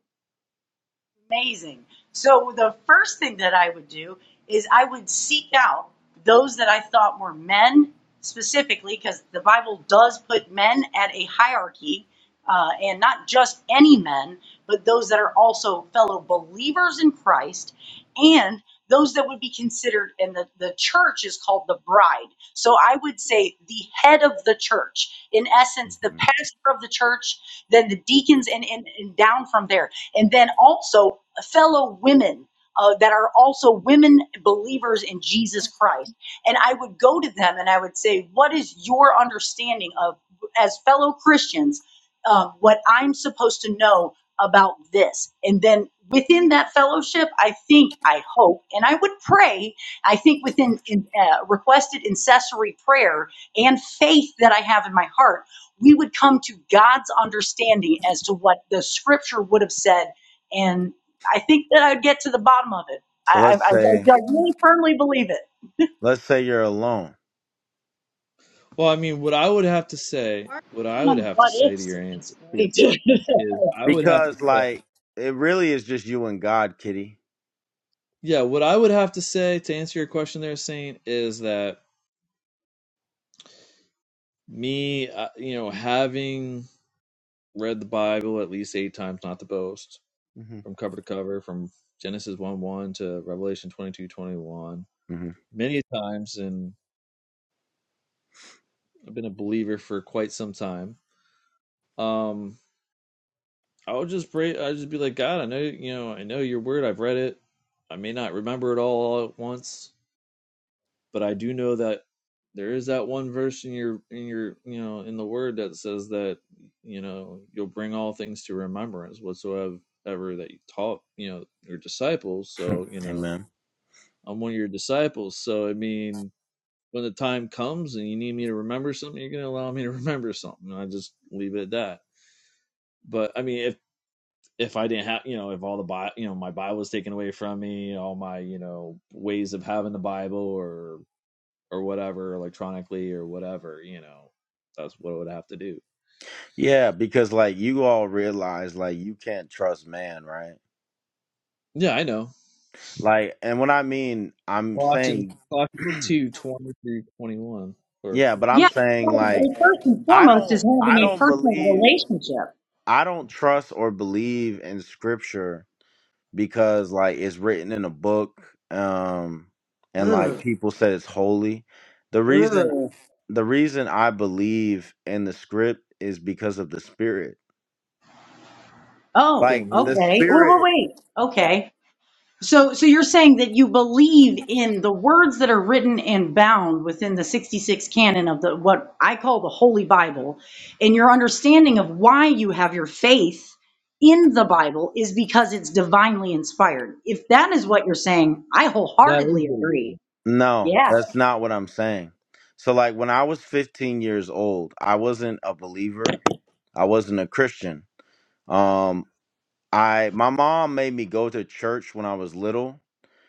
S8: Amazing. So the first thing that I would do is I would seek out those that I thought were men specifically, because the Bible does put men at a hierarchy, uh, and not just any men, but those that are also fellow believers in Christ, and those that would be considered, and the, the church is called the bride. So I would say the head of the church, in essence, the
S7: Mhm.
S8: pastor of the church, then the deacons, and, and, and down from there. And then also fellow women uh, that are also women believers in Jesus Christ. And I would go to them and I would say, What is your understanding of, as fellow Christians, uh, what I'm supposed to know about this? And then within that fellowship, I think, I hope, and I would pray, I think within in, uh, requested incessory prayer and faith that I have in my heart, we would come to God's understanding as to what the scripture would have said and. I think that I'd get to the bottom of it.
S7: So
S8: I,
S7: let's
S8: I, I,
S7: say
S8: I really firmly believe it.
S7: let's say you're alone.
S1: Well, I mean, what I would have to say, what I
S8: We're
S1: would
S8: on
S1: have to
S8: what
S1: say to
S8: ifs
S1: your
S8: at
S1: answer
S8: this
S1: to your
S8: point.
S1: question is, I would have to
S7: Because
S1: say,
S7: like it really is just you and God, kitty.
S1: yeah, what I would have to say to answer your question there, Saint, is that me, uh, you know, having read the Bible at least eight times, not to boast,
S7: hmm
S1: from cover to cover, from Genesis one one to Revelation twenty two twenty one,
S7: hmm
S1: many times, and I've been a believer for quite some time. Um, I would just pray. I'd just be like, God, I know, you know, I know your word. I've read it. I may not remember it all all at once, but I do know that there is that one verse in your, in your, you know, in the word that says that, you know, you'll bring all things to remembrance whatsoever ever that you taught, you know, your disciples. So, you know,
S7: Amen.
S1: I'm one of your disciples. So, I mean, when the time comes and you need me to remember something, you're going to allow me to remember something. I just leave it at that. But I mean, if if I didn't have, you know, if all the Bible, you know, my Bible was taken away from me, all my, you know, ways of having the Bible or or whatever electronically or whatever, you know, that's what I would have to do.
S7: Yeah, because like you all realize like you can't trust man, right?
S1: Yeah, I know.
S7: Like, and what I mean, I'm
S1: Colossians,
S7: saying,
S1: Colossians two twenty through twenty one or
S7: yeah, but I'm
S8: Yeah.
S1: yeah,
S7: saying
S8: well,
S7: like
S8: First and
S7: I
S8: foremost is
S7: don't, I
S8: having a
S7: don't
S8: personal
S7: believe,
S8: relationship.
S7: I don't trust or believe in scripture because like it's written in a book, um, and like
S8: Ugh,
S7: people said it's holy. The reason,
S8: ugh.
S7: the reason I believe in the script is because of the spirit.
S8: Oh,
S7: Like
S1: same
S7: the
S1: here.
S8: okay. Wait, wait,
S7: spirit,
S8: wait. Okay. So, so you're saying that you believe in the words that are written and bound within the 66 canon of the what I call the Holy Bible, and your understanding of why you have your faith in the Bible is because it's divinely inspired. If that is what you're saying, I
S1: That is
S8: wholeheartedly
S1: what he said.
S8: agree.
S7: no,
S8: Yeah,
S7: that's not what I'm saying. So like when I was 15 years old, I wasn't a believer I wasn't a Christian. Um, I my mom made me go to church when I was little,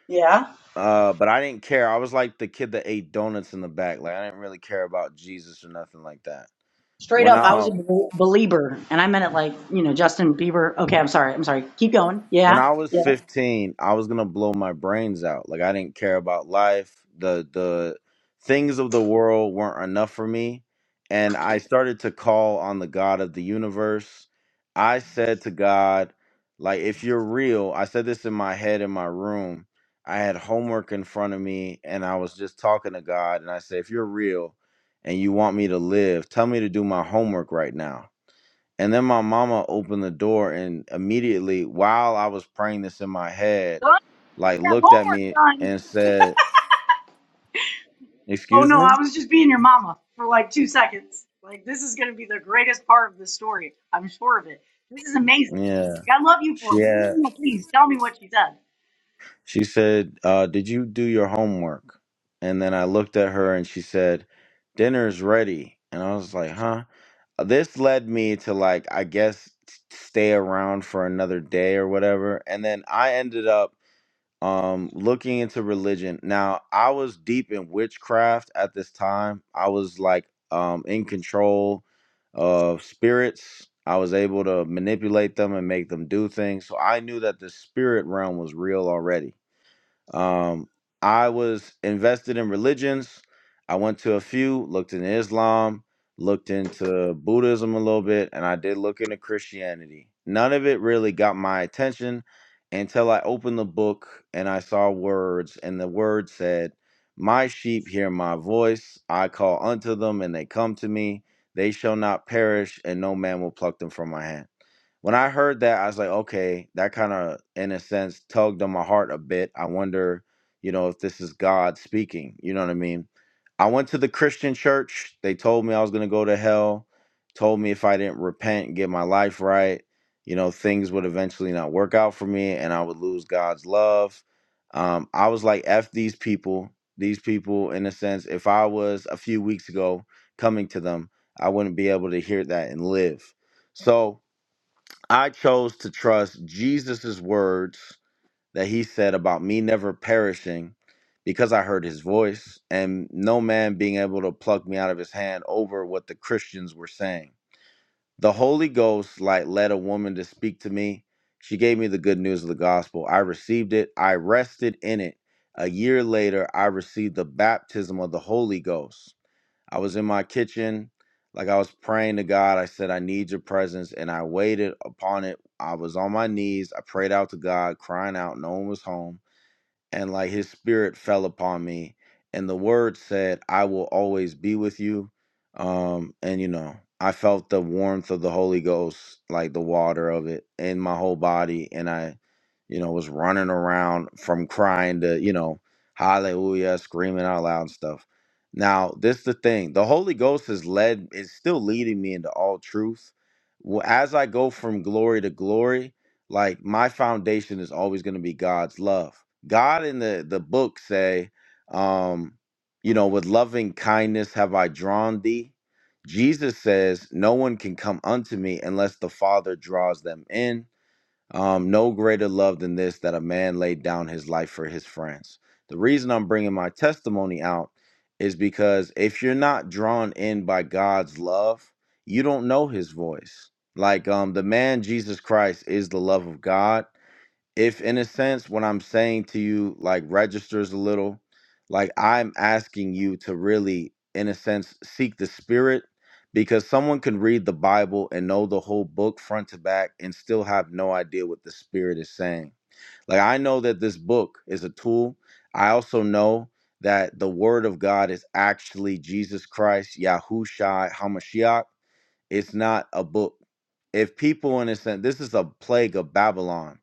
S8: yeah.
S7: uh, but I didn't care. I was like the kid that ate donuts in the back. Like I didn't really care about Jesus or nothing like that.
S8: Straight
S7: When
S8: up, I was
S7: um
S8: a bel- believer, and I meant it like you know Justin Bieber. Okay, I'm sorry. I'm sorry. Keep going.
S7: when
S8: Yeah,
S7: I was
S8: yeah.
S7: 15, I was gonna blow my brains out. Like I didn't care about life. The the things of the world weren't enough for me, and I started to call on the God of the universe. I said to God, like if you're real, I said this in my head in my room. I had homework in front of me and I was just talking to God and I said, if you're real and you want me to live, tell me to do my homework right now and then my mama opened the door and immediately while I was praying this in my head,
S8: Get
S7: like
S8: that
S7: looked at
S8: homework
S7: me
S8: done.
S7: and said,
S8: Oh
S7: Excuse
S8: no, I
S7: me?
S8: was just being your mama for like two seconds. Like this is gonna be the greatest part of the story. I'm sure of it. This is amazing.
S7: Yeah.
S8: Like I love
S7: She had
S8: you. please tell me what she said.
S7: she said, uh, did you do your homework? And then I looked at her and she said, Dinner's ready. And I was like, huh? Uh, This led me to like, I guess t- stay around for another day or whatever. And then I ended up um looking into religion now i was deep in witchcraft at this time i was like um in control of spirits i was able to manipulate them and make them do things so i knew that the spirit realm was real already um, I was invested in religions. I went to a few, looked into Islam, looked into Buddhism a little bit, and I did look into Christianity. None of it really got my attention until I opened the book and I saw words, and the word said, My sheep hear my voice. I call unto them, and they come to me. They shall not perish, and no man will pluck them from my hand when I heard that, I was like, okay, that kind of, in a sense, tugged on my heart a bit. I wonder, you know, if this is God speaking. You know what I mean? I went to the Christian church. They told me I was going to go to hell, told me if I didn't repent and get my life right, you know, things would eventually not work out for me and I would lose God's love. Um, I was like, F these people. These people, in a sense, if I was a few weeks ago coming to them, I wouldn't be able to hear that and live. So, I chose to trust Jesus' words that he said about me never perishing because I heard his voice and no man being able to pluck me out of his hand over what the Christians were saying. The Holy Ghost like led a woman to speak to me. She gave me the good news of the gospel. I received it. I rested in it. A year later, I received the baptism of the Holy Ghost. I was in my kitchen, like I was praying to God. I said, I need your presence. And I waited upon it. I was on my knees. I prayed out to God, crying out. No one was home and like his spirit fell upon me and the word said i will always be with you um and you know i felt the warmth of the holy ghost like the water of it in my whole body and i you know was running around from crying to you know hallelujah screaming out loud and stuff now this the thing the holy ghost has led is still leading me into all truth Wh- as i go from glory to glory like my foundation is always going to be god's love god in the the book say um you know with loving kindness have i drawn thee jesus says no one can come unto me unless the father draws them in um, no greater love than this that a man laid down his life for his friends. The reason I'm bringing my testimony out is because if you're not drawn in by God's love, you don't know his voice. Like um, the man Jesus Christ is the love of God if in a sense what I'm saying to you like registers a little, like I'm asking you to really, in a sense, seek the spirit because someone can read the Bible and know the whole book front to back and still have no idea what the spirit is saying. Like I know that this book is a tool. I also know that the word of God is actually Jesus Christ, Yahushua, Hamashiach. It's not a book. If people understand, this is a plague of Babylon.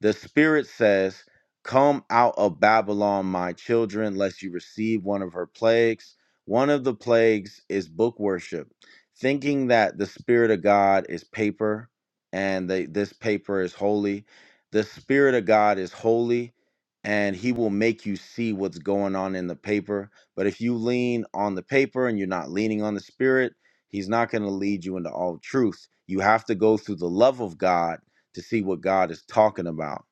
S7: The Spirit says, Come out of Babylon, my children, lest you receive one of her plagues. One of the plagues is book worship, thinking that the Spirit of God is paper and they, this paper is holy. The Spirit of God is holy and He will make you see what's going on in the paper. But if you lean on the paper and you're not leaning on the Spirit, He's not going to lead you into all truth. You have to go through the love of God to see what God is talking about.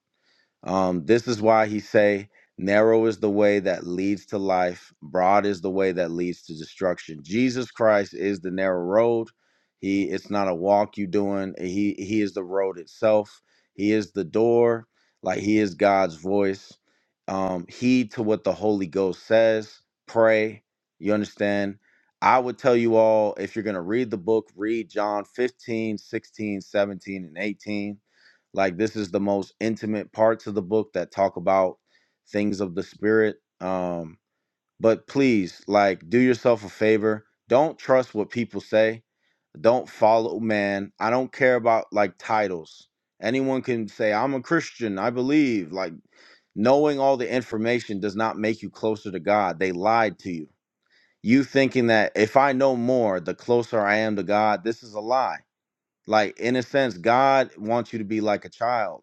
S7: Um, this is why he say, narrow is the way that leads to life, broad is the way that leads to destruction. Jesus Christ is the narrow road. He it's not a walk you doing. He he is the road itself. He is the door, like he is God's voice. Um, heed to what the Holy Ghost says. Pray. You understand? I would tell you all if you're gonna read the book, read John 15, 16, 17, and 18 like this is the most intimate parts of the book that talk about things of the spirit um but please like do yourself a favor don't trust what people say don't follow man i don't care about like titles anyone can say i'm a christian i believe like knowing all the information does not make you closer to god they lied to you you thinking that if i know more the closer i am to god this is a lie like in a sense god wants you to be like a child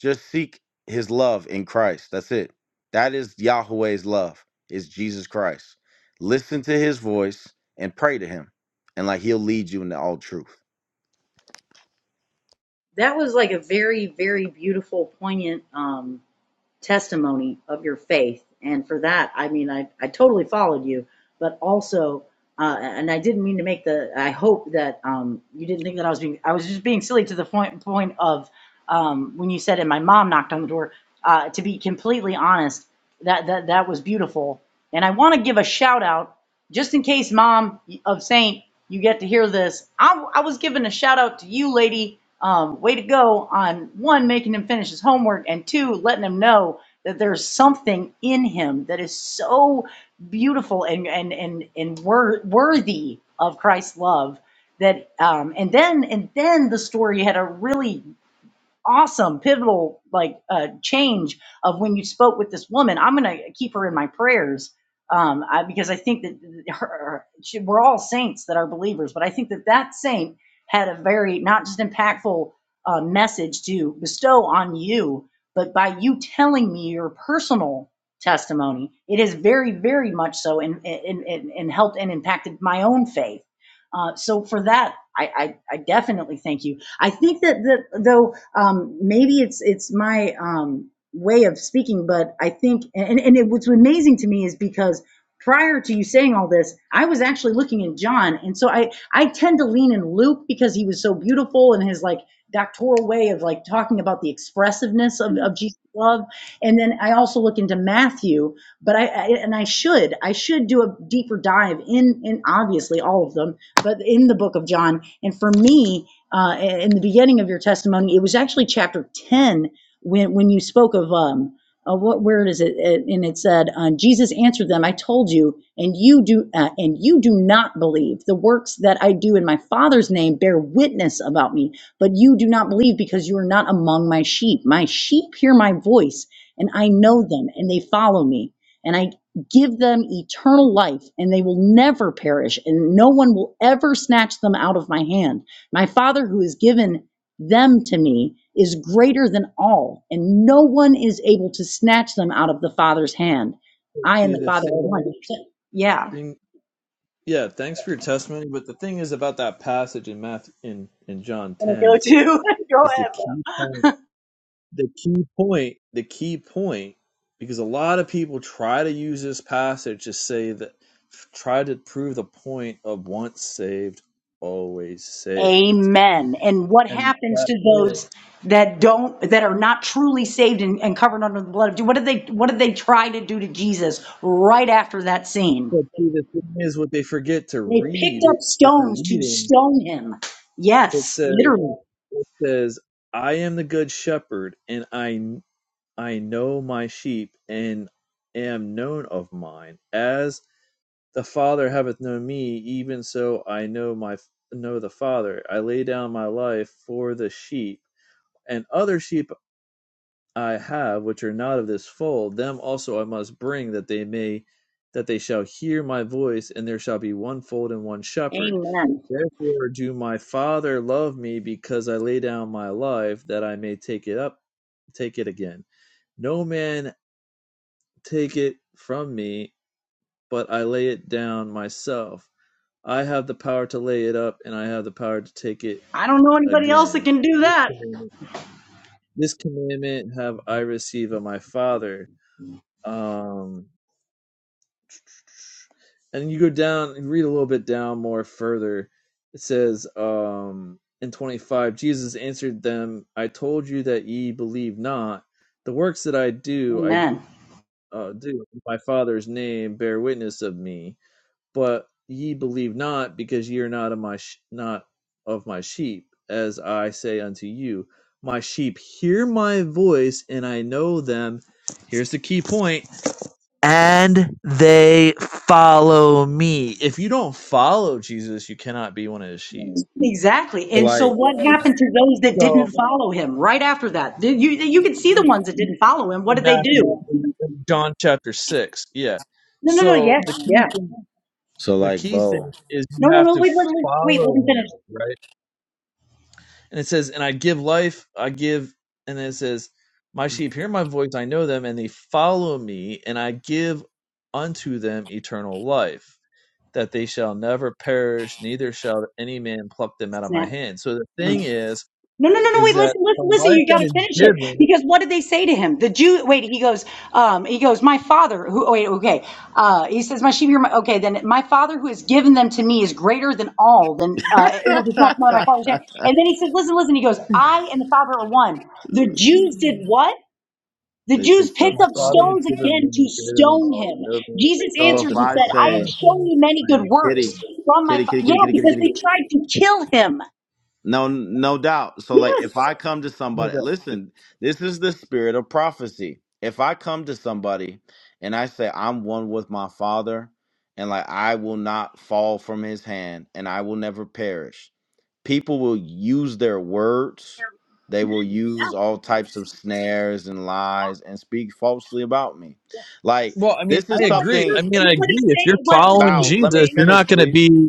S7: just seek his love in Christ. That's it. That is Yahweh's love, is Jesus Christ. Listen to his voice and pray to him. And like he'll lead you into all truth.
S8: That was like a very, very beautiful, poignant um testimony of your faith. And for that, I mean, I, I totally followed you, but also, uh, and I didn't mean to make the, I hope that um, you didn't think that I was being, I was just being silly to the point, point of um, when you said, and my mom knocked on the door. Uh, to be completely honest, that, that, that was beautiful. And I want to give a shout out just in case, mom of Saint, you get to hear this. I, I was giving a shout out to you, lady. Um, way to go on one, making him finish his homework, and two, letting him know that there's something in him that is so beautiful and and and and wor- worthy of Christ's love. That um, and then and then the story had a really awesome pivotal like uh, change of when you spoke with this woman i'm going to keep her in my prayers um, I, because i think that her, she, we're all saints that are believers but i think that that saint had a very not just impactful uh, message to bestow on you but by you telling me your personal testimony it is very very much so and and, and, and helped and impacted my own faith uh, so for that I, I, I definitely thank you. I think that, that though um, maybe it's it's my um, way of speaking, but I think and and it, what's amazing to me is because prior to you saying all this, I was actually looking at John, and so I I tend to lean in Luke because he was so beautiful and his like doctoral way of like talking about the expressiveness of, of Jesus' love, and then I also look into Matthew, but I, I and I should I should do a deeper dive in in obviously all of them, but in the book of John, and for me uh, in the beginning of your testimony, it was actually chapter 10 when, when you spoke of um, uh, what word is it? It- And it said, uh, Jesus answered them, I told you, and you do, uh, and you do not believe. The works that I do in my Father's name bear witness about me, but you do not believe because you are not among my sheep. My sheep hear my voice, and I know
S1: Okay.
S8: them, and they follow me. And I give them eternal life, and they will never perish, and no one will ever snatch them out of my hand. My Father who has given them to me is greater than all, and no one is able to snatch them out of the Father's hand. I and
S1: See
S8: the
S1: the
S8: Father are one.
S1: thing, thing, yeah. Thanks for your testimony, but the thing is about that passage in Matthew in in John
S8: Gonna Go
S1: ten
S8: to go
S1: is
S8: ahead.
S1: the key. the key point, the key point, because a lot of people try to use this passage to say that, try to prove the point of once saved, always saved.
S8: Amen. And what
S1: And the
S8: happens
S1: fact
S8: to
S1: is,
S8: those that don't, that are not truly saved and, and covered under the blood of Jesus? What did they, what did they try to do to Jesus right after that scene?
S1: but see, the thing is, what they forget to
S8: They picked
S1: read,
S8: up
S1: what they're
S8: stones to
S1: reading,
S8: stone him.
S1: it
S8: Yes,
S1: says,
S8: literally.
S1: it says, I am the good shepherd, and I I know my sheep, and am known of mine. As The Father hath known me, even so I know my know the Father. I lay down my life for the sheep, and other sheep I have which are not of this fold, them also I must bring that they may that they shall hear my voice, and there shall be one fold and one shepherd.
S8: Amen.
S1: Therefore do my Father love me because I lay down my life that I may take it up take it again. No man take it from me, but I lay it down myself. I have the power to lay it up, and I have the power to take it
S8: I don't know anybody else that
S1: again.
S8: can do that.
S1: This commandment have I received of my Father. Um, and you go down, you read a little bit down more further. It says um, in 25, Jesus answered them, I told you that ye believe not. The works that I do, I
S8: Amen.
S1: uh, do in my Father's name bear witness of me but ye believe not because ye are not of my sh- not of my sheep as i say unto you my sheep hear my voice and i know them here's the key point and they follow me if you don't follow jesus you cannot be one of his sheep
S8: Exactly.
S7: So
S8: And so
S7: like
S8: what happened to those that didn't
S1: so
S8: follow him right after that? You, you could see the ones that didn't follow him. What
S1: in
S8: did they do?
S1: matthew in in john chapter 6 yeah
S8: No, no, no.
S1: so
S8: Yeah.
S1: the key
S8: Yeah.
S1: thing
S7: so
S1: the
S7: like
S1: key
S7: Bo.
S1: thing is you
S8: No, no,
S1: have
S8: no.
S1: to
S8: Wait, wait, wait. Wait,
S1: follow
S8: let him finish.
S1: him right and it says, "And I give life, I give," and then it says, "My sheep hear my voice; I know them, and they follow me, and I give unto them eternal life, that they shall never perish, neither shall any man pluck them out of my
S8: Snap.
S1: hand." So the thing is,
S8: No, no, no, no,
S1: is
S8: wait,
S1: that
S8: listen,
S1: the
S8: listen, listen,
S1: life
S8: you
S1: that
S8: gotta
S1: is
S8: finish it.
S1: given,
S8: Because what did they say to him? The Jew, wait, he goes, um, he goes, my father, who, oh, wait, okay. Uh, he says, my sheep hear my, okay, then my father who has given them to me is greater than all, than, uh, able to touch my my father's hand. And then he says, listen, listen, he goes, I and the father are one. The Jews did what? The
S7: they
S8: Jews
S7: picked
S8: picked
S7: up
S1: my
S8: up
S1: Father has
S7: stones.
S8: stones
S1: given
S8: again
S1: me
S8: to
S1: is greater than
S8: stone
S1: all.
S8: him.
S1: No man is able
S8: Jesus
S1: to
S7: So
S1: pluck
S8: answered
S7: if
S1: them
S8: and
S7: I
S1: out of
S8: said,
S1: my
S8: I
S7: say
S8: have
S1: Father's
S8: shown
S1: hand.
S8: you
S1: I
S8: many
S1: am
S8: good
S1: the Father.
S8: works
S7: kitty,
S8: from my,
S7: kitty,
S8: fa-.
S7: kitty,
S8: yeah,
S7: kitty, kitty, kitty,
S8: because they
S7: kitty.
S8: tried to kill him.
S7: No, no doubt. So, like,
S8: Yes.
S7: if I come to somebody, listen, this is the spirit of prophecy. If I come to somebody and I say, I'm one with my father, and like, I will not fall from his hand and I will never perish, people will use their words. They will
S8: Amen.
S7: use all types of snares and lies and speak falsely about me. Like,
S1: Well, I mean,
S7: this
S1: I
S7: is
S8: Well, no, it's
S1: agree.
S7: something
S1: I mean, I
S8: what
S1: agree.
S8: he's
S1: If you're
S8: saying, what, what
S1: following
S8: he
S7: about,
S8: is
S7: let me
S1: Jesus,
S8: saying.
S1: you're
S7: finish,
S1: not going to
S7: please.
S1: be.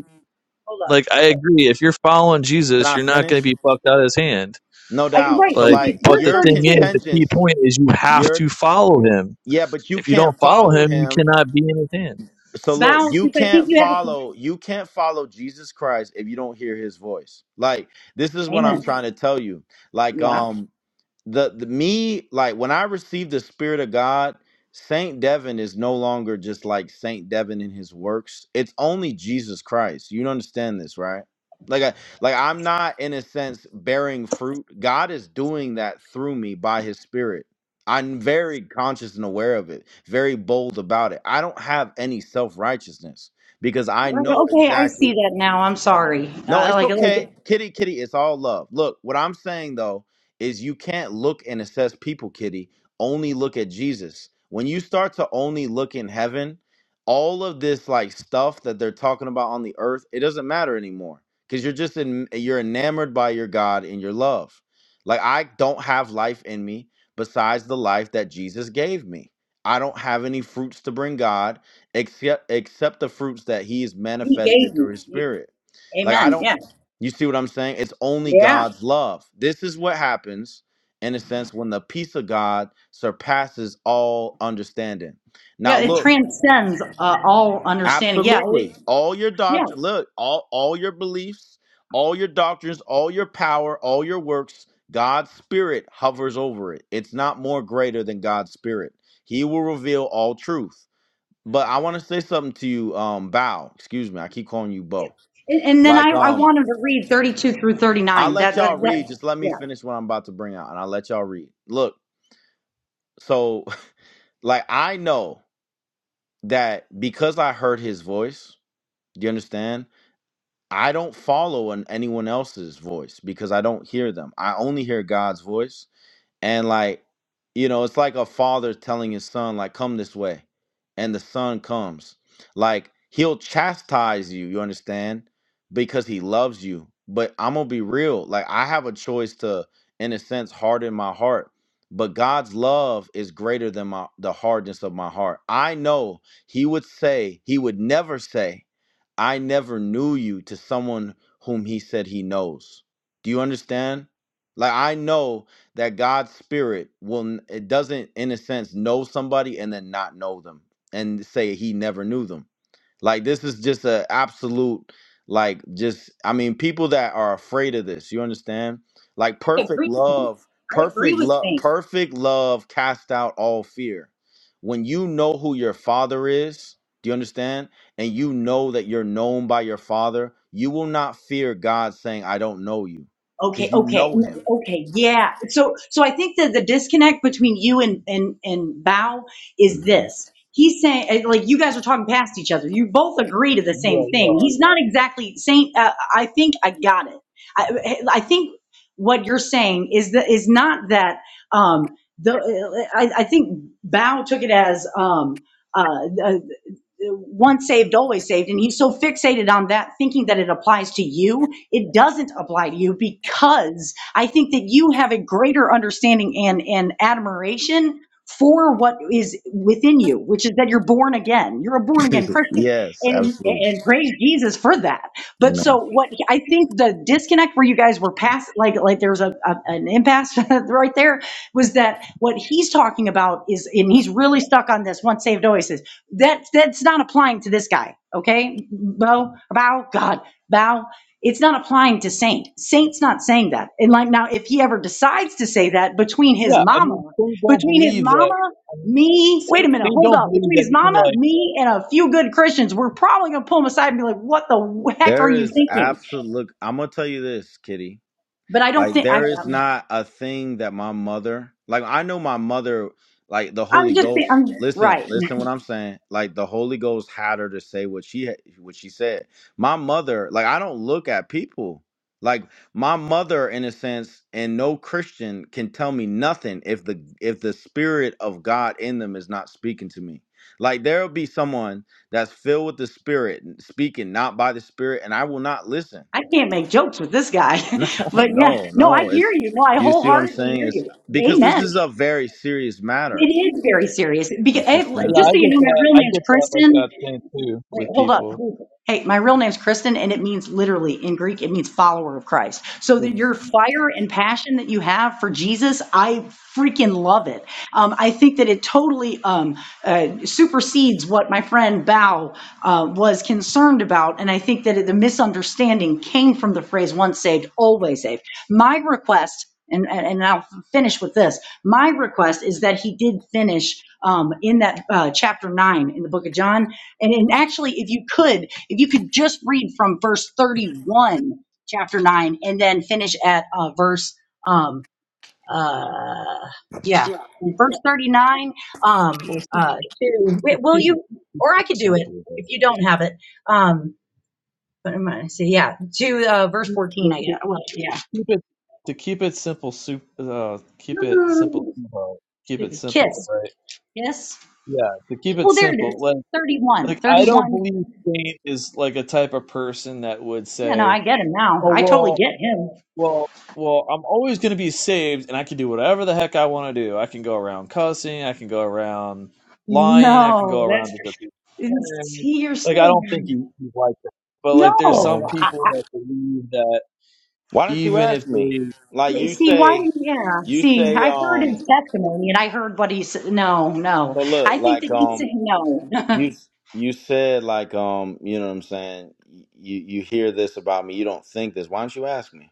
S8: Hold up.
S1: Like I agree, if you're following
S7: Can
S1: Jesus,
S7: I
S1: you're not
S7: finish?
S1: going to be plucked out of his hand.
S7: No
S8: I,
S7: doubt.
S8: right,
S7: So
S1: Like,
S8: it's,
S7: like
S8: it's
S1: but
S8: verse
S1: the
S7: your
S1: thing is,
S8: 32.
S1: the key
S7: contingents,
S1: point is you have
S7: your
S1: to follow him.
S7: yeah, but you
S1: If you don't
S7: can't
S1: follow
S7: follow
S1: him, you
S7: him.
S1: cannot be in his hand.
S7: So look,
S8: Bow,
S7: you
S8: since I think
S7: can't
S8: you have a.
S7: follow you can't follow Jesus Christ if you don't hear his voice. Like this is what I'm
S8: Amen.
S7: trying to tell you. Like
S8: Yeah.
S7: um the, the me like when I received the Spirit of God, Saint Devin is no longer just like Saint Devin in his works. It's only Jesus Christ. You don't understand this, right? Like I like I'm not in a sense bearing fruit. God is doing that through me by His Spirit. I'm very conscious and aware of it, very bold about it. I don't have any self righteousness because I know
S8: Okay, I see
S7: exactly.
S8: that now. I'm sorry.
S7: No,
S8: Uh,
S7: it's
S8: like, like
S7: okay. Kitty, kitty, it's all love. Look, what I'm saying though is you can't look and assess people, kitty. Only look at Jesus. When you start to only look in heaven, all of this like stuff that they're talking about on the earth, it doesn't matter anymore cuz you're just in you're enamored by your God and your love. Like I don't have life in me besides the life that Jesus gave me. I don't have any fruits to bring God except except the fruits that he's
S8: he
S7: manifested
S8: gave me.
S7: through his spirit. Like I
S8: Amen.
S7: don't
S8: Yeah.
S7: you see what I'm saying? It's only
S8: Yeah.
S7: God's love. This is what happens in a sense when the peace of God surpasses all understanding. Now
S8: Yeah. It
S7: look,
S8: transcends uh, all understanding. Yeah. It,
S7: absolutely. All your
S8: yeah.
S7: doctrine, look, all all your beliefs, all your doctrines, all your power, all your works, God's spirit hovers over it. It's not more greater than God's spirit. He will reveal all truth. But I want to say something to you, um, Bow. Excuse me, I keep calling you Bo.
S8: And, and then I,
S7: Like
S8: I
S7: um
S8: wanted to read 32 through
S7: I'll
S8: 39.
S7: let
S8: That, that,
S7: y'all read.
S8: that,
S7: Just let me
S8: yeah.
S7: finish what I'm about to bring out, and I'll let y'all read. Look, so like I know that because I heard his voice. Do you understand? I don't follow an, anyone else's voice because I don't hear them. I only hear God's voice and like you know it's like a father telling his son like come this way and the son comes like he'll chastise you you understand because he loves you but i'm gonna be real like i have a choice to in a sense harden my heart but god's love is greater than my the hardness of my heart i know he would say he would never say i never knew you to someone whom he said he knows do you understand like i know that God's spirit will it doesn't in a sense know somebody and then not know them and say he never knew them. Like this is just a absolute like just I mean people that are afraid of this, you understand? Like
S8: I
S7: perfect
S8: agree with him.
S7: love,
S8: I agree
S7: perfect
S8: with
S7: love,
S8: Saint.
S7: perfect love cast out all fear. When you know who your father is, do you understand? And you know that you're known by your father, you will not fear God saying I don't know you
S8: Okay,
S7: because you
S8: okay,
S7: know
S8: mm,
S7: him.
S8: okay, yeah. So, so I think that the disconnect between you and and and Bao is this. He's saying, eh, like, you guys are talking past each other. You both agree to the
S1: Yeah,
S8: same
S1: you
S8: thing.
S1: are.
S8: He's not exactly saying. Uh, I think I got it. I, I think what you're saying is that is not that. Um, the eh, I, I think Bao took it as um, uh, once saved, always saved. And he's so fixated on that, thinking that it applies to you. It doesn't apply to you because I think that you have a greater understanding and, and admiration for what is within you, which is that you're born again. You're a born again Christian
S7: yes,
S8: and,
S7: absolutely.
S8: and praise Jesus for that. But
S7: Amen.
S8: so what I think the disconnect where you guys were past, like, like there was a, a an impasse right there was that what he's talking about is, and he's really stuck on this once saved, always saved that that's not applying to this guy okay bow bow god bow it's not applying to saint saint's not saying that and like now if he ever decides to say that between his
S1: Yeah, I
S8: mama
S1: mean, things don't
S8: between his
S1: believe that.
S8: mama
S1: I mean,
S8: me wait
S1: things,
S8: a minute
S1: things
S8: hold
S1: don't
S8: up
S1: believe
S8: between
S1: that
S8: his
S1: it can
S8: mama
S1: like.
S8: me and a few good christians we're probably going to pull him aside and be like what the heck are
S7: There
S8: you
S7: is
S8: thinking
S7: absolute. Look, I'm gonna tell you this, Kitty.
S8: but i don't
S7: Like
S8: think i
S7: there is not a thing that my mother like I know my mother like the Holy
S8: i'm just i'm
S7: Ghost. Listen,
S8: right
S7: listen what I'm saying. Like the Holy Ghost had her to say what she had- what she said. My mother, like I don't look at people. Like my mother in a sense and no Christian can tell me nothing if the if the spirit of God in them is not speaking to me. Like there'll be someone that's filled with the spirit speaking not by the spirit and I will not listen.
S8: i can't make jokes with this guy
S7: No,
S8: but yeah
S7: no,
S8: no i
S7: no.
S8: hear
S7: It's
S8: you no i
S7: you see what I'm
S8: wholeheartedly
S7: saying?
S8: hear
S7: It's
S8: you
S7: because this
S8: amen
S7: is a very serious
S8: It
S7: matter.
S8: is very serious.
S7: You
S8: Because, eh,
S1: Yeah,
S7: understand?
S1: I
S8: just so you
S1: get
S8: know, my
S1: that.
S8: real
S1: I
S8: name's
S1: get that like
S8: Kristen,
S1: that thing too
S8: Wait,
S1: with
S8: hold up.
S1: people.
S8: Hey, my real name's Kristen, and it means literally in Greek, it means follower of Christ. So that your fire and passion that you have for Jesus, I freaking love it. Um, I think that it totally um, uh, supersedes what my friend Bao uh, was concerned about, and I think that it, the misunderstanding came from the phrase "once saved, always saved." My request. And, and and I'll finish with this. My request is that he did finish um, in that uh, chapter nine in the book of John and, and actually, if you could, if you could just read from verse 31, chapter 9, and then finish at uh, verse, um, uh, yeah, verse 39 um,
S1: Well, see,
S8: uh, to,
S1: keep it
S8: wi- will
S1: keep it,
S8: you,
S1: keep
S8: or I
S1: it
S8: could do it
S1: simple. though.
S8: if you don't have it. Um, but I'm going to say, yeah, to uh, verse
S1: Keep,
S8: 14, I
S1: it- to
S8: guess. Well, yeah.
S1: keep it to keep it simple. Soup. Uh, keep it simple. sweetheart. Keep it
S8: Stupid
S1: simple.
S8: Kiss.
S1: right?
S8: Yes.
S1: Yeah, to keep it
S8: Well, there it
S1: simple,
S8: is.
S1: like like
S8: 31.
S1: I don't
S8: 31.
S1: believe Saint is like a type of person that would
S8: Yeah, no,
S1: say,
S8: I get him now.
S1: "Oh
S8: I totally
S1: well,
S8: get him.
S1: well, well, I'm always going to be saved, and I can do whatever the heck I want to do. I can go around cussing, I can go around lying, I can go
S8: No,
S1: around to the
S8: that's
S1: people." And,
S8: see, you're so
S1: Like I don't think he, he's like that, but like there's some
S7: So
S8: no. I,
S1: people that
S8: I,
S1: believe that
S7: why don't you
S1: even
S7: ask
S1: if
S7: me?
S1: they,
S7: Like
S8: eh,
S7: you
S8: see why?
S7: say,
S8: Yeah,
S7: you
S8: see,
S7: say,
S8: I heard his
S7: um,
S8: testimony, and I heard what he said. No, no,
S7: so look,
S8: I think
S7: like,
S8: that he
S7: um,
S8: said no.
S7: you you said, like, um, you know what I'm saying? You you hear this about me, you don't think this. Why don't you ask me?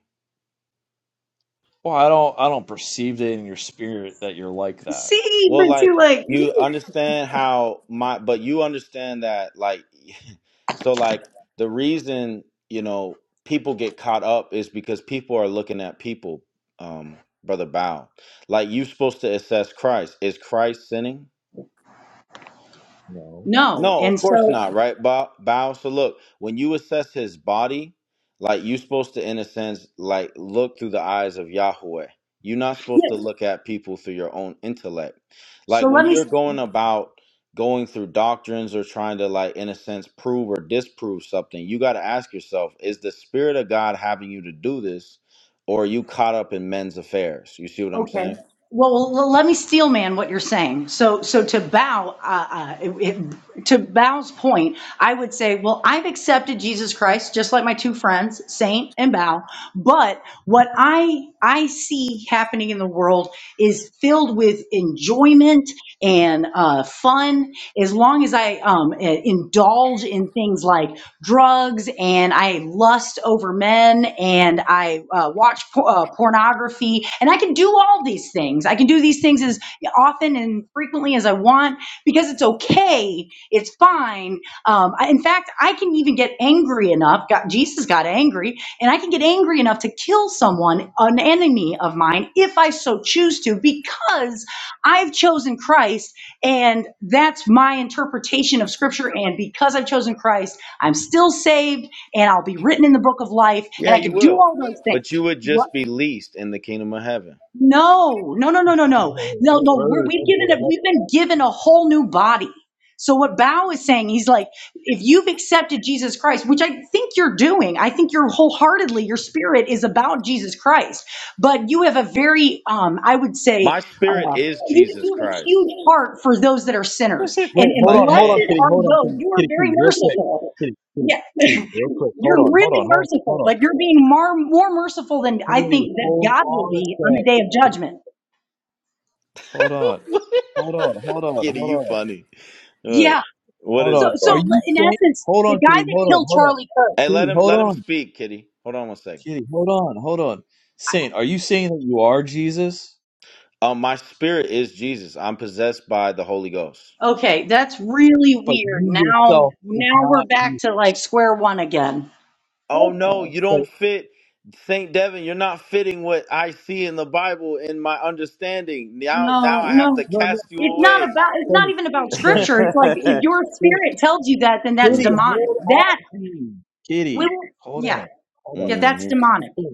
S1: well, I don't, I don't perceive it in your spirit that you're like that.
S8: see,
S7: Well,
S8: but see,
S7: like
S8: like
S7: you understand how my, but you understand that like, so like the reason you know people get caught up is because people are looking at people, um, brother Bow. Like you're supposed to assess Christ. Is Christ sinning?
S1: No,
S8: no,
S7: No, of
S8: and
S7: course not,
S8: so
S7: right, Bow? Bow. So look, when you assess his body, like you're supposed to, in a sense, like look through the eyes of Yahweh. You're not supposed
S8: yeah.
S7: to look at people through your own intellect. Like
S8: So
S7: when
S8: let me
S7: you're going about going through doctrines or trying to, like, in a sense, prove or disprove something, you got to ask yourself: Is the Spirit of God having you to do this, or are you caught up in men's affairs? You see what I'm
S8: Okay.
S7: saying?
S8: Well, well, well, let me steel man what you're saying. So, so to bow, uh, uh, it, it- to Bow's point, I would say, well, I've accepted Jesus Christ, just like my two friends, Saint and Bow. But what I I see happening in the world is filled with enjoyment and uh, fun. As long as I um, eh, indulge in things like drugs and I lust over men and I uh, watch por- uh, pornography and I can do all these things. I can do these things as often and frequently as I want because it's okay. It's fine. Um, I- in fact, I can even get angry enough. God, Jesus got angry and I can get angry enough to kill someone, an enemy of mine, if I so choose to because I've chosen Christ and that's my interpretation of scripture. And because I've chosen Christ, I'm still saved and I'll be written in the book of life
S7: Yeah,
S8: and I
S7: you
S8: could do
S7: will,
S8: all those things.
S7: but you would
S8: What?
S7: just be least in the kingdom of heaven.
S8: No, no, no, no, no, no, no, no. We're, we've
S1: birds
S8: given a, we've been given a whole new body. So what Bao is saying, he's like, if you've accepted Jesus Christ, which I think you're doing, I think you're wholeheartedly, your spirit is about Jesus Christ, but you have a very, um, I would say,
S7: My spirit
S8: uh,
S7: is
S8: you,
S7: Jesus
S8: you have a
S7: Christ.
S8: huge heart for those that are sinners, and
S1: Wait,
S8: and
S1: hold
S7: Like,
S1: on, hold on,
S7: hey,
S8: blessed
S1: kitty,
S8: are
S1: hold on,
S8: those.
S1: kitty,
S8: You are
S1: kitty,
S8: very
S1: kitty, real quick,
S8: merciful.
S1: kitty, kitty,
S8: Yeah.
S1: kitty, real quick. Hold
S8: You're
S1: on, hold
S8: really
S1: on, hold, hold
S8: merciful.
S1: on,
S8: Like you're being more more merciful than I
S1: kitty,
S8: think that
S1: hold
S8: God will
S1: on a
S8: be on
S1: sec.
S8: the day of
S1: Just
S8: judgment.
S1: Hold on, hold on, hold on, hold
S7: Kitty, you
S1: on,
S7: funny. Uh,
S8: Yeah.
S7: What
S1: hold
S7: is
S8: So
S7: it,
S1: on.
S8: so
S1: Are
S7: bro?
S1: you
S8: in
S1: saying?
S8: essence,
S1: Hold
S8: the
S1: on,
S8: guy
S1: kitty,
S8: that
S1: hold on,
S8: killed
S1: hold on,
S8: Charlie Kirk.
S7: Hey, let
S1: kitty,
S7: him
S1: hold
S7: let him
S1: on,
S7: speak, Kitty. Hold on one second.
S1: kitty, hold on, hold on. Saint, are you saying that you are Jesus,
S7: Um, my spirit is Jesus. I'm possessed by the Holy Ghost.
S8: Okay, that's really
S1: but
S8: weird.
S1: you
S8: Now
S1: yourself is
S8: now we're
S1: not
S8: back to
S1: Jesus?
S8: like square one again.
S7: Oh no,
S8: Okay.
S7: you
S1: Like,
S7: don't fit, Saint Devin. You're not fitting what I see in the Bible in my understanding. Now, now
S8: No,
S7: I have to
S8: no.
S1: no, no,
S7: cast you
S8: It's not
S7: away.
S8: about it's not
S1: Saint,
S8: even about
S1: Saint,
S8: scripture. It's like if your
S1: Saint,
S8: spirit tells you that, then that's
S7: hmm
S1: kitty,
S8: demonic.
S1: hold on,
S8: That
S1: kitty,
S8: will
S1: kitty, hold on,
S8: yeah.
S1: hold
S8: Yeah, that's
S7: hmm
S8: demonic.
S1: on.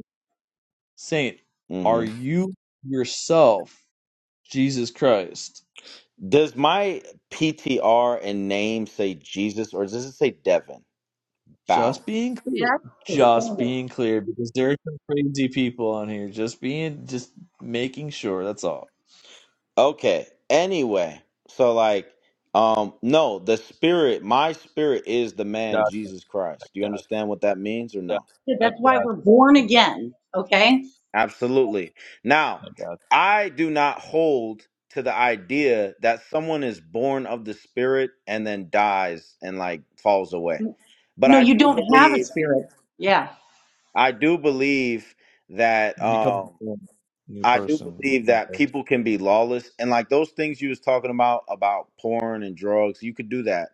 S1: Saint, are
S7: hmm
S1: you yourself Jesus Christ?
S7: Does my PTR and name say Jesus or does it say Devin? bow.
S1: Just being clear.
S8: Yeah.
S1: Just being clear because there are some crazy people on here. Just being, just making sure. That's all.
S7: Okay. Anyway, so like, um, no, the spirit, my spirit is the
S1: Yeah,
S7: man Jesus Christ. Do you
S1: yeah,
S7: understand what that means or
S1: yeah.
S7: no?
S1: I
S8: That's why
S1: got
S8: we're born
S1: you. I got
S8: again. Okay?
S7: Absolutely. Now,
S1: you. I got
S7: I do not hold to the idea that someone is born of the spirit and then dies and like falls away. But
S8: No,
S7: I
S8: you
S7: do
S8: don't have a
S7: believe,
S8: spirit. Yeah.
S7: I do believe that
S1: you. Become
S7: um.
S1: a new
S7: I do
S1: person.
S7: believe that people can be lawless and like those things you was talking about about porn and drugs, you could do that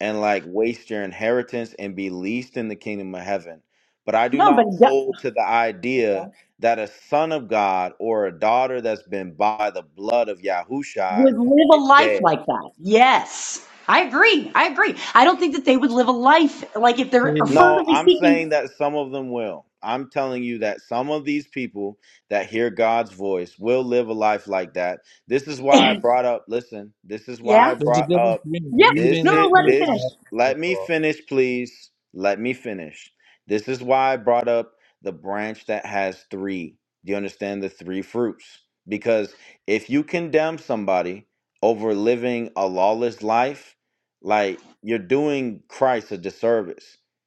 S7: and like waste your inheritance and be least in the kingdom of heaven. But I do
S8: No, but
S7: not
S8: d-
S7: hold to the idea that a son of God or a daughter that's been bought by the blood of Yahushai
S8: would live a
S7: is
S8: life
S7: dead.
S8: like that. Yes. I agree. I agree. I don't think that they would live a life like if they're
S1: Hey,
S7: No,
S8: fervently
S7: I'm saying
S8: seeking.
S7: that some of them will. I'm telling you that some of these people that hear God's voice will live a life like that. This is why I brought up, listen, this is why
S8: yeah.
S7: I
S1: There's a
S7: brought
S1: difference
S7: up
S1: between
S8: Yeah.
S1: reading
S7: this
S8: No,
S1: the
S8: no,
S7: it
S8: let
S1: spirit
S8: him
S7: this
S1: and
S8: finish.
S1: not having
S7: let
S1: the
S7: me
S1: law.
S7: finish please. Let me finish. This is why I brought up the branch that has 3. Do you understand the 3 fruits? Because if you condemn somebody over living a lawless life, like you're doing Christ a disservice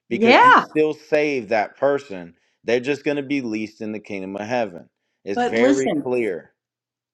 S7: because he
S8: Yeah.
S7: still saved that person. They're just going to be least in the kingdom of heaven. It's
S8: But
S7: very
S8: listen,
S7: clear.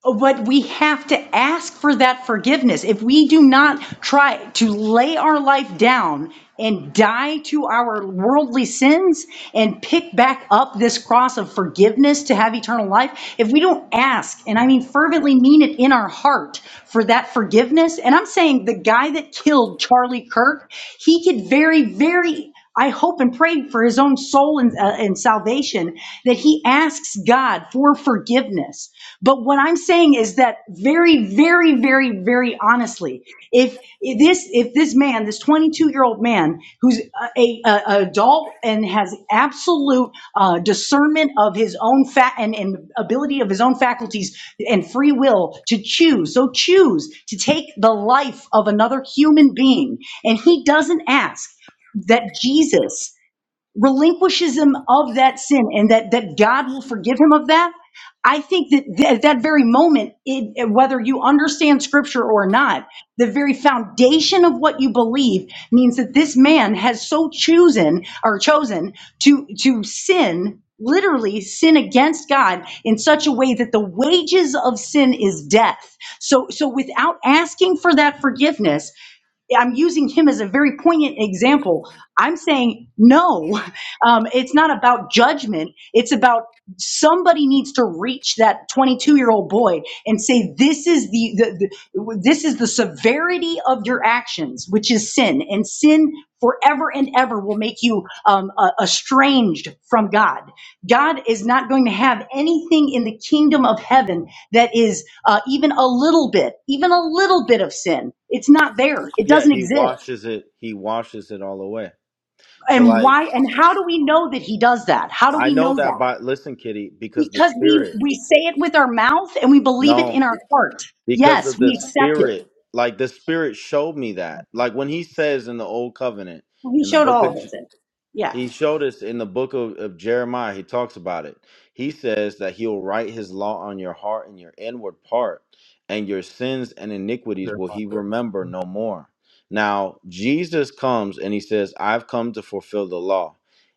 S8: But we have to ask for that forgiveness. If we do not try to lay our life down and die to our worldly sins and pick back up this cross of forgiveness to have eternal life, if we don't ask, and I mean fervently mean it in our heart for that forgiveness, and I'm saying the guy that killed Charlie Kirk, he could very, very I hope and pray for his own soul and, uh, and salvation that he asks God for forgiveness. But what I'm saying is that very, very, very, very honestly, if if this if this man, this 22 year old man who's a, a, a adult and has absolute uh, discernment of his own fat and, and ability of his own faculties and free will to choose, so choose to take the life of another human being, and he doesn't ask that Jesus relinquishes him of that sin and that, that God will forgive him of that, I think that th- at that very moment, it, it- whether you understand scripture or not, the very foundation of what you believe means that this man has so chosen or chosen to, to sin, literally sin against God in such a way that the wages of sin is death. So, so without asking for that forgiveness, I'm using him as a very poignant example. I'm saying, no, um, it's not about judgment. It's about somebody needs to reach that 22 year old boy and say, this is the, the, the, this is the severity of your actions, which is sin and sin forever and ever will make you um, uh, estranged from God. God is not going to have anything in the kingdom of heaven that is uh, even a little bit, even a little bit of sin. It's not there. It
S7: Yeah,
S8: doesn't
S7: he
S8: exist.
S7: washes it. He washes it all away. So
S8: And
S7: like,
S8: why? And how do we know that he does that? How do
S7: I
S8: we
S7: know
S8: know
S7: that
S8: that?
S7: by listen, Kitty, because the
S8: Because we
S7: spirit.
S8: we say it with our mouth and we believe it
S7: No,
S8: in our heart.
S7: because of
S8: Yes,
S7: the
S8: we accept it.
S7: spirit. Like the spirit showed me that. Like when he says in the old covenant in
S8: He
S7: the
S8: showed
S7: book
S8: all of
S7: of
S8: us it. Yeah.
S7: He showed us in the book of, of Jeremiah, he talks about it. He says that he'll write his law on your heart and your inward part, and your sins and iniquities
S1: They're
S7: will
S1: not
S7: he
S1: there.
S7: remember no more. Now, Jesus comes and he says, I've come to fulfill the law.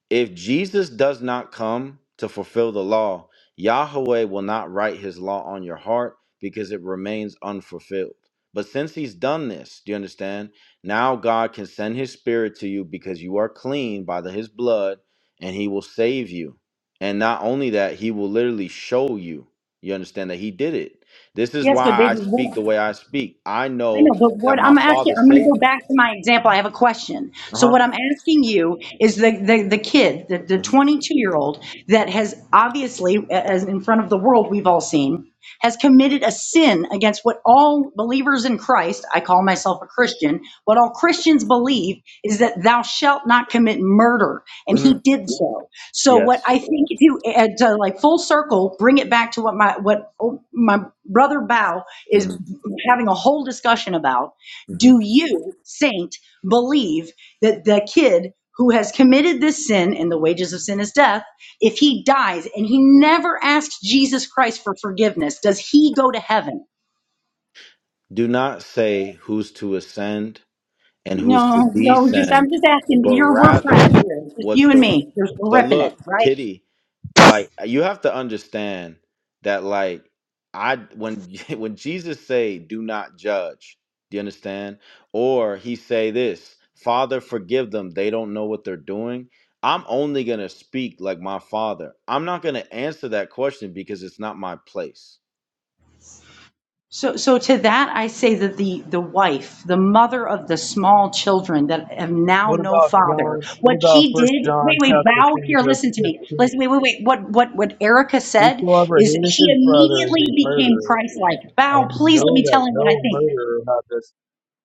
S7: If Jesus does not come to fulfill the law, Yahweh will not write his law on your heart because it remains unfulfilled. But since he's done this, do you understand? Now God can send his spirit to you because you are clean by the, his blood and he will save you. And not only that, he will literally show you. You understand that he did it. This is
S8: Yes,
S7: why
S8: but
S7: I speak
S8: baby,
S7: the way I speak. I
S8: I
S7: know
S8: know, but
S7: that
S8: what
S7: my
S8: I'm asking,
S7: father
S8: I'm going to
S7: saved
S8: go
S7: me.
S8: back to my example. I have a question.
S7: Uh
S8: So
S7: huh.
S8: what I'm asking you is the, the, the kid, the, the
S7: hmm
S8: 22 year old that has obviously, a- as in front of the world we've all seen, has committed a sin against what all believers in Christ, I call myself a Christian, what all Christians believe is that thou shalt not commit murder. And
S7: hmm
S8: he did so. So what
S7: Yes.
S8: I think if you, uh, to like full circle, bring it back to what my, what oh, my brother Bao
S7: hmm
S8: is having a whole discussion about
S7: hmm
S8: do you, saint, believe that the kid who has committed this sin and the wages of sin is death, if he dies and he never asks Jesus Christ for forgiveness, does he go to heaven?
S7: Do not say who's to ascend and who's to
S8: No, no, just I'm
S7: descend,
S8: just asking.
S7: but
S8: You're we're friends
S7: rather
S8: here, just
S7: what's
S8: you and
S7: the.
S8: me. Just we're
S7: So
S8: ripping it,
S7: look,
S8: right?
S7: Kitty. like uh, you have to understand that like i when when jesus say do not judge do you understand or he say this father forgive them they don't know what they're doing i'm only going to speak like my father i'm not going to answer that question because it's not my place
S8: So, so to that, I say that the, the wife, the mother of the small children that have now
S1: What
S8: no
S1: about John?
S8: father,
S1: What
S8: what
S1: about
S8: she
S1: First
S8: did,
S1: John
S8: wait, wait,
S1: chapter
S8: bow
S1: three
S8: here,
S1: verse
S8: listen to me.
S1: fifteen?
S8: Listen, wait, wait, wait. What, what, what Erica said
S1: Whosoever
S8: is
S1: hateth
S8: she
S1: his brother is
S8: immediately
S1: a
S8: became
S1: murderer,
S8: Christ-like. Bow,
S1: and we
S8: please let
S1: know
S8: me
S1: that
S8: tell him what I
S1: no
S8: think.
S1: murderer hath this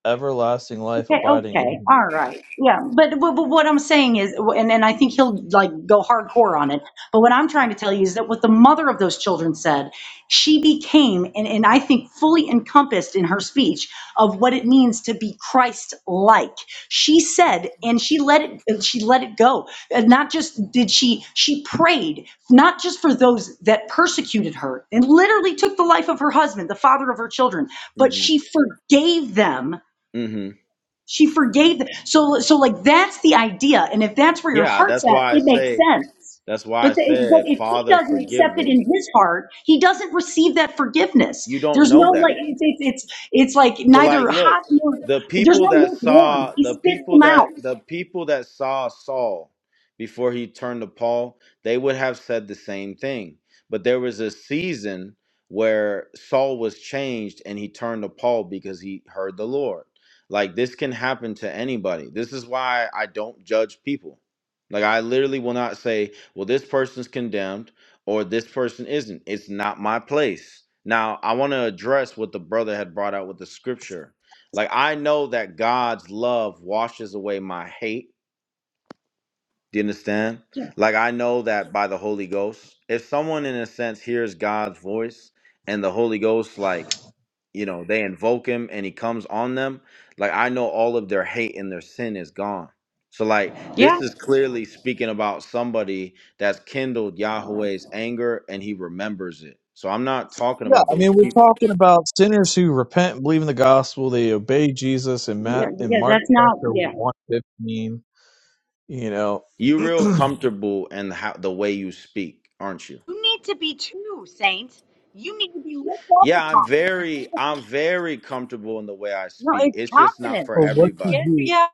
S1: everlasting life
S8: Okay,
S1: abiding in
S8: okay,
S1: him.
S8: all right, yeah, but, but, but what I'm saying is, and, and I think he'll like go hardcore on it, but what I'm trying to tell you is that what the mother of those children said, she became, and, and I think fully encompassed in her speech of what it means to be Christ-like. She said, and she let it, she let it go. And not just did she, she prayed, not just for those that persecuted her and literally took the life of her husband, the father of her children, but
S7: hmm
S8: she forgave them
S7: hmm
S8: she forgave them. So, so like that's the idea. And if that's where your
S7: yeah
S8: heart's
S7: that's
S8: at,
S7: why i
S8: it makes
S7: say
S8: sense.
S7: that's why i
S8: But, the, but
S7: said
S8: if he
S7: father
S8: doesn't
S7: forgive
S8: accept it
S7: them
S8: in his heart, he doesn't receive that forgiveness.
S7: you don't
S8: There's
S7: know
S8: no like,
S7: that
S8: it's, it's, it's, it's like
S7: So like
S8: neither hot
S7: look,
S8: nor,
S7: the
S8: there's
S7: people
S8: no
S7: that
S8: lukewarm.
S7: saw
S8: He
S7: the
S8: spits
S7: people
S8: them out.
S7: that the people that saw Saul before he turned to Paul, they would have said the same thing. But there was a season where Saul was changed and he turned to Paul because he heard the Lord. Like this can happen to anybody. This is why I don't judge people. Like I literally will not say, well this person's condemned or this person isn't. It's not my place. Now, I want to address what the brother had brought out with the scripture. Like, I know that God's love washes away my hate. Do you understand? Like, I know that by the Holy Ghost. If someone, in a sense, hears God's voice and the Holy Ghost, like, you know they invoke him and he comes on them like i know all of their hate and their sin is gone so like
S8: Yeah,
S7: this is clearly speaking about somebody that's kindled yahweh's anger and he remembers it so i'm not talking
S1: Yeah,
S7: about
S1: I
S7: those
S1: mean, we're
S7: people
S1: talking about sinners who repent and believe in the gospel. They obey Jesus in
S8: yeah,
S1: Matt in
S8: yeah.
S1: Mark
S8: That's not.
S1: chapter
S8: Yeah,
S1: one fifteen. You know,
S7: you real
S1: well,
S7: comfortable in how the way you speak aren't you
S8: You need to be true, saint. You need to be looked up
S7: yeah i'm
S8: upon.
S7: very i'm very comfortable in the way i
S8: No,
S7: speak
S8: it's
S7: it's just not
S8: confidence.
S7: for
S1: what
S8: Yeah,
S1: did
S7: everybody
S1: you?
S8: yeah.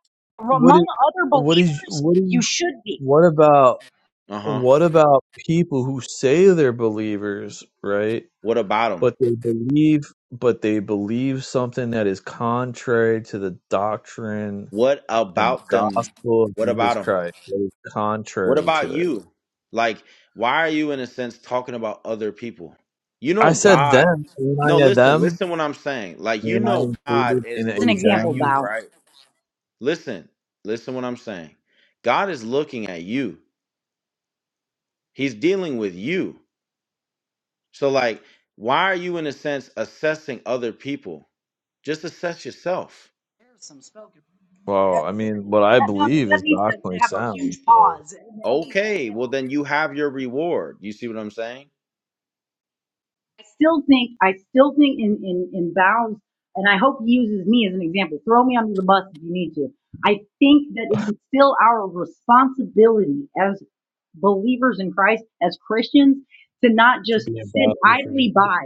S1: What
S8: Among
S1: is?
S8: other
S1: What is?
S8: believers,
S1: What is?
S8: you should be.
S1: What about?
S7: uh-huh
S1: What about people who say they're believers, right?
S7: what about them
S1: but they believe but they believe something that is contrary to the doctrine
S7: what
S1: and
S7: about them
S1: gospel of
S7: what
S1: Jesus
S7: about them
S1: Christ. That is
S7: What
S1: contrary
S7: about
S1: to it.
S7: you? Like, why are you, in a sense, talking about other people? You
S1: I
S7: know,
S1: said
S7: God.
S1: them, and
S7: No,
S1: I a
S7: listen,
S1: them,
S7: listen what I'm saying. Like, you
S1: and I
S7: know, God
S1: included
S7: is
S1: in a
S8: As an
S7: looking at
S8: example,
S7: you,
S1: them.
S8: bow.
S7: right? Listen, listen what I'm saying. God is looking at you, He's dealing with you. So, like, why are you, in a sense, assessing other people? Just assess yourself.
S8: There's some spoken. I
S1: Well, I
S8: haven't heard
S1: mean,
S8: it
S1: what
S8: yet.
S1: I
S8: No, no,
S1: believe
S8: that
S1: is
S8: needs to
S1: doctrinally
S8: have a
S1: sound.
S8: huge
S1: So
S8: pause. and everybody-
S7: Okay,
S8: yeah.
S7: well, then you have your reward. You see what I'm saying?
S8: I still think, I still think in, in, in bows, and I hope he uses me as an example. Throw me under the bus if you need to. I think that it is still our responsibility as believers in Christ, as Christians, to not
S1: to
S8: just
S1: be
S8: sit
S1: ambassadors for Jesus,
S8: idly by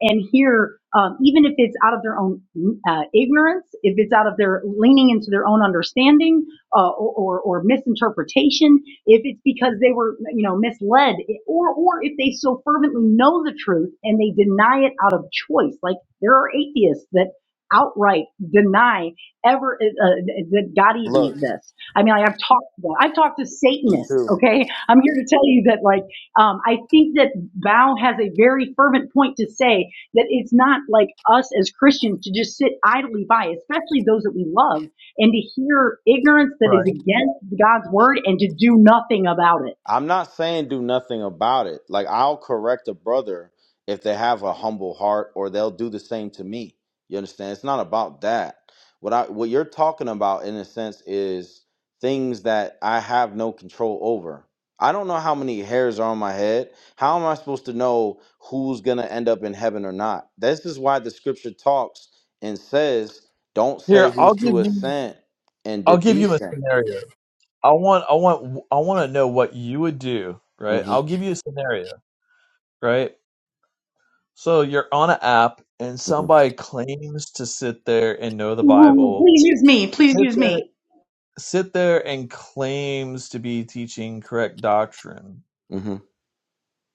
S8: and hear, um, even if it's out of their own uh, ignorance, if it's out of their leaning into their own understanding, uh, or, or misinterpretation, if it's because they were you know misled, or or if they so fervently know the truth and they deny it out of choice, like there are atheists that outright deny ever uh, uh, that God even
S7: Look,
S8: exists. I mean, like, I've talked to them. I've talked to
S7: me
S8: Satanists.
S7: too.
S8: Okay, I'm here to tell you that like um, I think that Bao has a very fervent point to say that it's not like us as Christians to just sit idly by, especially those that we love and to hear ignorance that is
S1: right?
S8: against God's word and to do nothing about it.
S7: I'm not saying do nothing about it. Like I'll correct a brother if they have a humble heart or they'll do the same to me. You understand? It's not about that. What I what you're talking about in a sense is things that I have no control over. I don't know how many hairs are on my head. How am I supposed to know who's going to end up in heaven or not? This is why the scripture talks and says, don't
S1: Here,
S7: say
S1: I'll
S7: who's
S1: give
S7: to
S1: you.
S7: ascend and to
S1: I'll give you a
S7: descend.
S1: scenario. I want. I want. I want to know what you would do. Right?
S7: Mhm.
S1: I'll give you a scenario. Right? So you're on an app and
S7: Mhm.
S1: somebody claims to sit there and know the
S8: Ooh,
S1: Bible.
S8: please use me. Please
S1: Sit
S8: use
S1: there
S8: me.
S1: sit there and claims to be teaching correct doctrine.
S7: Mhm.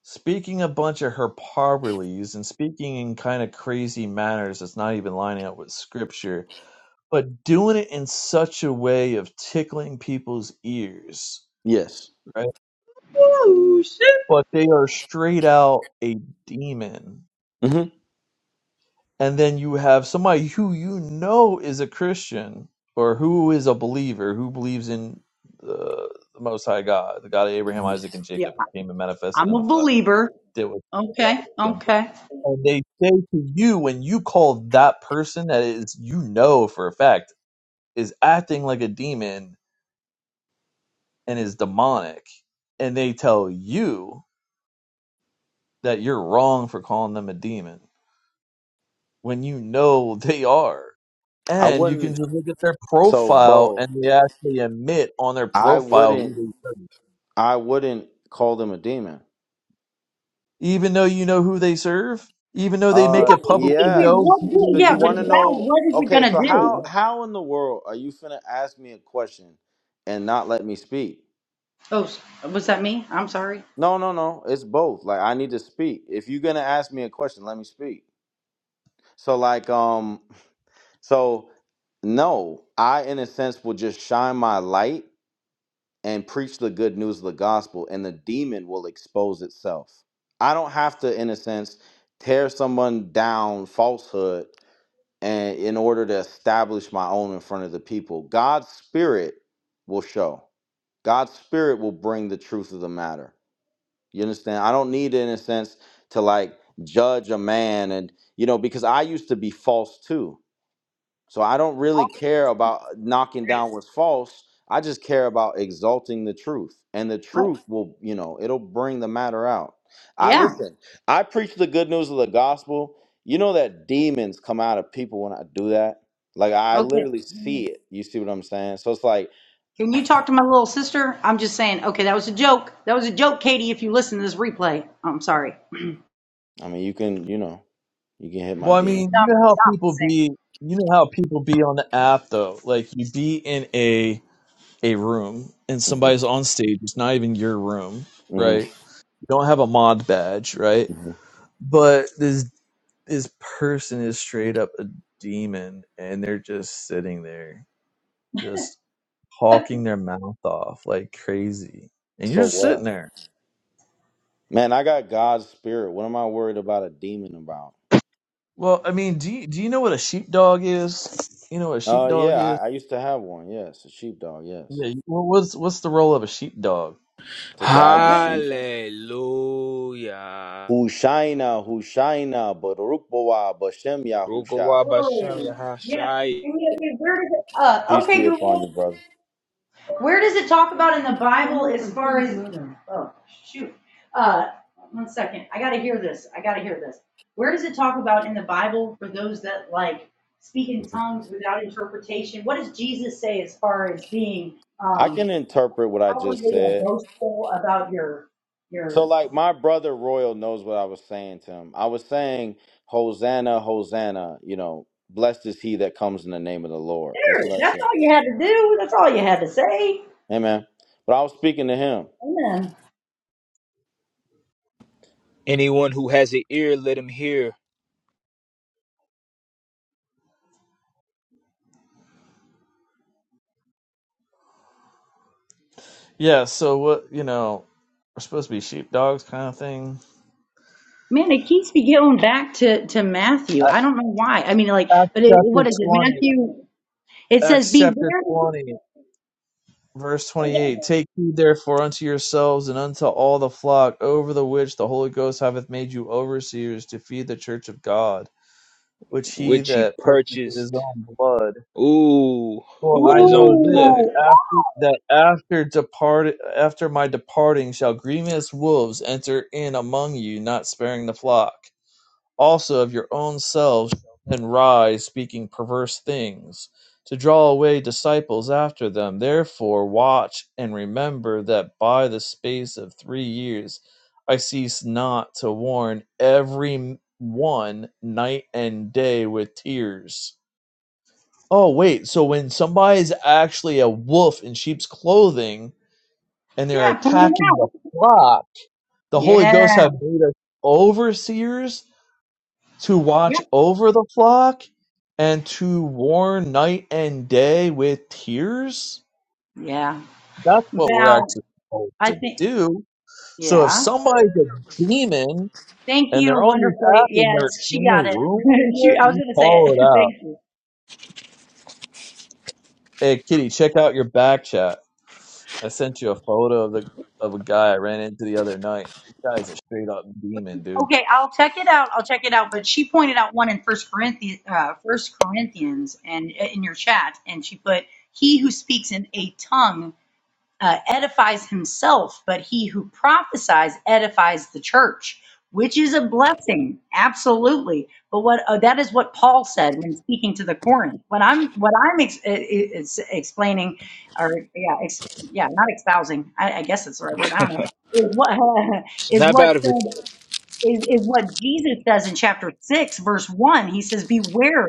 S1: Speaking a bunch of hyperboles and speaking in kind of crazy manners that's not even lining up with scripture, but doing it in such a way of tickling people's ears,
S7: Yes.
S1: right?
S8: Ooh, shit.
S1: But they are straight out a demon
S7: Mm-hmm.
S1: and then you have somebody who you know is a Christian or who is a believer who believes in the, the Most High God, the God of Abraham, Isaac, and
S8: Yeah,
S1: Jacob, who came and manifested
S8: I'm
S1: in the
S8: a
S1: flesh,
S8: believer.
S1: did what
S8: Okay.
S1: Jesus taught us to
S8: Yeah,
S1: and they say to you when you call that person that is you know for a fact is acting like a demon and is demonic, and they tell you that you're wrong for calling them a demon when you know they are.
S7: I
S1: And you can
S7: wouldn't.
S1: just look at their
S7: So,
S1: profile
S7: Bo,
S1: and they actually admit on their
S7: I
S1: profile who
S7: wouldn't.
S1: they serve.
S7: I wouldn't call them a demon.
S1: Even though you know who they serve, even though they make
S7: Uh,
S8: but
S1: it publicly
S8: wait, wait,
S7: yeah.
S1: know
S8: what?
S1: who
S8: good-
S7: So
S1: they
S8: Yeah,
S7: you
S8: but
S7: want
S1: serve.
S7: to
S8: now
S7: know?
S8: what is it
S7: Okay.
S8: gonna
S7: So how
S8: do?
S7: how in the world are you finna ask me a question and not let me speak?
S8: Oh, s- was that me? I'm sorry.
S7: No, no, no. It's both. Like I need to speak. If you're gonna ask me a question, let me speak. So like um, so no, I in a sense will just shine my light and preach the good news of the gospel, and the demon will expose itself. I don't have to, in a sense, tear someone down falsehood and in order to establish my own in front of the people. God's spirit will show. God's spirit will bring the truth of the matter. You understand? I don't need, in a sense, to like judge a man and you know, because I used to be false too. So I don't really
S8: Oh,
S7: care about knocking
S8: Right.
S7: down what's false. I just care about exalting the truth. And the
S8: Right.
S7: truth will, you know, it'll bring the matter out. I
S8: Yeah.
S7: listen, I preach the good news of the gospel. You know that demons come out of people when I do that? Like I
S8: Okay.
S7: literally see it. You see what I'm saying? So it's like,
S8: Can you talk to my little sister? I'm just saying. Okay, that was a joke. That was a joke, Katie. If you listen to this replay, I'm sorry.
S7: I mean, you can, you know, you can hit my
S1: Well, I
S7: DM.
S1: mean, you know how people be you know how people be on the app though. Like you be in a a room and
S7: hmm
S1: somebody's on stage, it's not even your room,
S7: hmm
S1: right? You don't have a mod badge, right?
S7: hmm
S1: But this this person is straight up a demon and they're just sitting there just hawking their mouth off like crazy. And you're
S7: So
S1: just sitting
S7: what?
S1: there.
S7: Man, I got God's spirit. What am I worried about a demon about?
S1: Well, I mean, do you, do you know what a sheepdog is? You know what a
S7: Uh yeah,
S1: sheepdog
S7: I,
S1: is?
S7: I used to have one, yes. A sheepdog, yes.
S1: Yeah, you- what- what's what's the role of a sheepdog?
S7: to guide the sheep.
S5: Hallelujah.
S7: Hushaina, Hushaina, Baruch Boah, Bashem Yahushai.
S5: Rukawa
S8: Oh,
S5: Bashem
S8: yeah.
S5: Yahashai.
S8: And yet, yet where does it, uh,
S7: Peace
S8: okay,
S7: be upon you,
S8: Google,
S7: brother.
S8: where does it talk about in the Bible as far as, oh, shoot. Uh, one second. I gotta hear this. I gotta hear this. Where does it talk about in the Bible for those that like speak in tongues without interpretation? What does Jesus say as far as being,
S7: I can
S8: um,
S7: interpret what I just
S8: outwardly
S7: said.
S8: boastful about your,
S7: So,
S8: your,
S7: like, my brother Royal knows what I was saying to him. I was saying, Hosanna, Hosanna, you know, blessed is he that comes in the name of the Lord. That's
S8: there,
S7: what I
S8: that's
S7: said.
S8: all you had to do. That's all you had to say.
S7: Amen. But I was speaking to him.
S8: Amen.
S5: Anyone who has an ear, let him hear
S1: Yeah, so what, you know, we're supposed to be sheepdogs kind of thing.
S8: Man, it keeps me going back to, to Matthew. I don't know why. I mean, like,
S1: Acts
S8: but it,
S1: chapter
S8: what is it?
S1: 20.
S8: Matthew, it says,
S1: Acts
S8: "Be
S1: chapter
S8: of
S1: 20, verse 28. Take heed therefore unto yourselves and unto all the flock over the which the Holy Ghost hath made you overseers to feed the church of God which he
S5: which he
S1: that purchased with his
S5: purchased.
S1: own blood.
S5: Ooh, who
S1: For
S5: with
S1: I
S5: his own
S1: know this
S5: blood.
S8: Ooh,
S1: after that after depart after my departing shall grievous wolves enter in among you, not sparing the flock. Also of your own selves shall men rise, speaking perverse things, to draw away disciples after them. Therefore watch and remember that by the space of three years I cease not to warn every one night and day with tears Oh wait, so when somebody is actually a wolf in sheep's clothing and they're
S8: yeah, point it
S1: attacking the
S8: out.
S1: flock, the Holy
S8: Yeah,
S1: Ghost have made us overseers to watch over the flock and to warn night and day with tears?
S8: yeah.
S1: That's what we're
S8: About,
S1: actually supposed
S8: I
S1: to
S8: think,
S1: do. So if
S8: yeah.
S1: somebody's a demon
S8: Thank
S1: and
S8: you,
S1: they're on this
S8: wonderfully.
S1: app and they're
S8: Yes,
S1: in
S8: she
S1: a
S8: got it.
S1: room
S8: she,
S1: with
S8: I
S1: you,
S8: was
S1: you
S8: going to say it.
S1: call it out.
S8: Thank you.
S1: Hey Kitty, check out your back chat. I sent you a photo of the of a guy I ran into the other night. This guy's a straight up demon, dude.
S8: Okay, I'll check it out. I'll check it out. But she pointed out one in First Corinthians, uh, First Corinthians, and uh, in your chat, and she put, "He who speaks in a tongue." uh, edifies himself, but he who prophesies edifies the church, which is a blessing, absolutely. But what uh, that is what Paul said when speaking to the Corinth. What I'm what I'm ex- i- i- is explaining, or yeah, ex- yeah, not espousing. I, I guess that's the right word. I don't know. Is what is
S5: Snap
S8: what
S5: out of it.
S8: said? is, is what Jesus says in chapter 6, verse 1. He says, Beware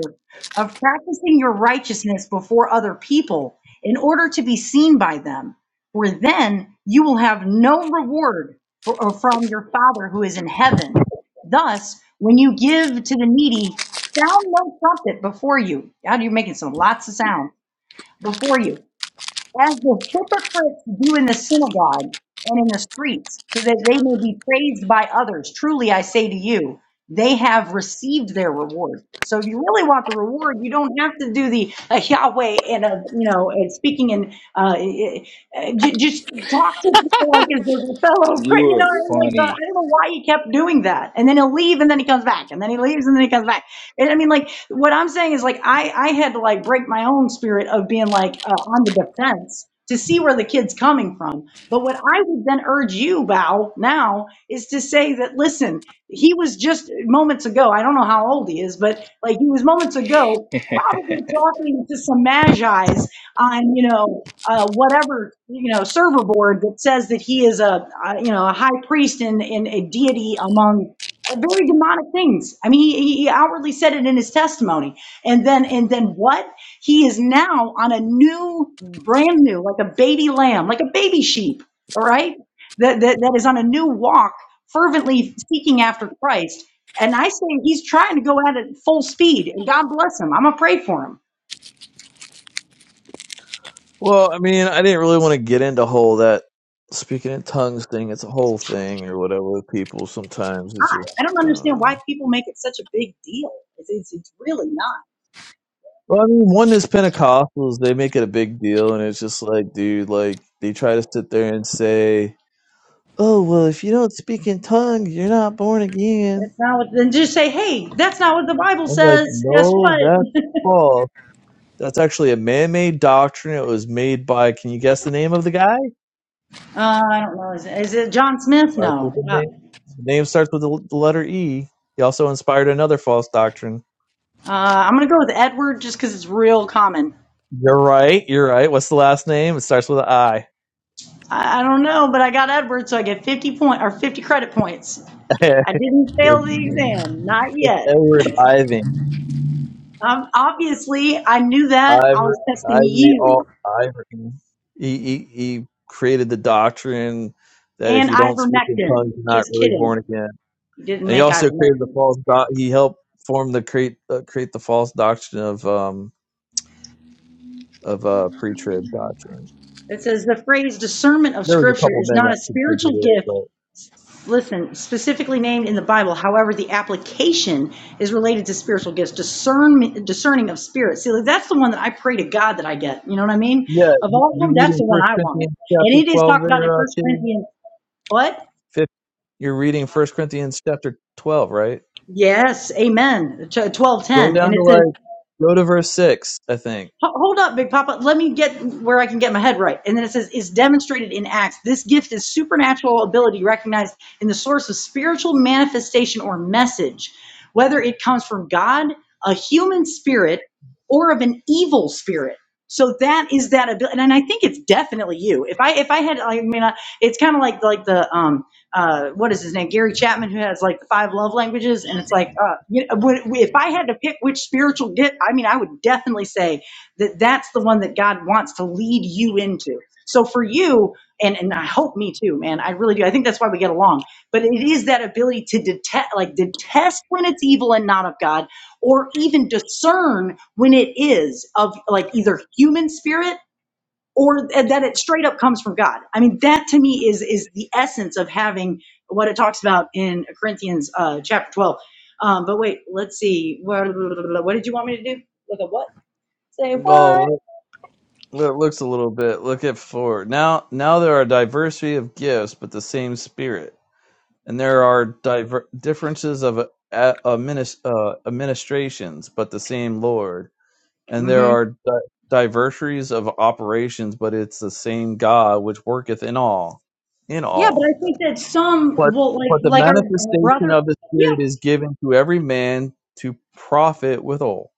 S8: of practicing your righteousness before other people in order to be seen by them, for then you will have no reward for, or from your Father who is in heaven. Thus, when you give to the needy, sound no trumpet before you. God, you're making some lots of sound before you as the hypocrites do in the synagogue and in the streets, so that they may be praised by others. Truly, I say to you, they have received their reward. So, if you really want the reward, you don't have to do the uh, Yahweh and uh, you know and speaking and uh, uh, j- just talk to people like as a fellow Christian.
S5: You
S8: You
S5: are
S8: know, like the, I
S5: funny.
S8: don't know why he kept doing that, and then he'll leave, and then he comes back, and then he leaves, and then he comes back. And I mean, like, what I'm saying is, like, I I had to like break my own spirit of being like uh, on the defense to see where the kid's coming from. But what I would then urge you, Bao, now is to say that listen, he was just moments ago. I don't know how old he is, but like he was moments ago probably talking to some magi's on you know uh, whatever you know server board that says that he is a, uh you know a high priest and, and a deity among uh, very demonic things. I mean, he, he outwardly said it in his testimony, and then and then what? He is now on a new, brand new, like a baby lamb, like a baby sheep. All right, that that, that is on a new walk, fervently seeking after Christ. And I say he's trying to go at it full speed. And God bless him. I'm gonna pray for him.
S1: Well, I mean, I didn't really want to get into whole that speaking in tongues thing. It's a whole thing or whatever with people. Sometimes it's
S8: God,
S1: just
S8: I don't
S1: I don't
S8: understand
S1: know.
S8: why people make it such a big deal. It's it's, it's really not.
S1: Well, I mean, one is Pentecostals. They make it a big deal, and it's just like, dude, like they try to sit there and say, "Oh, well, if you don't speak in tongues, you're not born again."
S8: That's not what. Then just say, hey, that's not what the Bible
S1: I'm like,
S8: says. Guess
S1: no,
S8: what?
S1: that's false That's actually a man-made doctrine. It was made by. Can you guess the name of the guy?
S8: Uh, I don't know. Is it, is it John Smith?
S1: Starts
S8: No.
S1: the
S8: Uh,
S1: name. The name starts with the, the letter E. He also inspired another false doctrine.
S8: uh, I'm going to go with Edward just because it's real common.
S1: You're right. You're right. What's the last name? It starts with an I.
S8: I, I don't know, but I got Edward, so I get 50 point or 50 credit points.
S1: it's,
S8: I didn't fail the exam, not
S1: it's
S8: yet.
S1: Edward Iving.
S8: Um, obviously, I knew that. I
S1: Ivory,
S8: was testing
S1: Ivory, all
S8: you
S1: Ivory. He, he he created the doctrine that if
S8: and
S1: you don't speak in
S8: ivermectin.
S1: tongues, you're not
S8: Just
S1: really
S8: kidding.
S1: born again.
S8: You didn't
S1: And he
S8: make
S1: also created the
S8: ivermectin.
S1: false. doc he helped form the create uh, create the false doctrine of um, of uh, pre-trib doctrine.
S8: It says the phrase discernment of
S1: There was a
S8: scripture
S1: couple
S8: is
S1: men
S8: not
S1: that
S8: a spiritual
S1: contributed it,
S8: gift
S1: but
S8: listen, specifically named in the Bible. However, the application is related to spiritual gifts, discern, discerning of spirits. See, like, that's the one that I pray to God that I get. You know what I mean?
S1: yeah,
S8: Of
S1: you-
S8: all of
S1: you're
S8: them, that's
S1: reading
S8: the one
S1: First
S8: I want.
S1: Corinthians
S8: And
S1: chapter
S8: it is
S1: twelve
S8: talked about in
S1: there, uh,
S8: First
S1: Kitty.
S8: Corinthians, what?
S1: Fif- You're reading First Corinthians chapter twelve, right?
S8: Yes, amen. Twelve
S1: Go
S8: ten,
S1: down
S8: and it
S1: to
S8: says.
S1: like go to verse six, I think.
S8: Ho- Hold up, Big Papa. Let me get where I can get my head right. And then it says, is demonstrated in acts. This gift is supernatural ability recognized in the source of spiritual manifestation or message, whether it comes from God, a human spirit, or of an evil spirit. So that is that ability, and I think it's definitely you. If I if I had, I mean, I, it's kind of like like the um uh what is his name Gary Chapman who has like the five love languages, and it's like uh you know, would- if I had to pick which spiritual gift, I mean, I would definitely say that that's the one that God wants to lead you into. So for you, and and I hope me too, man. I really do. I think that's why we get along. But it is that ability to detect, like detest when it's evil and not of God, or even discern when it is of like either human spirit or th- that it straight up comes from God. I mean, that to me is is the essence of having what it talks about in Corinthians uh, chapter twelve. Um, but wait, let's see. What, what did you want me to do? Look at what?
S1: Well, it it looks a little bit. Look at four. Now, now there are diversity of gifts, but the same Spirit, and there are diver- differences of uh, adminis- uh, administrations, but the same Lord and
S8: Mm-hmm.
S1: there are di- diversaries of operations, but it's the same God which worketh in all, in
S8: Yeah, but
S1: all.
S8: I think that
S1: But
S8: some will like
S1: but the
S8: like our, our
S1: manifestation
S8: brother.
S1: of the
S8: Yeah,
S1: Spirit is given to every man to profit withal.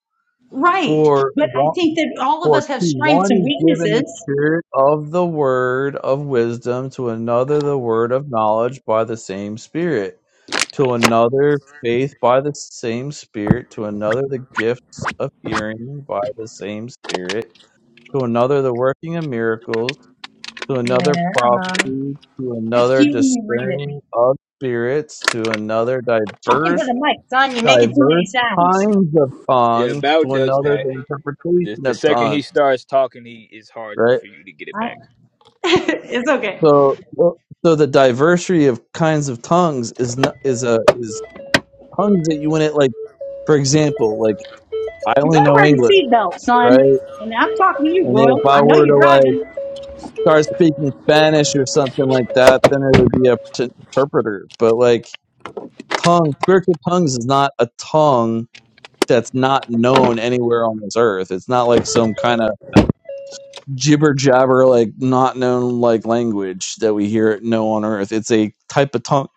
S8: right.
S1: For
S8: But I
S1: one,
S8: think that all of
S1: for
S8: us have
S1: to
S8: strengths
S1: one
S8: and
S1: is given the
S8: weaknesses.
S1: Spirit of the word of wisdom, to another the word of knowledge by the same Spirit. To another, faith by the same Spirit, to another, the gifts of hearing by the same Spirit, to another the working of miracles, to
S8: Yeah,
S1: another prophecy, to
S8: it's
S1: another
S8: cute when you read it.
S1: discerning of spirits, to another
S8: Talking to
S1: diverse
S8: the mic, son. You're making too
S1: diverse
S8: many sounds.
S1: kinds of
S5: Yeah,
S1: tongues,
S5: Bow
S1: to
S5: does
S1: another
S5: that.
S1: the
S5: The,
S1: interpretation
S5: the
S1: of
S5: second
S1: tongues.
S5: he starts talking, he it's hard
S1: Right.
S5: for you to get it
S8: I,
S5: back.
S8: it's okay.
S1: So, so so the diversity of kinds of tongues is not, is a is tongues that you wouldn't like. For example, like I
S8: You
S1: only
S8: better
S1: know
S8: wear your
S1: English,
S8: seatbelt,
S1: right?
S8: son. And I'm talking to you,
S1: And if
S8: Royal. I
S1: I
S8: know
S1: were
S8: you're
S1: to like
S8: driving.
S1: start speaking Spanish or something like that, then it would be a t- interpreter. But like tongue spiritual tongues is not a tongue that's not known anywhere on this earth it's not like some kind of jibber jabber like not known like language that we hear know on earth it's a type of tongue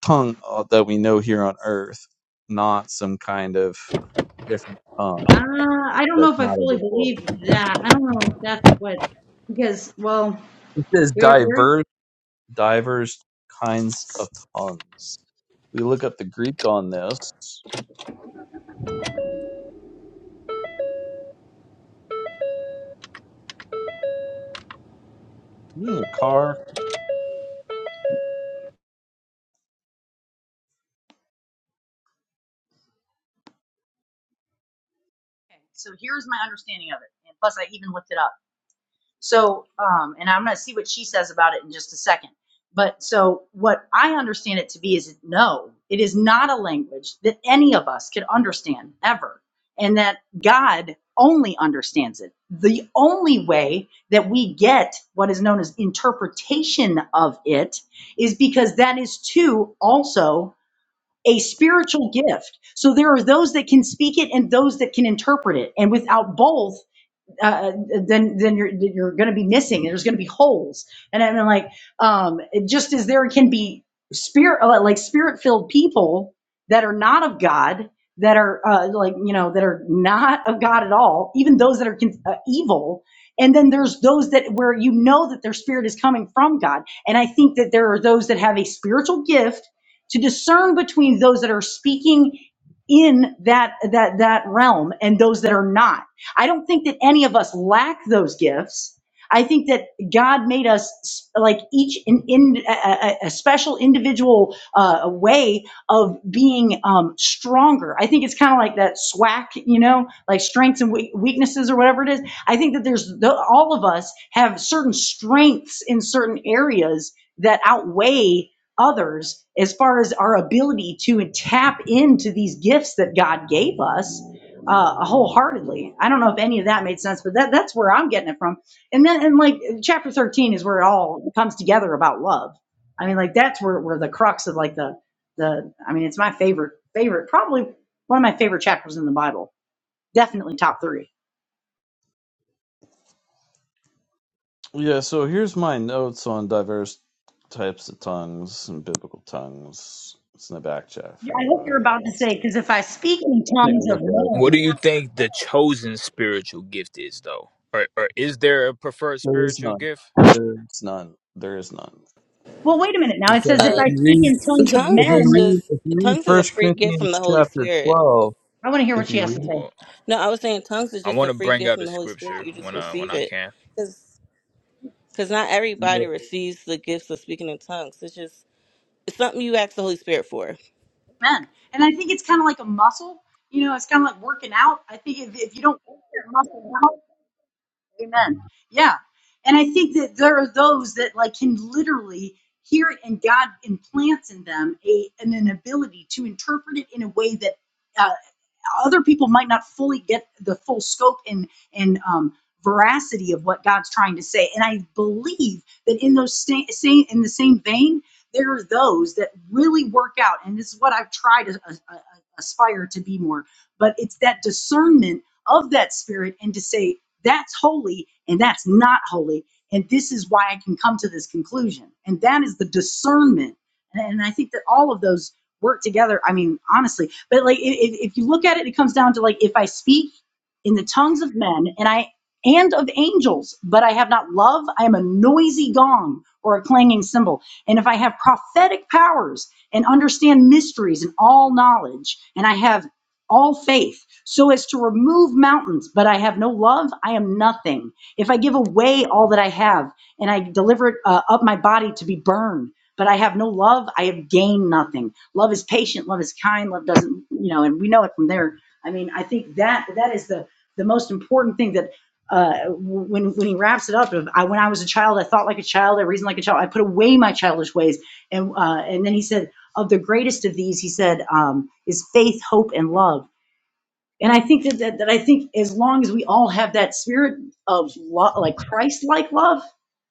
S1: tongue uh, that we know here on earth not some kind of different
S8: Uh,
S1: tongue
S8: I don't know
S1: that's
S8: if I
S1: not of
S8: fully
S1: this world
S8: believe that. I don't know if that's what because well,
S1: it says
S8: we're we're.
S1: diverse diverse kinds of tongues we look up the greek on this You in your car.
S8: Okay, so here's my understanding of it. And plus, I even looked it up. So, um, and I'm going to see what she says about it in just a second. But so, what I understand it to be is no, it is not a language that any of us could understand ever, and that God only understands it. The only way that we get what is known as interpretation of it is because that is too also a spiritual gift. So there are those that can speak it and those that can interpret it. And without both, uh, uh, then then you're you're going to be missing. There's going to be holes, and I'm like, um, it just as there can be spirit uh, like spirit filled people that are not of God, that are uh, like you know that are not of God at all, even those that are uh, evil. And then there's those that where you know that their spirit is coming from God, and I think that there are those that have a spiritual gift to discern between those that are speaking in that that that realm and those that are not I don't think that any of us lack those gifts. I think that God made us like each in, in a, a- special individual uh, way of being um, stronger. I think it's kind of like that SWAC, you know, like strengths and weaknesses or whatever it is. I think that there's the, all of us have certain strengths in certain areas that outweigh others as far as our ability to tap into these gifts that God gave us uh, wholeheartedly. I don't know if any of that made sense, but that that's where I'm getting it from. And then and like chapter 13 is where it all comes together about love. I mean, like that's where where the crux of like the the I mean, it's my favorite favorite probably one of my favorite chapters in the Bible. Definitely top 3.
S1: Yeah, so here's my notes on diverse types of tongues and biblical tongues. It's in the back chat
S8: Yeah,
S1: for
S8: I hope
S1: anybody
S8: you're
S1: that
S8: about to
S1: wants
S8: say,
S1: to
S8: because if I speak in
S1: take a
S8: tongues of
S1: look at it.
S5: What do you
S8: men,
S5: think the chosen spiritual gift is, though? Or, or is there a preferred
S1: There is
S5: spiritual
S1: none.
S5: gift?
S1: There is none. There is none.
S8: Well, wait a minute. Now it
S1: Because
S8: says if
S1: if
S11: Uh,
S8: I
S1: you
S8: speak
S1: read,
S8: in tongues of
S1: if
S11: tongues
S1: you
S11: is
S8: men,
S1: read,
S11: just
S1: if you read
S11: tongues is a
S1: First
S11: free gift
S1: Corinthians
S11: from the Holy
S1: chapter
S11: Spirit.
S1: twelve,
S8: I want to hear what
S1: if
S8: she
S1: you
S8: has to
S1: read,
S8: say.
S5: Well,
S11: No, I was saying tongues is
S5: I
S11: just
S5: want
S11: a
S5: to
S11: free
S5: bring
S11: gift
S5: out
S11: from
S5: a
S11: the Holy Spirit.
S5: scripture
S11: You just
S5: when I when
S11: receive
S5: I
S11: it
S5: can.
S11: because not everybody
S1: it-
S11: receives the gifts of speaking in tongues. It's just it's something you ask the Holy Spirit for.
S8: men. And I think it's kind of like a muscle. You know, it's kind of like working out. I think if, if you don't work your muscle out, amen. Yeah. And I think that there are those that like can literally hear it and God implants in them a, an, an ability to interpret it in a way that uh, other people might not fully get the full scope and and um, veracity of what God's trying to say. And I believe that in those sta- same st- in the same vein, there are those that really work out, and this is what I've tried to uh, uh, aspire to be more. But it's that discernment of that spirit and to say that's holy and that's not holy. And this is why I can come to this conclusion. And that is the discernment. And and I think that all of those work together. I mean, honestly, but like if, if you look at it, it comes down to like if I speak in the tongues of men and I and of angels, but I have not love, I am a noisy gong or a clanging cymbal. And if I have prophetic powers and understand mysteries and all knowledge, and I have all faith, so as to remove mountains, but I have no love, I am nothing. If I give away all that I have and I deliver it, uh, up my body to be burned but I have no love, I have gained nothing. Love is patient, love is kind, love doesn't, you know, and we know it from there. I mean, I think that that is the the most important thing that uh, when when he wraps it up, of, I, when I was a child, I thought like a child, I reasoned like a child, I put away my childish ways, and uh, and then he said, of the greatest of these, he said, um, is faith, hope, and love. And I think that, that, that I think as long as we all have that spirit of love, like Christ like love,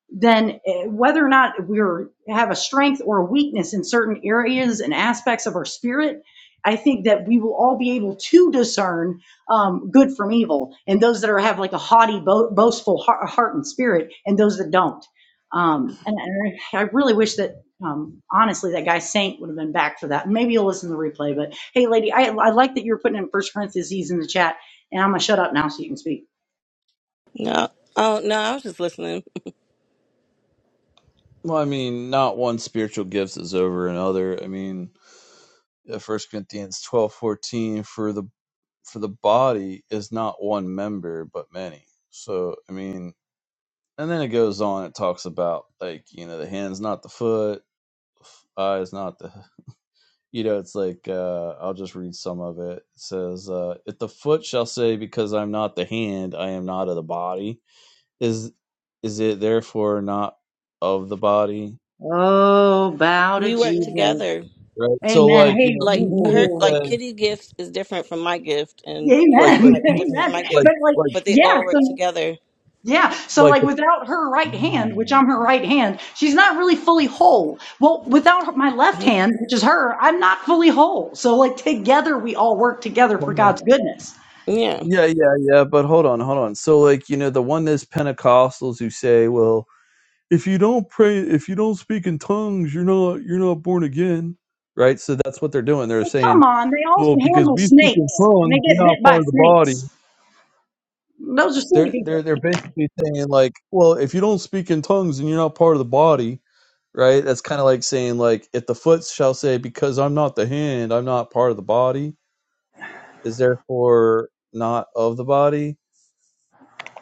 S8: then eh, whether or not we're have a strength or a weakness in certain areas and aspects of our spirit, I think that we will all be able to discern um, good from evil, and those that are have like a haughty, bo- boastful heart, heart and spirit, and those that don't. Um, and, and I really wish that um, honestly, that guy Saint would have been back for that. Maybe you'll listen to the replay. But hey, lady, I, I like that you're putting in First Corinthians. He's in the chat, and I'm gonna shut up now so you can speak.
S11: No, oh no, I was just listening.
S1: well, I mean, not one spiritual gift is over another. I mean, uh, First Corinthians twelve fourteen for the for the body is not one member but many. So I mean and then it goes on. It talks about like you know the hands not the foot, eyes not the you know. It's like uh, I'll just read some of it. It says, uh, "If the foot shall say, because I'm not the hand, I am not of the body, is is it therefore not of the body?"
S8: Oh, bow to
S11: We work
S8: Jesus.
S11: together.
S1: Right. So
S8: Amen.
S1: like you
S8: Hey,
S1: know
S11: Like
S1: people
S11: her,
S1: who
S8: woo,
S11: like
S1: say
S11: Kitty gift is different from my gift,
S8: woo.
S11: and your
S1: like
S11: gift
S8: amen.
S1: like
S11: might be different
S1: people
S11: from
S8: Amen.
S11: my
S1: like
S11: gift,
S8: But like,
S1: like
S11: but they
S8: yeah,
S11: all
S8: so
S11: work together.
S8: Yeah. So
S1: like
S8: like
S1: the
S8: without her right hand, which I'm her right hand, she's not really fully whole. Well, without her- my left
S11: hmm
S8: hand, which is her, I'm not fully whole. So like together we all work together for
S1: Hold on.
S8: God's goodness.
S11: Yeah,
S1: yeah yeah yeah. But hold on hold on. So like you know the one is Pentecostals who say well if you don't pray if you don't speak in tongues you're not you're not born again right so that's what they're doing they're
S8: Like, come
S1: saying
S8: on, they all
S1: well
S8: can
S1: because
S8: handle
S1: we speak in
S8: snakes and they
S1: tongues
S8: get
S1: we're not
S8: bit
S1: part
S8: by
S1: of the body
S8: snakes. Those are silly
S1: they're they're
S8: people.
S1: they're basically saying like well if you don't speak in tongues and you're not part of the body right that's kind of like saying like if the foot shall say because i'm not the hand i'm not part of the body is therefore not of the body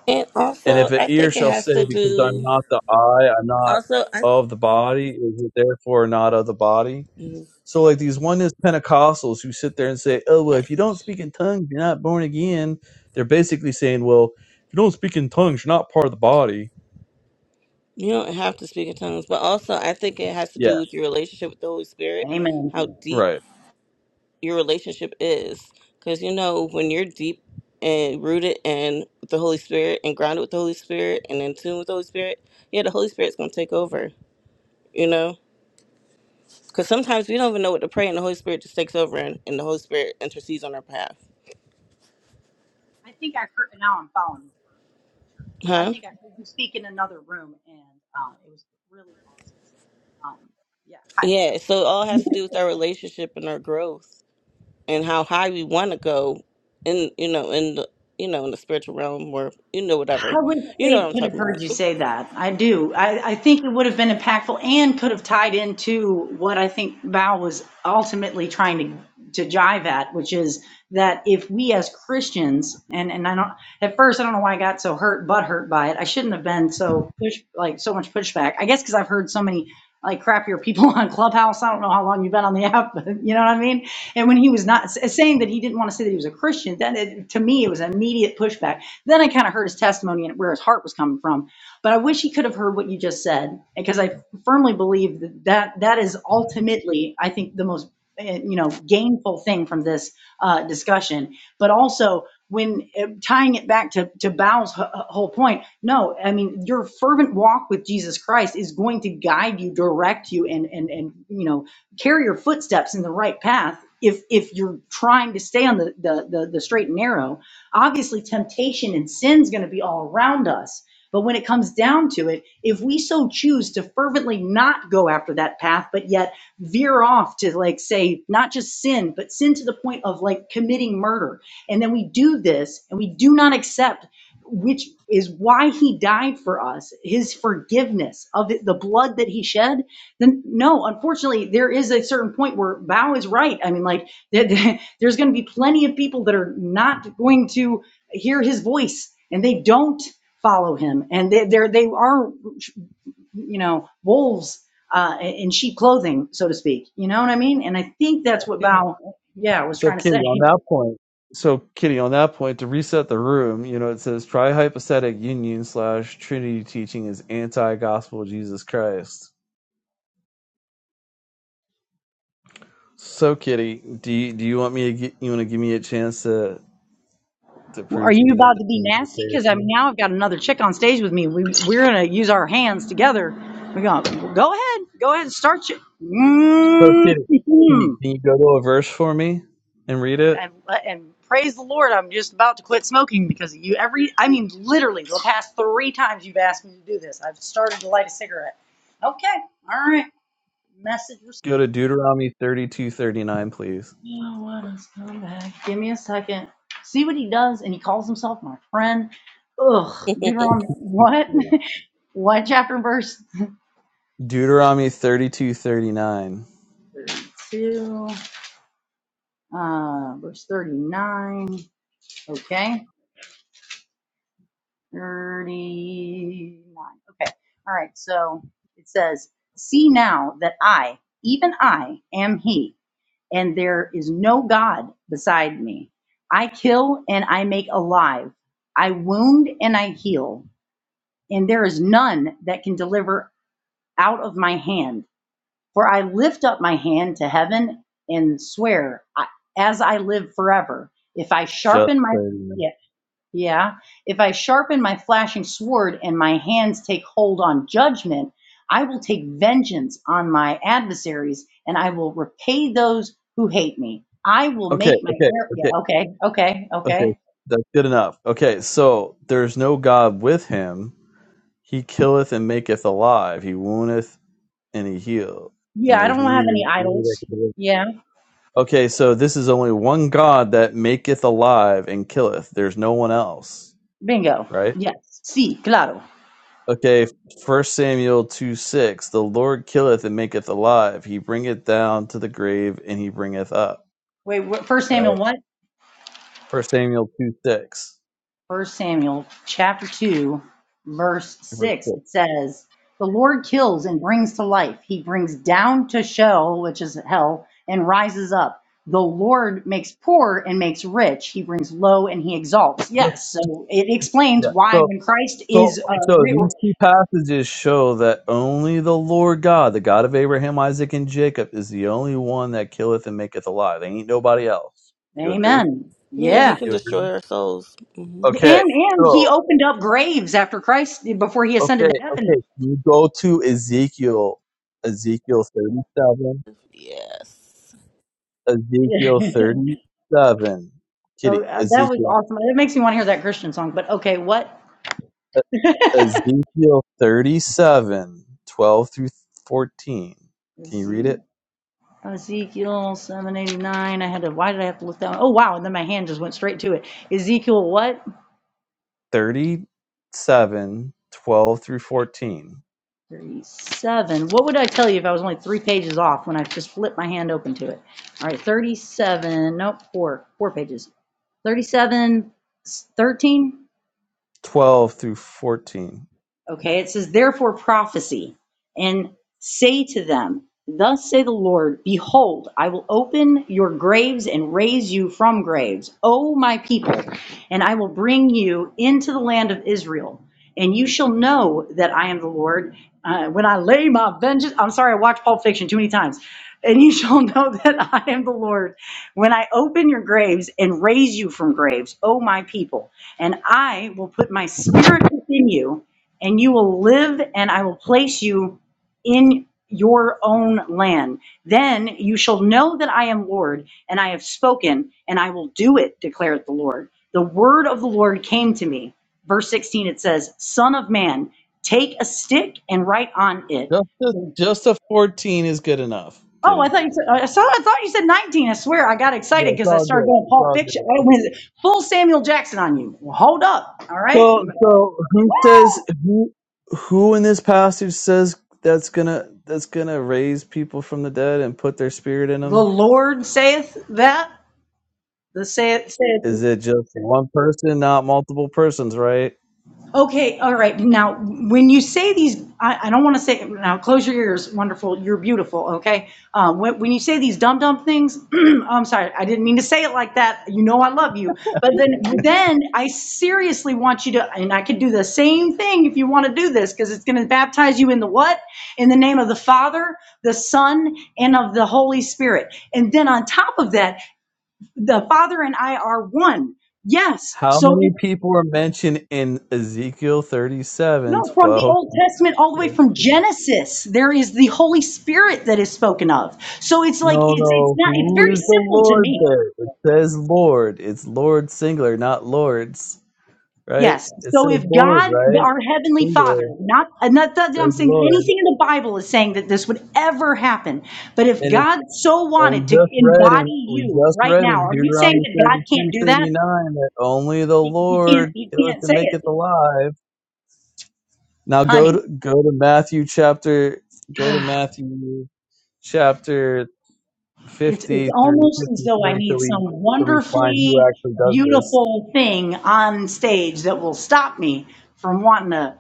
S11: and
S1: and
S11: also
S1: if an
S11: I
S1: ear
S11: think it
S1: shall
S11: has
S1: say
S11: to
S1: because i'm
S11: do.
S1: not the eye i'm not
S11: Also, I.
S1: of the body is it therefore not of the body
S11: mhm.
S1: So like these oneness Pentecostals who sit there and say, "Oh well, if you don't speak in tongues, you're not born again." They're basically saying, "Well, if you don't speak in tongues, you're not part of the body."
S11: You don't have to speak in tongues, but also I think it has to
S1: Yeah,
S11: do with your relationship with the Holy Spirit,
S8: Amen.
S11: how deep
S1: right.
S11: your relationship is. Because you know, when you're deep and rooted in the Holy Spirit and grounded with the Holy Spirit and in tune with the Holy Spirit, yeah, the Holy Spirit's going to take over, you know? Because sometimes we don't even know what to pray, and the Holy Spirit just takes over and, and the Holy Spirit intercedes on our behalf.
S8: I think I heard and now I'm following you for, for sure. But I
S11: Huh?
S8: think I heard you speak in another room and um, it was really awesome. Um, yeah. Hi,
S11: Yeah,
S8: I'm kidding.
S11: so it all has to do with our relationship and our growth. and how high we want to go in you know in the you know in the spiritual realm or you know whatever
S8: I would
S11: you know
S8: Faith
S11: what i'm
S8: could have
S11: talking about
S8: heard you say that. I do. I, I think it would have been impactful and could have tied into what I think Val was ultimately trying to, to jive at, which is that if we as Christians, and, and I don't, at first, I don't know why I got so hurt, but hurt by it. I shouldn't have been so push, like so much pushback. I guess because I've heard so many like crappier people on Clubhouse. I don't know how long you've been on the app, but you know what I mean? And when he was not saying that he didn't want to say that he was a Christian, then it, to me, it was immediate pushback. Then I kind of heard his testimony and where his heart was coming from. But I wish he could have heard what you just said because I firmly believe that that, that is ultimately, I think, the most eh, you know gainful thing from this uh, discussion but also when eh, tying it back to, to bao's h- whole point no i mean your fervent walk with jesus christ is going to guide you direct you and and and you know carry your footsteps in the right path if if you're trying to stay on the the the, the straight and narrow obviously temptation and sin's going to be all around us but when it comes down to it, if we so choose to fervently not go after that path, but yet veer off to like say, not just sin, but sin to the point of like committing murder, and then we do this and we do not accept, which is why he died for us, his forgiveness of the blood that he shed, then no, unfortunately, there is a certain point where Bao is right. I mean, like, there's going to be plenty of people that are not going to hear his voice and they don't follow him and they, they're they are you know wolves uh in sheep clothing so to speak you know what i mean and i think that's what
S1: Yeah.
S8: bao yeah was
S1: So
S8: trying to
S1: Kitty,
S8: say
S1: on that point, so Kitty, on that point, to reset the room, you know, it says trihypostatic union slash Trinity teaching is anti-gospel of Jesus Christ. So Kitty, do you, do you want me to get you want to give me a chance to to
S8: Well, are
S1: prove to
S8: you
S1: you that
S8: about
S1: the
S8: to be
S1: Trinity
S8: nasty
S1: is
S8: because i'm
S1: heresy?
S8: now i've got another chick on stage with me we, we're gonna use our hands together we're going go ahead go ahead start
S1: So,
S8: you
S1: Kitty, Kitty,
S8: mm
S1: can you go to a verse for me and read it?
S8: and, and praise the Lord, I'm just about to quit smoking because of you. Every, I mean, literally, the past three times you've asked me to do this, I've started to light a cigarette. Okay, all right, message received.
S1: Go to Deuteronomy thirty-two thirty-nine, please.
S8: You know what? Let's come back. Give me a second. See what he does, and he calls himself my friend. Ugh, Deuteronomy, what? what chapter and verse?
S1: Deuteronomy thirty-two thirty-nine.
S8: 32, uh, verse 39. Okay. 39. Okay. All right. So it says, See now that I, even I, am He, and there is no God beside me. I kill and I make alive. I wound and I heal. And there is none that can deliver out of my hand. For I lift up my hand to heaven and swear, I, as I live forever, if I
S1: Just
S8: sharpen my,
S1: 39.
S8: Yeah, yeah. If I sharpen my flashing sword and my hands take hold on judgment, I will take vengeance on my adversaries and I will repay those who hate me. I will
S1: Okay,
S8: make my
S1: okay,
S8: air. Yeah.
S1: okay,
S8: Okay. Okay.
S1: okay.
S8: Okay.
S1: That's good enough. Okay, so there's no God with him. He killeth and maketh alive. He woundeth and he healeth. And
S8: Yeah. I don't
S1: there's
S8: have
S1: neither. any
S8: any
S1: that
S8: idols.
S1: can deliver.
S8: Yeah.
S1: Okay, so this is only one God that maketh alive and killeth. There's no one else,
S8: Bingo.
S1: right?
S8: Yes. See, claro.
S1: Okay, First Samuel two six. The Lord killeth and maketh alive; he bringeth down to the grave, and he bringeth up.
S8: Wait, wh- first Samuel
S1: Right.
S8: what?
S1: First Samuel two six.
S8: First Samuel chapter 2, verse
S1: Verse
S8: 6,
S1: six.
S8: it says, The Lord kills and brings to life. He brings down to Sheol, which is hell, and rises up. The Lord makes poor and makes rich. He brings low and he exalts.
S1: Just-
S8: Yes, so it explains
S1: Yeah.
S8: why
S1: So
S8: when Christ
S1: so
S8: is uh,
S1: so
S8: re-
S1: these two passages show that only the Lord God, the God of Abraham, Isaac, and Jacob, is the only one that killeth and maketh alive. There ain't nobody else. You agree?
S8: Amen.
S11: yeah he
S8: Yeah.
S11: can
S1: You agree?
S11: destroy our souls hmm
S8: And
S1: Okay.
S8: and he
S1: So
S8: opened up graves after Christ before he
S1: okay
S8: ascended to heaven.
S1: okay. You go to Ezekiel. Ezekiel thirty seven.
S11: yes
S1: Ezekiel 37.
S8: oh,
S1: Kitty,
S8: uh, that was
S1: Ezekiel.
S8: awesome. It makes me want to hear that Christian song, but okay, what?
S1: E- Ezekiel 37, 12 through 14. Can you read it?
S8: Ezekiel seven eighty nine. I had to. Why did I have to look that? One? Oh wow! And then my hand just went straight to it. Ezekiel what?
S1: Thirty-seven, twelve through 14.
S8: Thirty seven. What would I tell you if I was only three pages off when I just flipped my hand open to it? All right, thirty seven. Nope, four. Four pages. Thirty seven. Thirteen.
S1: 12 through 14.
S8: Okay, it says, therefore prophecy, and say to them, Thus say the Lord, Behold, I will open your graves and raise you from graves, O my people, and I will bring you into the land of Israel. And you shall know that I am the Lord uh, when I lay my vengeance. I'm sorry, I watched Pulp Fiction too many times. And you shall know that I am the Lord when I open your graves and raise you from graves, O my people. And I will put my spirit within you and you will live, and I will place you in your own land. Then you shall know that I am Lord, and I have spoken, and I will do it, declared the Lord. The word of the Lord came to me. Verse 16, it says, Son of man, take a stick and write on it.
S1: Just a, just a 14 is good enough,
S8: Oh, I
S1: Kitty.
S8: thought you said, I, saw, I thought you said 19. I swear, I got
S1: Yeah,
S8: excited
S1: it's
S8: because I
S1: all
S8: started
S1: good.
S8: going
S1: It's
S8: Pulp
S1: all good.
S8: Fiction. I went full Samuel Jackson on you. Well, hold up. All right.
S1: So, so who says
S8: Woo!
S1: who? Who in this passage says that's gonna that's gonna raise people from the dead and put their spirit in them?
S8: The Lord saith that. The say, say,
S1: Is it just one person, not multiple persons, right?
S8: okay, all right. Now, when you say these, I, I don't want to say, now close your ears. Wonderful. You're beautiful. Okay. Uh, when, when you say these dumb, dumb things, I'm sorry. I didn't mean to say it like that. You know, I love you. But then, then I seriously want you to, and I could do the same thing if you want to do this, because it's going to baptize you in the what? In the name of the Father, the Son, and of the Holy Spirit. And then on top of that, the Father and I are one. Yes.
S1: How
S8: So
S1: many people are mentioned in Ezekiel 37,
S8: No, from the
S1: 12?
S8: Old Testament all the way from Genesis, there is the Holy Spirit that is spoken of. So it's like
S1: No,
S8: it's it's
S1: no.
S8: not it's
S1: Who
S8: very
S1: is the
S8: simple to
S1: Lord
S8: me.
S1: there? It says Lord. It's Lord singular, not Lords, right?
S8: Yes.
S1: It
S8: So
S1: says
S8: if
S1: Lord,
S8: God,
S1: right?
S8: our heavenly Father,
S1: Singular. It
S8: not and not that
S1: says
S8: I'm saying
S1: Lord.
S8: anything in the Bible is saying that this would ever happen, but if
S1: And it,
S8: God so
S1: and we
S8: wanted to
S1: just read in
S8: embody
S1: we
S8: you
S1: just
S8: right
S1: read in
S8: now, are you saying
S1: Deuteronomy
S8: that God can't
S1: 32,
S8: do that?
S1: 39 that only the
S8: He, he can't.
S1: Lord
S8: He
S1: killeth
S8: can't
S1: and
S8: say
S1: maketh
S8: it,
S1: alive Now go
S8: honey.
S1: to go to Matthew chapter go to Matthew chapter
S8: It's, it's
S1: fifty through
S8: almost as
S1: fifty
S8: though I
S1: three till
S8: need
S1: we
S8: some
S1: till we find who
S8: wonderfully
S1: actually does this.
S8: beautiful thing on stage that will stop me from wanting to,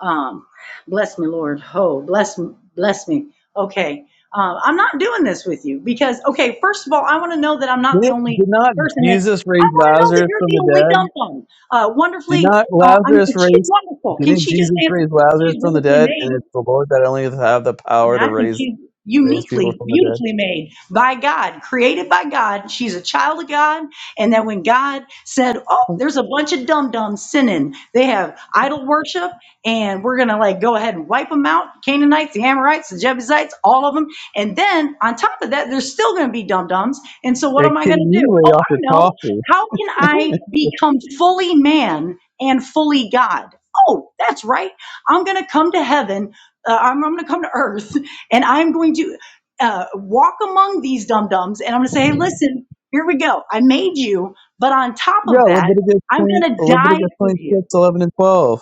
S8: um, bless me, Lord. Oh, bless, bless me. Okay. Uh, I'm not doing this with you because, okay, first of all, I want to know that I'm not
S1: Did,
S8: the only
S1: did not
S8: person that's,
S1: Jesus
S8: I
S1: raise
S8: want to know that
S1: Lazarus
S8: you're
S1: from
S8: the
S1: the
S8: only dumb
S1: dead?
S8: one. Uh,
S1: Did
S8: wonderfully,
S1: not
S8: uh, I'm,
S1: Lazarus
S8: she's
S1: raise
S8: wonderful. Can
S1: didn't
S8: she just
S1: Jesus
S8: answer?
S1: raise Lazarus
S8: She's
S1: from the
S8: wonderfully
S1: dead? And
S8: made.
S1: it's the Lord that only have the
S8: I mean,
S1: power to
S8: I think
S1: raise
S8: she's
S1: raise people
S8: uniquely,
S1: from the dead.
S8: beautifully made by God, created by God. She's a child of God. And that when God said, Oh, there's a bunch of dum dums sinning, they have idol worship, and we're going to like go ahead and wipe them out Canaanites, the Amorites, the Jebusites, all of them. And then on top of that, there's still going to be dum dums. And so what
S1: It
S8: am I
S1: can
S8: going to
S1: you
S8: do?
S1: lay
S8: Oh,
S1: off your
S8: I know.
S1: coffee?
S8: How can I become fully man and fully God? Oh, that's right. I'm going to come to heaven uh, I'm, I'm going to come to earth and I'm going to uh, walk among these dum dums and I'm going to say, hey, listen, here we go. I made you, but on top
S1: Yeah,
S8: of that,
S1: Leviticus
S8: I'm
S1: twenty
S8: going to die
S1: Leviticus
S8: for
S1: twenty
S8: you.
S1: six, eleven and twelve.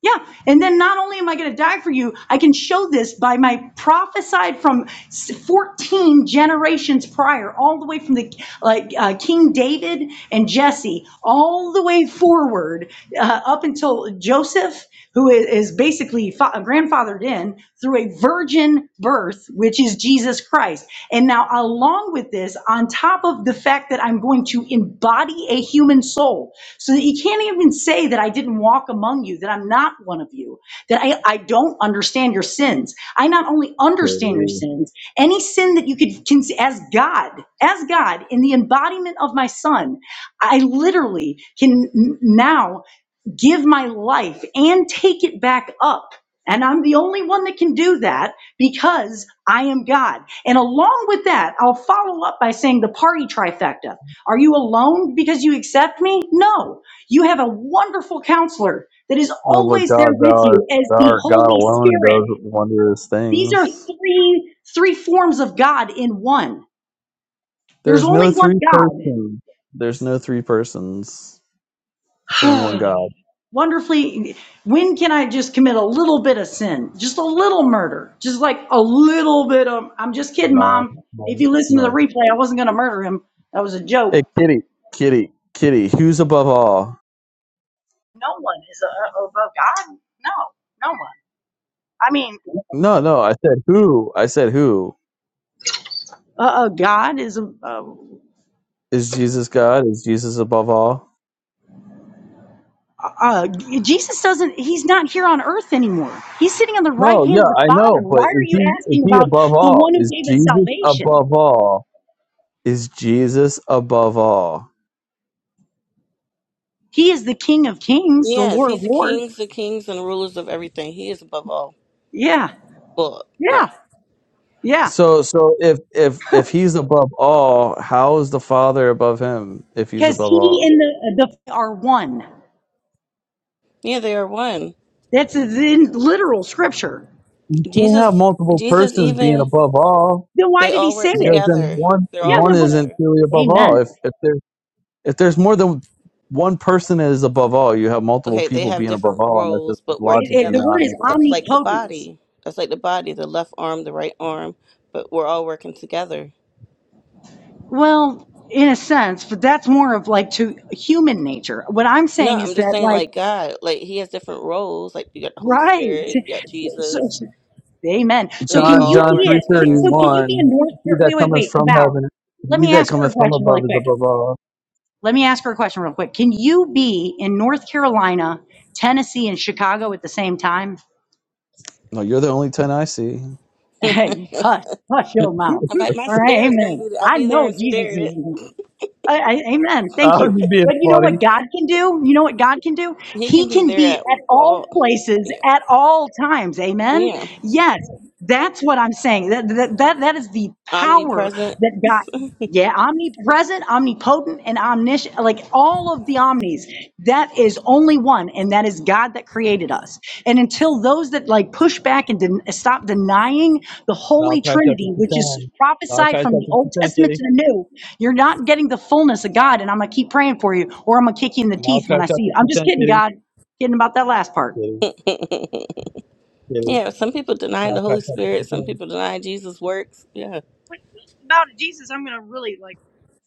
S8: Yeah. And then not only am I going to die for you, I can show this by my prophesied from 14 generations prior, all the way from the like uh, King David and Jesse, all the way forward uh, up until Joseph, who is is basically fa- grandfathered in through a virgin birth, which is Jesus Christ. And now, along with this, on top of the fact that I'm going to embody a human soul, so that you can't even say that I didn't walk among you, that I'm not one of you, that I, I don't understand your sins. I not only understand
S1: Hey.
S8: your sins, any sin that you could, can, as God, as God, in the embodiment of my son, I literally can now give my life and take it back up. And I'm the only one that can do that because I am God. And along with that, I'll follow up by saying the party trifecta. Are you alone because you accept me? No. You have a wonderful counselor that is
S1: No, but
S8: always there
S1: God,
S8: with
S1: thou art,
S8: you as
S1: thou
S8: the
S1: art God
S8: Holy
S1: alone and
S8: Spirit.
S1: does wondrous
S8: These are
S1: things.
S8: three, three forms of God in one. There's
S1: There's no
S8: only one
S1: three
S8: God.
S1: person. There's no three persons. It's only one God.
S8: wonderfully when can i just commit a little bit of sin just a little murder just like a little bit of i'm just kidding
S1: No,
S8: mom if
S1: no,
S8: you listen to the
S1: no.
S8: replay i wasn't going to murder him that was a
S1: Hey,
S8: joke
S1: kitty, kitty, kitty. Who's above all?
S8: no one is uh, above god no no one i mean
S1: No, no. I said who. I said who
S8: uh, uh, god is a uh,
S1: is Jesus God? Is Jesus above all?
S8: uh, jesus doesn't he's not here on earth anymore he's sitting on the right
S1: No, yeah,
S8: hand of the
S1: I
S8: father
S1: know,
S8: why
S1: but
S8: are
S1: is
S8: you
S1: he is
S8: asking
S1: he
S8: about
S1: above
S8: the
S1: all?
S8: one who
S1: Is
S8: gave us
S1: Jesus
S8: salvation
S1: above all? Is Jesus above all?
S8: he is the king of kings the
S11: yes
S8: lord of
S11: he's the
S8: lords
S11: kings the kings and the rulers of everything he is above all
S8: yeah
S11: well yeah
S8: yeah yeah
S1: So so if if if he's above all, how is the Father above him if he's
S8: Because
S1: above
S8: he
S1: all?
S8: and the, the are one.
S11: yeah they are one
S8: That's in literal scripture.
S1: You can't have
S11: jesus
S1: multiple
S11: jesus
S1: persons being
S11: even
S1: above all
S8: Then why
S11: they
S8: did he
S11: all
S8: say
S11: work
S8: it?
S1: because then
S11: together
S1: one
S11: they're
S8: Yeah,
S11: all
S1: one
S8: the,
S11: work together
S1: isn't really above all.
S8: amen.
S1: If if there if there's more than one person that is above all, you have multiple
S11: Okay, they
S1: people
S11: have
S1: being above
S11: different
S1: all, and that just
S11: roles but work
S8: It, it,
S1: logically
S8: the
S11: together.
S8: word
S1: not
S8: is
S1: makes sense.
S11: That's like the
S8: omnipotence.
S11: body. That's like the body, the left arm, the right arm, but we're all working together.
S8: Well, in a sense, but that's more of like to human nature. What I'm
S11: No,
S8: saying
S11: I'm
S8: is
S11: just
S8: that,
S11: saying,
S8: like,
S11: like God, like He has different roles. Like you got the Holy
S8: right?
S11: Spirit, you got
S8: So, so-
S11: Jesus.
S8: so, amen. So
S11: They
S8: can
S1: John
S8: you
S11: all
S1: John
S8: be
S1: three
S8: a
S11: working
S1: thirty
S11: together as
S8: so can you
S11: one.
S8: be a
S1: one,
S8: North?
S1: he that
S8: Wait, wait,
S1: cometh
S8: wait,
S1: from
S8: Val.
S1: heaven,
S8: Let
S1: he
S8: me
S1: that
S8: ask her a
S1: cometh from
S8: question really
S1: above is
S8: quick.
S1: above all.
S8: Let me ask her a question real quick. Can you be in North Carolina, Tennessee, and Chicago at the same time?
S1: No, you're the only ten I see.
S8: Hey, hush, hush your
S1: I
S8: mouth.
S11: I'm like, my
S8: All right,
S11: spirit's gonna
S8: amen.
S11: be there. I'll
S8: I
S11: be there
S8: know
S11: in
S8: Jesus
S11: spirit.
S8: is. I, I, amen. Thank
S1: was
S8: you.
S1: just being
S8: But you know
S1: funny.
S8: what God can do? You know what God can do?
S11: He can
S8: He
S11: be
S8: can
S11: there
S8: be
S11: at
S8: at all
S11: all.
S8: places
S11: Yeah,
S8: at all times. Amen.
S11: yeah,
S8: Yes, that's what I'm saying. That that that, that is the power
S11: omnipresent.
S8: that God. Yeah, omnipresent, omnipotent, and omniscient, like all of the omnis. That is only one, and that is God that created us. And until those that like push back and den- stop denying the Holy
S1: Malachi chapter
S8: Trinity,
S1: 2
S8: which is
S1: 10. Malachi
S8: prophesied from
S1: chapter
S8: the
S1: 2
S8: Old
S1: 10,
S8: Testament
S1: kitty.
S8: to the New, you're not getting the fullness of God, and I'm going to keep praying for you, or I'm going to kick you in the
S1: Malachi
S8: teeth when I see
S1: chapter
S8: you.
S1: 2
S8: I'm just
S1: 10,
S8: kidding,
S1: kitty.
S8: God. Kidding about that last part.
S1: Kitty, kitty.
S11: Yeah, some people deny the Holy
S1: Malachi chapter
S11: Spirit.
S1: 2
S11: Some
S1: 10.
S11: people deny Jesus' works. Yeah.
S8: When it about Jesus, I'm gonna really like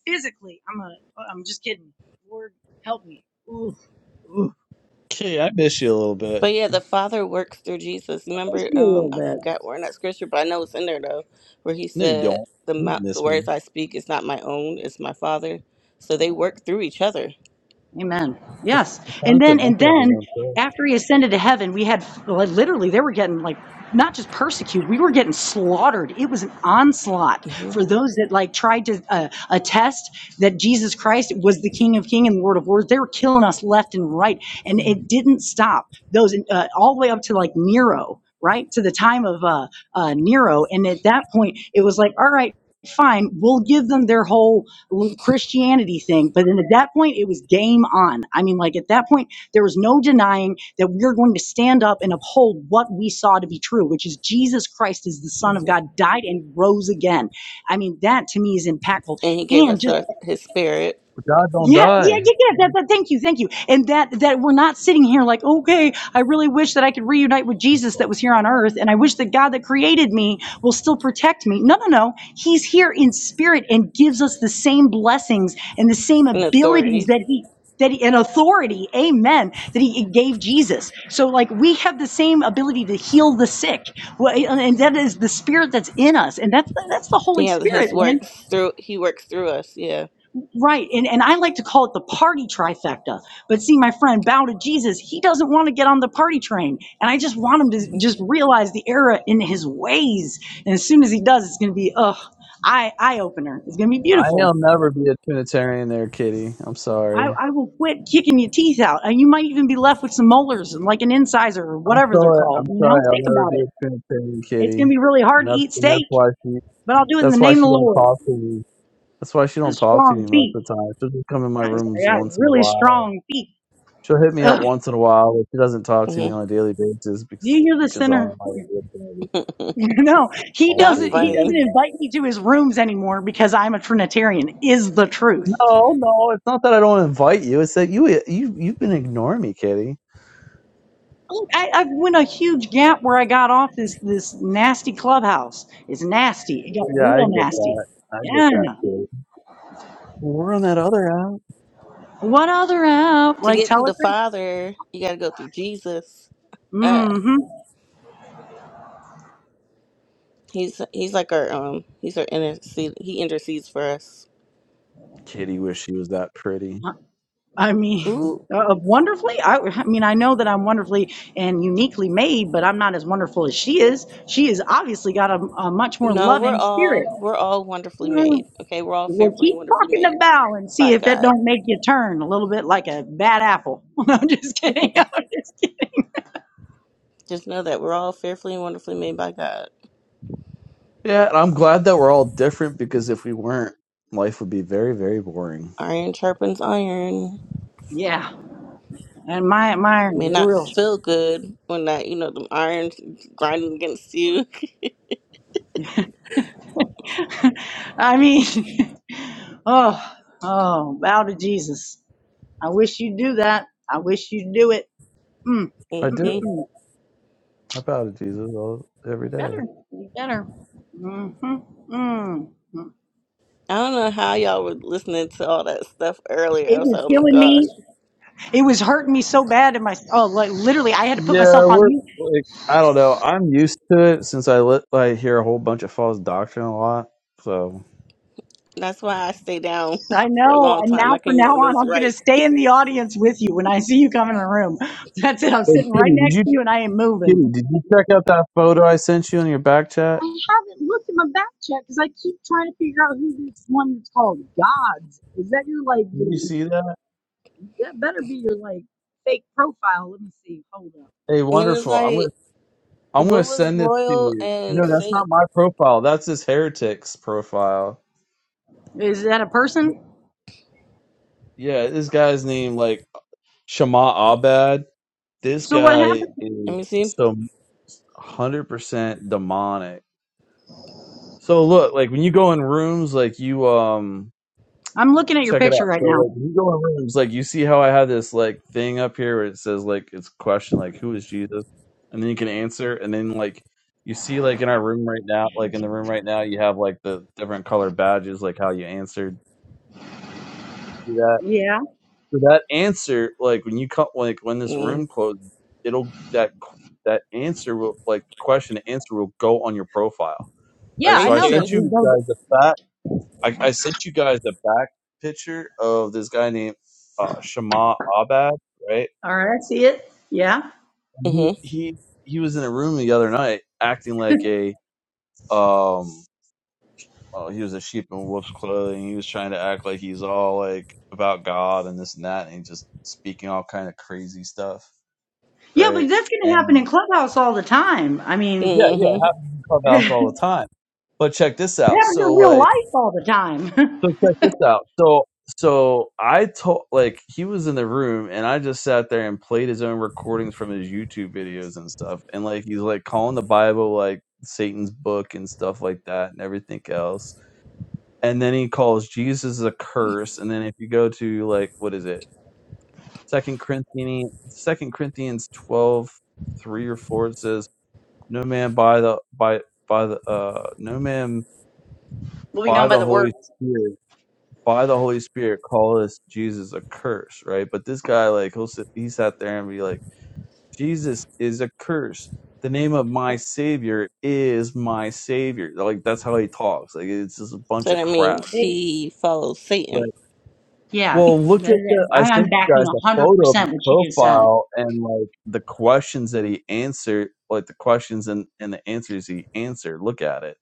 S8: physically. I'm gonna. I'm just kidding. Lord, help me. Oof, oof.
S1: Kitty, I miss you a little bit.
S11: But yeah, the Father works through Jesus.
S8: Just
S11: Remember,
S8: you a
S11: um,
S8: little
S11: I
S8: bit.
S11: forgot where in that scripture, but I know it's in there though, where he
S1: No, you
S11: said,
S1: don't.
S11: "The
S1: You don't
S11: mouth, the
S1: miss me.
S11: words I speak is not my own; it's my Father." So they work through each other.
S8: Amen.
S1: The f-
S8: Yes.
S1: the
S8: And
S1: son
S8: then,
S1: said
S8: and
S1: nothing of his
S8: then
S1: own self.
S8: after he ascended to heaven, we had like, literally, they were getting like, not just persecuted, we were getting slaughtered. It was an onslaught
S11: hmm
S8: for those that like tried to uh, attest that Jesus Christ was the King of King and Lord of Lords. They were killing us left and right. And
S1: But
S8: it didn't stop those uh, all the way up to like Nero, right? To the time of uh, uh, Nero. And at that point, it was like, all right, fine, we'll give them their whole Christianity thing. But then at that point, it was game on. I mean, like at that point, there was no denying that we are going to stand up and uphold what we saw to be true, which is Jesus Christ is the Son of
S11: hmm
S8: God, died and rose again. I mean, that to me is impactful.
S11: And he gave
S8: And
S11: us
S8: just
S11: our, his Spirit
S1: God don't
S8: yeah, yeah,
S1: die.
S8: yeah, yeah. That, that, thank you, thank you. And that that we're not sitting here like, okay, I really wish that I could reunite with Jesus that was here on earth, and I wish that God that created me will still protect me. No, no, no. He's here in spirit and gives us the same blessings and the same
S11: and
S8: abilities
S11: authority.
S8: that he that he, and authority, amen, that he gave Jesus. So like we have the same ability to heal the sick. Well, And and that is the spirit that's in us. And that's that's the Holy
S11: Yeah,
S8: Spirit,
S11: his
S8: man.
S11: works through he works through us. Yeah.
S8: Right. And, and I like to call it the party trifecta. But see, my friend, bow to Jesus, he doesn't want to get on the party train. And I just want him to
S11: hmm
S8: just realize the error in his ways. And as soon as he does, it's going to be, ugh, eye, eye opener. It's going to be
S1: I'll
S8: beautiful.
S1: never be a Trinitarian there, kitty. I'm
S8: I,
S1: sorry.
S8: I will quit kicking your teeth out. And you might even be left with some molars and like an incisor or
S1: I'm
S8: whatever they're
S1: sorry. I'm
S8: called. You
S1: sorry.
S8: know,
S1: I'll
S8: think
S1: never
S8: about
S1: be a
S8: it.
S1: Trinitarian,
S8: It's going to
S1: kitty.
S8: be really
S1: And
S8: hard to
S1: that's,
S8: eat
S1: and
S8: steak,
S1: that's why she.
S8: but I'll do it in the
S1: That's why
S8: name of
S1: she
S8: the
S1: don't
S8: Lord.
S1: talk to me. That's why she
S8: And
S1: don't talk to
S8: strong
S1: me most
S8: feet.
S1: of the time. She'll just come in my
S8: I
S1: rooms
S8: got
S1: once in a
S8: really
S1: while
S8: strong feet.
S1: She'll hit me up
S8: Ugh.
S1: once in a while, but she doesn't talk to
S11: hmm
S1: me on a daily basis
S8: Do you
S1: because
S8: hear the
S1: because I
S8: sinner?
S1: won't want to do it to thing.
S8: No,
S1: I
S8: he
S1: won't
S11: Yeah,
S1: do
S8: doesn't.
S1: it
S8: He
S1: to
S11: funny.
S8: doesn't
S1: thing.
S8: invite me to his rooms anymore because I'm a Trinitarian. Is the truth.
S1: No, no, it's not that I don't invite you. It's that you you you've been ignoring me, Kitty.
S8: Look, I, I went a huge gap where I got off this this nasty clubhouse. It's nasty. It got
S1: Yeah, I
S8: real
S1: get
S8: nasty.
S1: that. I get
S8: Yeah.
S1: that, Kitty. We're on that other app.
S8: What other app
S11: To
S8: like
S11: get to the
S8: Telegram?
S11: Father, you got to go through Jesus. Uh,
S8: Mm-hmm.
S11: he's he's like our um he's our intercede. He intercedes for us.
S1: Kitty wish she was that pretty.
S8: I mean,
S11: Ooh.
S8: uh, wonderfully. I, I mean, I know that I'm wonderfully and uniquely made, but I'm not as wonderful as she is. She has obviously got a, a much more
S11: No, we're
S8: loving
S11: all
S8: spirit.
S11: we're all wonderfully
S8: Mm.
S11: made. Okay, we're all
S8: Well,
S11: fearfully
S8: keep
S11: and wonderfully
S8: talking to
S11: made
S8: Val and
S11: by
S8: see if that
S11: God.
S8: don't make you turn a little bit like a bad apple. I'm just kidding. I'm just kidding.
S11: Just know that we're all fearfully and wonderfully made by God.
S1: Yeah, and I'm glad that we're all different because if we weren't, life would be very, very boring.
S11: Iron sharpens iron.
S8: Yeah, and my my
S11: May not
S8: real.
S11: feel good when that you know the irons grinding against you.
S8: I mean, oh oh, bow to Jesus. I wish you'd do that. I wish you'd do it. Mm, mm,
S1: I
S8: mm,
S11: hmm
S1: do.
S8: mm.
S1: I bow to Jesus all, every
S8: You
S1: day.
S8: better. You better. Mm-hmm. Mm.
S11: I don't know how y'all were listening to all that stuff earlier. I
S8: It
S11: was like,
S8: was
S11: oh my
S8: killing me.
S11: gosh,
S8: It was hurting me so bad in my. Oh, like literally, I had to put
S1: Yeah,
S8: myself on
S1: we're
S8: mute
S1: like I don't know. I'm used to it since I lit, I hear a whole bunch of false doctrine a lot. So,
S11: that's why I stay down
S8: I
S11: for a
S8: know.
S11: long
S8: And
S11: time. I
S8: now from
S11: came up
S8: now
S11: when it
S8: on,
S11: was
S8: I'm going to
S11: right,
S8: stay in the audience with you when I see you come in the room. That's it. I'm
S1: Hey,
S8: sitting right
S1: Kitty, did
S8: next
S1: you
S8: to you and I ain't moving.
S1: Kitty, did you check out that photo I sent you in your back chat?
S8: haven't looked at my back check because I keep trying to figure out who this one that's called Gods is. That your like
S1: Did you
S8: your-
S1: see that?
S8: that better be your like fake profile. Let me see. Hold up.
S1: Hey,
S11: and it was
S1: wonderful. I'm gonna
S11: like,
S1: I'm
S11: what
S1: gonna
S11: was
S1: send this to
S11: royal
S1: you. No,
S11: and
S1: that's not
S11: saint?
S1: my profile. That's this heretic's profile.
S8: Is that a person?
S1: Yeah, this guy's name like Shama Abad. This
S8: So what
S1: guy
S8: happened?
S1: is
S11: Let me see.
S1: some hundred percent demonic. So look, like when you go in rooms, like you um
S8: I'm looking at your
S1: check it
S8: picture
S1: out.
S8: right
S1: So like
S8: now.
S1: when you go in rooms, like you see how I have this like thing up here where it says like it's question like who is Jesus? And then you can answer and then like you see like in our room right now, like in the room right now you have like the different color badges, like how you answered See that.
S8: Yeah.
S1: So that answer, like when you come like when this
S11: Mm.
S1: room closes, it'll that q- that answer will like the question the answer will go on your profile.
S8: Yeah,
S1: Right.
S11: Are
S8: I
S11: you
S1: So I
S8: know that.
S1: sent
S11: serious?
S8: We
S1: you
S8: both.
S1: guys the fact I, I sent you guys the back picture of this guy named uh, Shama Abad, right?
S8: All right, I see it. Yeah.
S11: Mm-hmm.
S1: He, he he was in a room the other night acting like a um well, he was a sheep in wolf's clothing. He was trying to act like he's all like about God and this and that, and he just speaking all kind of crazy stuff,
S8: Yeah, but
S1: right?
S8: that's going to happen in
S1: And
S8: Clubhouse all the time. I mean,
S1: yeah, yeah,
S11: hmm
S1: it happens in clubhouse all the time. But check this
S8: It
S1: out.
S8: happens
S1: So
S8: in
S1: like.
S8: real life all the time.
S1: So check this out. So so I told like he was in the room and I just sat there and played his own recordings from his YouTube videos and stuff. And like he's like calling the Bible like Satan's book and stuff like that and everything else. And then he calls Jesus a curse. And then if you go to like what is it? Second Corinthians Second Corinthians twelve three or four it says, No man by the by by the uh no man
S8: well, we
S1: by
S8: know by
S1: the
S8: the
S1: Holy
S8: words.
S1: Spirit by the Holy Spirit calleth Jesus a curse, right? But this guy, like, he'll sit, he sat there and be like, Jesus is a curse. The name of my Savior is my Savior. Like, that's how he talks. Like, it's just a
S11: So
S1: bunch of
S11: that
S1: crap.
S11: means
S8: It,
S11: she follows Satan.
S1: Right.
S8: yeah,
S1: Well, look at the,
S8: I-
S1: I
S8: I'm
S1: sent you
S8: backing
S1: guys a
S8: a hundred
S1: photo of his
S8: percent what she just said.
S1: profile and, like, the questions that he answered, like, the questions and, and the answers he answered. Look at it.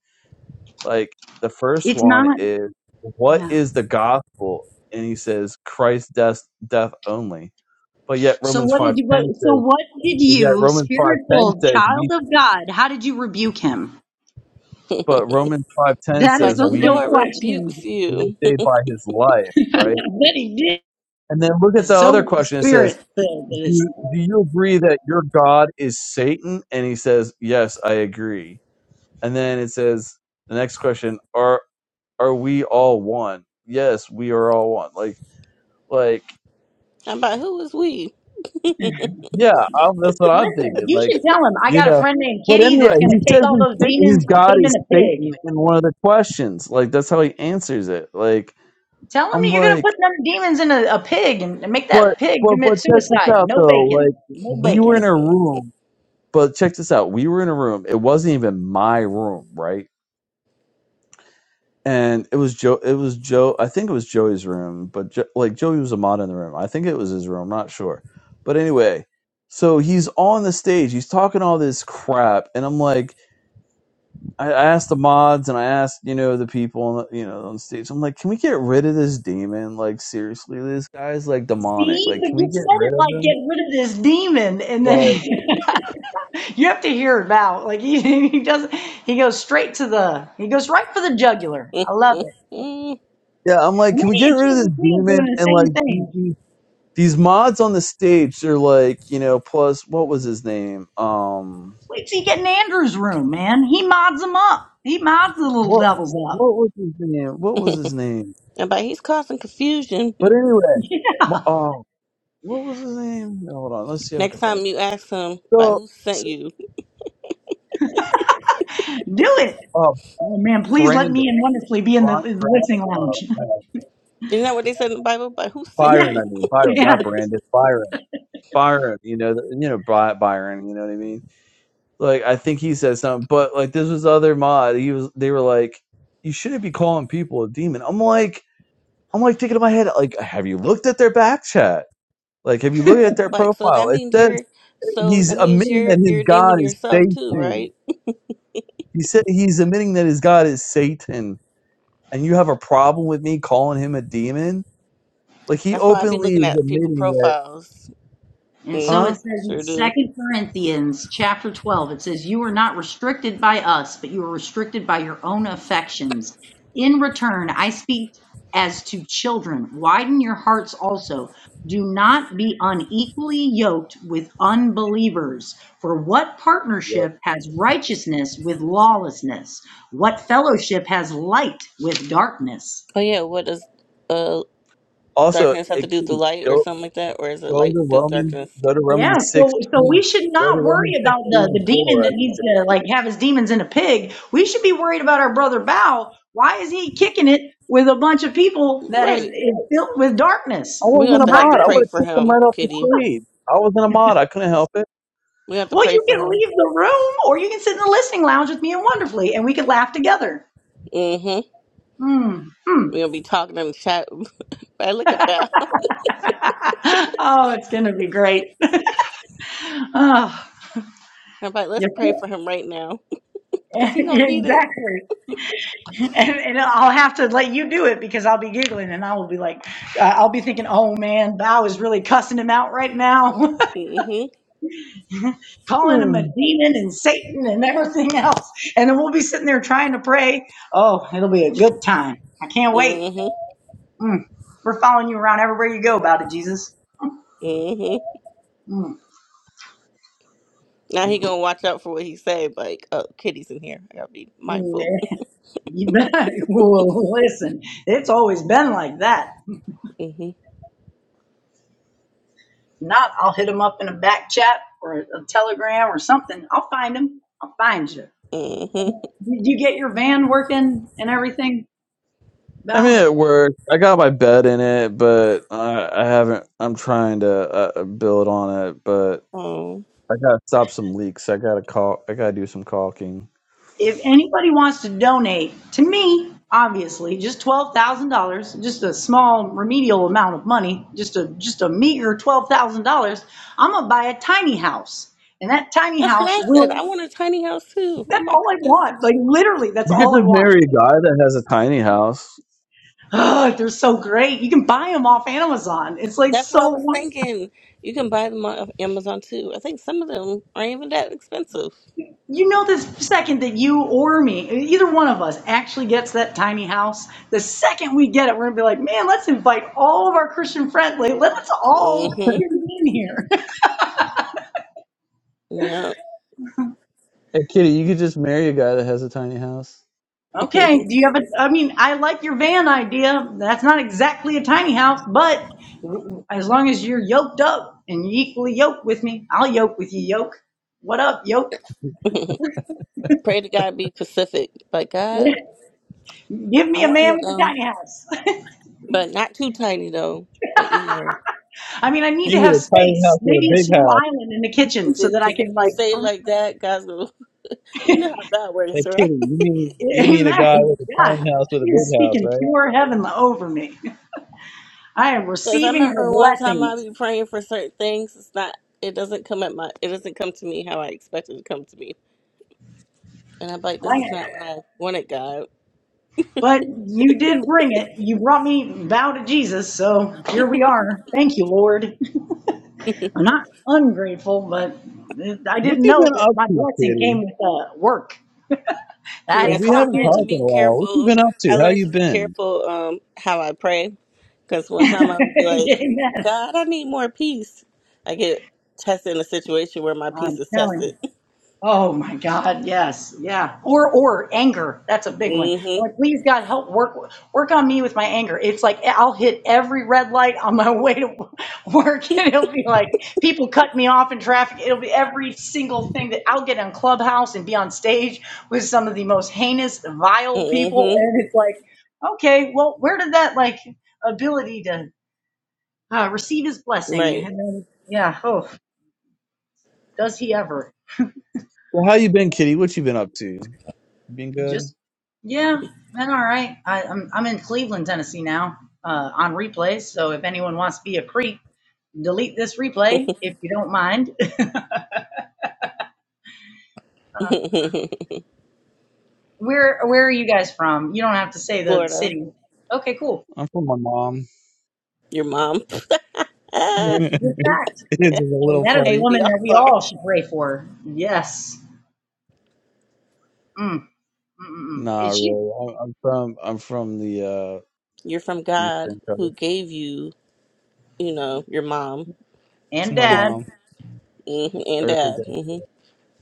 S1: Like the first
S8: It's
S1: one
S8: not.
S1: is, what
S8: Yeah.
S1: is the gospel? And he says, Christ's death, death only. But yet
S8: So
S1: Romans
S8: what
S1: five
S8: did you? What,
S1: ten
S8: so
S1: says,
S8: what did
S1: but yet
S8: you,
S1: Romans five ten
S8: spiritual
S1: says we,
S8: child of God? How did you rebuke him?
S1: but Romans five ten
S8: That is
S11: But
S1: says
S8: the
S11: the
S8: real
S1: we
S11: Lord rebukes
S8: question.
S1: we are
S11: you.
S1: saved by his life, right?
S8: that he did.
S1: And then look at the
S8: It's
S1: other
S8: So
S1: question. It says,
S8: spirit filled it is.
S1: do, do you agree that your God is Satan? And he says, yes, I agree. And then it says, the next question, are, are we all one? Yes, we are all one. Like, like
S11: I'm about who is we?
S1: Yeah, I'm, that's what I'm
S8: Listen,
S1: thinking.
S8: you
S1: Like,
S8: should tell him I
S1: you
S8: got a
S1: know.
S8: friend named
S1: But
S8: Kitty
S1: anyway,
S8: that's going
S1: he
S8: to take
S1: says
S8: all
S1: his,
S8: those
S1: sa- his
S8: demons and put
S1: God
S8: them in
S1: is
S8: a pig.
S1: Satan in one of the questions. Like, that's how he answers it. Like,
S8: Tell them
S1: I'm
S8: that you're gonna
S1: like,
S8: put them demons in a, a pig and and make
S1: but
S8: that pig
S1: but but
S8: commit
S1: check this
S8: suicide.
S1: out
S8: No
S1: though. Like,
S8: bacon. No
S1: we were in
S8: bacon.
S1: a room. But check this out. We were in a room. It wasn't even my room, right? And it was Joe. It was Joe. I think it was Joey's room. But jo- like Joey was a mod in the room. I think it was his room. I'm not sure. But anyway, so he's on the stage. He's talking all this crap, and I'm like. I asked the mods and I asked, you know, the people, on the, you know, on stage. I'm like, can we get rid of this demon? Like, seriously, this guy's like demonic.
S8: See,
S1: Like, can
S8: but
S1: we
S8: you
S1: get
S8: said
S1: rid
S8: it
S1: of
S8: like
S1: him?
S8: get rid of this demon, and
S1: Like,
S8: then you have to hear it out. Like he, he doesn't. He goes straight to the. He goes right for the jugular.
S11: I'm
S8: I love it.
S1: yeah, I'm like,
S8: And
S1: can
S8: then
S1: we get
S8: he
S1: rid of this
S8: accuses me of
S1: demon?
S8: doing the
S1: And like,
S8: same thing.
S1: these mods on the stage, they're like, you know, plus what was his name? Um,
S8: Wait till you get in Andrew's room, man. He mods them up. He mods the little
S1: what
S8: devils up.
S1: what was his name? What was his name?
S11: about he's causing confusion.
S1: But anyway, mo- um, uh, what was his name? Hold on, let's see if I can
S11: Next
S1: find
S11: time
S1: his
S11: you
S1: name.
S11: ask him, by
S1: So,
S11: who sent
S1: so
S11: you?
S8: Do it.
S1: uh,
S8: Oh man, please let
S1: Brandon,
S8: me and wonderfully be in the, in the
S1: Brandon,
S8: listening
S1: uh,
S8: lounge.
S1: Brandon.
S11: Isn't that what they said in the Bible? By who sent
S8: Yeah,
S1: Byron,
S11: you?
S1: I mean Byron,
S8: yeah.
S1: not Brandon. Byron, Byron. You know, th- you know Bry- Byron. You know what I mean? Like I think he said something, but like this was other mod. He was. They were like, you shouldn't be calling people a demon. I'm like, I'm like thinking in my head, like, have you looked at their back chat? Like, have you looked at their
S11: Like so
S1: profile?
S11: that
S1: It
S11: means
S1: says
S11: you're so
S1: he's
S11: that means
S1: admitting
S11: you're
S1: that his
S11: you're a
S1: god
S11: demon
S1: is
S11: yourself too,
S1: Satan.
S11: right?
S1: He said he's admitting that his god is Satan, and you have a problem with me calling him a demon? Like he
S11: That's why I be
S1: openly
S11: looking
S1: is
S11: at people
S1: admitting that,
S11: profiles.
S8: And so
S11: hmm
S1: huh?
S8: it
S11: I
S8: says in
S11: sure do.
S8: Second Corinthians chapter twelve, it says, You are not restricted by us, but you are restricted by your own affections. In return, I speak as to children. Widen your hearts also. Do not be unequally yoked with unbelievers. For what partnership has righteousness with lawlessness? What fellowship has light with darkness?
S11: Oh yeah, what does uh
S1: Also,
S11: darkness have to
S1: hey,
S11: do with the
S1: Kitty,
S11: light or
S1: go
S11: something like that? Or is it
S1: go
S11: light
S1: to
S11: do with
S1: Roman,
S11: darkness?
S1: go to Romans
S8: Yeah, so so
S11: Mm-hmm.
S8: we
S1: sixteen,
S8: should
S1: go to
S8: not worry
S1: Romans
S8: about the
S1: sixteen
S8: the demon
S1: four. I
S8: that
S1: think
S8: needs
S1: it is.
S8: to like have his demons in a pig. We should be worried about our brother Bao. Why is he kicking it with a bunch of people that is,
S11: Right.
S8: is filled with darkness?
S1: I
S11: We're going to
S8: Oh
S1: wasn't
S11: have
S1: a
S11: to
S8: my
S11: have to
S1: mod. I would
S11: pray
S8: goodness.
S1: have
S11: for
S1: kicked him
S11: him,
S1: right off the
S11: Kitty.
S1: stage. I wasn't a mod. I couldn't help it.
S11: We have to
S8: Well,
S11: pray
S8: you
S11: for
S8: can
S11: him.
S8: leave the room or you can sit in the listening lounge with me and wonderfully and we could laugh together.
S11: Mm-hmm.
S8: Mm, hmm.
S11: We're gonna be talking in the chat. I look at Val.
S8: oh, it's gonna be great. Oh,
S11: I'm like, let's
S8: you-
S11: pray for him right now, cause he gonna need it.
S8: exactly. And, and I'll have to let you do it because I'll be giggling and I will be like, uh, I'll be thinking, oh man, Bao is really cussing him out right now,
S11: Mm-hmm.
S8: calling him a
S1: Hmm.
S8: demon and Satan and everything else. And then we'll be sitting there trying to pray. Oh, it'll be a good time. I can't wait.
S11: Mm-hmm.
S8: Mm. We're following you around everywhere you go, Bao to Jesus.
S11: Mm-hmm.
S8: Mm.
S11: Now he gonna watch out for what he say. But Like, oh, Kitty's in here. I gotta be
S8: Mm,
S11: mindful.
S8: man. well, listen, it's always been like that.
S11: Mm-hmm.
S8: If not, I'll hit him up in a back chat or a telegram or something. I'll find him. I'll find you.
S11: Mm-hmm.
S8: Did you get your van working and everything,
S1: I mean,
S8: Val?
S1: it worked. I got my bed in it, but I, I haven't. I'm trying to uh, uh, build on it, but
S11: Oh,
S1: I gotta stop some leaks. I gotta call. I gotta do some caulking.
S8: If anybody wants to donate to me, obviously, just twelve thousand dollars, just a small remedial amount of money, just a just a meager twelve thousand dollars, I'm gonna buy a tiny house, and that tiny
S11: that's what
S8: house
S11: I said. I
S8: will.
S11: want a tiny house too. Oh
S8: That's
S11: my
S8: all I
S11: goodness.
S8: want. Like literally, that's
S1: You could
S8: all I
S1: just
S8: want.
S1: marry a guy that has a tiny house.
S8: Oh, they're so great. You can buy them off Amazon. It's like
S11: That's what I was
S8: so
S11: thinking. You can buy them on Amazon too. I think some of them aren't even that expensive.
S8: You know, the second that you or me, either one of us, actually gets that tiny house, the second we get it, we're gonna be like, man, let's invite all of our Christian friends. Like, let's all
S11: Mhm.
S8: convene here.
S11: Yeah.
S1: Hey, Kitty, you could just marry a guy that has a tiny house.
S8: okay. Do you have a? I mean, I like your van idea. That's not exactly a tiny house, but as long as you're yoked up and you equally yoked with me, I'll yoke with you, yoke. What up, yoke?
S11: Pray to God be Pacific. But God,
S8: Give
S11: I
S8: me a man
S11: want to,
S8: with a
S11: um,
S8: tiny house.
S11: but not too tiny though. But you know,
S8: I mean, I need
S1: You
S8: to
S1: get
S8: have
S1: a tiny
S8: space,
S1: house with a
S8: maybe a
S1: big
S8: small
S1: house.
S8: island in the kitchen
S11: because
S8: so that I
S11: if
S8: can
S11: you
S8: like
S11: say it like that, God's going to, you know how God
S1: Hey,
S11: works, right?
S1: Kitty, you mean you mean a guy
S8: Amen.
S1: with a
S8: God,
S1: tiny house with a
S8: she
S1: big
S8: is
S1: house,
S8: speaking
S1: right?
S8: pure heaven over me. I am
S11: Because I
S8: receiving her
S11: remember one time I
S8: blessings.
S11: be praying for certain things. It's not, it doesn't come at my, it doesn't come to me how I expected it to come to me. And I'm like, this
S8: I
S11: is not what
S8: am.
S11: I wanted, God.
S8: But you did bring it. You brought me bow to Jesus. So here we are. Thank you, Lord. I'm not ungrateful, but I
S1: What
S8: didn't
S1: you
S8: know
S1: been
S8: that
S1: up
S8: my
S1: to,
S8: blessing came
S1: Kitty?
S8: with uh, work. I had
S1: Like
S8: to
S11: Yes,
S1: we
S11: I
S8: clock
S1: haven't
S11: learned to
S1: talked
S8: in.
S1: in
S11: be
S1: a while. What you
S11: careful.
S1: been up to?
S11: I
S1: How
S11: learned
S1: you
S11: to be
S1: been?
S11: careful um how I pray because one time I would be like,
S8: Amen.
S11: God, I need more peace. I get tested in a situation where my peace
S8: I'm
S11: is
S8: telling you.
S11: tested.
S8: Oh my God, yes, yeah. Or or anger. That's a big one. I'm
S11: hmm
S8: like, please God help work work on me with my anger. It's like I'll hit every red light on my way to work, and it'll be like people cut me off in traffic. It'll be every single thing that I'll get on Clubhouse and be on stage with some of the most heinous, vile people,
S11: hmm
S8: and it's like, okay, well, where did that like ability to uh, receive His blessing?
S11: Right.
S8: And then, yeah, oh, does He ever?
S1: So how you been, Kitty? What you been up to? You been good?
S8: Just yeah, been all right. I, I'm I'm in Cleveland, Tennessee now, uh, on replays. So if anyone wants to be a creep, delete this replay if you don't mind. Uh, where where are you guys from? You don't have to say the
S11: Florida,
S8: city. Okay, cool.
S1: I'm from my mom.
S11: your mom. Ah,
S8: This is a good fact,
S1: it's a
S8: and
S1: little
S8: that is a
S11: hey,
S1: funny.
S11: we
S8: woman
S11: all
S8: that we
S11: are.
S8: all should pray for. Yes. Mm, mm, mm, mm.
S1: Nah,
S8: Is she
S1: really. I'm, I'm from I'm from the uh,
S11: You're from God
S1: Eastern
S11: who
S1: Coast.
S11: gave you, you know, your mom
S1: To
S8: and
S1: my
S8: dad?
S1: mom,
S11: hmm and
S1: earthly dad.
S11: dad. Mhm,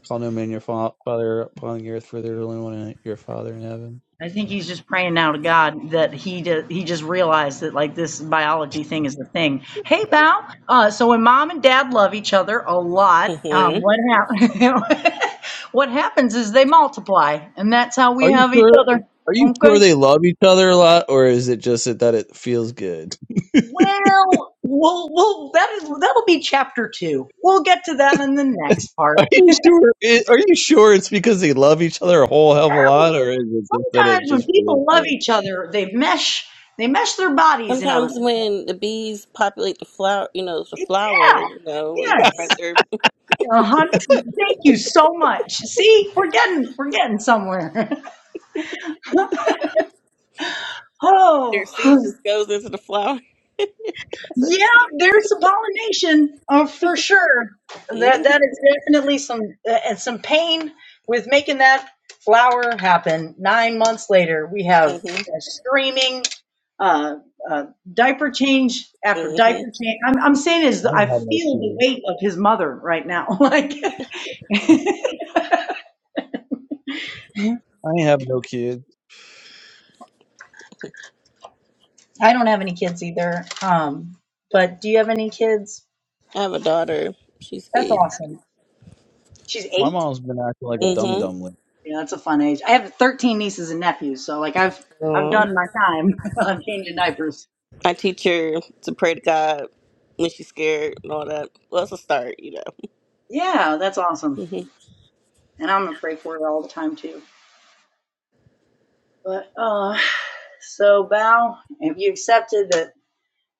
S1: Call no man your fa- father upon the earth, for there's only one in your father in heaven.
S8: I think he's just praying now to God that he do, he just realized that like this biology thing is the thing. Hey, Bow. Uh, so when mom and dad love each other a lot, um,
S11: hmm
S8: what hap- what happens is they multiply, and that's how
S1: Are
S8: we
S1: you
S8: have each
S1: sure?
S8: other.
S1: Are you sure
S8: Okay.
S1: they love each other a lot, or is it just that, that it feels good?
S8: Well, we'll, we'll that is that'll be chapter two. We'll get to that in the next
S1: Are
S8: part.
S1: you sure? It, are you sure it's because they love each other a whole hell of a lot,
S8: Well,
S1: or is it just that it
S8: Sometimes when
S1: just feels
S8: people love
S1: good?
S8: each other, they mesh they mesh their bodies in other.
S11: Sometimes when the bees populate the flower, you know, the flower,
S8: Yeah.
S11: you know, and spread
S8: Yes.
S11: their
S8: Uh huh. Thank you so much. See, we're getting we're getting somewhere.
S11: their
S8: Oh,
S11: seed just goes into the flower. That's what
S8: yeah,
S11: seeds.
S8: there's some pollination uh, for sure. That
S11: Mhm,
S8: that is definitely some uh, and some pain with making that flower happen. Nine months later, we have
S11: mhm,
S8: a screaming uh, uh, diaper change after
S11: mhm.
S8: diaper change. I'm I'm saying is
S1: I ain't
S8: I feel
S1: have no
S8: the
S1: kids.
S8: weight of his mother right now, like.
S1: I ain't have no kids.
S8: I don't have any kids either. Um, but do you have any kids?
S11: I have a daughter. She's
S8: That's
S11: eight.
S8: awesome. She's
S1: My
S8: eight.
S1: mom's been acting like a
S8: Oh, That's
S1: dum
S11: Mhm.
S1: dum
S8: cool.
S1: lately.
S8: Yeah, that's a fun age. I have 13 nieces and nephews, so like I've I've
S11: Um,
S8: done my time. I'm changing diapers.
S11: I teach her to pray to God when she's scared and all that. Well, it's a start, you know.
S8: Yeah, that's awesome.
S11: hmm
S8: And I'm gonna pray for it all the time too. But uh, so Bao, have you accepted that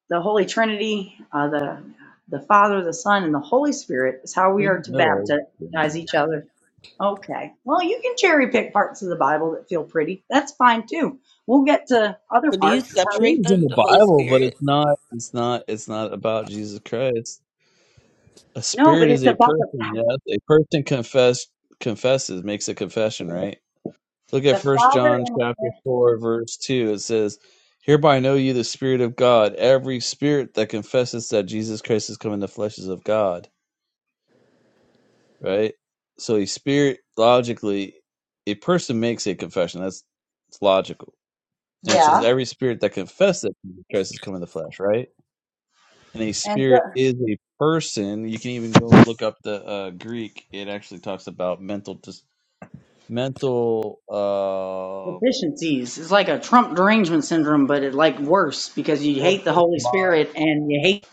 S8: the Holy Trinity, uh, the the Father, the Son, and the Holy Spirit is how
S1: I
S8: we are
S1: didn't
S8: to
S1: know all these things.
S8: baptize each other? Okay. Well, you can cherry pick parts of the Bible that feel pretty. That's fine too. We'll get to other
S11: So, do you
S8: parts. Uh,
S1: Sure,
S11: separate
S1: it's in
S11: them,
S1: the
S11: the Holy
S1: Bible, but
S11: Spirit?
S1: it's not. It's not. It's not about Jesus Christ. A
S8: no, but
S1: spirit is
S8: it's
S1: a
S8: about the
S1: person. Yes, a person confess confesses makes a confession, right? Look at
S8: the
S1: First
S8: father
S1: John
S8: and
S1: chapter four, verse two. It says, "Hereby know you the Spirit of God. Every spirit that confesses that Jesus Christ has come in the flesh is of God." Right. So, a spirit logically, a person makes a confession. That's it's logical. And it
S8: yeah
S1: says, "Every spirit that confesses that Jesus Christ has come in the flesh." Right. And a
S8: and
S1: spirit
S8: the
S1: is a person. You can even go look up the uh, Greek. It actually talks about mental dis- mental uh
S8: deficiencies. It's like a Trump derangement syndrome, but it like worse because you hate the Holy Spirit and you hate.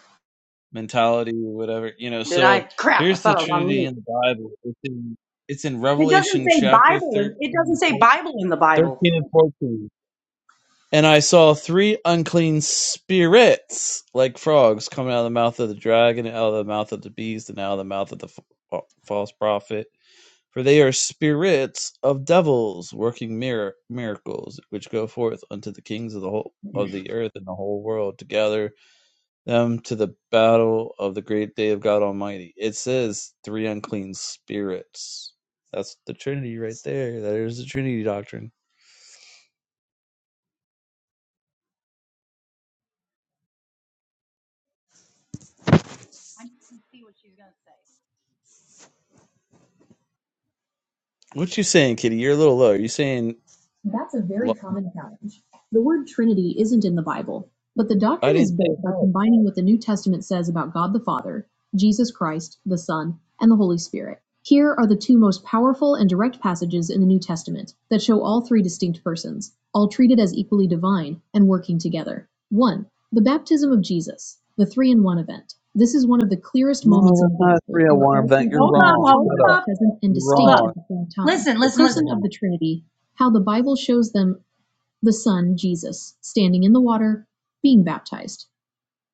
S1: mentality or whatever you know
S8: Did I
S1: so
S8: crap? I
S1: here's the
S8: thought I was on
S1: trinity
S8: mute.
S1: in the bible it's in, it's in
S8: It doesn't
S1: revelation
S8: say
S1: chapter
S8: Bible. In, it doesn't
S1: 13,
S8: say
S1: 13
S8: Bible in the Bible.
S1: and 14 and i saw three unclean spirits like frogs coming out of the mouth of the dragon and out of the mouth of the beast and out of the mouth of the fa- false prophet for they are spirits of devils working mir- miracles which go forth unto the kings of the whole of the earth and the whole world to gather them to the battle of the great day of God Almighty. It says three unclean spirits. That's the Trinity right there. There's the Trinity doctrine. What you saying, Kitty? You're a little low. You saying
S8: That's a very
S1: lo-
S8: common challenge. The word Trinity isn't in the Bible, but the
S1: I
S8: doctrine is
S1: didn't say
S8: built by
S1: what?
S8: combining what the New Testament says about God the Father, Jesus Christ, the Son, and the Holy Spirit. Here are the two most powerful and direct passages in the New Testament that show all three distinct persons, all treated as equally divine and working together. 1. The baptism of Jesus, the three in one event. This is one of the clearest
S1: No,
S8: moments in
S1: that's
S8: the
S1: not a three
S8: gospel
S1: hundred
S8: where
S1: one
S8: all
S1: event.
S8: three
S1: You're
S8: Hold persons up, of the
S1: wrong.
S8: hold
S1: Shut
S8: Trinity
S1: up.
S8: are up, present and hold
S1: You're
S8: distinct up.
S1: wrong.
S8: at the same time. Listen, The
S1: That's
S8: listen, Person listen. of
S1: wrong.
S8: the Trinity how the Bible shows them the Son, Jesus, standing in the water, being baptized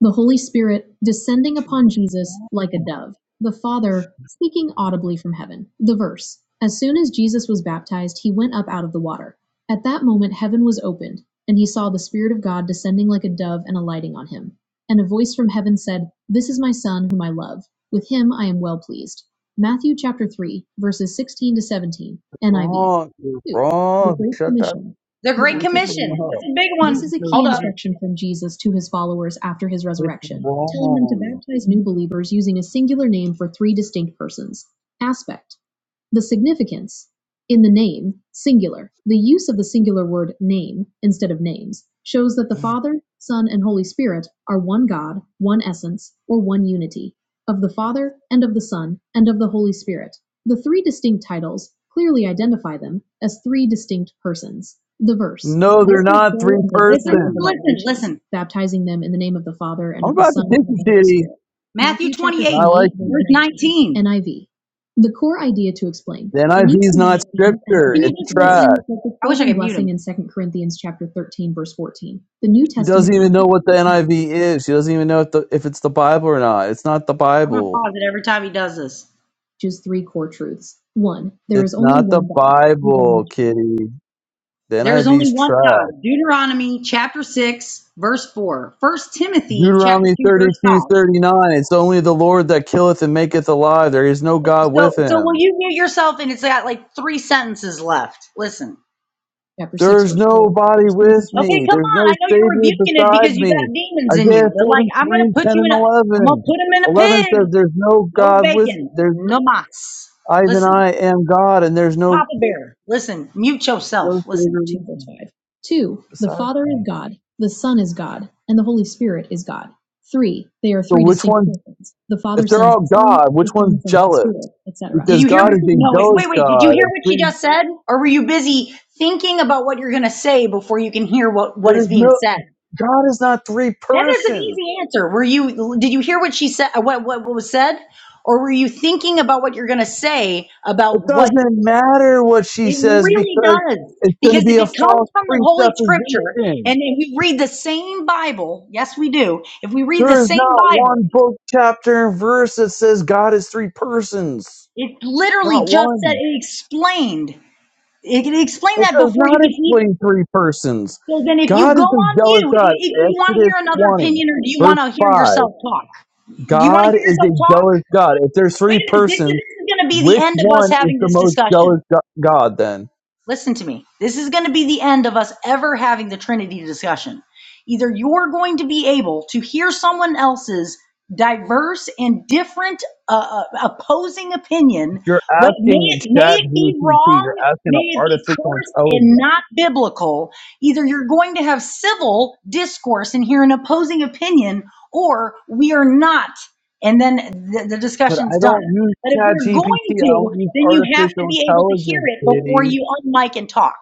S8: the Holy Spirit descending upon Jesus like a dove, the Father speaking audibly from heaven. The verse As soon as Jesus was baptized, he went up out of the water. At that moment, heaven was opened, and he saw the Spirit of God descending like a dove and alighting on him. And a voice from heaven said, This is my Son, whom I love. With him I am well pleased. Matthew chapter 3, verses 16 to 17, NIV.
S1: Wrong. You're
S8: 2. The
S1: wrong.
S8: Great
S1: Shut that
S8: Commission the Great
S1: stupid
S8: Commission.
S1: thing up.
S8: That's a big one. This is a key
S1: no
S8: instruction from Jesus to his followers after his
S1: It's
S8: resurrection, telling them to
S1: wrong.
S8: baptize new believers using a singular name for three distinct persons. Aspect. The significance in the name, singular, the use of the singular word name instead of names shows that the Father, Son, and Holy Spirit are one God, one essence, or one unity, of the Father, and of the Son, and of the Holy Spirit. The three distinct titles clearly identify them as three distinct persons. The verse,
S1: No, they're
S8: therefore
S1: not
S8: go
S1: three
S8: and make Listen, disciples
S1: persons.
S8: of all nations, baptizing them in the name of the Father, and
S1: I'm
S8: of the
S1: about to
S8: Son,
S1: pick
S8: and of
S1: you,
S8: the Holy
S1: Shitty.
S8: Spirit. Matthew 28,
S1: and I like
S8: verse
S1: you.
S8: 19. NIV. The core idea to explain.
S1: The
S8: When
S1: NIV
S8: you
S1: is not
S8: combine these and other
S1: scripture.
S8: Can you
S1: It's
S8: just
S1: trash.
S8: listen? I wish I fourth could blessing in Second Corinthians chapter 13, verse 14. The New
S1: She doesn't
S8: Testament
S1: even know what the NIV is. She doesn't even know if, the, if it's the Bible or not. It's not the
S8: I'm gonna
S1: Bible.
S8: pause it every time he does this. Just three core truths. One, there
S1: It's
S8: is only
S1: not the
S8: one God.
S1: Bible, Kitty. The
S8: There is only
S1: NIV's
S8: one
S1: trash.
S8: God. Deuteronomy chapter 6, verse 4. First Timothy chapter
S1: Deuteronomy
S8: 2, verse
S1: thirty-two
S8: 5.
S1: thirty-nine. It's only the Lord that killeth and maketh alive. There is no God with
S8: So so will
S1: him.
S8: you mute yourself and it's got like three sentences left. Listen. Chapter 6,
S1: There's
S8: verse 4.
S1: nobody
S8: First
S1: with
S8: Timothy chapter Okay,
S1: me.
S8: come
S1: There's
S8: on.
S1: no
S8: I know you're
S1: Savior
S8: rebuking it
S1: beside
S8: because you
S1: me.
S8: got demons in
S1: Isaiah
S8: you. But like,
S1: forty
S8: I'm
S1: three
S8: gonna put
S1: 10
S8: you
S1: and
S8: in a, I'm gonna
S1: 11.
S8: put him in a
S1: 11
S8: pig.
S1: says, there's no
S8: No
S1: God with,
S8: bacon,
S1: there's,
S8: no mas.
S1: I even
S8: Listen.
S1: I am God and there's no,
S8: Papa Bear, listen, mute
S1: no
S8: yourself. Listen.
S1: Savior with
S8: 2 verse
S1: me,
S8: 5. 2. The
S1: beside
S8: Father is
S1: me.
S8: God, the Son is God, and the Holy Spirit is God. 3. They are
S1: So
S8: three
S1: which
S8: distinct
S1: one,
S8: persons. The
S1: if
S8: Father
S1: they're
S8: sends
S1: all
S8: the Son,
S1: God, which
S8: the
S1: one's
S8: Son sends the
S1: jealous?
S8: Spirit, etc. Did
S1: Because
S8: you hear
S1: God
S8: what?
S1: is a
S8: No, wait,
S1: jealous
S8: wait, wait. Did you
S1: God.
S8: hear what she just said? Or were you busy thinking about what you're going to say before you can hear what, what
S1: there's
S8: is being
S1: no,
S8: said?
S1: God is not three
S8: That is an
S1: persons.
S8: easy answer. Were you, did you hear what she said, what, what, what was said? Or were you thinking about what you're going to say
S1: It
S8: about what
S1: doesn't matter what she
S8: it
S1: says
S8: really
S1: because
S8: does.
S1: it's going to
S8: Because
S1: be
S8: if
S1: a
S8: it
S1: false
S8: comes from the Holy Scripture
S1: presupposition.
S8: and if we read the same Bible, yes, we do. If we read the
S1: There is
S8: same
S1: not
S8: Bible,
S1: one book, chapter, and verse that says God is three persons.
S8: it literally
S1: Not
S8: just said
S1: one.
S8: it explained. It, it explained
S1: It
S8: that
S1: does
S8: before you
S1: not
S8: could even.
S1: explain three persons.
S8: So then, if you
S1: God
S8: go
S1: is
S8: on
S1: a jealous
S8: mute, i-
S1: God.
S8: if you want to
S1: Exodus
S8: hear another
S1: 20,
S8: opinion or do you
S1: verse
S8: want to hear
S1: 5.
S8: yourself talk? Do you want to
S1: God
S8: hear
S1: is a
S8: yourself talk?
S1: jealous God. If there's
S8: Wait
S1: three
S8: a minute. This is,
S1: persons,
S8: this is going to be the
S1: which
S8: end of us
S1: one is
S8: having
S1: the
S8: this
S1: most jealous
S8: discussion.
S1: go- God then?
S8: Listen to me. This is going to be the end of us ever having the Trinity discussion. Either you're going to be able to hear someone else's diverse and different uh, uh, opposing opinion,
S1: You're
S8: what, may,
S1: asking
S8: it, may
S1: Chat
S8: it be
S1: GPT, you're
S8: wrong,
S1: asking
S8: may
S1: an
S8: it be
S1: artificial
S8: cursed and
S1: intelligence.
S8: not biblical. Either you're going to have civil discourse and hear an opposing opinion, or we are not. And then the, the
S1: But
S8: discussion's
S1: I
S8: done.
S1: don't use
S8: But if
S1: Chat
S8: we're
S1: GPT,
S8: going
S1: I
S8: to,
S1: don't use
S8: then you have to
S1: artificial
S8: be able to hear
S1: intelligence,
S8: it before
S1: kitty.
S8: you unmic and talk.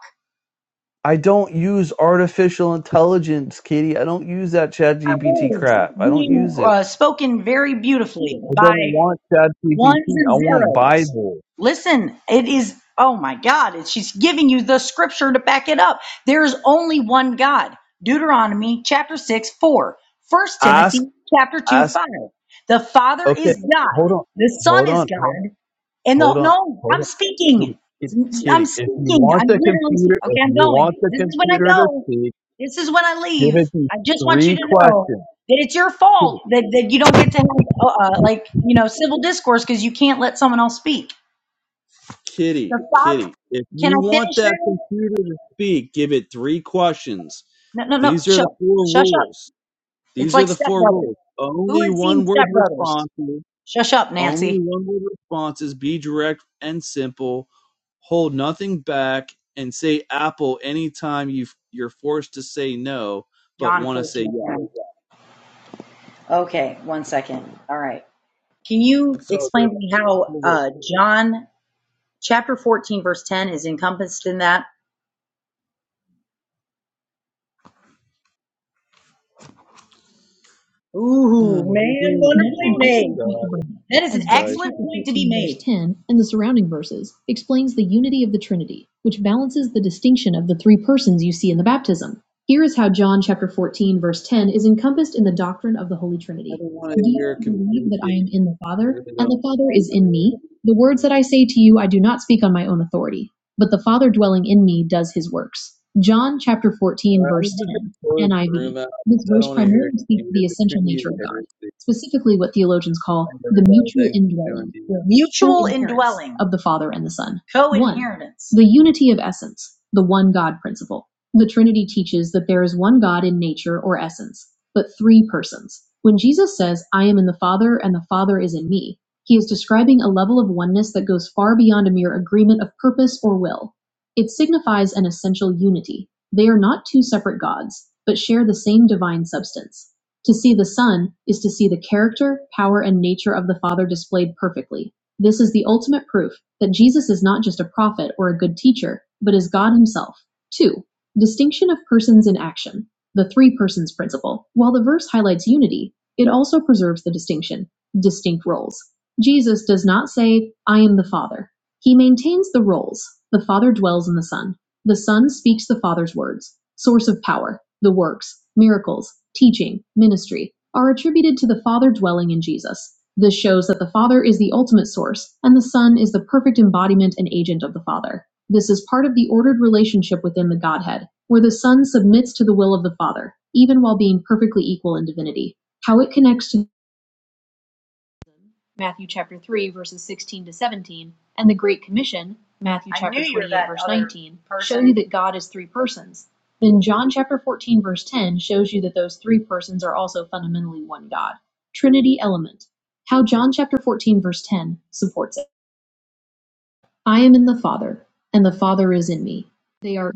S1: I don't use artificial intelligence, Katie. I don't use that
S8: Our
S1: ChatGPT
S8: words
S1: crap. I don't
S8: being
S1: use it.
S8: uh, spoken very beautifully
S1: I
S8: by
S1: don't want ChatGPT.
S8: ones
S1: I
S8: and
S1: want
S8: zeros.
S1: Bible.
S8: Listen, it is, oh my God, it's, she's giving you the scripture to back it up. There is only one God. Deuteronomy chapter 6, 4. First
S1: Ask,
S8: Timothy chapter 2,
S1: ask.
S8: 5. The Father
S1: Okay,
S8: is
S1: hold
S8: God.
S1: on,
S8: The Son
S1: hold
S8: is
S1: on, hold on,
S8: God. And no,
S1: hold on,
S8: no,
S1: hold
S8: I'm
S1: on, Kitty,
S8: speaking.
S1: Kitty,
S8: I'm
S1: Kitty. If you
S8: speaking.
S1: want
S8: I'm
S1: the
S8: literally
S1: computer,
S8: speaking.
S1: if
S8: okay. I'm
S1: you want
S8: going.
S1: the
S8: This is when I
S1: computer to
S8: go.
S1: speak,
S8: This is when I
S1: give it
S8: leave.
S1: these
S8: I just want you
S1: three
S8: to know
S1: questions.
S8: that it's your
S1: Kitty,
S8: fault that, that you don't get to have uh, uh, like you know civil discourse because you can't let someone else speak.
S1: Kitty,
S8: The father.
S1: Kitty. If
S8: Can
S1: you
S8: I
S1: want
S8: finish
S1: that
S8: now?
S1: computer to speak, give it three questions.
S8: No, no, no.
S1: These are
S8: Shut,
S1: the four
S8: shush up.
S1: rules.
S8: It's
S1: These are
S8: like
S1: the four
S8: stepbrother.
S1: rules.
S8: Who
S1: Only
S8: has
S1: one
S8: seen
S1: word
S8: stepbrothers?
S1: responses.
S8: Shush up,
S1: Only
S8: Nancy.
S1: one word responses. Be direct and simple. Hold nothing back and say apple anytime you you're forced to say no but
S8: John
S1: want to say
S8: fourteen.
S1: yes.
S8: Okay, one second. All right. Can you
S1: So
S8: explain
S1: there's
S8: to me
S1: the
S8: how
S1: four rules.
S8: uh, John Chapter fourteen, verse ten is encompassed in that.
S1: Oh,
S8: Ooh,
S1: there's
S8: man,
S1: only one
S8: wonderfully
S1: line of God
S8: made. That
S1: and
S8: is an
S1: Christ.
S8: excellent point to
S1: I
S8: be 15, verse made. 10 and the surrounding verses explains the unity of the Trinity, which balances the distinction of the three persons you see in the baptism. Here is how John chapter 14, verse 10 is encompassed in the doctrine of the Holy Trinity.
S1: don't want to
S8: Do
S1: hear
S8: you
S1: computer
S8: believe that I
S1: kitty.
S8: am in the
S1: I
S8: Father,
S1: really
S8: and
S1: don't.
S8: the Father is
S1: I
S8: in
S1: really
S8: me? The words
S1: don't.
S8: that I say to you, I do not speak on my own authority, but the Father dwelling in me does his works. John chapter
S1: All
S8: 14,
S1: right, I'm
S8: verse
S1: just gonna
S8: 10,
S1: close the
S8: NIV.
S1: room out
S8: This
S1: because I don't
S8: verse
S1: want to hear a
S8: primarily speaks to the
S1: computer. The
S8: essential
S1: community is
S8: nature of God,
S1: heresy.
S8: specifically what theologians call
S1: Thanks,
S8: the
S1: everybody.
S8: mutual
S1: Thanks for doing
S8: indwelling
S1: it.
S8: or Mutual indwelling, of the Father and the Son. co-inheritance. One, the unity of essence, the one God principle. The Trinity teaches that there is one God in nature or essence, but three persons. When Jesus says, I am in the Father and the Father is in me, he is describing a level of oneness that goes far beyond a mere agreement of purpose or will. It signifies an essential unity, they are not two separate gods, but share the same divine substance. To see the Son is to see the character, power, and nature of the Father displayed perfectly. This is the ultimate proof that Jesus is not just a prophet or a good teacher, but is God Himself. 2. Distinction of persons in action. The three persons principle. While the verse highlights unity, it also preserves the distinction, distinct roles. Jesus does not say, I am the Father. He maintains the roles. The Father dwells in the Son. The Son speaks the Father's words. Source of power, the works, miracles, teaching, ministry are attributed to the Father dwelling in Jesus. This shows that the Father is the ultimate source and the Son is the perfect embodiment and agent of the Father. This is part of the ordered relationship within the Godhead, where the Son submits to the will of the Father, even while being perfectly equal in divinity. How it connects to Matthew chapter 3, verses 16 to 17, and the Great Commission, Matthew chapter 28, verse 19, show you that God is three persons. Then John chapter 14, verse 10 shows you that those three persons are also fundamentally one God. Trinity element. How John chapter 14, verse 10 supports it. I am in the Father, and the Father is in me. They are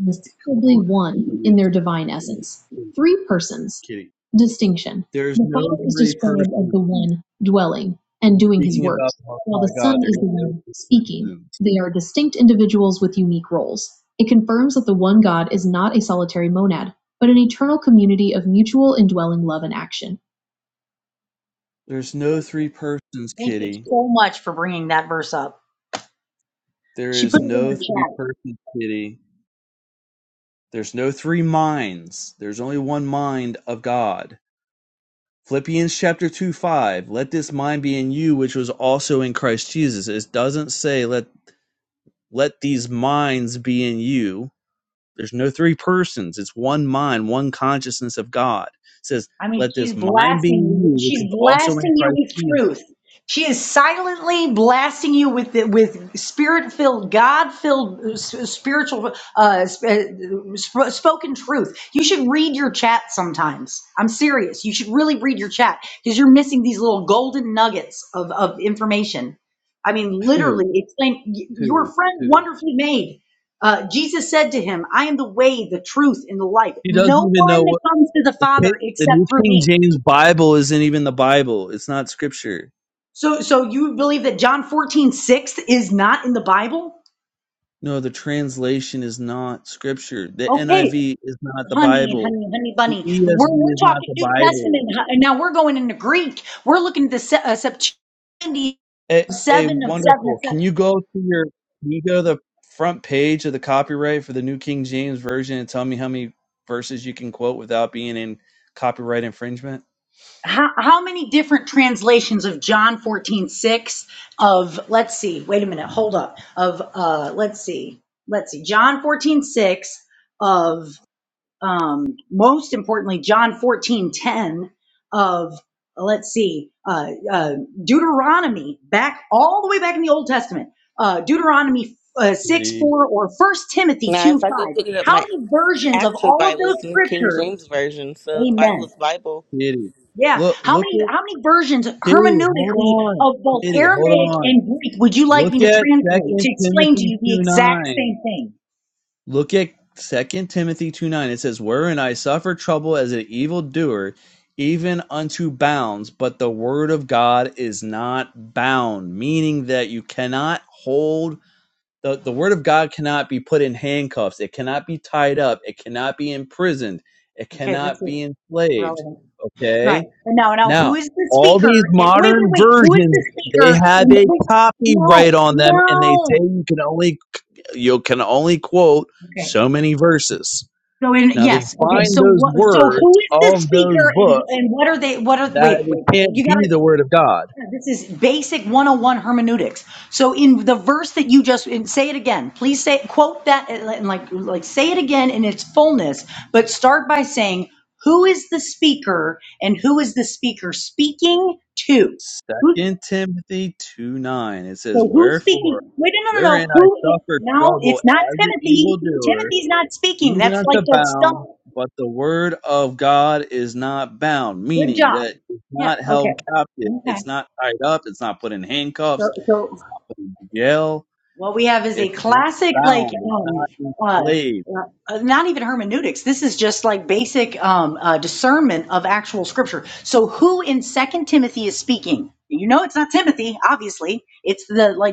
S1: Come
S8: inseparably
S1: on.
S8: one
S1: Please.
S8: in their divine
S1: please,
S8: essence. Three persons.
S1: Kidding.
S8: Distinction.
S1: There's
S8: The
S1: no
S8: Father is
S1: three
S8: described as
S1: persons.
S8: the one dwelling and
S1: I'm
S8: doing his
S1: speaking about
S8: works,
S1: the Most
S8: while
S1: High
S8: the Son
S1: God. There
S8: is
S1: is
S8: the
S1: no
S8: one
S1: three
S8: speaking.
S1: persons.
S8: They are distinct individuals with unique roles. It confirms that the one God is not a solitary monad, but an eternal community of mutual indwelling love and action.
S1: There's no three persons,
S8: Thank you
S1: Kitty.
S8: so much for bringing that verse up.
S1: There
S8: She
S1: is
S8: put it in
S1: no
S8: the chat.
S1: three persons, Kitty. There's no three minds. There's only one mind of God. Philippians chapter 2 5. Let this mind be in you, which was also in Christ Jesus. It doesn't say let let these minds be in you There's no three persons. It's one mind, one consciousness of God. It says,
S8: I mean,
S1: let
S8: she's
S1: this mind be
S8: blasting
S1: in
S8: you.
S1: you, which
S8: She's
S1: was also in
S8: blasting you
S1: Christ
S8: with
S1: Jesus.
S8: truth. She is silently blasting you with the, with spirit-filled, God-filled, uh, s- spiritual, uh, sp- uh, sp- spoken truth. You should read your chat sometimes. I'm serious. You should really read your chat because you're missing these little golden nuggets of, of information. I mean, literally,
S1: Who?
S8: it's like y- your
S1: Who?
S8: friend
S1: Who?
S8: wonderfully made. Uh, Jesus said to him, I am the way, the truth, and the life.
S1: He doesn't
S8: No
S1: even know
S8: one
S1: what
S8: comes to the
S1: the,
S8: Father
S1: the New
S8: except through
S1: King
S8: me.
S1: James Bible isn't even the Bible. It's not scripture.
S8: So, so you believe that John 14 6 is not in the Bible?
S1: No, the translation is not scripture. The
S8: Okay,
S1: NIV is not the
S8: honey,
S1: Bible.
S8: honey, honey
S1: The
S8: bunny. We're,
S1: ESV
S8: we're
S1: is not
S8: talking
S1: the
S8: New
S1: Bible.
S8: Testament, huh? and now we're going into Greek. We're looking at the Se- uh, Septuagint 7
S1: A,
S8: of
S1: a
S8: 7 of
S1: wonderful.
S8: 7.
S1: Can you go to your can you go to the front page of the copyright for the New King James Version and tell me how many verses you can quote without being in copyright infringement?
S8: how, how many different translations of John 14 6 of, let's see, wait a minute, hold up, of, uh, let's see, let's see, John 14 6 of, um, most importantly, John 14 10 of, let's see, uh, uh, Deuteronomy back all the way back in the Old Testament, uh, Deuteronomy uh, 6,
S1: Kitty,
S8: 4 or First Timothy
S11: Now,
S8: 2, 5.
S11: if I go pick it up,
S8: How
S11: my
S8: many versions of
S11: actual
S8: all of
S11: Bible is
S8: those
S11: the New King
S8: scriptures?
S11: James version. So the Bible
S8: Amen
S11: is Bible.
S1: kitty.
S8: yeah.
S1: Look,
S8: How
S1: look
S8: many
S1: at
S8: how many versions
S1: kitty. Hold
S8: hermeneutically
S1: on,
S8: of both
S1: kitty. Hold
S8: Aramaic
S1: on.
S8: and Greek would you like
S1: Look
S8: me to
S1: at
S8: translate
S1: Second
S8: to explain to
S1: Timothy
S8: you the
S1: two
S8: exact
S1: nine.
S8: same thing?
S1: Look at Second Timothy two nine. It says, Wherein I suffer trouble as an evildoer, even unto bounds, but the word of God is not bound, meaning that you cannot hold the, the word of God cannot be put in handcuffs, it cannot be tied up, it cannot be imprisoned, it
S8: Okay,
S1: cannot
S8: this is
S1: be enslaved.
S8: relevant. Right.
S1: Okay?
S8: And now now who
S1: Now,
S8: is the
S1: all these
S8: speaker? And wait, wait,
S1: modern
S8: wait. Who is
S1: versions
S8: the
S1: they
S8: speaker
S1: have
S8: in the,
S1: a
S8: wait,
S1: copyright
S8: no,
S1: on them and they say
S8: no.
S1: you can only you can only quote
S8: Okay.
S1: so many verses.
S8: So in
S1: Now they
S8: yes, okay.
S1: find
S8: So
S1: those
S8: what so
S1: words,
S8: who is
S1: all
S8: the
S1: of those
S8: speaker and
S1: books,
S8: and what are they what are
S1: that
S8: wait,
S1: it
S8: wait.
S1: can't
S8: You
S1: be
S8: gotta
S1: the word of God.
S8: Yeah, This is basic 101 hermeneutics. So in the verse that you just, and say it again, please say, quote that, and like, like like, say it again in its fullness, but start by saying, who is the speaker and who is the speaker speaking to? Who,
S1: Second Timothy two nine. It says,
S8: so who's
S1: Wherefore,
S8: speaking? Wait, no, no, no,
S1: wherein
S8: no.
S1: I
S8: Who, i-
S1: suffer
S8: no,
S1: trouble
S8: it's not
S1: as an
S8: Timothy.
S1: evildoer,
S8: Timothy's not speaking.
S1: even
S8: That's like
S1: unto
S8: the stuff.
S1: bound, but the word of God is not bound,
S8: Good
S1: meaning
S8: job.
S1: that it's
S8: Yeah,
S1: not
S8: okay,
S1: held captive,
S8: okay.
S1: it's not tied up, it's not put in
S8: So.
S1: handcuffs,
S8: so
S1: put in jail,
S8: What we have is a
S1: it's not
S8: classic, like,
S1: bound, it's
S8: um,
S1: not
S8: uh,
S1: enslaved
S8: uh, not even hermeneutics. This is just like basic um, uh, discernment of actual scripture. So, who in Second Timothy is speaking? You know, it's not Timothy. Obviously, it's the like